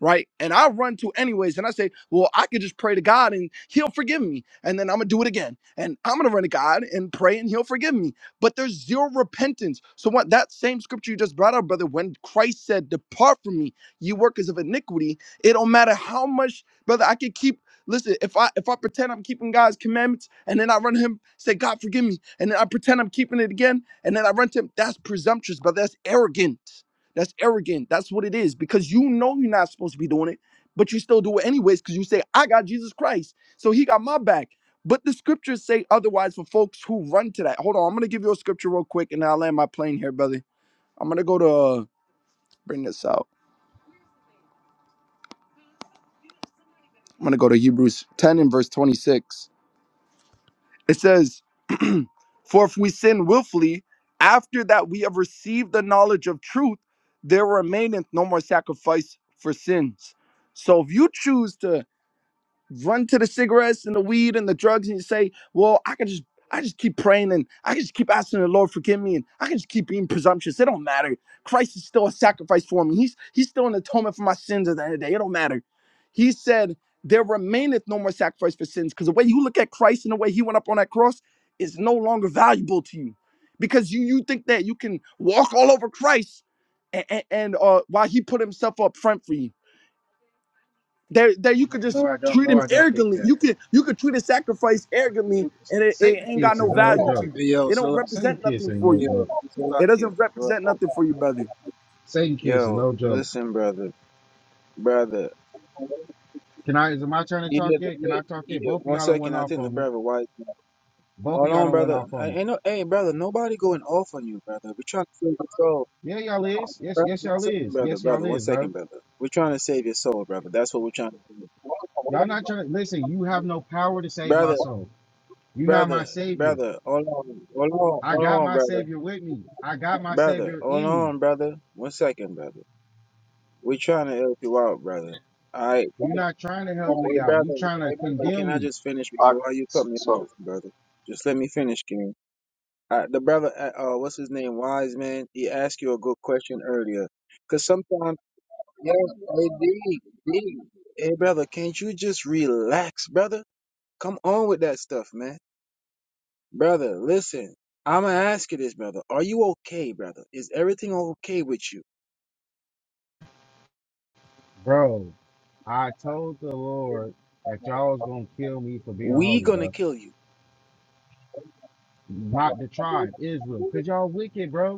S14: right? And I run to anyways, and I say, well, I could just pray to God and He'll forgive me, and then I'm gonna do it again, and I'm gonna run to God and pray and He'll forgive me. But there's zero repentance. So what that same scripture you just brought up, brother, when Christ said, "Depart from me, you workers of iniquity," it don't matter how much, brother, I could keep. Listen, if I if I pretend I'm keeping God's commandments and then I run to him, say, God forgive me, and then I pretend I'm keeping it again, and then I run to him, that's presumptuous, brother. That's arrogant. That's arrogant. That's what it is because you know you're not supposed to be doing it, but you still do it anyways because you say, I got Jesus Christ. So he got my back. But the scriptures say otherwise for folks who run to that. Hold on. I'm going to give you a scripture real quick and I'll land my plane here, brother. I'm going to go to, uh, bring this out. I'm going to go to Hebrews 10 and verse 26. It says, [CLEARS THROAT] For if we sin willfully, after that we have received the knowledge of truth, there remaineth no more sacrifice for sins. So if you choose to run to the cigarettes and the weed and the drugs and you say, well, I can just I just keep praying and I can just keep asking the Lord forgive me and I can just keep being presumptuous. It don't matter. Christ is still a sacrifice for me. He's he's still an atonement for my sins at the end of the day. It don't matter. He said, There remaineth no more sacrifice for sins. Because the way you look at Christ and the way he went up on that cross is no longer valuable to you. Because you you think that you can walk all over Christ and, and, and uh while he put himself up front for you that that you could just
S7: No, I don't.
S14: treat
S7: No,
S14: him
S7: I don't think
S14: arrogantly.
S7: that.
S14: You could you could treat a sacrifice arrogantly, and it, it
S7: Satan
S14: ain't got
S7: kiss is
S14: no
S7: no
S14: value to
S7: joke.
S14: you.
S10: Yo,
S14: It don't
S10: so
S7: Satan
S14: represent
S7: kiss
S14: nothing
S7: ain't
S14: for
S7: no
S14: you.
S10: yo,
S7: joke.
S14: It
S10: Salakia.
S14: doesn't represent nothing for you, brother.
S7: Satan kiss is
S10: Yo,
S7: no joke.
S10: listen, brother, brother.
S7: Can I? Is it my turn to talk
S10: Yeah,
S7: yet? Can I
S10: wait,
S7: talk yet?
S10: yeah.
S7: Both of
S10: One
S7: y'all done
S10: second,
S7: went
S10: I
S7: off
S10: think the
S7: on me.
S10: brother wise.
S7: Both of
S10: Hold
S7: y'all
S10: on,
S7: done went
S10: brother.
S7: off
S10: I
S7: on me.
S10: ain't no, hey, brother. Nobody going off on you, brother. We trying to feel control.
S7: Yeah, y'all is. Yes,
S10: Brother,
S7: yes,
S10: one
S7: y'all
S10: second,
S7: is.
S10: brother,
S7: Yes, y'all
S10: brother, one
S7: is, bro.
S10: second, brother. We're trying to save your soul, brother. That's what we're trying to do.
S7: Y'all not trying to listen. You have no power to save my
S10: Brother,
S7: soul. You're not my
S10: brother,
S7: savior.
S10: brother, hold on, hold on,
S7: I
S10: hold
S7: got
S10: on,
S7: my
S10: brother.
S7: savior with me. I got my
S10: Brother,
S7: savior
S10: hold
S7: in me.
S10: on, brother. One second, brother. We're trying to help you out, brother. Alright.
S7: You're not trying to help me
S10: Hey
S7: out.
S10: brother,
S7: You trying to
S10: hey brother, can
S7: condemn
S10: I
S7: me,
S10: just finish
S17: I
S10: before you cut me
S17: so
S10: off, brother? Just let me finish, King. Uh, the brother, uh, uh, what's his name, Wise Man? He asked you a good question earlier. Cause sometimes Yes, hey, D, D. Hey, brother, can't you just relax, brother? Come on with that stuff, man. Brother, listen. I'ma ask you this, brother. Are you okay, brother? Is everything okay with you?
S7: bro. I told the Lord that y'all was gonna kill me for being
S10: We
S7: holy,
S10: gonna
S7: bro.
S10: kill you.
S7: Not the tribe, Israel, cause y'all wicked, bro.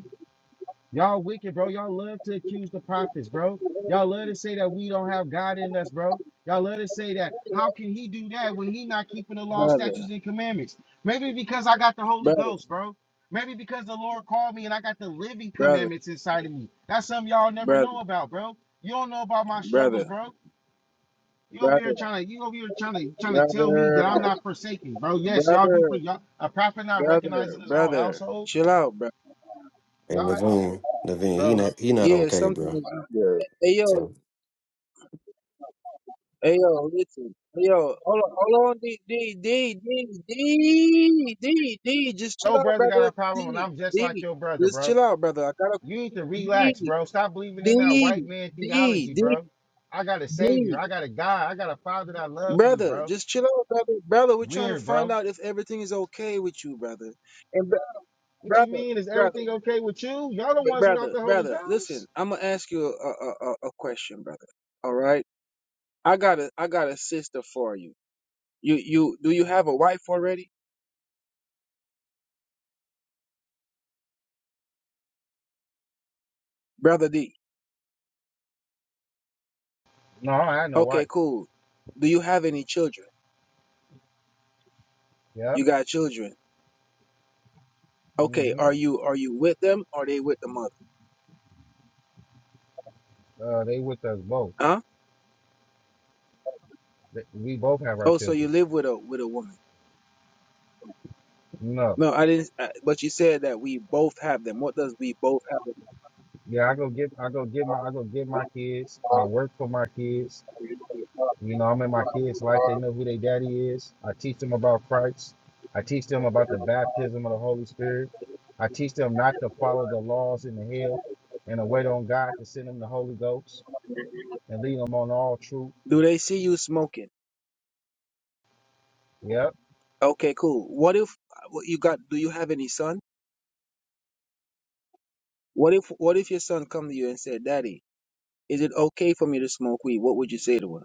S7: Y'all wicked, bro. Y'all love to accuse the prophets, bro. Y'all love to say that we don't have God in us, bro. Y'all love to say that. How can he do that when he not keeping the law,
S10: Brother,
S7: statutes, and commandments? Maybe because I got the Holy
S10: brother,
S7: Ghost, bro. Maybe because the Lord called me and I got the living
S10: brother,
S7: commandments inside of me. That's something y'all never
S10: brother,
S7: know about, bro. You don't know about my struggles,
S10: brother,
S7: bro. You over here
S10: brother,
S7: trying to you over here trying to trying to tell me
S10: brother,
S7: that I'm not forsaken, bro. Yes, y'all do
S10: brother,
S7: for y'all a prophet not
S10: brother,
S7: recognizing his own
S10: brother.
S7: household.
S10: Chill out, bro.
S15: and
S7: Y'all
S15: naveen naveen he
S7: bro.
S15: not he not
S10: Yeah,
S15: okay
S10: something.
S15: bro
S17: yeah,
S10: Hey, yo, Hey yo, listen. Hey yo, hold on, hold on, D, D, D, D, D, D, D, just chill
S7: Your
S10: out,
S7: brother got
S10: brother.
S7: a problem, and
S10: D,
S7: I'm just like
S10: D,
S7: your brother,
S10: just
S7: bro.
S10: chill out, brother. I gotta
S7: You need to
S10: D,
S7: relax, bro. Stop believing
S10: D,
S7: in that white man
S10: D,
S7: theology,
S10: D,
S7: bro. I got a savior.
S10: D,
S7: I got a God. I got a father that loves me,
S10: brother.
S7: bro.
S10: Just chill out, brother. Brother, we're trying to
S7: Weird,
S10: find
S7: bro.
S10: out if everything is okay with you, brother. And br-
S7: What you
S10: brother,
S7: mean? Is
S10: brother,
S7: everything okay with you? Y'all the
S10: br-
S7: ones without
S10: brother,
S7: the Holy
S10: brother. Listen,
S7: Ghost?
S10: I'm gonna ask you a, a, a, a question, brother. All right, I got a, I got a sister for you. You, you, do you have a wife already, brother D?
S7: No, I had no
S10: Okay,
S7: wife.
S10: cool. Do you have any children?
S7: Yep.
S10: You got children. Okay,
S7: hmm
S10: are you are you with them? Or are they with the mother?
S7: Uh, they with us both.
S10: Huh?
S7: Th- We both have our
S10: Oh, so you
S7: children.
S10: live with a with a woman?
S7: No.
S10: No, I didn't. I, but you said that we both have them. What does we both have?
S7: Yeah, I go get I go get my I go get my kids. I work for my kids. You know, I'm in my kids' life. They know who their daddy is. I teach them about Christ. I teach them about the baptism of the Holy Spirit. I teach them not to follow the laws in the hill and to wait on God to send them the Holy Ghost and lead them on all truth.
S10: Do they see you smoking?
S7: Yep.
S10: Okay, cool. What if what you got? Do you have any son? What if what if your son come to you and said, "Daddy, is it okay for me to smoke weed?" What would you say to him?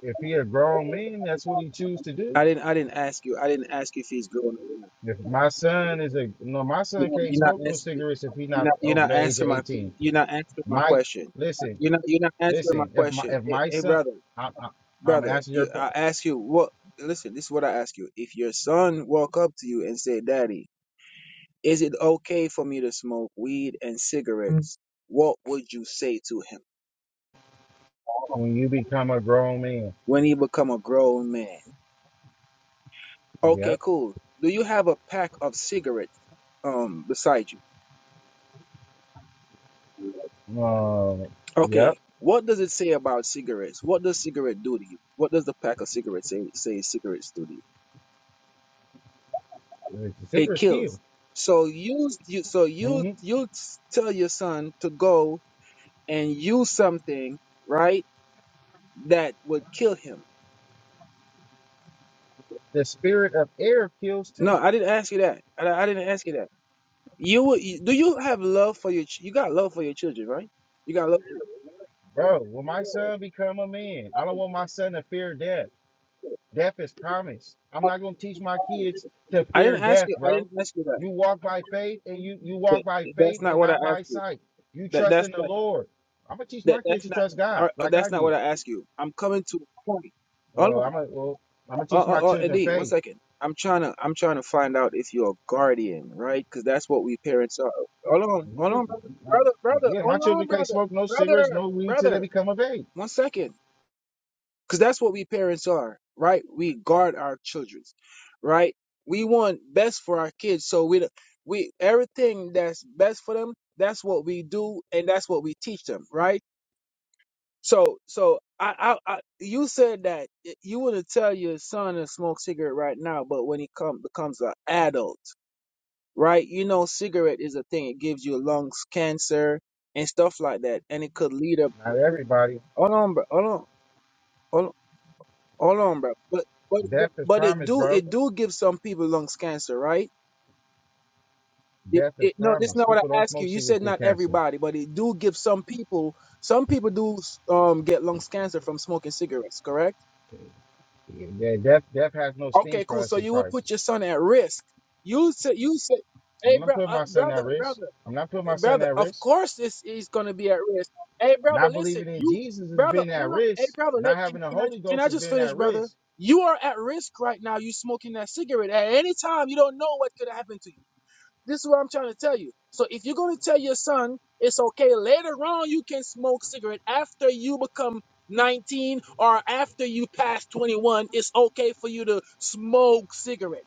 S7: If he a grown man, that's what he choose to do.
S10: I didn't I didn't ask you. I didn't ask if he's grown. up.
S7: If my son is a no, my son can't
S10: You're not
S7: smoke no
S10: asking.
S7: cigarettes if he
S10: You're
S7: not
S10: not. You're
S7: over
S10: not
S7: the age of
S10: answering my.
S7: 18.
S10: You're not answering my
S7: Mike,
S10: question.
S7: listen,
S10: You're not. You're not answering my
S7: listen. If my
S10: question.
S7: if
S10: Hey,
S7: my
S10: hey
S7: son,
S10: brother,
S7: I, I, I'm
S10: brother.
S7: answering your
S10: You, I
S7: question.
S10: ask you what. Listen, this is what I ask you. If your son walk up to you and say, "Daddy, is it okay for me to smoke weed and cigarettes?" What would you say to him
S7: When you become a grown man,
S10: when he become a grown man?
S7: yep
S10: Okay, cool. Do you have a pack of cigarettes um beside you?
S7: Um, yep,
S10: Okay, what does it say about cigarettes? What does cigarette do to you? What does the pack of cigarettes say, say cigarettes do to you?
S7: it's a
S10: It
S7: secret skill.
S10: kills. So you, you so you
S7: hmm
S10: you tell your son to go and use something, right? That would kill him.
S7: The spirit of air kills
S10: No,
S7: too,
S10: I didn't ask you that. I, I didn't ask you that. You, would- you do you have love for your ch- you got love for your children, right? You got love.
S7: bro. When my son become a man, I don't want my son to fear death. Death is promised. I'm not gonna teach my kids to
S10: I
S7: fear
S10: didn't ask
S7: death,
S10: you. I
S7: bro.
S10: didn't ask you that.
S7: You walk by faith, and you you
S10: That-
S7: walk by faith
S10: That's not
S7: and
S10: what I
S7: not by
S10: asked you.
S7: sight. You
S10: That
S7: trust
S10: that's
S7: in the
S10: not.
S7: Lord. I'm gonna teach
S10: That
S7: my kids
S10: that's
S7: to
S10: not
S7: trust God,
S10: or, or
S7: like I
S10: that's not
S7: did.
S10: what I ask you. I'm coming to a point. Hold
S7: Well,
S10: on,
S7: I'm gonna well, I'm gonna
S10: oh,
S7: teach
S10: oh,
S7: my
S10: oh,
S7: children
S10: Eddie, one
S7: faith.
S10: second. I'm trying to I'm trying to find out if you're a guardian, right? Because that's what we parents are. Hold on,
S7: You
S10: hold
S7: can,
S10: on, brother, brother, brother,
S7: yeah, my
S10: hold
S7: children
S10: on,
S7: can't
S10: brother,
S7: smoke no cigarettes,
S10: brother,
S7: no weed till they
S10: brother.
S7: become of age.
S10: One second, because that's what we parents are, right? We guard our children, right? We want best for our kids, so we don't- we everything that's best for them. That's what we do, and that's what we teach them, right? So, so I, I, I you said that y- you wouldn't tell your son to smoke cigarette right now, but when he come becomes an adult, right? You know, cigarette is a thing; it gives you lungs cancer and stuff like that, and it could lead up.
S7: Not everybody.
S10: Hold on, bro. Hold on, hold on, hold on, bro. But, but, but,
S7: Death is
S10: but it
S7: promised,
S10: do
S7: bro.
S10: it do give some people lungs cancer, right? It,
S7: Death is
S10: it, no, this is
S7: promised.
S10: not what
S7: People
S10: I
S7: don't
S10: asked
S7: smoke
S10: you. You
S7: cigarettes
S10: said
S7: get
S10: not
S7: cancer.
S10: everybody, but it do give some people. Some people do um get lungs cancer from smoking cigarettes, correct?
S7: Yeah, yeah, death death has no sting
S10: Okay,
S7: for
S10: cool.
S7: us
S10: So
S7: in
S10: you would
S7: Christ.
S10: put your son at risk. You said, you said, hey,
S7: I'm not
S10: bro,
S7: putting
S10: uh,
S7: my son
S10: brother,
S7: at risk.
S10: brother,
S7: I'm not putting
S10: eh,
S7: my son
S10: brother.
S7: at
S10: Of
S7: risk.
S10: course, this is gonna be at risk. Hey, brother,
S7: Not
S10: listen,
S7: believing in
S10: you,
S7: Jesus has
S10: brother,
S7: been
S10: hold
S7: at
S10: on. Hey,
S7: risk.
S10: brother, let,
S7: Not
S10: can,
S7: having the
S10: can I
S7: Holy
S10: can
S7: Ghost
S10: I
S7: has
S10: just
S7: been
S10: finish,
S7: at
S10: brother?
S7: risk.
S10: You are at risk right now. You smoking that cigarette. At any time, you don't know what could happen to you. This is what I'm trying to tell you. So if you're going to tell your son it's okay later on, you can smoke cigarette after you become 19 or after you pass 21, it's okay for you to smoke cigarette,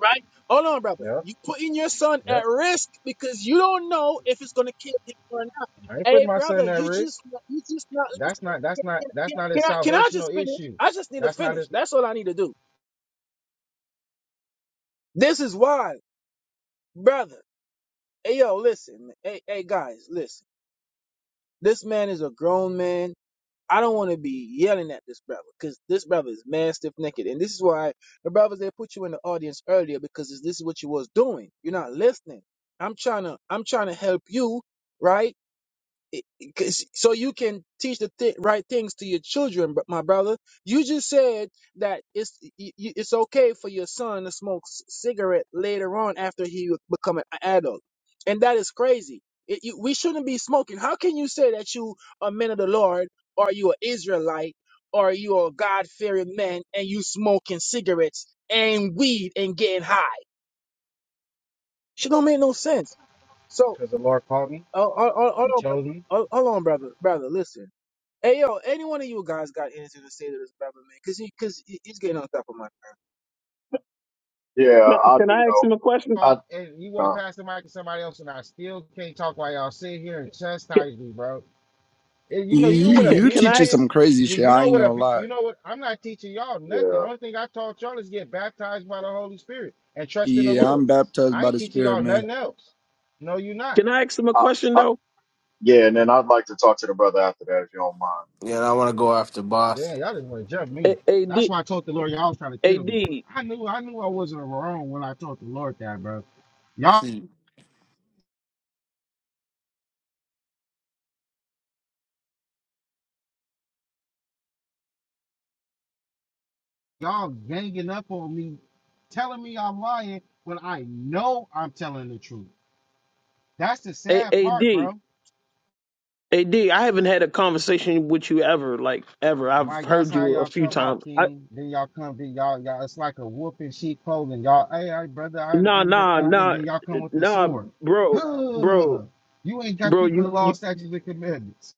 S10: right? Hold on, brother.
S7: Yep,
S10: You putting your son at
S7: yep.
S10: risk because you don't know if it's going to kill him or not.
S7: I ain't putting
S10: Hey,
S7: my
S10: brother,
S7: son at
S10: you just
S7: risk.
S10: you just not
S7: That's
S10: listening.
S7: not that's not that's
S10: Can,
S7: not a
S10: can I can I just
S7: salvational
S10: finish?
S7: issue.
S10: I just need to
S7: That's not
S10: finish.
S7: it
S10: That's all I need to do. This is why, brother. Hey, yo, listen. Hey, hey, guys, listen. This man is a grown man. I don't want to be yelling at this brother because this brother is mad stiff naked. And this is why the brothers they put you in the audience earlier because this is what you was doing. You're not listening. I'm trying to I'm trying to help you, right? It- it- 'cause- so you can teach the th- right things to your children but my brother you just said that it's y- y- it's okay for your son to smoke c- cigarette later on after he become an adult and that is crazy it, you, we shouldn't be smoking how can you say that you are men of the lord or you an israelite or you are god-fearing man and you smoking cigarettes and weed and getting high she don't make no sense so
S7: because the Lord called me
S10: uh, uh, uh, hold
S7: and
S10: on,
S7: chose me.
S10: bro- uh, hold on brother brother listen Hey yo, any one of you guys got anything to say to this brother, man? Cause he, cause he- he's getting on top of my.
S17: yeah,
S12: Can
S17: I
S12: can
S17: do
S12: I ask
S17: know.
S12: him a question?
S17: I
S7: talk and you want to
S17: uh,
S7: pass the mic to somebody else, and I still can't talk while y'all sit here and
S12: Can,
S7: chastise me, bro. And you
S14: You
S7: know, you know what
S12: can,
S14: you
S12: can
S7: abuse
S12: I
S14: teaching
S12: ask?
S14: some
S7: is.
S14: crazy
S7: You
S14: shit.
S7: you
S14: I
S7: know
S14: ain't
S7: what
S14: gonna
S7: abu-
S14: lie.
S7: you know what I'm not teaching y'all nothing.
S17: yeah,
S7: Only thing I taught y'all is get baptized by the Holy Spirit and trust in the
S14: Yeah,
S7: Lord.
S14: I'm baptized
S7: I
S14: by
S7: ain't
S14: the
S7: teaching
S14: Spirit,
S7: y'all
S14: man.
S7: nothing else. No, you not.
S12: Can I ask him a
S17: I,
S12: question
S17: I
S12: though?
S17: yeah, and then I'd like to talk to the brother after that if you don't mind.
S19: Yeah, and I want to go after boss.
S7: Damn, y'all didn't want to jump me.
S12: A- Ad
S7: That's why I told the Lord y'all was trying to kill
S12: Ad
S7: me. I knew I knew I wasn't wrong when I told the Lord that, bro. Y'all.
S19: See,
S7: Y'all ganging up on me, telling me I'm lying when I know I'm telling the truth. That's the sad
S12: A-
S7: part, bro.
S12: Ad Ad. I haven't had a conversation with you ever, like ever. I've
S7: Mike, that's
S12: heard
S7: how
S12: you a
S7: y'all
S12: few
S7: come off,
S12: times. I,
S7: King. Then y'all come, then y'all, y'all. It's like a wolf in sheep clothing. Y'all, hey, hey brother, I, and,
S12: nah,
S7: and,
S12: nah,
S7: and, and
S12: nah,
S7: then y'all come with the
S12: nah,
S7: sword. [SIGHS]
S12: bro,
S7: Huh.
S12: bro,
S7: you ain't got to
S12: bro.
S7: keep the
S12: You,
S7: law,
S12: you,
S7: statutes, and commandments.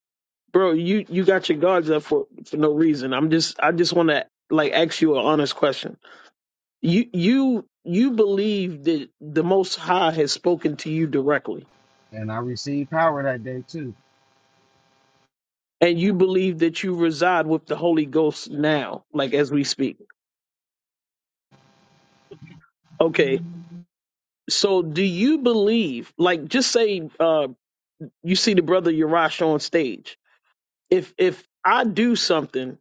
S12: bro. You, you got your guards up for for no reason. I'm just, I just want to like ask you an honest question. You you you believe that the Most High has spoken to you directly,
S7: And I received power that day too.
S12: and you believe that you reside with the Holy Ghost now, like as we speak. Okay. So do you believe, like just say uh you see the brother Yarash on stage. If if I do something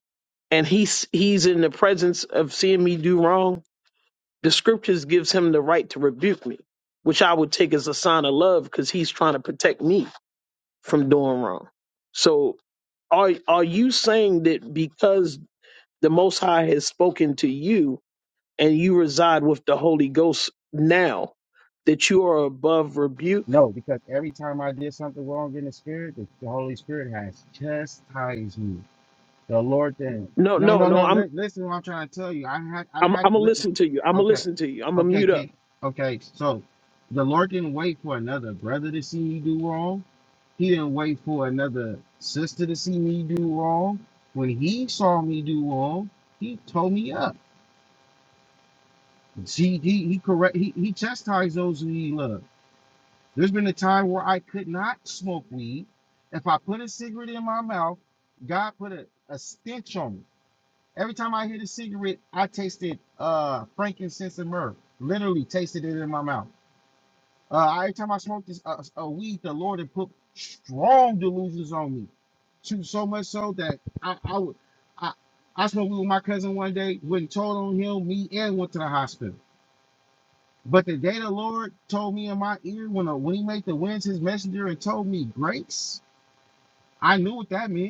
S12: and he's he's in the presence of seeing me do wrong, the scriptures gives him the right to rebuke me, which I would take as a sign of love because he's trying to protect me from doing wrong. So are are you saying that because the most high has spoken to you and you reside with the holy ghost now that you are above rebuke
S7: No, because every time I did something wrong in the spirit, the, the Holy Spirit has chastised me. The Lord did.
S12: no
S7: No,
S12: no
S7: no,
S12: no
S7: no.
S12: i'm
S7: Li- listen, to what I'm trying to tell you. I had, I
S12: i'm
S7: had.
S12: i'm gonna
S7: Li-
S12: listen to you i'm gonna
S7: okay,
S12: listen to you i'm gonna
S7: okay,
S12: mute up
S7: King. Okay, so the Lord didn't wait for another brother to see you do wrong. He didn't wait for another sister to see me do wrong. When he saw me do wrong, he told me up. See, he, he correct. He, he chastised those who he loved. There's been a time where I could not smoke weed. If I put a cigarette in my mouth, God put a, a stench on me. Every time I hit a cigarette, I tasted uh frankincense and myrrh. Literally tasted it in my mouth. Uh, every time I smoked this uh, a weed, the Lord had put strong delusions on me. To so much so that I I would I I smoked weed with my cousin one day. Went and told on him, me, and went to the hospital. But the day the Lord told me in my ear when uh, when He made the winds His messenger and told me grace, I knew what that meant.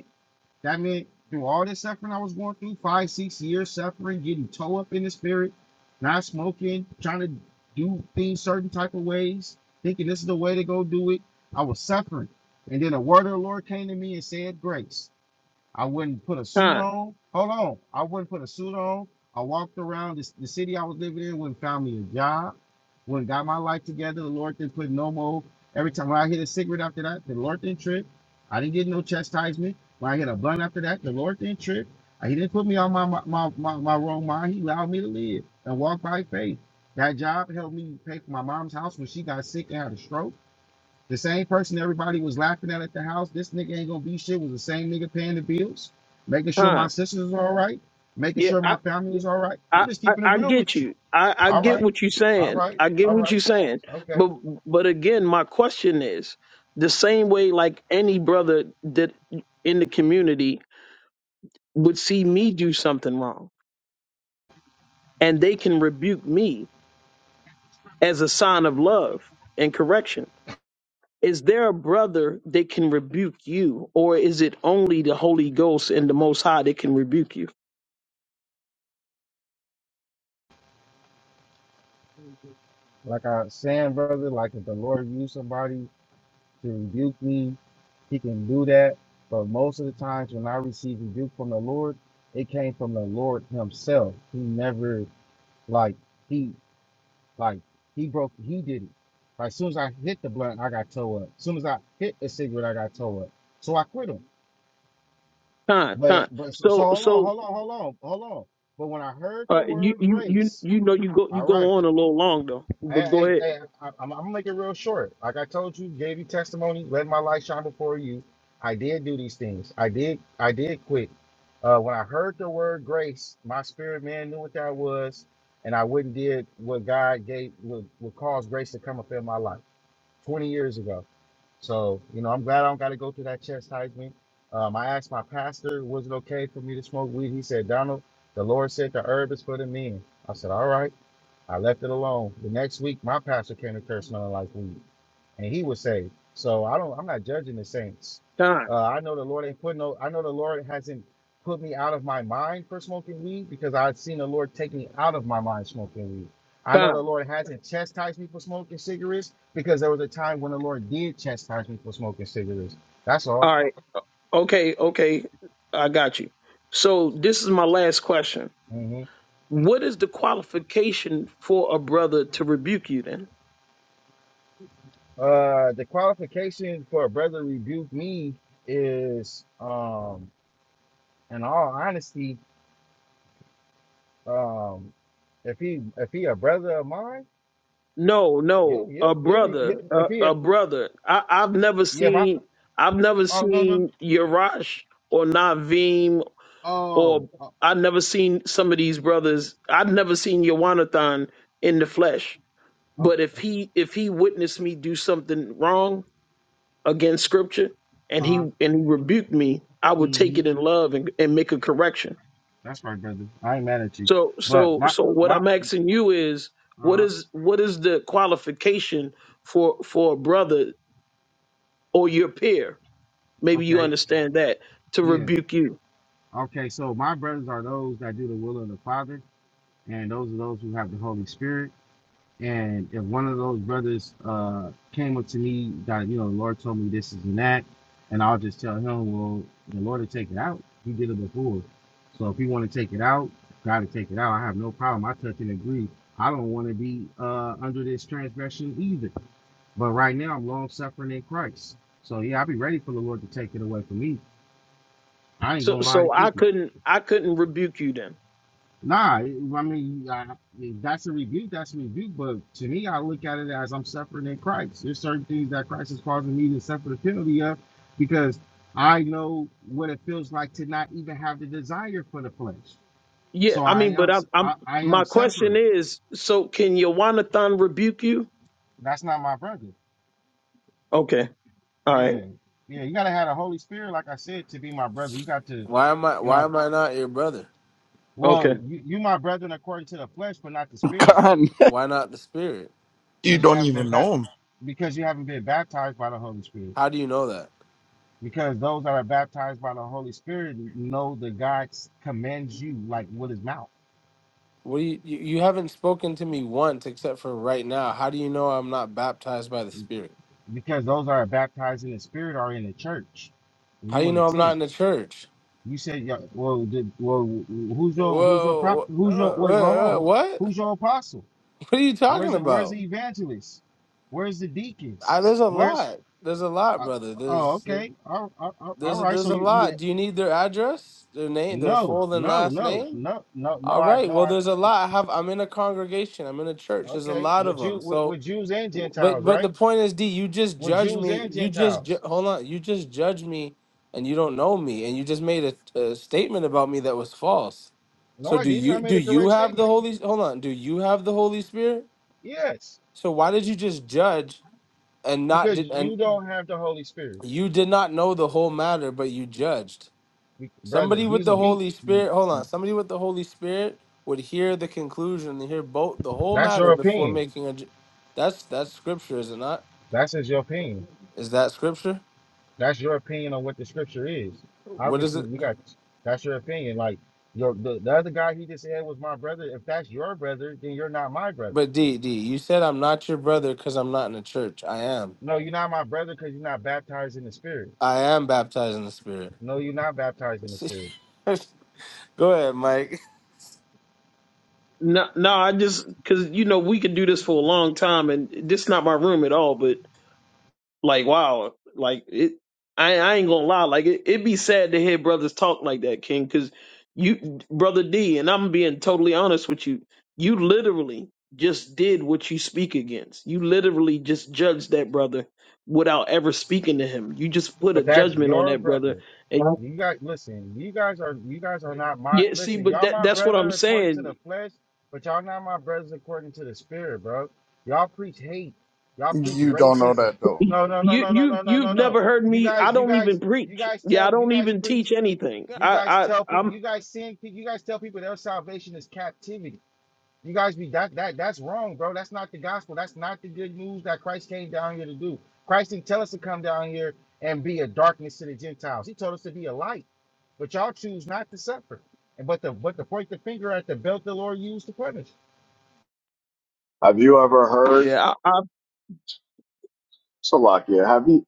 S7: That meant through all this suffering I was going through, five, six years suffering, getting toe up in the spirit, not smoking, trying to do things certain type of ways, thinking this is the way to go do it. I was suffering. And then a word of the Lord came to me and said, Grace. I wouldn't put a suit
S12: time
S7: on. Hold on. I wouldn't put a suit on. I walked around this, the city I was living in, wouldn't found me a job, wouldn't got my life together. The Lord didn't put no more. Every time when I hit a cigarette after that, the Lord didn't trip. I didn't get no chastisement. When I hit a blunt after that, the Lord didn't trip. Uh, He didn't put me on my, my, my, my, my wrong mind. He allowed me to live and walk by faith. That job helped me pay for my mom's house when she got sick and had a stroke. The same person everybody was laughing at at the house, this nigga ain't gonna be shit, was the same nigga paying the bills, making sure my
S12: time
S7: sisters was all right, making
S12: yeah
S7: sure
S12: i
S7: my family is all right. I'm
S12: I,
S7: just
S12: I,
S7: keeping it
S12: I
S7: real
S12: get
S7: with you.
S12: you. I, I
S7: All
S12: get
S7: right,
S12: what you're
S7: all
S12: saying.
S7: right,
S12: I get
S7: all
S12: what you're
S7: right,
S12: saying.
S7: okay.
S12: But but again, my question is the same way like any brother that in the community would see me do something wrong and they can rebuke me as a sign of love and correction. Is there a brother that can rebuke you, or is it only the Holy Ghost and the Most High that can rebuke you?
S7: Like I was saying, brother, like if the Lord used somebody to rebuke me, he can do that. But most of the times when I receive rebuke from the Lord, it came from the Lord himself. He never like He. Like he broke, he did it. Like as soon as I hit the blunt, I got toe up. As Soon as I hit the cigarette, I got toe up. So I quit him.
S12: Time,
S7: But
S12: time.
S7: but so
S12: So,
S7: hold on,
S12: so
S7: hold on, hold on, hold on. But when I heard the
S12: uh, you,
S7: word
S12: you, you,
S7: grace,
S12: you know, you go, you
S7: all right,
S12: go on a little long though,
S7: hey,
S12: but go
S7: hey,
S12: ahead.
S7: hey, I, I'm, I'm gonna make it real short. Like I told you, gave you testimony, let my light shine before you. I did do these things. I did I did quit. Uh, when I heard the word grace, my spirit man knew what that was, and I wouldn't did what God gave would, would cause grace to come up in my life. 20 years ago. So, you know, I'm glad I don't got to go through that chastisement. Um, I asked my pastor, was it okay for me to smoke weed? He said, Donald, the Lord said the herb is for the men. I said, all right. I left it alone. The next week, my pastor came to church smelling like weed, and he was saved. So I don't. I'm not judging the saints.
S12: Time,
S7: Uh, I know the Lord ain't put no. I know the Lord hasn't put me out of my mind for smoking weed because I've seen the Lord take me out of my mind smoking weed. I know the
S12: time.
S7: Lord hasn't chastised me for smoking cigarettes because there was a time when the Lord did chastise me for smoking cigarettes. That's all.
S12: All right, okay, okay, I got you. So this is my last question.
S7: hmm
S12: What is the qualification for a brother to rebuke you then?
S7: Uh, the qualification for a brother to rebuke me is, um, in all honesty, Um, if he if he a brother of mine,
S12: No,
S7: you'll
S12: no, a
S7: you'll you'll be
S12: brother,
S7: you, if
S12: a,
S7: he
S12: a brother. I, I've never
S7: yeah if I
S12: seen, I've never
S7: oh no no
S12: seen Yarash or Naveem
S7: oh
S12: or
S7: oh,
S12: I've never seen some of these brothers. I've never seen Yawanathan in the flesh.
S7: okay
S12: But if he, if he witnessed me do something wrong against Scripture
S7: uh
S12: and he
S7: huh
S12: and he rebuked me, I would take
S7: hmm
S12: it in love and, and make a correction.
S7: that's right brother I ain't mad at you
S12: So
S7: but
S12: so
S7: my
S12: so what
S7: my
S12: I'm asking you is what
S7: uh
S12: is what is the qualification for for a brother or your peer? Maybe you
S7: okay
S12: understand that to
S7: yeah
S12: rebuke you.
S7: okay so my brothers are those that do the will of the Father and those are those who have the Holy Spirit And if one of those brothers uh, came up to me, God, you know, the Lord told me this is and that, and I'll just tell him, well, the Lord will take it out. He did it before. So if he want to take it out, God to take it out. I have no problem. I touch and agree. I don't want to be uh, under this transgression either. But right now, I'm long suffering in Christ. So yeah, I'll be ready for the Lord to take it away from me. I ain't
S12: So
S7: gonna lie
S12: so
S7: to
S12: I
S7: you.
S12: couldn't I couldn't rebuke you then.
S7: Nah, I mean, I, that's a rebuke. That's a rebuke. But to me, I look at it as I'm suffering in Christ. There's certain things that Christ is causing me to suffer the penalty of because I know what it feels like to not even have the desire for the flesh.
S12: Yeah,
S7: So
S12: I
S7: I
S12: mean, but
S7: am,
S12: I'm I'm
S7: I, I am
S12: my question
S7: suffering.
S12: is so can Yawanathan rebuke you?
S7: That's not my brother.
S12: Okay. All right.
S7: Yeah, yeah. You gotta have the Holy Spirit, like I said, to be my brother. You got to,
S19: why am I?
S7: you
S19: Why
S7: know,
S19: am I not your brother?
S7: well,
S12: Okay.
S7: you, you my brethren according to the flesh, but not the
S14: [LAUGHS]
S7: spirit,
S14: God,
S19: Why not the spirit?
S14: You
S7: because you
S14: don't
S7: haven't been
S14: even
S7: back,
S14: know him.
S7: because you haven't been baptized by the Holy Spirit.
S19: How do you know that?
S7: because those that are baptized by the Holy Spirit know that God s- commands you like with His mouth.
S19: What do you, you? You haven't spoken to me once, except for right now. How do you know I'm not baptized by the spirit?
S7: Because those that are baptized in the Spirit are in the church, and
S19: How do
S7: you
S19: you
S7: in the
S19: know I'm not
S7: tent.
S19: in the church?
S7: You said, yeah, "Well, did, well, who's your who's your prop?
S19: Whoa, wh-
S7: Who's your wait? Hold
S19: uh, uh,
S7: on,
S19: what? [LAUGHS]
S7: who's your apostle?
S19: What are you
S7: Where's
S19: talking
S7: it? Where's
S19: about?
S7: the evangelist? Where's the deacons?
S19: I, there's a
S7: Where's
S19: lot. There's a lot,
S7: uh,
S19: brother.
S7: oh,
S19: There's
S7: okay, all, all, all all
S19: there's
S7: right.
S19: there's
S7: So
S19: a
S7: you you
S19: lot. Do you need their address, their name, their
S7: no
S19: full and
S7: no
S19: last
S7: no
S19: name?
S7: no no no
S19: All
S7: I
S19: right.
S7: no
S19: Well,
S7: I
S19: there's a lot. I have. I'm in a congregation. I'm in a church. There's a
S7: okay.
S19: lot of
S7: With you
S19: them.
S7: with,
S19: So,
S7: with Jews and
S19: but
S7: Gentiles,
S19: but the
S7: right?
S19: point is, D, you just
S7: with
S19: judge
S7: Jews
S19: me.
S7: and
S19: You just ju-
S7: Gentiles.
S19: hold on. You just judge me, and you don't know me, and you just made a, a statement about me that was false.
S7: No,
S19: So
S7: I
S19: do
S7: didn't. I
S19: you
S7: made
S19: do
S7: a
S19: you
S7: correct
S19: have the
S7: statement.
S19: Holy? Hold on. Do you have the Holy Spirit?
S7: Yes,
S19: So why did you just judge and not
S7: because
S19: did and
S7: you don't have the Holy Spirit,
S19: you did not know the whole matter, but you judged?
S7: We- brother.
S19: Somebody with
S7: These are
S19: the
S7: deep.
S19: Holy Spirit, hold on. Somebody with the Holy Spirit would hear the conclusion and hear both the whole
S7: That's
S19: matter
S7: your
S19: before
S7: opinion.
S19: making a. ju- That's that's scripture, is it not?
S7: That's just your opinion.
S19: Is that scripture?
S7: That's your opinion on what the Scripture is.
S19: What is
S7: Obviously,
S19: it?
S7: we got that's your opinion. Like your the, the other guy he just said was my brother. If that's your brother, then you're not my brother.
S19: But D D, you said I'm not your brother because I'm not in the church. I am.
S7: No, you're not my brother because you're not baptized in the Spirit.
S19: I am baptized in the Spirit.
S7: No, you're not baptized in the Spirit.
S19: [LAUGHS] Go ahead, Mike.
S12: No, no, I just because you know we could do this for a long time, and this is not my room at all. but. Like wow, like it. I, I ain't gonna lie, like it, it'd be sad to hear brothers talk like that, King, because you, brother D, and I'm being totally honest with you. You literally just did what you speak against. You literally just judged that brother without ever speaking to him. You just put a
S7: But that's
S12: judgment on
S7: your
S12: that brother,
S7: brother.
S12: and
S7: You guys, listen. You guys are you guys are not my
S12: yeah, see,
S7: listen.
S12: but
S7: Y'all
S12: that
S7: my
S12: that's what I'm
S7: brother according to the
S12: saying.
S7: flesh, but y'all not my brothers according to the spirit, bro. Y'all preach hate. Y'all preach
S14: You don't know
S7: racism.
S14: that though.
S12: You
S7: No, no, no, no, no, no,
S12: you
S7: no, no,
S12: you've
S7: no.
S12: never heard
S7: You
S12: me.
S7: guys,
S12: I
S7: you
S12: don't
S7: guys,
S12: even
S7: you
S12: preach.
S7: guys
S12: Yeah, I
S7: tell you
S12: don't
S7: guys
S12: even
S7: preach.
S12: teach anything.
S7: You guys
S12: I
S7: tell
S12: I
S7: people.
S12: I'm
S7: You guys send people. You guys tell people their salvation is captivity. You guys be that that that's wrong, bro. That's not the gospel. That's not the good news that Christ came down here to do. Christ didn't tell us to come down here and be a darkness to the Gentiles. He told us to be a light. But y'all choose not to suffer. And but the but to point the finger at the belt the Lord used to punish.
S17: Have you ever heard
S12: yeah.
S17: Salakia? Have you?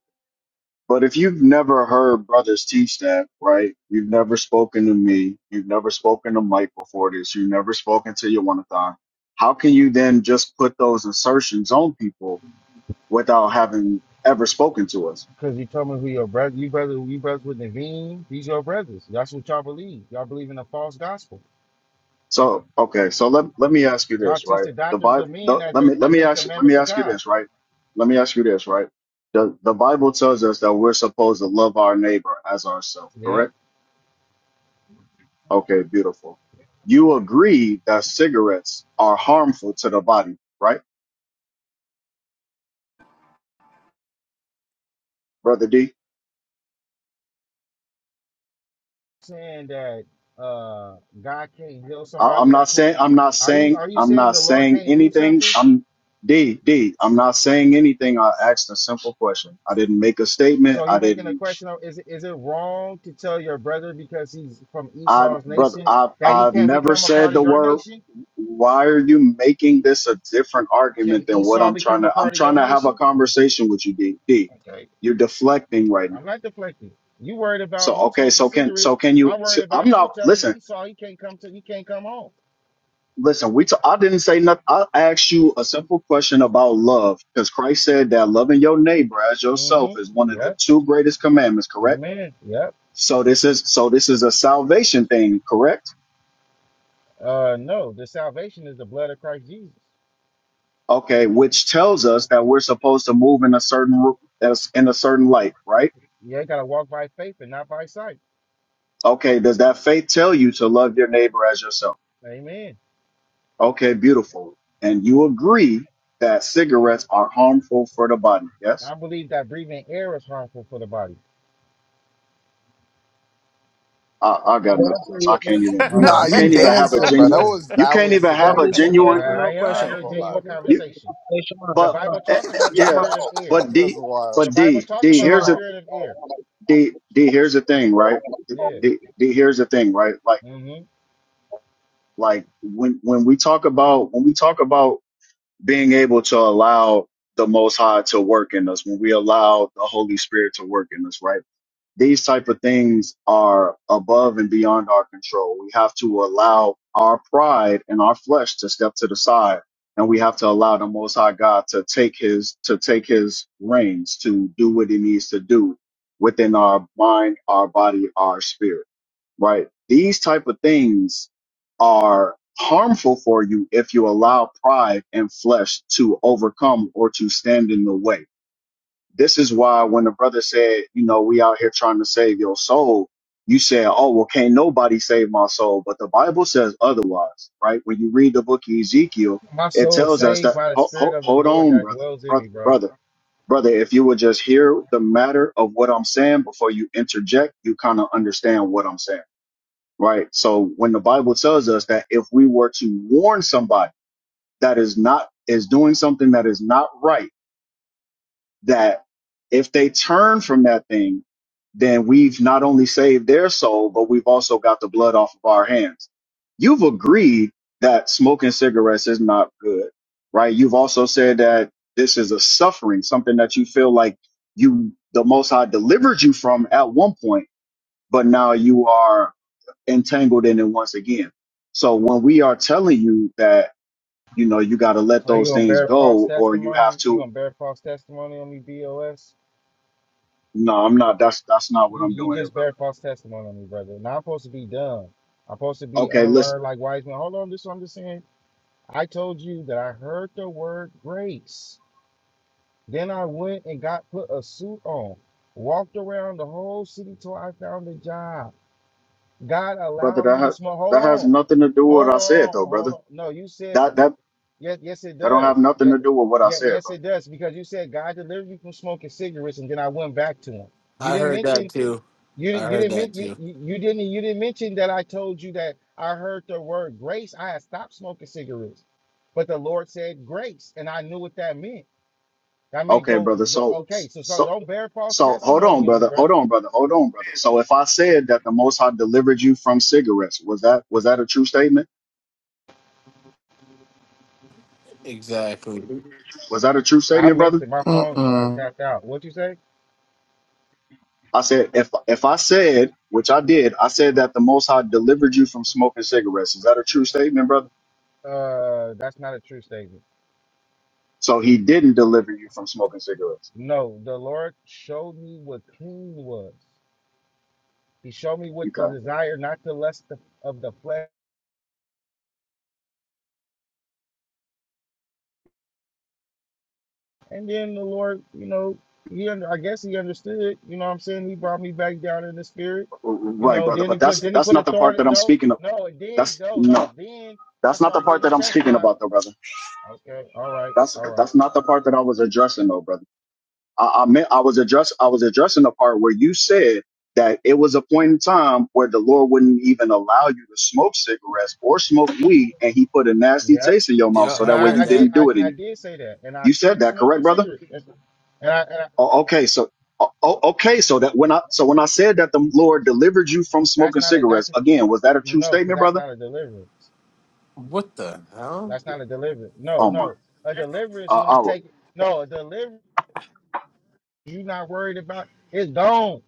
S17: But if you've never heard brothers teach that, right? You've never spoken to me. You've never spoken to Mike before this. You've never spoken to Yawanathan. How can you then just put those assertions on people without having ever spoken to us?
S7: Because he told me who your brother you brother you brothers with Naveen, these your brothers. That's what y'all believe. Y'all believe in a false gospel.
S17: So okay, so let let me ask you
S7: Y'all
S17: this,
S7: teach
S17: right?
S7: the
S17: The
S7: doctrines
S17: Bible.
S7: of men
S17: The,
S7: as
S17: let
S7: they
S17: me let
S7: as
S17: me
S7: they
S17: ask let
S7: commandments
S17: me
S7: of
S17: ask you
S7: God.
S17: this, right? Let me ask you this, right? The the Bible tells us that we're supposed to love our neighbor as ourselves,
S7: Yep.
S17: correct? Okay, beautiful. You agree that cigarettes are harmful to the body, right, brother D?
S7: saying that uh God can't heal
S17: I, I'm
S7: somebody
S17: not
S7: that
S17: saying
S7: smoke?
S17: I'm not
S7: Are you
S17: saying
S7: are you
S17: I'm
S7: saying
S17: not
S7: the Lord
S17: saying
S7: can't do
S17: anything.
S7: something?
S17: I'm D D. I'm not saying anything. I asked a simple question. I didn't make a statement.
S7: So
S17: I
S7: you're making a
S17: didn't.
S7: question of is it- is it wrong to tell your brother because he's from
S17: I,
S7: Esau's
S17: brother,
S7: nation
S17: I've,
S7: that he
S17: I've
S7: can't
S17: never
S7: become a
S17: said
S7: part of
S17: the
S7: your
S17: word.
S7: nation?
S17: Why are you making this a different
S7: Can
S17: argument than what
S7: Esau
S17: I'm trying
S7: become a
S17: to? I'm
S7: part of
S17: trying
S7: your
S17: to have a
S7: nation?
S17: conversation with you, D. D.
S7: Okay,
S17: You're deflecting right now.
S7: I'm not deflecting. You worried
S17: So
S7: about me
S17: okay,
S7: smoking
S17: so can so
S7: cigarettes?
S17: can you?
S7: I'm
S17: so
S7: worried
S17: I'm
S7: about you
S17: not
S7: telling
S17: listen.
S7: Esau he can't come to he can't come home.
S17: Listen, we. T- I didn't say nothing. I asked you a simple question about love because Christ said that loving your neighbor as yourself is one
S7: Mm-hmm.
S17: of the
S7: Yep.
S17: two greatest commandments. Correct.
S7: Amen. Yep.
S17: So this is so this is a salvation thing. Correct.
S7: Uh, no, the salvation is the blood of Christ Jesus.
S17: Okay, which tells us that we're supposed to move in a certain ru- as- in a certain light, right?
S7: Yeah, you gotta walk by faith and not by sight.
S17: Okay, does that faith tell you to love your neighbor as yourself?
S7: Amen.
S17: Okay, beautiful. And you agree that cigarettes are harmful for the body? Yes.
S7: I believe that breathing air is harmful for the body.
S17: I, I got
S10: That's
S17: nothing
S10: a,
S17: else.
S10: ye-
S17: I can't
S10: that's a,
S17: even.
S7: All
S17: You,
S14: Nah,
S7: right,
S10: that's
S17: you
S10: a
S14: you
S17: can't
S7: cool,
S17: even
S10: yes
S17: have
S10: or
S17: a
S10: no
S14: dancing, bro. That
S17: genuine.
S10: question.
S7: cool.
S14: was
S17: You
S14: that
S17: can't
S14: was
S17: even
S14: the
S17: have
S10: That
S17: a
S10: is
S14: dumbest
S10: a
S14: shit I've
S10: yes
S17: genuine.
S7: I,
S10: or
S14: ever
S7: I
S10: no
S14: heard.
S7: am
S14: I
S10: question.
S14: ain't
S7: having
S10: Oh,
S7: a
S14: gonna
S10: hold
S14: lie,
S10: on
S7: genuine
S14: bro.
S10: one
S17: You
S10: second.
S7: conversation.
S10: Hey,
S7: The
S17: but
S7: Bible
S17: eh,
S7: talk
S17: eh,
S7: about the
S10: Shemai,
S17: yeah,
S10: Shemai,
S7: spirit of
S14: [LAUGHS]
S7: air.
S17: but
S14: That's
S17: D
S14: wild.
S7: The
S17: but
S7: Bible
S17: D
S7: talk
S17: D
S7: about
S10: Shemai,
S7: the
S17: here's a
S10: Shemai.
S7: spirit of air.
S17: D D here's the thing, right?
S7: Yeah.
S17: D, D here's the thing, right? Like
S7: hmm
S17: Like when when we talk about when we talk about being able to allow the Most High to work in us, when we allow the Holy Spirit to work in us, right? These type of things are above and beyond our control. We have to allow our pride and our flesh to step to the side, and we have to allow the Most High God to take his to take his reins to do what he needs to do within our mind, our body, our spirit right? These type of things are harmful for you if you allow pride and flesh to overcome or to stand in the way. This is why when the brother said, you know, we out here trying to save your soul, you said, oh, well, can't nobody save my soul. But the Bible says otherwise, right? When you read the book of Ezekiel,
S7: My
S17: it
S7: soul
S17: tells us
S7: saved
S17: that,
S7: by the
S17: ho-
S7: spirit
S17: ho-
S7: of the
S17: hold
S7: Lord
S17: on,
S7: that
S17: brother,
S7: dwells in
S17: brother,
S7: me, bro.
S17: brother, brother, if you would just hear the matter of what I'm saying before you interject, you kind of understand what I'm saying right? So when the Bible tells us that if we were to warn somebody that is not is doing something that is not right, that if they turn from that thing, then we've not only saved their soul, but we've also got the blood off of our hands. You've agreed that smoking cigarettes is not good, right? You've also said that this is a suffering, something that you feel like you the most high delivered you from at one point, but now you are entangled in it once again. So when we are telling you that, you know, you got to let
S7: So you
S17: those
S7: gonna
S17: things
S7: bear false
S17: go or you have
S7: testimony? You
S17: to,
S7: gonna bear false testimony on me, BOS?
S17: no, I'm not, that's, that's not what
S7: You
S17: I'm
S7: you
S17: doing here,
S7: just
S17: brother.
S7: bear false testimony on me, brother. Now I'm supposed to be dumb. I'm supposed to be
S17: Okay. Listen,
S7: unlearned like wise men. Hold on, this is what I'm just saying. I told you that I heard the word grace. Then I went and got put a suit on, walked around the whole city till I found a job. God
S17: brother,
S7: allowed
S17: that,
S7: me to
S17: ha-
S7: smoke. Hold
S17: that has
S7: on,
S17: nothing to do with what
S7: hold
S17: I said
S7: on,
S17: though,
S7: hold
S17: brother.
S7: on. No, you said
S17: That, that,
S7: yes, yes, it
S17: that don't have
S7: does.
S17: nothing
S7: Yeah,
S17: to do with what I
S7: yeah,
S17: said,
S7: yes,
S17: brother.
S7: it does because you said God delivered me from smoking cigarettes, and then I went back to him. You
S19: I
S7: didn't
S19: heard that
S7: mention.
S19: too.
S7: You
S19: I
S7: you
S19: heard
S7: didn't
S19: that
S7: men- you,
S19: too.
S7: you you didn't you didn't mention that I told you that I heard the word grace. I had stopped smoking cigarettes, but the Lord said grace, and I knew what that meant. That meant
S17: Okay,
S7: go,
S17: brother.
S7: go
S17: So,
S7: okay. So, so
S17: so,
S7: don't bear false
S17: so hold on,
S7: testimony on me,
S17: brother. Hold
S7: brother.
S17: on, brother. Hold on, brother. So if I said that the Most High delivered you from cigarettes, was that, was that a true statement?
S19: Exactly.
S17: Was that a true
S7: I
S17: statement, brother?
S7: missed it. My phone uh,
S14: mm-mm.
S7: tapped out. What you say?
S17: I said, if if I said, which I did, I said that the Most High delivered you from smoking cigarettes. Is that a true statement, brother?
S7: Uh, that's not a true statement.
S17: So he didn't deliver you from smoking cigarettes.
S7: No, the Lord showed me what clean was. He showed me what the
S17: Okay,
S7: desire, not the lust of the flesh. And then the Lord, you know, he under, I guess he understood. You know what I'm saying? He brought me back down in the spirit. You
S17: right,
S7: know,
S17: brother.
S7: then he
S17: But
S7: put
S17: that's
S7: then he
S17: that's
S7: put a
S17: not the part that
S7: thorn.
S17: I'm
S7: No,
S17: speaking of.
S7: no, it then
S17: That's
S7: no, no.
S17: no,
S7: Then I
S17: that's not the
S7: started
S17: part
S7: getting
S17: that I'm speaking
S7: chastised.
S17: about, though, brother.
S7: Okay, all right,
S17: That's
S7: all right.
S17: that's not the part that I was addressing, though, brother. I, I meant I was address I was addressing the part where you said that it was a point in time where the Lord wouldn't even allow you to smoke cigarettes or smoke weed, and He put a nasty
S7: Yeah.
S17: taste in your mouth
S19: Yeah,
S17: so
S7: And
S19: I
S17: that way
S7: I,
S19: heard
S17: you
S7: I
S19: that.
S7: did
S17: didn't
S7: I,
S17: do it
S7: I
S17: anymore.
S7: did say that. And I
S17: You said
S7: quit
S17: that,
S7: smoking
S17: correct, brother?
S7: cigarettes. That's- And I, and I
S17: Oh, okay, so oh, oh, okay, so that when I so when I said that the Lord delivered you from
S7: that's
S17: smoking
S7: not a that's
S17: cigarettes again, was that a true
S7: no, because
S17: statement,
S7: that's
S17: brother?
S7: not a deliverance.
S19: What the hell?
S7: That's not a deliverance. No,
S17: Oh my,
S7: no. A deliverance
S17: uh,
S7: when
S17: I,
S7: he
S17: was-
S7: take no, a deliverance you not worried about it's gone.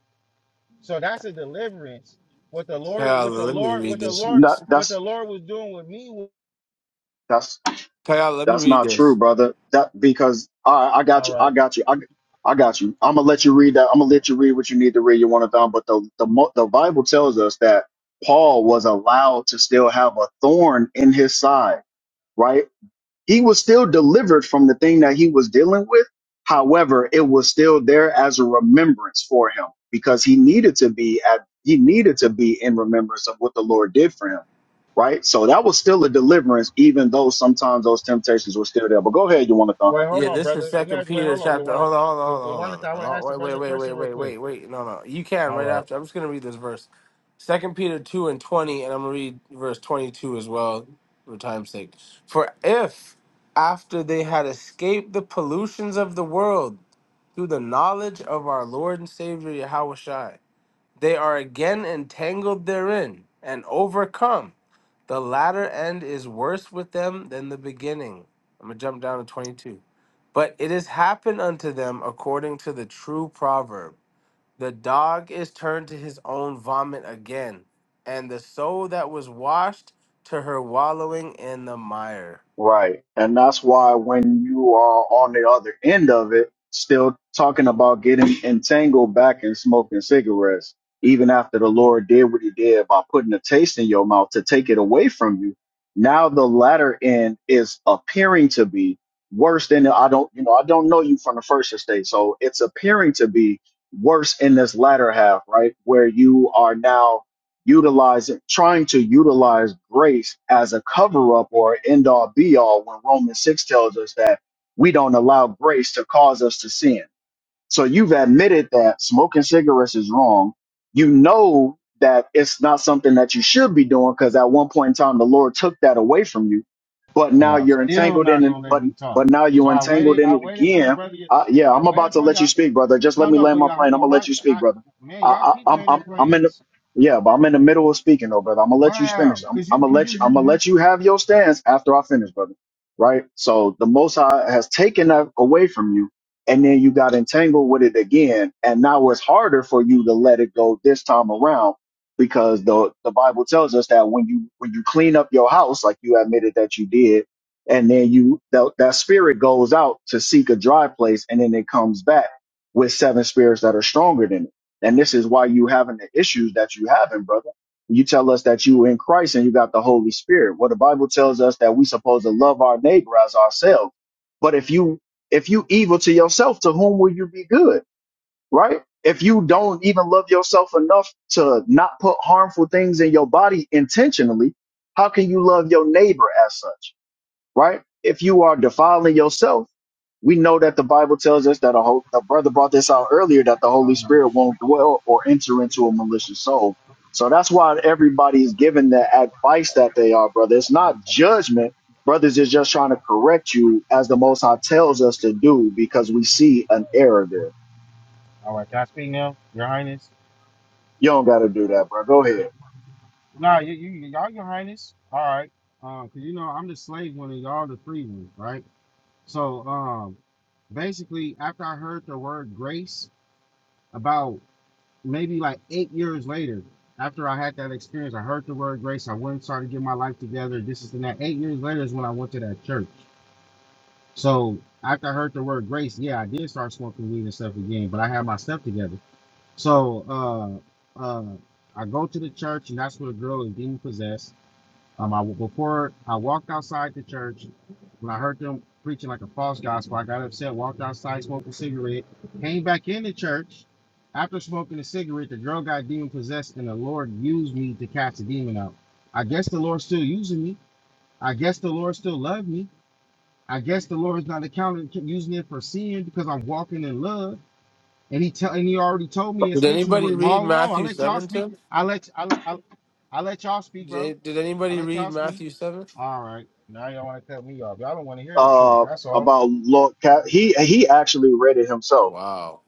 S7: So that's a deliverance. What the Lord,
S19: Kyle,
S7: what the
S19: let me
S7: Lord,
S19: read
S7: what the
S19: this.
S7: Lord,
S17: not,
S7: what the
S17: that's
S7: Lord was doing with me. Was,
S17: that's
S19: Kyle, let me
S17: That's
S19: read
S17: not
S19: this.
S17: true, brother. That because I I got
S7: all
S17: you. I
S7: right.
S17: got you. I, I got you. I'm gonna let you read that. I'm gonna let you read what you need to read. You want to down, but the the mo- the Bible tells us that Paul was allowed to still have a thorn in his side, right? He was still delivered from the thing that he was dealing with. However, it was still there as a remembrance for him because he needed to be at he needed to be in remembrance of what the Lord did for him. Right? So that was still a deliverance, even though sometimes those temptations were still there. But go ahead, you want to
S7: Wait, hold
S19: Yeah,
S7: on,
S19: this is
S7: brother. Let me
S19: Second
S7: ask. Wait,
S19: Peter
S7: hold on. You
S19: chapter.
S7: want to?
S19: Hold on, hold on,
S7: You, you
S19: hold
S7: want to?
S19: on,
S7: I
S19: hold
S7: want to
S19: on.
S7: ask the
S19: Oh, Wait, wait,
S7: brother a
S19: wait, wait,
S7: question real
S19: wait,
S7: quick.
S19: wait, wait. No, no, you can
S7: All
S19: right
S7: right.
S19: after. I'm just gonna read this verse, Second Peter two and twenty, and I'm gonna read verse twenty two as well for time's sake. For if after they had escaped the pollutions of the world through the knowledge of our Lord and Savior Yahushai, they are again entangled therein and overcome. The latter end is worse with them than the beginning. I'm gonna jump down to twenty two. But it has happened unto them according to the true proverb The dog is turned to his own vomit again, and the soul that was washed to her wallowing in the mire.
S17: Right. And that's why when you are on the other end of it, still talking about getting entangled back in smoking cigarettes, even after the Lord did what he did by putting a taste in your mouth to take it away from you, now the latter end is appearing to be worse than the, I don't, you know, I don't know you from the first estate. So it's appearing to be worse in this latter half, right? Where you are now utilizing trying to utilize grace as a cover up or end all be all when Romans 6 tells us that we don't allow grace to cause us to sin. So you've admitted that smoking cigarettes is wrong. You know that it's not something that you should be doing because at one point in time the Lord took that away from you. But
S7: So
S17: now
S7: y'all
S17: you're
S7: still
S17: entangled in
S7: not
S17: it.
S7: gonna let
S17: But
S7: me talk.
S17: but now
S7: So
S17: you're
S7: I
S17: entangled
S7: waited.
S17: in
S7: I
S17: it
S7: waited for the
S17: again.
S7: brother. to-
S17: Uh, yeah,
S7: I
S17: I'm about
S7: waited
S17: to
S7: for
S17: let you
S7: y'all.
S17: speak, brother. Just let
S7: No,
S17: me
S7: no,
S17: land
S7: but
S17: my
S7: y'all,
S17: plane. I'm
S7: y'all,
S17: gonna
S7: why,
S17: let you speak,
S7: I,
S17: brother.
S7: man, y'all
S17: I,
S7: keep
S17: I, I'm
S7: landing
S17: I'm I'm in the
S7: planes.
S17: yeah, but I'm in the middle of speaking, though, brother. I'm gonna let you
S7: Wow,
S17: finish. I'm,
S7: cause
S17: I'm
S7: you,
S17: gonna
S7: cause you,
S17: let you. I'm
S7: you,
S17: gonna
S7: you.
S17: let you have your stance after I finish, brother. Right. So the Most High has taken that away from you and then you got entangled with it again and now it's harder for you to let it go this time around because the the bible tells us that when you when you clean up your house like you admitted that you did and then you that, that spirit goes out to seek a dry place and then it comes back with seven spirits that are stronger than it and this is why you having the issues that you having brother you tell us that you in christ and you got the holy spirit well the bible tells us that we supposed to love our neighbor as ourselves but if you if you evil to yourself, to whom will you be good? Right? If you don't even love yourself enough to not put harmful things in your body intentionally, how can you love your neighbor as such? Right? If you are defiling yourself, we know that the Bible tells us that a, whole, a brother brought this out earlier that the Holy
S7: all right.
S17: Spirit won't dwell or enter into a malicious soul. So that's why everybody is given the advice that they are, brother. It's not judgment. Brothers is just trying to correct you as the Most High tells us to do because we see an error there.
S7: All right, can I speak now, Your Highness?
S17: You don't got to do that, bro. Go ahead.
S7: Nah, you, you, y'all, your highness. All right. right, cause you know, I'm the slave one and y'all the free one, right? So, um, basically, after I heard the word grace, about maybe like eight years later, after I had that experience, I heard the word grace. I went and started getting my life together. This is and that. Eight years later is when I went to that church. So, after I heard the word grace, yeah, I did start smoking weed and stuff again, but I had my stuff together. So, uh, uh, I go to the church, and that's where the girl is demon possessed um, I before I walked outside the church, when I heard them preaching like a false gospel, I got upset, walked outside, smoked a cigarette, came back in the church. After smoking a cigarette, the girl got demon possessed, and the Lord used me to cast the demon out. I guess the Lord's still using me. I guess the Lord still loved me. I guess the Lord is not accounting using it for sin because I'm walking in love. And he tell and he already told me in
S19: Did
S7: scriptures
S19: anybody
S7: what
S19: read
S7: long long. I
S19: Matthew
S7: let y'all
S19: 7
S7: speak.
S19: too?
S7: I let I let I, I let y'all speak, bro.
S19: Did did
S7: I
S19: anybody
S7: let
S19: read
S7: y'all speak.
S19: Matthew 7?
S7: All right. Now y'all want to cut me off. Y'all don't want to hear the truth.
S17: Uh,
S7: That's all.
S17: about Lord, Ca- he he actually read it himself
S19: Wow.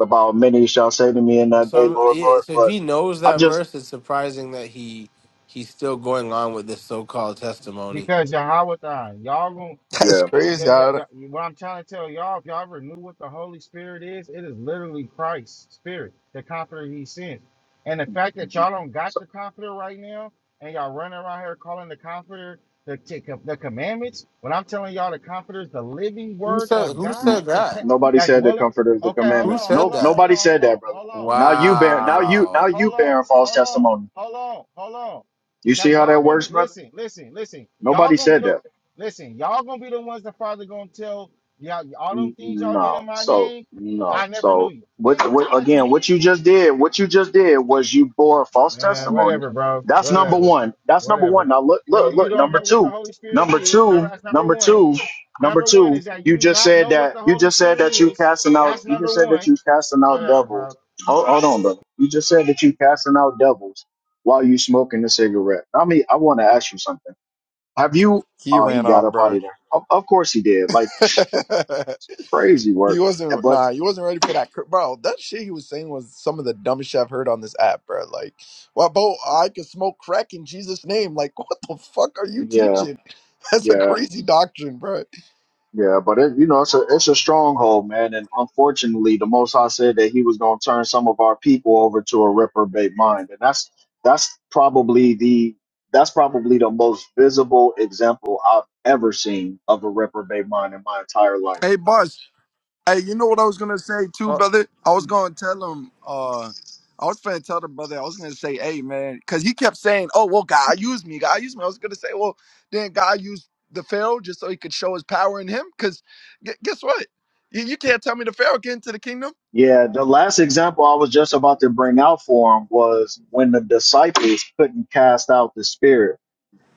S17: about many shall say to me in that day,
S19: Some
S17: Lord,
S19: yeah,
S17: Lord.
S19: so if
S17: But
S19: he knows
S17: I
S19: that
S17: just
S19: verse, it's surprising that he he's still going on with this so-called testimony.
S7: Because Yahweh, thine. y'all gonna.
S14: That's
S17: yeah.
S7: Yeah,
S14: crazy.
S7: yeah,
S14: I,
S7: yeah. What I'm trying to tell y'all, if y'all ever knew what the Holy Spirit is, it is literally Christ's Spirit, the Comforter He sends. And the fact that
S17: Mhm.
S7: y'all don't got the Comforter right now, and y'all running around here calling the Comforter the the commandments. When I'm telling y'all, the Comforter is the living
S19: Who
S7: Word
S19: said
S7: of
S19: who
S17: N-
S7: God,
S19: said
S7: the
S19: that?
S7: te-
S17: Nobody
S7: that
S17: said the
S7: dwelleth.
S17: comforter of the
S7: Okay, hold
S19: Who
S17: commandments.
S7: on,
S19: said
S7: hold
S17: No,
S7: on,
S19: that?
S7: hold
S17: nobody
S7: on,
S17: said
S7: hold
S17: that,
S7: on,
S17: brother.
S7: hold on,
S17: Now you
S7: hold on,
S17: bear, now
S7: hold on,
S17: you, now
S19: Wow.
S17: you
S7: hold on,
S17: bearing false
S7: hold on,
S17: testimony.
S7: hold on, hold on.
S17: You see
S7: That
S17: how
S7: y'all
S17: that
S7: gonna
S17: works,
S7: be
S17: brother?
S7: listen, listen, listen. Y'all
S17: Nobody
S7: gonna be
S17: said
S7: the
S17: that.
S7: Listen, y'all gonna be the ones the father gonna tell y'all all them
S17: N-
S7: things y'all did
S17: No.
S7: in my
S17: So
S7: name.
S17: no.
S7: I never knew
S17: So
S7: you. He ain't
S17: what?
S7: gonna
S17: What
S7: tell that to
S17: again?
S7: me.
S17: What you just did? What you just did was you bore false
S7: Man,
S17: testimony.
S7: whatever, bro.
S17: That's number
S7: Whatever,
S17: one. That's number one.
S7: whatever.
S17: Now look,
S7: No,
S17: look,
S7: you
S17: look.
S7: don't
S17: Number
S7: know what the
S17: two.
S7: Holy Spirit
S17: Number
S7: is. Number
S17: two.
S7: that's number
S17: Number
S7: one.
S17: two. Number
S7: Number one
S17: two.
S7: is that you
S17: You
S7: do
S17: just
S7: not
S17: said
S7: know what
S17: that.
S7: the
S17: You
S7: Holy
S17: just said
S7: Spirit
S17: that you
S7: is.
S17: casting out.
S7: That's
S17: You
S7: number
S17: just said that
S7: one.
S17: you casting out
S7: Whatever,
S17: devils.
S7: bro.
S17: Hold, hold on, brother. You just said that you casting out devils while you smoking a cigarette. I mean, I want to ask you something. Have you?
S14: he
S17: Oh, he
S14: ran
S17: got
S14: off,
S17: up out
S14: bro.
S17: of there. Of, of course he did. Like
S14: [LAUGHS]
S17: crazy
S14: He
S17: work.
S14: wasn't
S17: But
S14: nah, he wasn't ready for that. cr- Bro, that shit he was saying was some of the dumbest shit I've heard on this app, bro. Like, well, bro, I can smoke crack in Jesus' name. Like, [LAUGHS] what the fuck are you
S17: yeah,
S14: teaching? [LAUGHS] That's a
S17: yeah,
S14: crazy doctrine, bro.
S17: yeah. But it, you know, it's a it's a stronghold, man. And unfortunately, the Most High said that He was going to turn some of our people over to a reprobate mind, and that's that's probably the that's probably the most visible example I've ever seen of a reprobate mind in my entire life.
S14: Hey, boss. Hey, you know what I was gonna say too,
S19: Oh,
S14: brother? I was gonna tell him. Uh, I was gonna tell the brother. I was gonna say, hey, man, because he kept saying, oh, well, God used me. God used me. I was gonna say, well, then God used the Pharaoh just so he could show his power in him. Because guess what? You, you can't tell me the Pharaoh get into the kingdom.
S17: Yeah, the last example I was just about to bring out for him was when the disciples couldn't cast out the spirit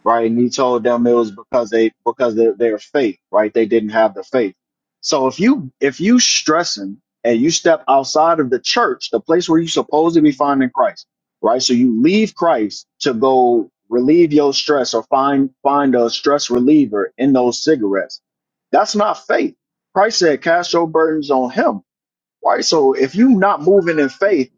S17: right? And he told them it was because they because they, their faith, right? They didn't have the faith. So if you if you stressing and you step outside of the church, the place where you're supposed to be finding Christ, right? So you leave Christ to go relieve your stress or find find a stress reliever in those cigarettes. That's not faith. Christ said, "Cast your burdens on Him." Right. So if you're not moving in faith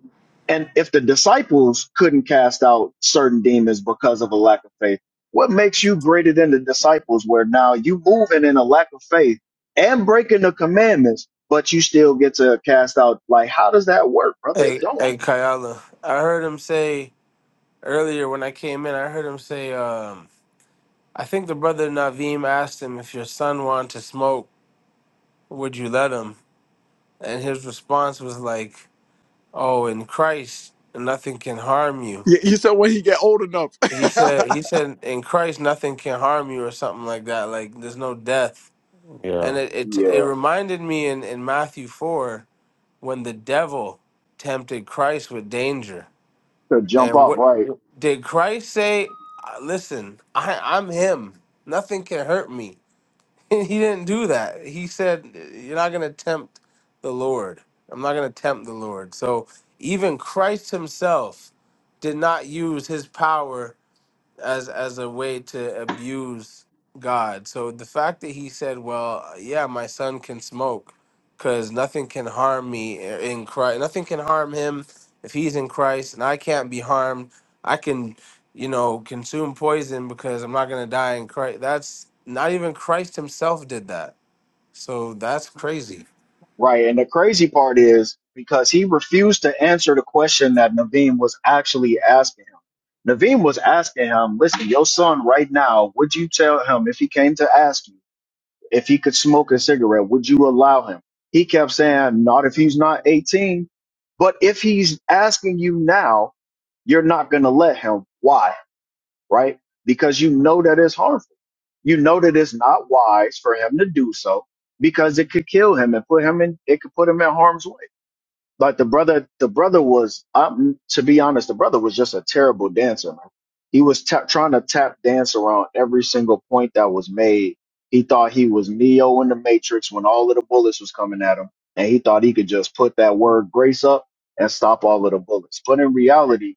S17: and if the disciples couldn't cast out certain demons because of a lack of faith, what makes you greater than the disciples where now you moving in a lack of faith and breaking the commandments, but you still get to cast out like how does that work, brother? It
S19: Hey,
S17: don't.
S19: hey, Kayala. I heard him say earlier when I came in. I heard him say, um, "I think the brother Naveem asked him if your son wanted to smoke, would you let him?" And his response was like, "Oh, in Christ, nothing can harm you."
S14: You, you said when he get old enough. [LAUGHS]
S19: He said,
S14: I
S19: "He said in Christ, nothing can harm you, or something like that. Like there's no death." And
S15: Yeah.
S19: it it, it
S17: Yeah.
S19: reminded me in in Matthew four when the devil tempted Christ with danger
S17: To jump
S19: And
S17: off,
S19: what
S17: right.
S19: did Christ say? "Uh, Listen, I, I'm Him. Nothing can hurt me. [LAUGHS] he didn't do that. He said, "You're not going to tempt the Lord. I'm not going to tempt the Lord." So even Christ Himself did not use His power as as a way to abuse God. So the fact that he said, "Well, yeah, my son can smoke, because nothing can harm me in Christ. Nothing can harm him if he's in Christ, and I can't be harmed. I can, you know, consume poison because I'm not gonna die in Christ." That's not even Christ himself did that. So that's crazy.
S17: Right. And the crazy part is because he refused to answer the question that Naveen was actually asking him. Naveen was asking him, listen, your son right now, would you tell him if he came to ask you? if he could smoke a cigarette, would you allow him? He kept saying, not if he's not 18. But if he's asking you now, you're not going to let him. Why? Right? Because you know that it's harmful. You know that it's not wise for him to do so because it could kill him and put him in, it could put him in harm's way. Like the brother, the brother was, um, to be honest, the brother was just a terrible dancer. Man. He was tap, trying to tap dance around every single point that was made. He thought he was Neo in the Matrix when all of the bullets was coming at him, and he thought he could just put that word grace up and stop all of the bullets. But in reality,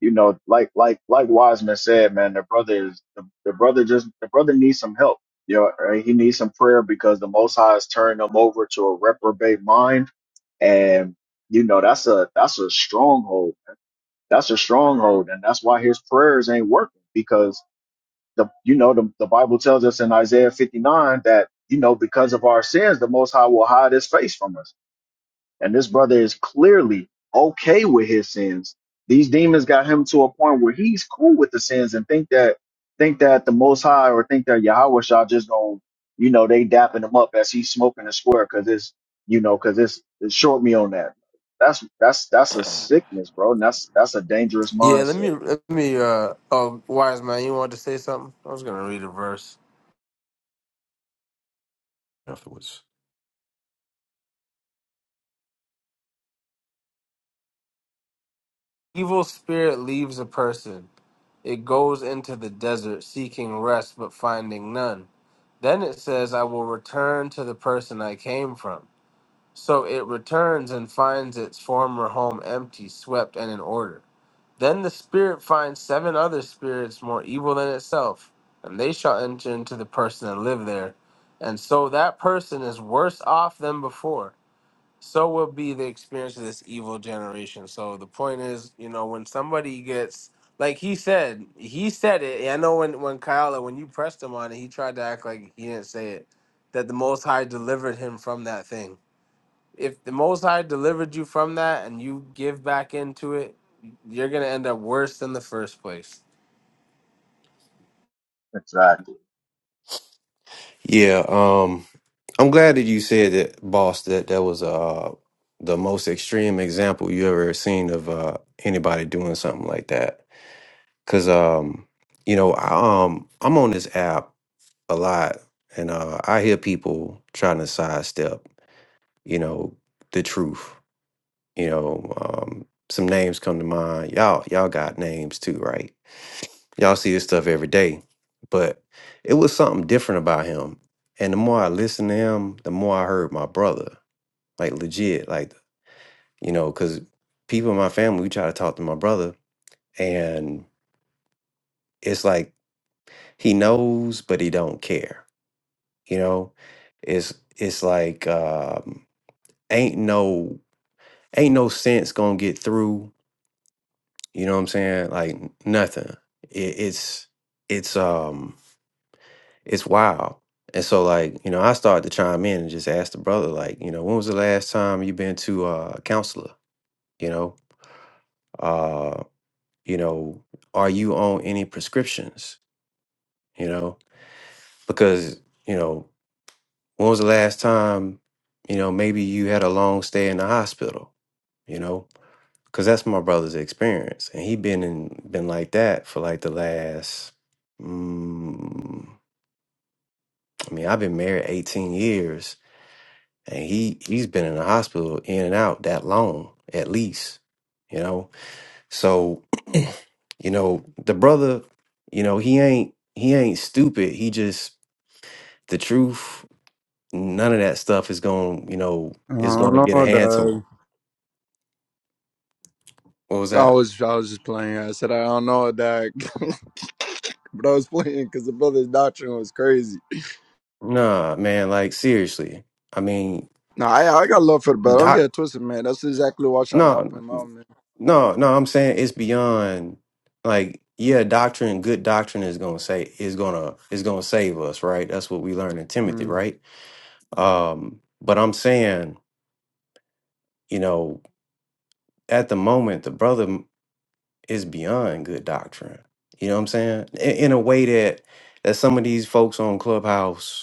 S17: you know, like like like Wiseman said, man, the brother is the, the brother just the brother needs some help. You know, right? he needs some prayer because the Most High has turned him over to a reprobate mind, and you know that's a that's a stronghold. man. That's a stronghold, and that's why his prayers ain't working because the you know the the Bible tells us in Isaiah fifty nine that you know because of our sins the Most High will hide His face from us and this brother is clearly okay with his sins. These demons got him to a point where he's cool with the sins and think that think that the Most High or think that Yahweh Shah just gonna you know they dapping him up as he's smoking a square because it's you know because it's, it's short me on that. That's that's that's a sickness, bro. And that's that's a dangerous
S19: Yeah, let
S17: mindset.
S19: me let me. uh Oh, wise man, you wanted to say something? I was gonna read a verse.
S15: Afterwards.
S19: Evil spirit leaves a person. It goes into the desert seeking rest but finding none. Then it says, I will return to the person I came from. So it returns and finds its former home empty, swept, and in order. Then the spirit finds seven other spirits more evil than itself, and they shall enter into the person and live there. And so that person is worse off than before so will be the experience of this evil generation. So the point is, you know, when somebody gets like he said, he said it. And I know when when Kyle when you pressed him on it, he tried to act like he didn't say it. That the Most High delivered him from that thing. If the Most High delivered you from that and you give back into it, you're gonna end up worse than the first place.
S17: Exactly.
S15: Yeah, um, I'm glad that you said that, boss. That that was uh the most extreme example you ever seen of uh anybody doing something like that. Cause um, you know, I, um, I'm on this app a lot, and uh, I hear people trying to sidestep, you know, the truth. You know, um, some names come to mind. Y'all, y'all got names too, right? Y'all see this stuff every day, but it was something different about him. And the more I listened to him, the more I heard my brother, like legit, like you know, because people in my family, we try to talk to my brother, and it's like he knows, but he don't care. You know, it's it's like um, ain't no ain't no sense gonna get through You know what I'm saying? Like nothing. It, it's it's um it's wild. And so like, you know, I started to chime in and just ask the brother, like, you know, when was the last time you been to uh, a counselor? You know? Uh, you know, are you on any prescriptions? You know? Because, you know, when was the last time, you know, maybe you had a long stay in the hospital, you know? because that's my brother's experience, and he been in been like that for like the last. Mm, I mean, I've been married eighteen years, and he he's been in the hospital in and out that long, at least. You know, so [CLEARS THROAT] you know the brother, you know he ain't he ain't stupid. He just the truth. None of that stuff is going. You know, is
S14: don't
S15: going to get a
S14: know,
S15: hand to
S14: dog.
S15: him. What was
S14: I
S15: that?
S14: was I was just playing. I said I don't know, dog, [LAUGHS] but I was playing because the brother's doctrine was crazy.
S15: Nah, man. Like seriously. I mean,
S14: Nah, I I got love for the brother. Don't get
S15: doc.
S14: it twisted, man. That's exactly what I'm trying to help
S15: No.
S14: him. Man.
S15: No, no, I'm saying it's beyond like yeah, doctrine, good doctrine is gonna say is gonna is gonna save us, right? That's what we learn in Timothy,
S14: Mm,
S15: right? Um, but I'm saying, you know, at the moment the brother m- is beyond good doctrine. You know what I'm saying? In, in a way that that some of these folks on Clubhouse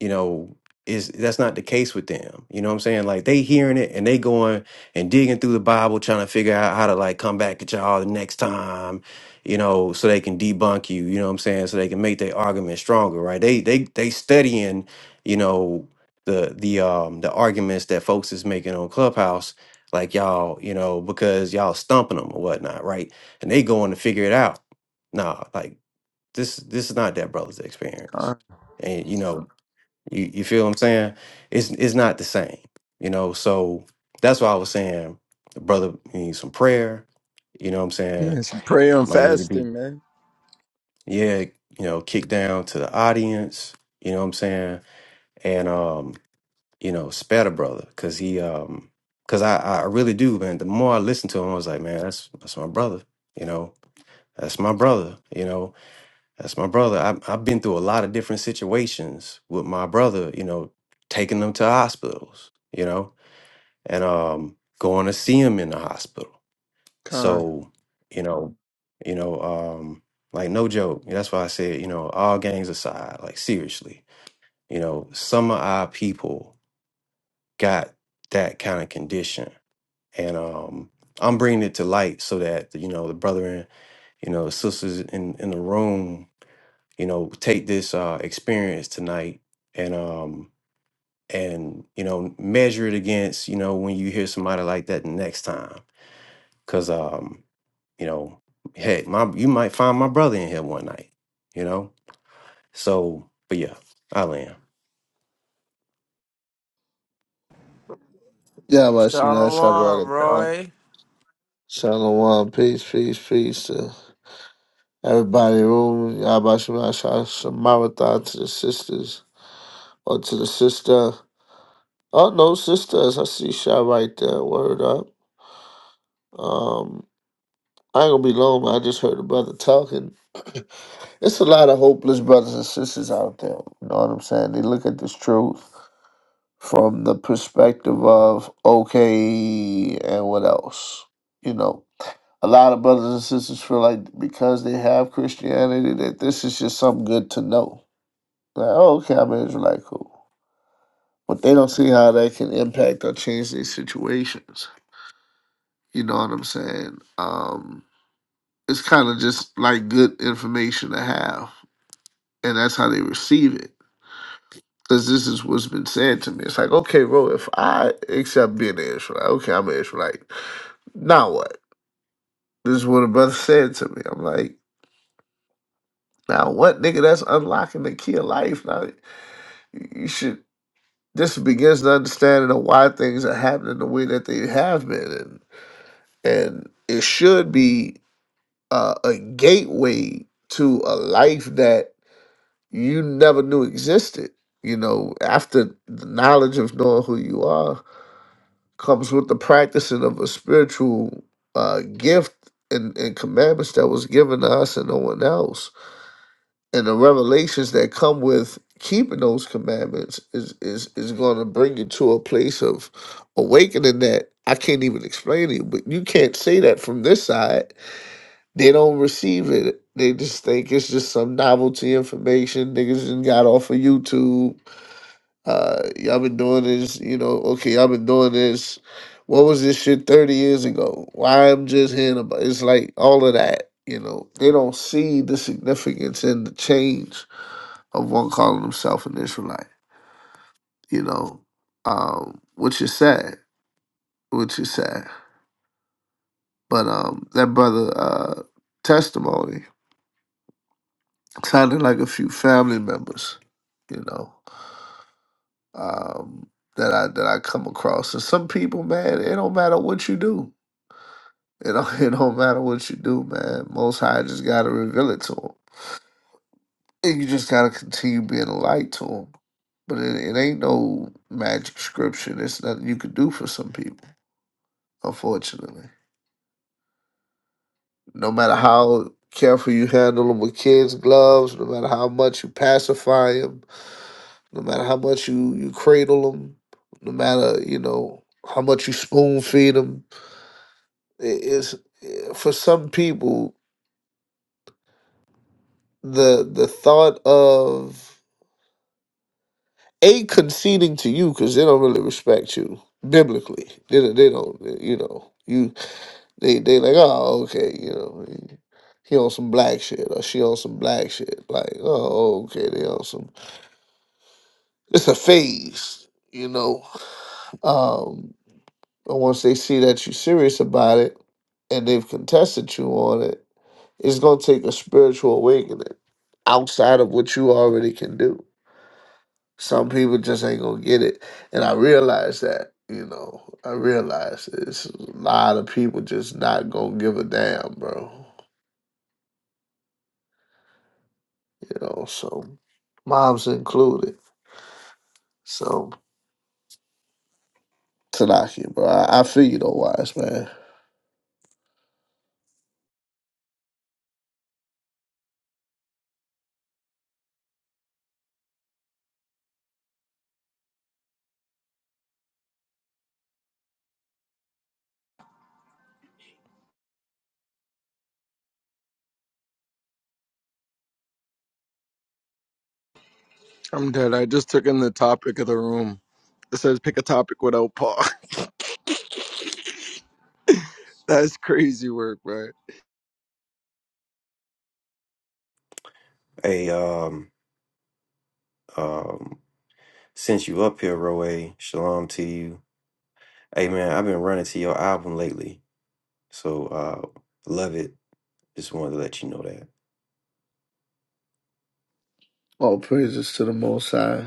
S15: you know is that's not the case with them you know what i'm saying like they hearing it and they going and digging through the bible trying to figure out how to like come back at y'all the next time you know so they can debunk you you know what i'm saying so they can make their argument stronger right they they they studying you know the the um the arguments that folks is making on clubhouse like y'all you know because y'all stumping them or whatnot right and they going to figure it out nah like this this is not that brother's experience
S14: God.
S15: and you know you you feel what I'm saying? It's it's not the same, you know. So that's why I was saying the brother needs some prayer. You know what I'm saying?
S14: yeah, some prayer and
S15: Might need to be
S14: fasting, man.
S15: yeah, you know, kick down to the audience, you know what I'm saying? And um, you know, spare the brother cuz he um cuz I I really do, man. The more I listen to him, I was like, man, that's that's my brother, you know. That's my brother, you know That's my brother. I, I've been through a lot of different situations with my brother, you know, taking them to hospitals, you know, and um, going to see him in the hospital.
S14: Con.
S15: So, you know, you know, um, like no joke. That's why I said, you know, all gangs aside, like seriously, you know, some of our people got that kind of condition, and um, I'm bringing it to light so that you know the brother and you know the sisters in in the room you know take this uh experience tonight and um and you know measure it against you know when you hear somebody like that the next time because um you know heck my you might find my brother in here one night you know so but yeah i land
S20: Yeah, my Shemina
S19: Shalom,
S20: Shabbat.
S19: Roy.
S20: Shalom, peace, peace, peace to everybody in the room. Yabba Shemina Shabbat Shalom, Marathon to the sisters or to the sister. Oh, no, sisters. I see Shah right there. Word up. Um, I ain't gonna be long. but I just heard a brother talking. It's a lot of hopeless brothers and sisters out there. You know what I'm saying? They look at this truth from the perspective of, okay, and what else? You know. a lot of brothers and sisters feel like because they have Christianity that this is just something good to know. Like, oh, okay, I'm an Israelite, cool. But they don't see how that can impact or change their situations. You know what I'm saying? Um, it's kind of just like good information to have, and that's how they receive it. Because this is what's been said to me. It's like, okay, bro, if I accept being an Israelite, okay, I'm an Israelite. Now what? This is what a brother said to me. I'm like, now what, nigga? That's unlocking the key of life. Now you should this begins the understanding of why things are happening the way that they have been and, and it should be uh, a gateway to a life that you never knew existed you know after the knowledge of knowing who you are comes with the practicing of a spiritual uh, gift and, and commandments that was given to us and no one else and the revelations that come with keeping those commandments is is is going to bring you to a place of awakening that I can't even explain it. But you can't say that from this side. They don't receive it. They just think it's just some novelty information. Niggas just got off of YouTube. Uh, y'all been doing this, you know? Okay, y'all been doing this. What was this shit thirty years ago? Why I'm just hearing about? It's like all of that. You know, they don't see the significance and the change of one calling himself an Israelite, you know, um, which is sad, which is sad. But um, that brother uh, testimony sounded like a few family members, you know, um, that I that I come across. And some people, man, it don't matter what you do. It don't, [LAUGHS] it don't matter what you do, man. Most High just gotta reveal it to them, and you just gotta continue being a light to them. But it, it ain't no magic scripture. There's nothing you could do for some people, unfortunately. No matter how careful you handle them with kids' gloves, no matter how much you pacify them, no matter how much you, you cradle them, no matter, you know, how much you spoon feed them, it's, for some people, the the thought of a conceding to you because they don't really respect you biblically. They don't- they don't you know you they they like oh okay you know he on some black shit or she on some black shit like oh okay they on some it's a phase, you know. Um, and once they see that you're serious about it and they've contested you on it, it's gonna take a spiritual awakening outside of what you already can do. Some people just ain't gonna get it, and I realize that. You know, I realize it's a lot of people just not gonna give a damn, bro. You know, so moms included. So Tanaki, bro, I, I feel you though, wise man.
S14: I'm the topic of the room. It says pick a topic without Paul. [LAUGHS] That's crazy work, right?
S15: hey um um since you up here roe shalom to you hey man i've been running to your album lately so uh love it just wanted to let you know that.
S20: All praises to the Most High.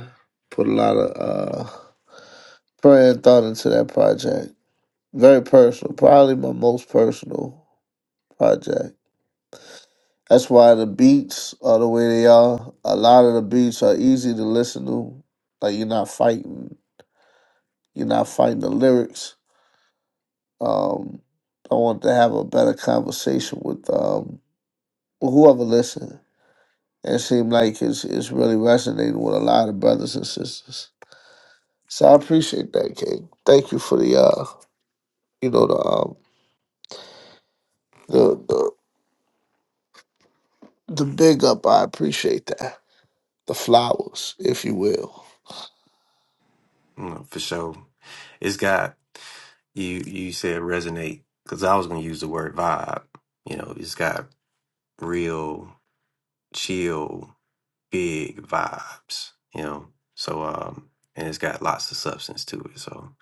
S20: Put a lot of uh, prayer and thought into that project. Very personal, probably my most personal project. That's why the beats are the way they are. A lot of the beats are easy to listen to. Like you're not fighting, you're not fighting the lyrics. Um, I want to have a better conversation with um, whoever listen. And It seemed like it's it's really resonating with a lot of brothers and sisters. So I appreciate that, King. Thank you for the uh, you know, the um, the the the big up. I appreciate that. The flowers, if you will.
S15: No, for sure. It's got you you said resonate because I was gonna use the word vibe. You know, it's got real chill, big vibes. You know, so um, and it's got lots of substance to it. So,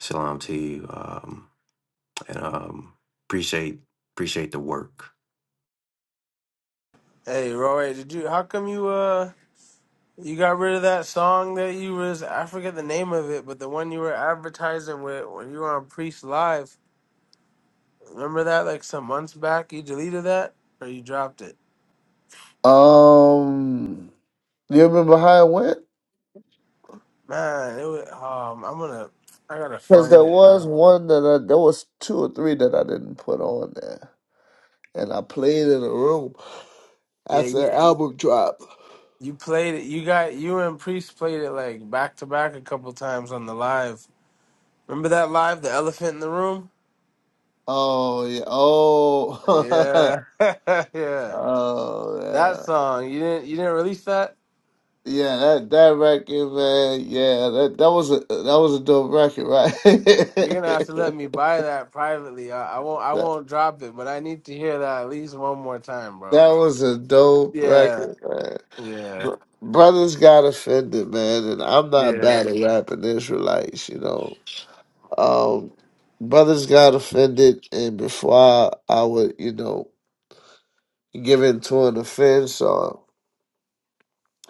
S15: shalom to you. Um, and um, appreciate appreciate the work.
S19: Hey, Roy, did you? How come you uh? You got rid of that song that you was I forget the name of it, but the one you were advertising with when you were on Priest Live. Remember that like some months back? You deleted that or you dropped it?
S20: Um, you remember how it went?
S19: Man, it was um I'm gonna I gotta
S20: Because
S19: find
S20: there
S19: it
S20: was
S19: now.
S20: one that I, there was two or three that I didn't put on there, and I played in a room
S19: Yeah,
S20: after
S19: you,
S20: their album drop.
S19: you played it. You got you and Priest played it like back to back a couple times on the live. Remember that live, the elephant in the room?
S20: Oh yeah. Oh.
S19: Yeah. [LAUGHS]
S20: [LAUGHS]
S19: yeah.
S20: oh
S19: That
S20: yeah.
S19: song. You didn't you didn't release that?
S20: Yeah, that that record, man. Yeah, that that was a that was a dope record, right? [LAUGHS]
S19: You're gonna have to let me buy that privately. I, I won't. I
S20: that,
S19: won't drop it, but I need to hear that at least one more time, bro.
S20: that was a dope
S19: Yeah,
S20: record, man.
S19: yeah,
S20: Br- Brothers got offended, man, and I'm not
S19: yeah.
S20: bad at rapping Israelites, you know. Um, brothers got offended, and before I, I would, you know, give in to an offense, or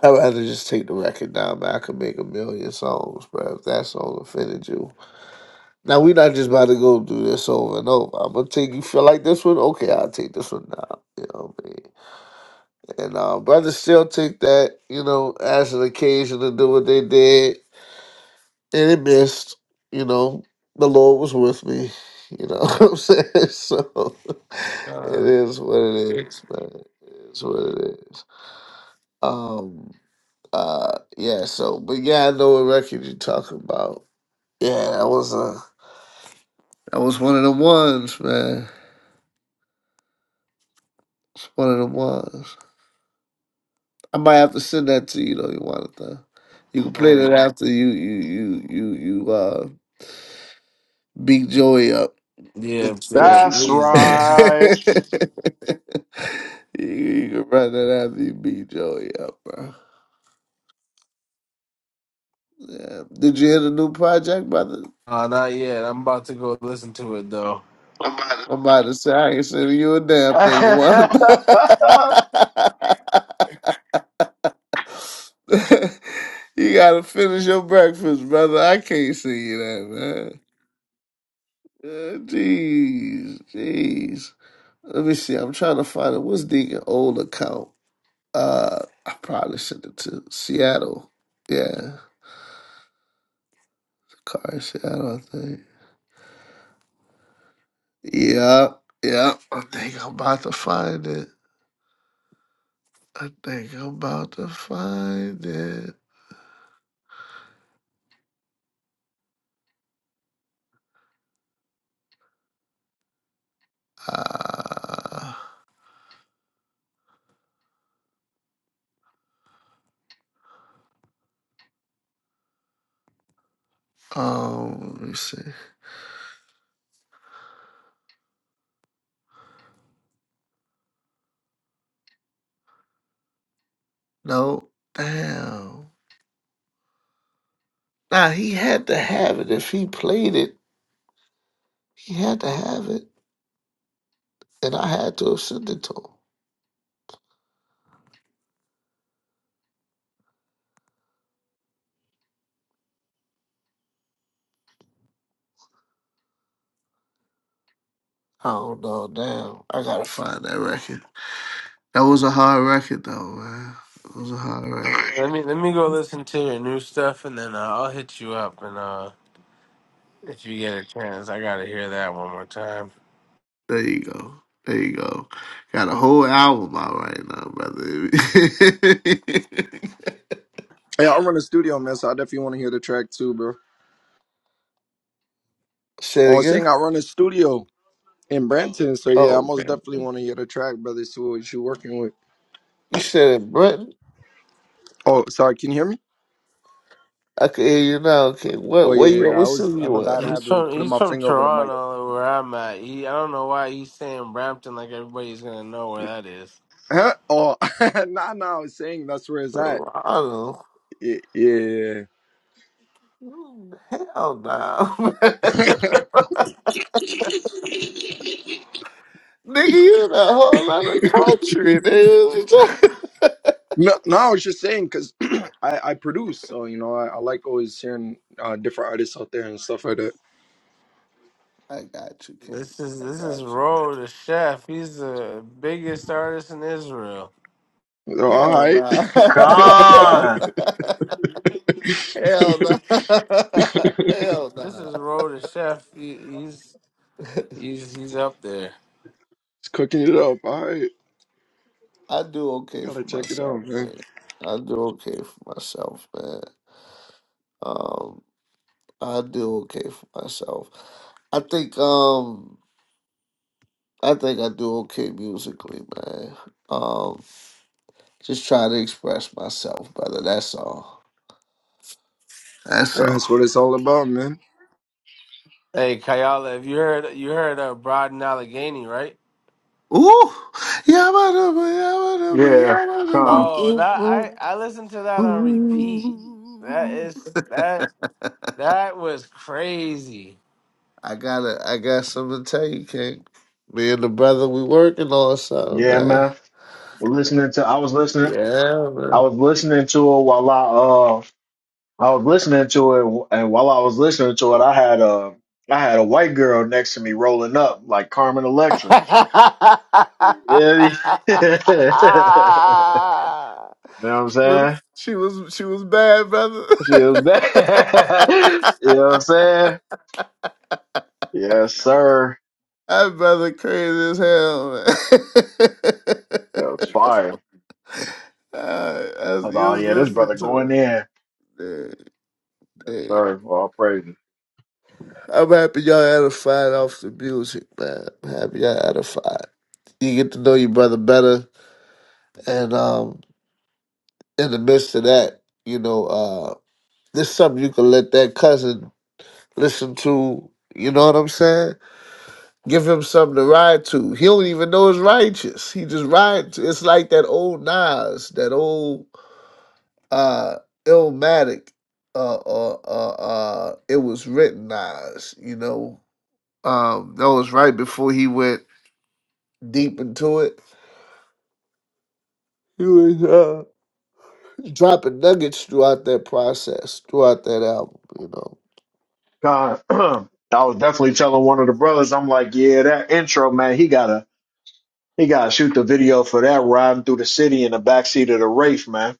S20: I'd rather just take the record down, man. I could make a million songs, bro. If that song offended you. Now we're not just about to go through this over and over. I'm gonna take you feel like this one, okay, I'll take this one now. You know what I mean? And uh brothers still take that, you know, as an occasion to do what they did and it missed, you know. The Lord was with me, you know [LAUGHS] what I'm saying? So [LAUGHS] it
S19: Uh,
S20: is what it is, man. It's what it is. Um uh yeah, so but yeah, I know what record you're talking about. Yeah, that was a that was one of the ones, man. It's one of them ones. I might have to send that to you though, Iwanatha. You can play
S19: hey,
S20: that after you you you you you uh beat Joey up.
S19: yeah,
S20: It's so
S19: yeah.
S20: she-
S17: That's
S19: Please
S20: [LAUGHS]
S19: do.
S17: right.
S20: you, you can run that after you beat Joey up, bro. Yeah. Did you hear the new project, brother?
S19: Uh, not yet. I'm about to go listen to it though.
S20: I'm about to say I ain't sending you a damn thing, you want [LAUGHS]
S17: [LAUGHS]
S20: You gotta finish your breakfast, brother. I can't see you that, man. Uh, Jeez, jeez. Let me see. I'm trying to find it. What's Deacon old account? Uh, I probably sent it to Seattle. Yeah, the car in Seattle. I think. Yeah, yeah. I think I'm about to find it. I think I'm about to find it. Uh, um, let me see. No, damn. Nah, he had to have it. If he played it, he had to have it, and I had to have sent it to him. I don't know, damn. I gotta find that record. That was a hard record, though, man. It was a hard record.
S19: Let me let me go listen to your new stuff, and then uh, I'll hit you up. And uh, if you get a chance, I gotta hear that one more time.
S20: There you go. There you go. Got a whole album out right now, brother. [LAUGHS]
S14: Yeah, I run a studio, man. So I definitely want to hear the track too, bro.
S20: Say it
S14: Oh,
S20: again.
S14: saying I run a studio. in Brampton. So yeah, I
S20: Oh,
S14: most
S20: okay.
S14: definitely want to hear the track, brother. See what you working with.
S20: You said it, Britain.
S14: Oh, sorry, can you hear me?
S20: I can hear you now. Okay, what?
S14: Oh
S20: Where
S14: yeah,
S20: you? at?
S14: yeah. I
S20: What
S14: was
S20: city
S14: I have a
S20: you at?
S14: bad
S19: He's
S14: habit of
S19: from
S14: putting
S19: he's
S14: my
S19: from
S14: finger over the mic.
S19: Toronto, where I'm at. He, I don't know why he's saying Brampton like everybody's gonna know where that is.
S14: Huh? Oh, [LAUGHS] nah, nah. I was saying that's where it's at.
S20: Toronto.
S14: Y- Yeah. yeah.
S20: Mm, Hell no. [LAUGHS] Nigga, you in a whole other country, dude. [LAUGHS]
S14: No, no. I was just saying because [CLEARS THROAT] I I produce, so you know I, I like always hearing uh, different artists out there and stuff like that.
S20: I got you, King.
S19: This is
S20: I
S19: this is
S20: got you.
S19: Ro the chef. He's the biggest artist in Israel.
S14: So, all
S20: Hell
S14: right,
S20: nah. [LAUGHS]
S14: [LAUGHS] it's
S20: Hell
S17: Con.
S20: nah. Hell nah. [LAUGHS] Hell
S19: This
S20: nah.
S19: is Ro the chef. He, he's he's he's up there.
S14: cooking it up. All right,
S20: I do okay
S14: gotta
S20: for
S14: check it
S20: myself,
S14: out, man.
S20: man. I do okay for myself, man. Um, I do okay for myself. I think um I think I do okay musically, man. Um, just try to express myself brother. That's all. That's
S14: That's
S20: all.
S14: what it's all about, man.
S19: Hey Kayala, have you heard you heard of Broad and Allegheny, right?
S20: Ooh, yabba-dabba, yabba-dabba,
S17: yeah, Con. come.
S20: yabba-dabba,
S19: Bro, that I I listened to that on repeat. That is that that was crazy.
S20: I got to I got something to tell you, King. Me and the brother, we working on something,
S17: Yeah,
S20: man.
S17: man. listening to I was listening
S20: Yeah,
S17: I was
S20: man.
S17: listening to it while I uh I was listening to it and while I was listening to it I had a I had a white girl next to me rolling up like Carmen Electra. Yeah. [LAUGHS] you know
S20: [LAUGHS]
S17: what I'm
S20: she,
S17: saying?
S20: was, she was she was bad, brother.
S17: She was
S20: [LAUGHS]
S17: bad. [LAUGHS] you know what I'm saying? Yes, sir.
S20: that brother crazy as hell, man. [LAUGHS]
S17: That was fire.
S20: Uh, as
S17: I
S20: you
S17: thought, oh,
S20: was
S17: yeah, this brother
S20: listening to
S17: going
S20: it.
S17: in.
S20: yeah.
S17: Yes,
S20: Hey,
S17: sir. Well, All praises.
S20: I'm happy y'all had a fight off the music, man. I'm happy y'all had a fight. You get to know your brother better, and um, in the midst of that, you know, uh, there's something you can let that cousin listen to. You know what I'm saying? Give him something to ride to. He don't even know it's righteous. He just rides. It's like that old Nas, that old uh, Illmatic. Uh, uh, uh, uh, it was written Nas. You know, um, that was right before he went. deep into it. He was uh, dropping nuggets throughout that process, throughout that album. You know.
S17: God, [CLEARS THROAT] I was definitely telling one of the brothers, I'm like, yeah, that intro, man, he got to He gotta shoot the video for that riding through the city in the backseat of the Wraith, man.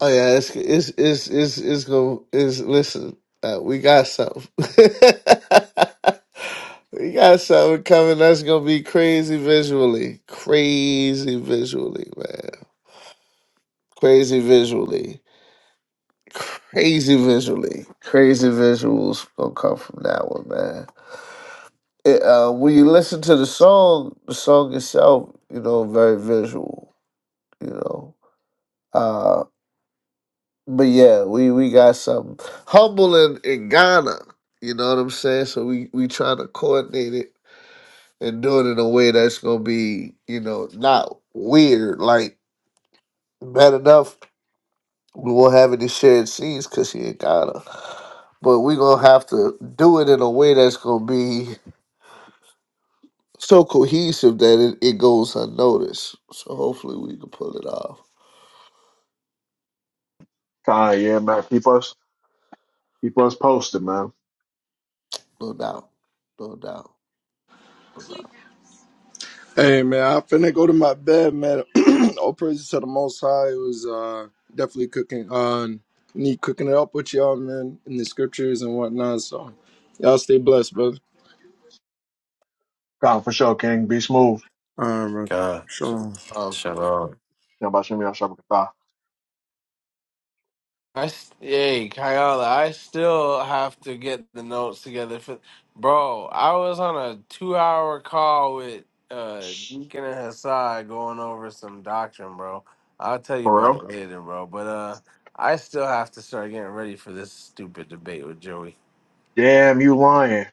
S20: Oh yeah, it's it's it's it's it's gonna is listen. Uh, we got something. [LAUGHS] we got something coming that's gonna be crazy visually, crazy visually, man, crazy visually, crazy visually, crazy visuals gonna come from that one, man. it, uh, when you listen to the song, the song itself, you know, very visual, you know. Uh, but yeah, we we got something humble in, in Ghana, you know what I'm saying? So we we trying to coordinate it and do it in a way that's gonna be, you know, not weird. Like bad enough, we won't have any shared scenes because she in Ghana. But we gonna have to do it in a way that's gonna be so cohesive that it, it goes unnoticed. So hopefully we can pull it off.
S17: Khan, yeah, man. Keep us keep us posted, man.
S20: No doubt. No doubt. No doubt.
S14: Hey man, I finna go to my bed, man. [CLEARS THROAT] All praises to the Most High. It was uh, definitely cooking on me, cooking it up with y'all, man, in the scriptures and whatnot. So y'all stay blessed, brother.
S17: Khan for sure, King. Be smooth.
S14: All right, man.
S15: God,
S19: So,
S14: Shalom.
S19: um,
S15: shalom.
S17: Yeah, but shoot me out, Shabba Katha.
S19: I st- hey Kayala, I still have to get the notes together for bro. I was on a two hour call with uh Deacon and Hassad going over some doctrine, bro. I'll tell you
S17: For
S19: about it
S17: real?
S19: later, bro. But uh I still have to start getting ready for this stupid debate with Joey.
S17: Damn, you lying.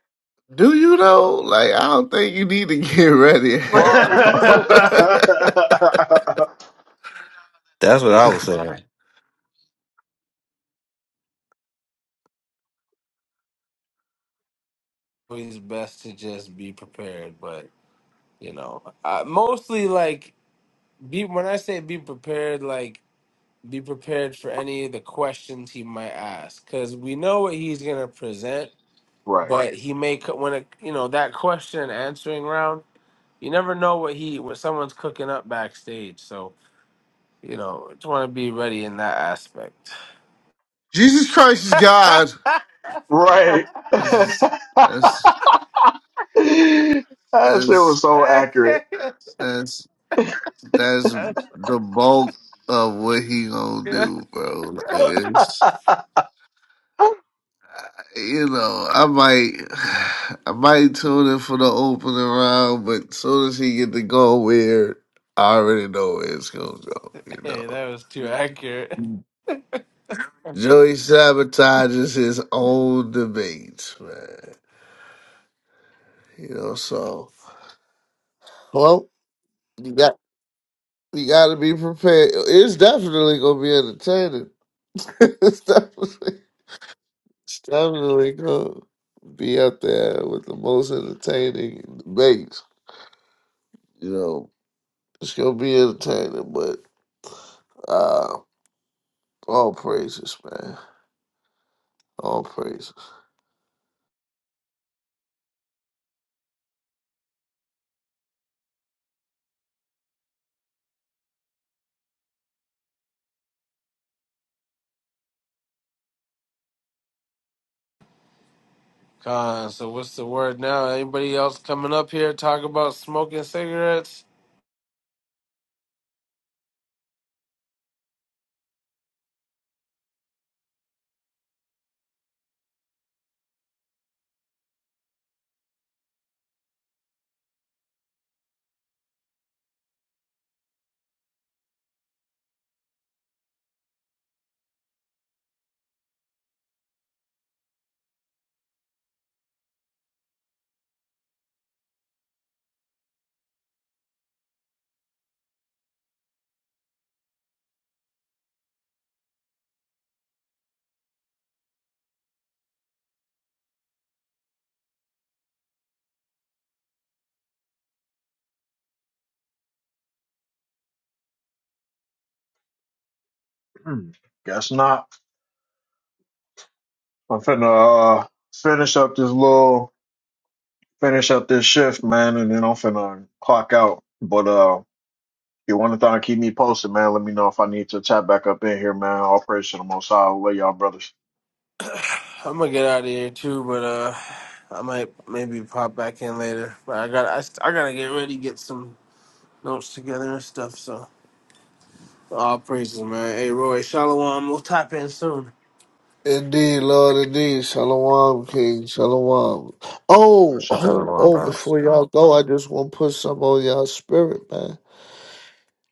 S20: Do you know? Like, I don't think you need to [LAUGHS] get ready
S17: [LAUGHS] right.
S19: Well,
S20: at all.
S19: the reason
S20: [LAUGHS]
S19: it's
S15: That's what I was saying.
S19: always best to just be prepared, but you know, I, mostly like be when I say be prepared, like be prepared for any of the questions he might ask because we know what he's going to present but he may co- when it you know that question and answering round you never know what he what someone's cooking up backstage so you know just want to be ready in that aspect
S20: Jesus Christ is God.
S17: Right. [LAUGHS]
S20: That's that's
S17: that shit was
S20: that's
S17: so accurate.
S20: that's that's the bulk of what he gonna do, bro. Like,
S17: [LAUGHS]
S20: it's- you know, I might, [SIGHS] I might tune in for the opening round, but soon as he get to go weird, I already know where it's gonna go. You
S19: [LAUGHS] hey
S20: know,
S19: that was too accurate [LAUGHS]
S20: Joey sabotages his own debates, man. You know, so well, you got you got to be prepared. It's definitely gonna be entertaining. [LAUGHS] it's definitely, it's definitely gonna be up there with the most entertaining debates. You know, it's gonna be entertaining, but. Uh, all praises, man. All praises.
S19: uh, so what's the word now anybody else coming up here talk about smoking cigarettes
S17: Hmm, Guess not. I'm finna uh, finish up this little finish up this shift, man, and then I'm finna clock out. But uh, if you want to keep me posted, man, let me know if I need to tap back up in here, man. All praise to the Most High. Love y'all, brothers.
S19: I'm gonna get out of here too, but uh, I might maybe pop back in later. But I got I, st- I gotta get ready, get some notes together and stuff. So all praises, man. Hey, Roy, Shalom. We'll tap in soon.
S20: Indeed, Lord, indeed. Shalom, King. Shalom.
S17: Uh,
S20: Oh,
S17: Sha-
S20: oh,
S15: Shalom,
S20: oh,
S15: brothers.
S20: before y'all go, I just want to put some on y'all spirit, man.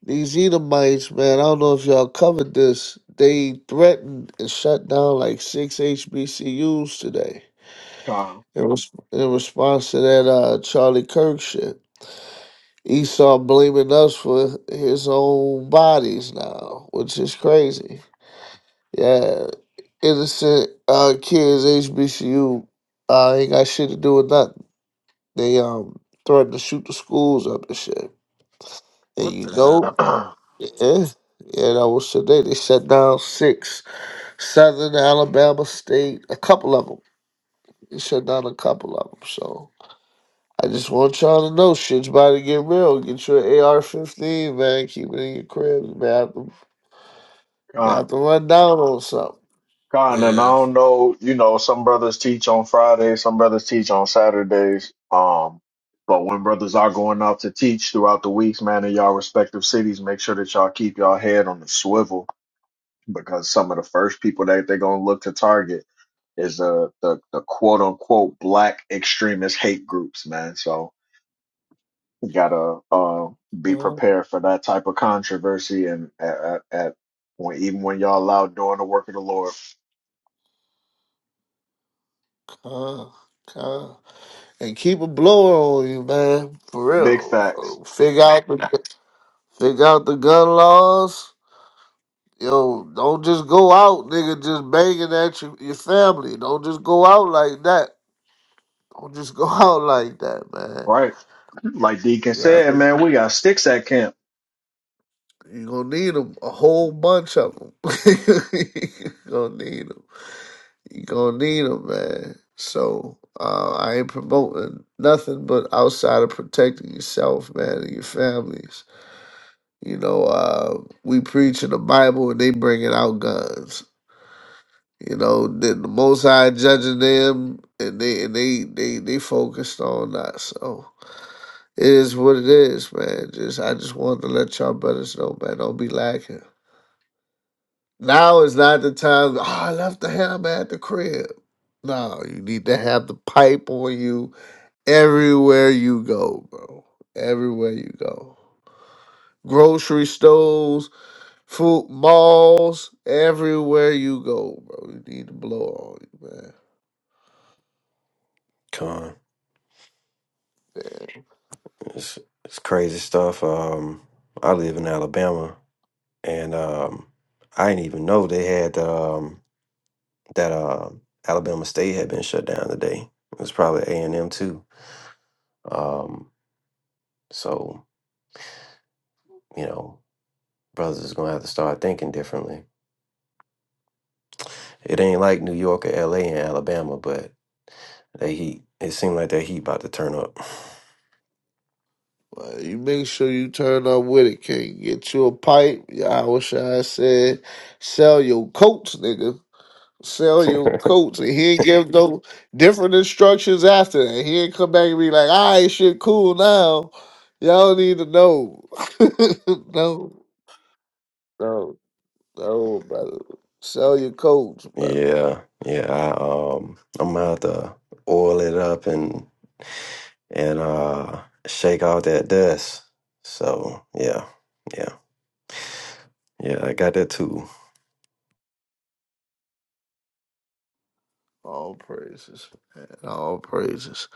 S20: These Edomites, man, I don't know if y'all covered this. They threatened and shut down like six HBCUs today
S17: Con,
S20: in, res- in response to that uh, Charlie Kirk shit. Esau blaming us for his own bodies now, which is crazy. Yeah, innocent uh, kids, HBCU, uh, ain't got shit to do with nothing. They um threatened to shoot the schools up and shit. And
S19: What
S20: you
S19: the
S17: [CLEARS THROAT]
S19: hell?
S20: know,
S17: con,
S20: yeah, yeah, that was today. They shut down six Southern Alabama State, a couple of them. They shut down a couple of them. So I just want y'all to know shit's about to get real. Get your AR 15, man. Keep it in your crib. You may have to, may have to run down on something.
S17: con, and I
S19: Yeah.
S17: don't know. You know, some brothers teach on Fridays, some brothers teach on Saturdays. Um, but when brothers are going out to teach throughout the weeks, man, in y'all respective cities, make sure that y'all keep y'all head on the swivel because some of the first people that they're gonna look to target is uh the the quote unquote black extremist hate groups, man. So we gotta uh be
S20: Uh,
S17: prepared for that type of controversy and at, at, at when even when y'all out doing the work of the Lord.
S20: uh, uh. and keep a blower on you, man. For
S17: Big
S20: real.
S17: facts,
S20: Uh, Figure out the figure out the gun laws. Yo, don't just go out, nigga, just banging at your, your family. Don't just go out like that. Don't just go [LAUGHS] out like that, man.
S17: right? Like Deacon
S20: You have
S17: said,
S20: to.
S17: man, we got sticks at camp.
S20: You gonna need 'em, a whole bunch of them. [LAUGHS] you gonna need 'em. You gonna need 'em, man. So uh, I ain't promoting nothing but outside of protecting yourself, man, and your families You know, uh, we preaching the Bible and they bringing out guns. You know, then the Most High judging them, and they and they they they focused on us. So it is what it is, man. Just I just wanted to let y'all brothers know, man. Don't be lacking. Now is not the time. Oh, I left the hammer at the crib. No, you need to have the pipe on you everywhere you go, bro. Everywhere you go, grocery stores Footballs everywhere you go, bro. You need to blow on you, man.
S15: Con. It's, it's crazy stuff. Um, I live in Alabama, and um, I didn't even know they had um, that uh, Alabama State had been shut down today. It was probably A and M too. Um, so you know, brothers is gonna have to start thinking differently. It ain't like New York or L A. and Alabama, but they heat. It seemed like that heat about to turn up.
S20: But you make sure you turn up with it, King. Get you a pipe. Yeah, I wish I said sell your coats, nigga. Sell
S15: [LAUGHS]
S20: your coats. And he ain't give no different instructions after that. He ain't come back and be like, all right, shit, cool now. Y'all need to know. [LAUGHS] no, no, no, brother. Sell your coats, brother.
S15: Yeah, yeah. I, um, I'm gonna have to oil it up and and uh shake out that dust. So yeah, yeah, yeah. I got that too.
S20: All praises, man. All praises.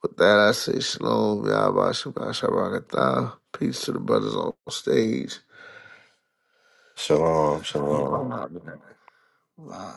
S20: With that, I say shalom, Yahba Shabbat Shabbat Atah. Peace to the brothers on stage.
S15: Shalom, shalom.
S20: Wow, Wow.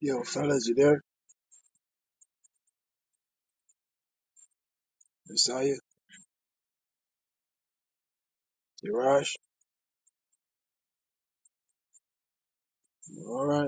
S10: Yo, fellas, you there? Messiah, Yaraj, all right.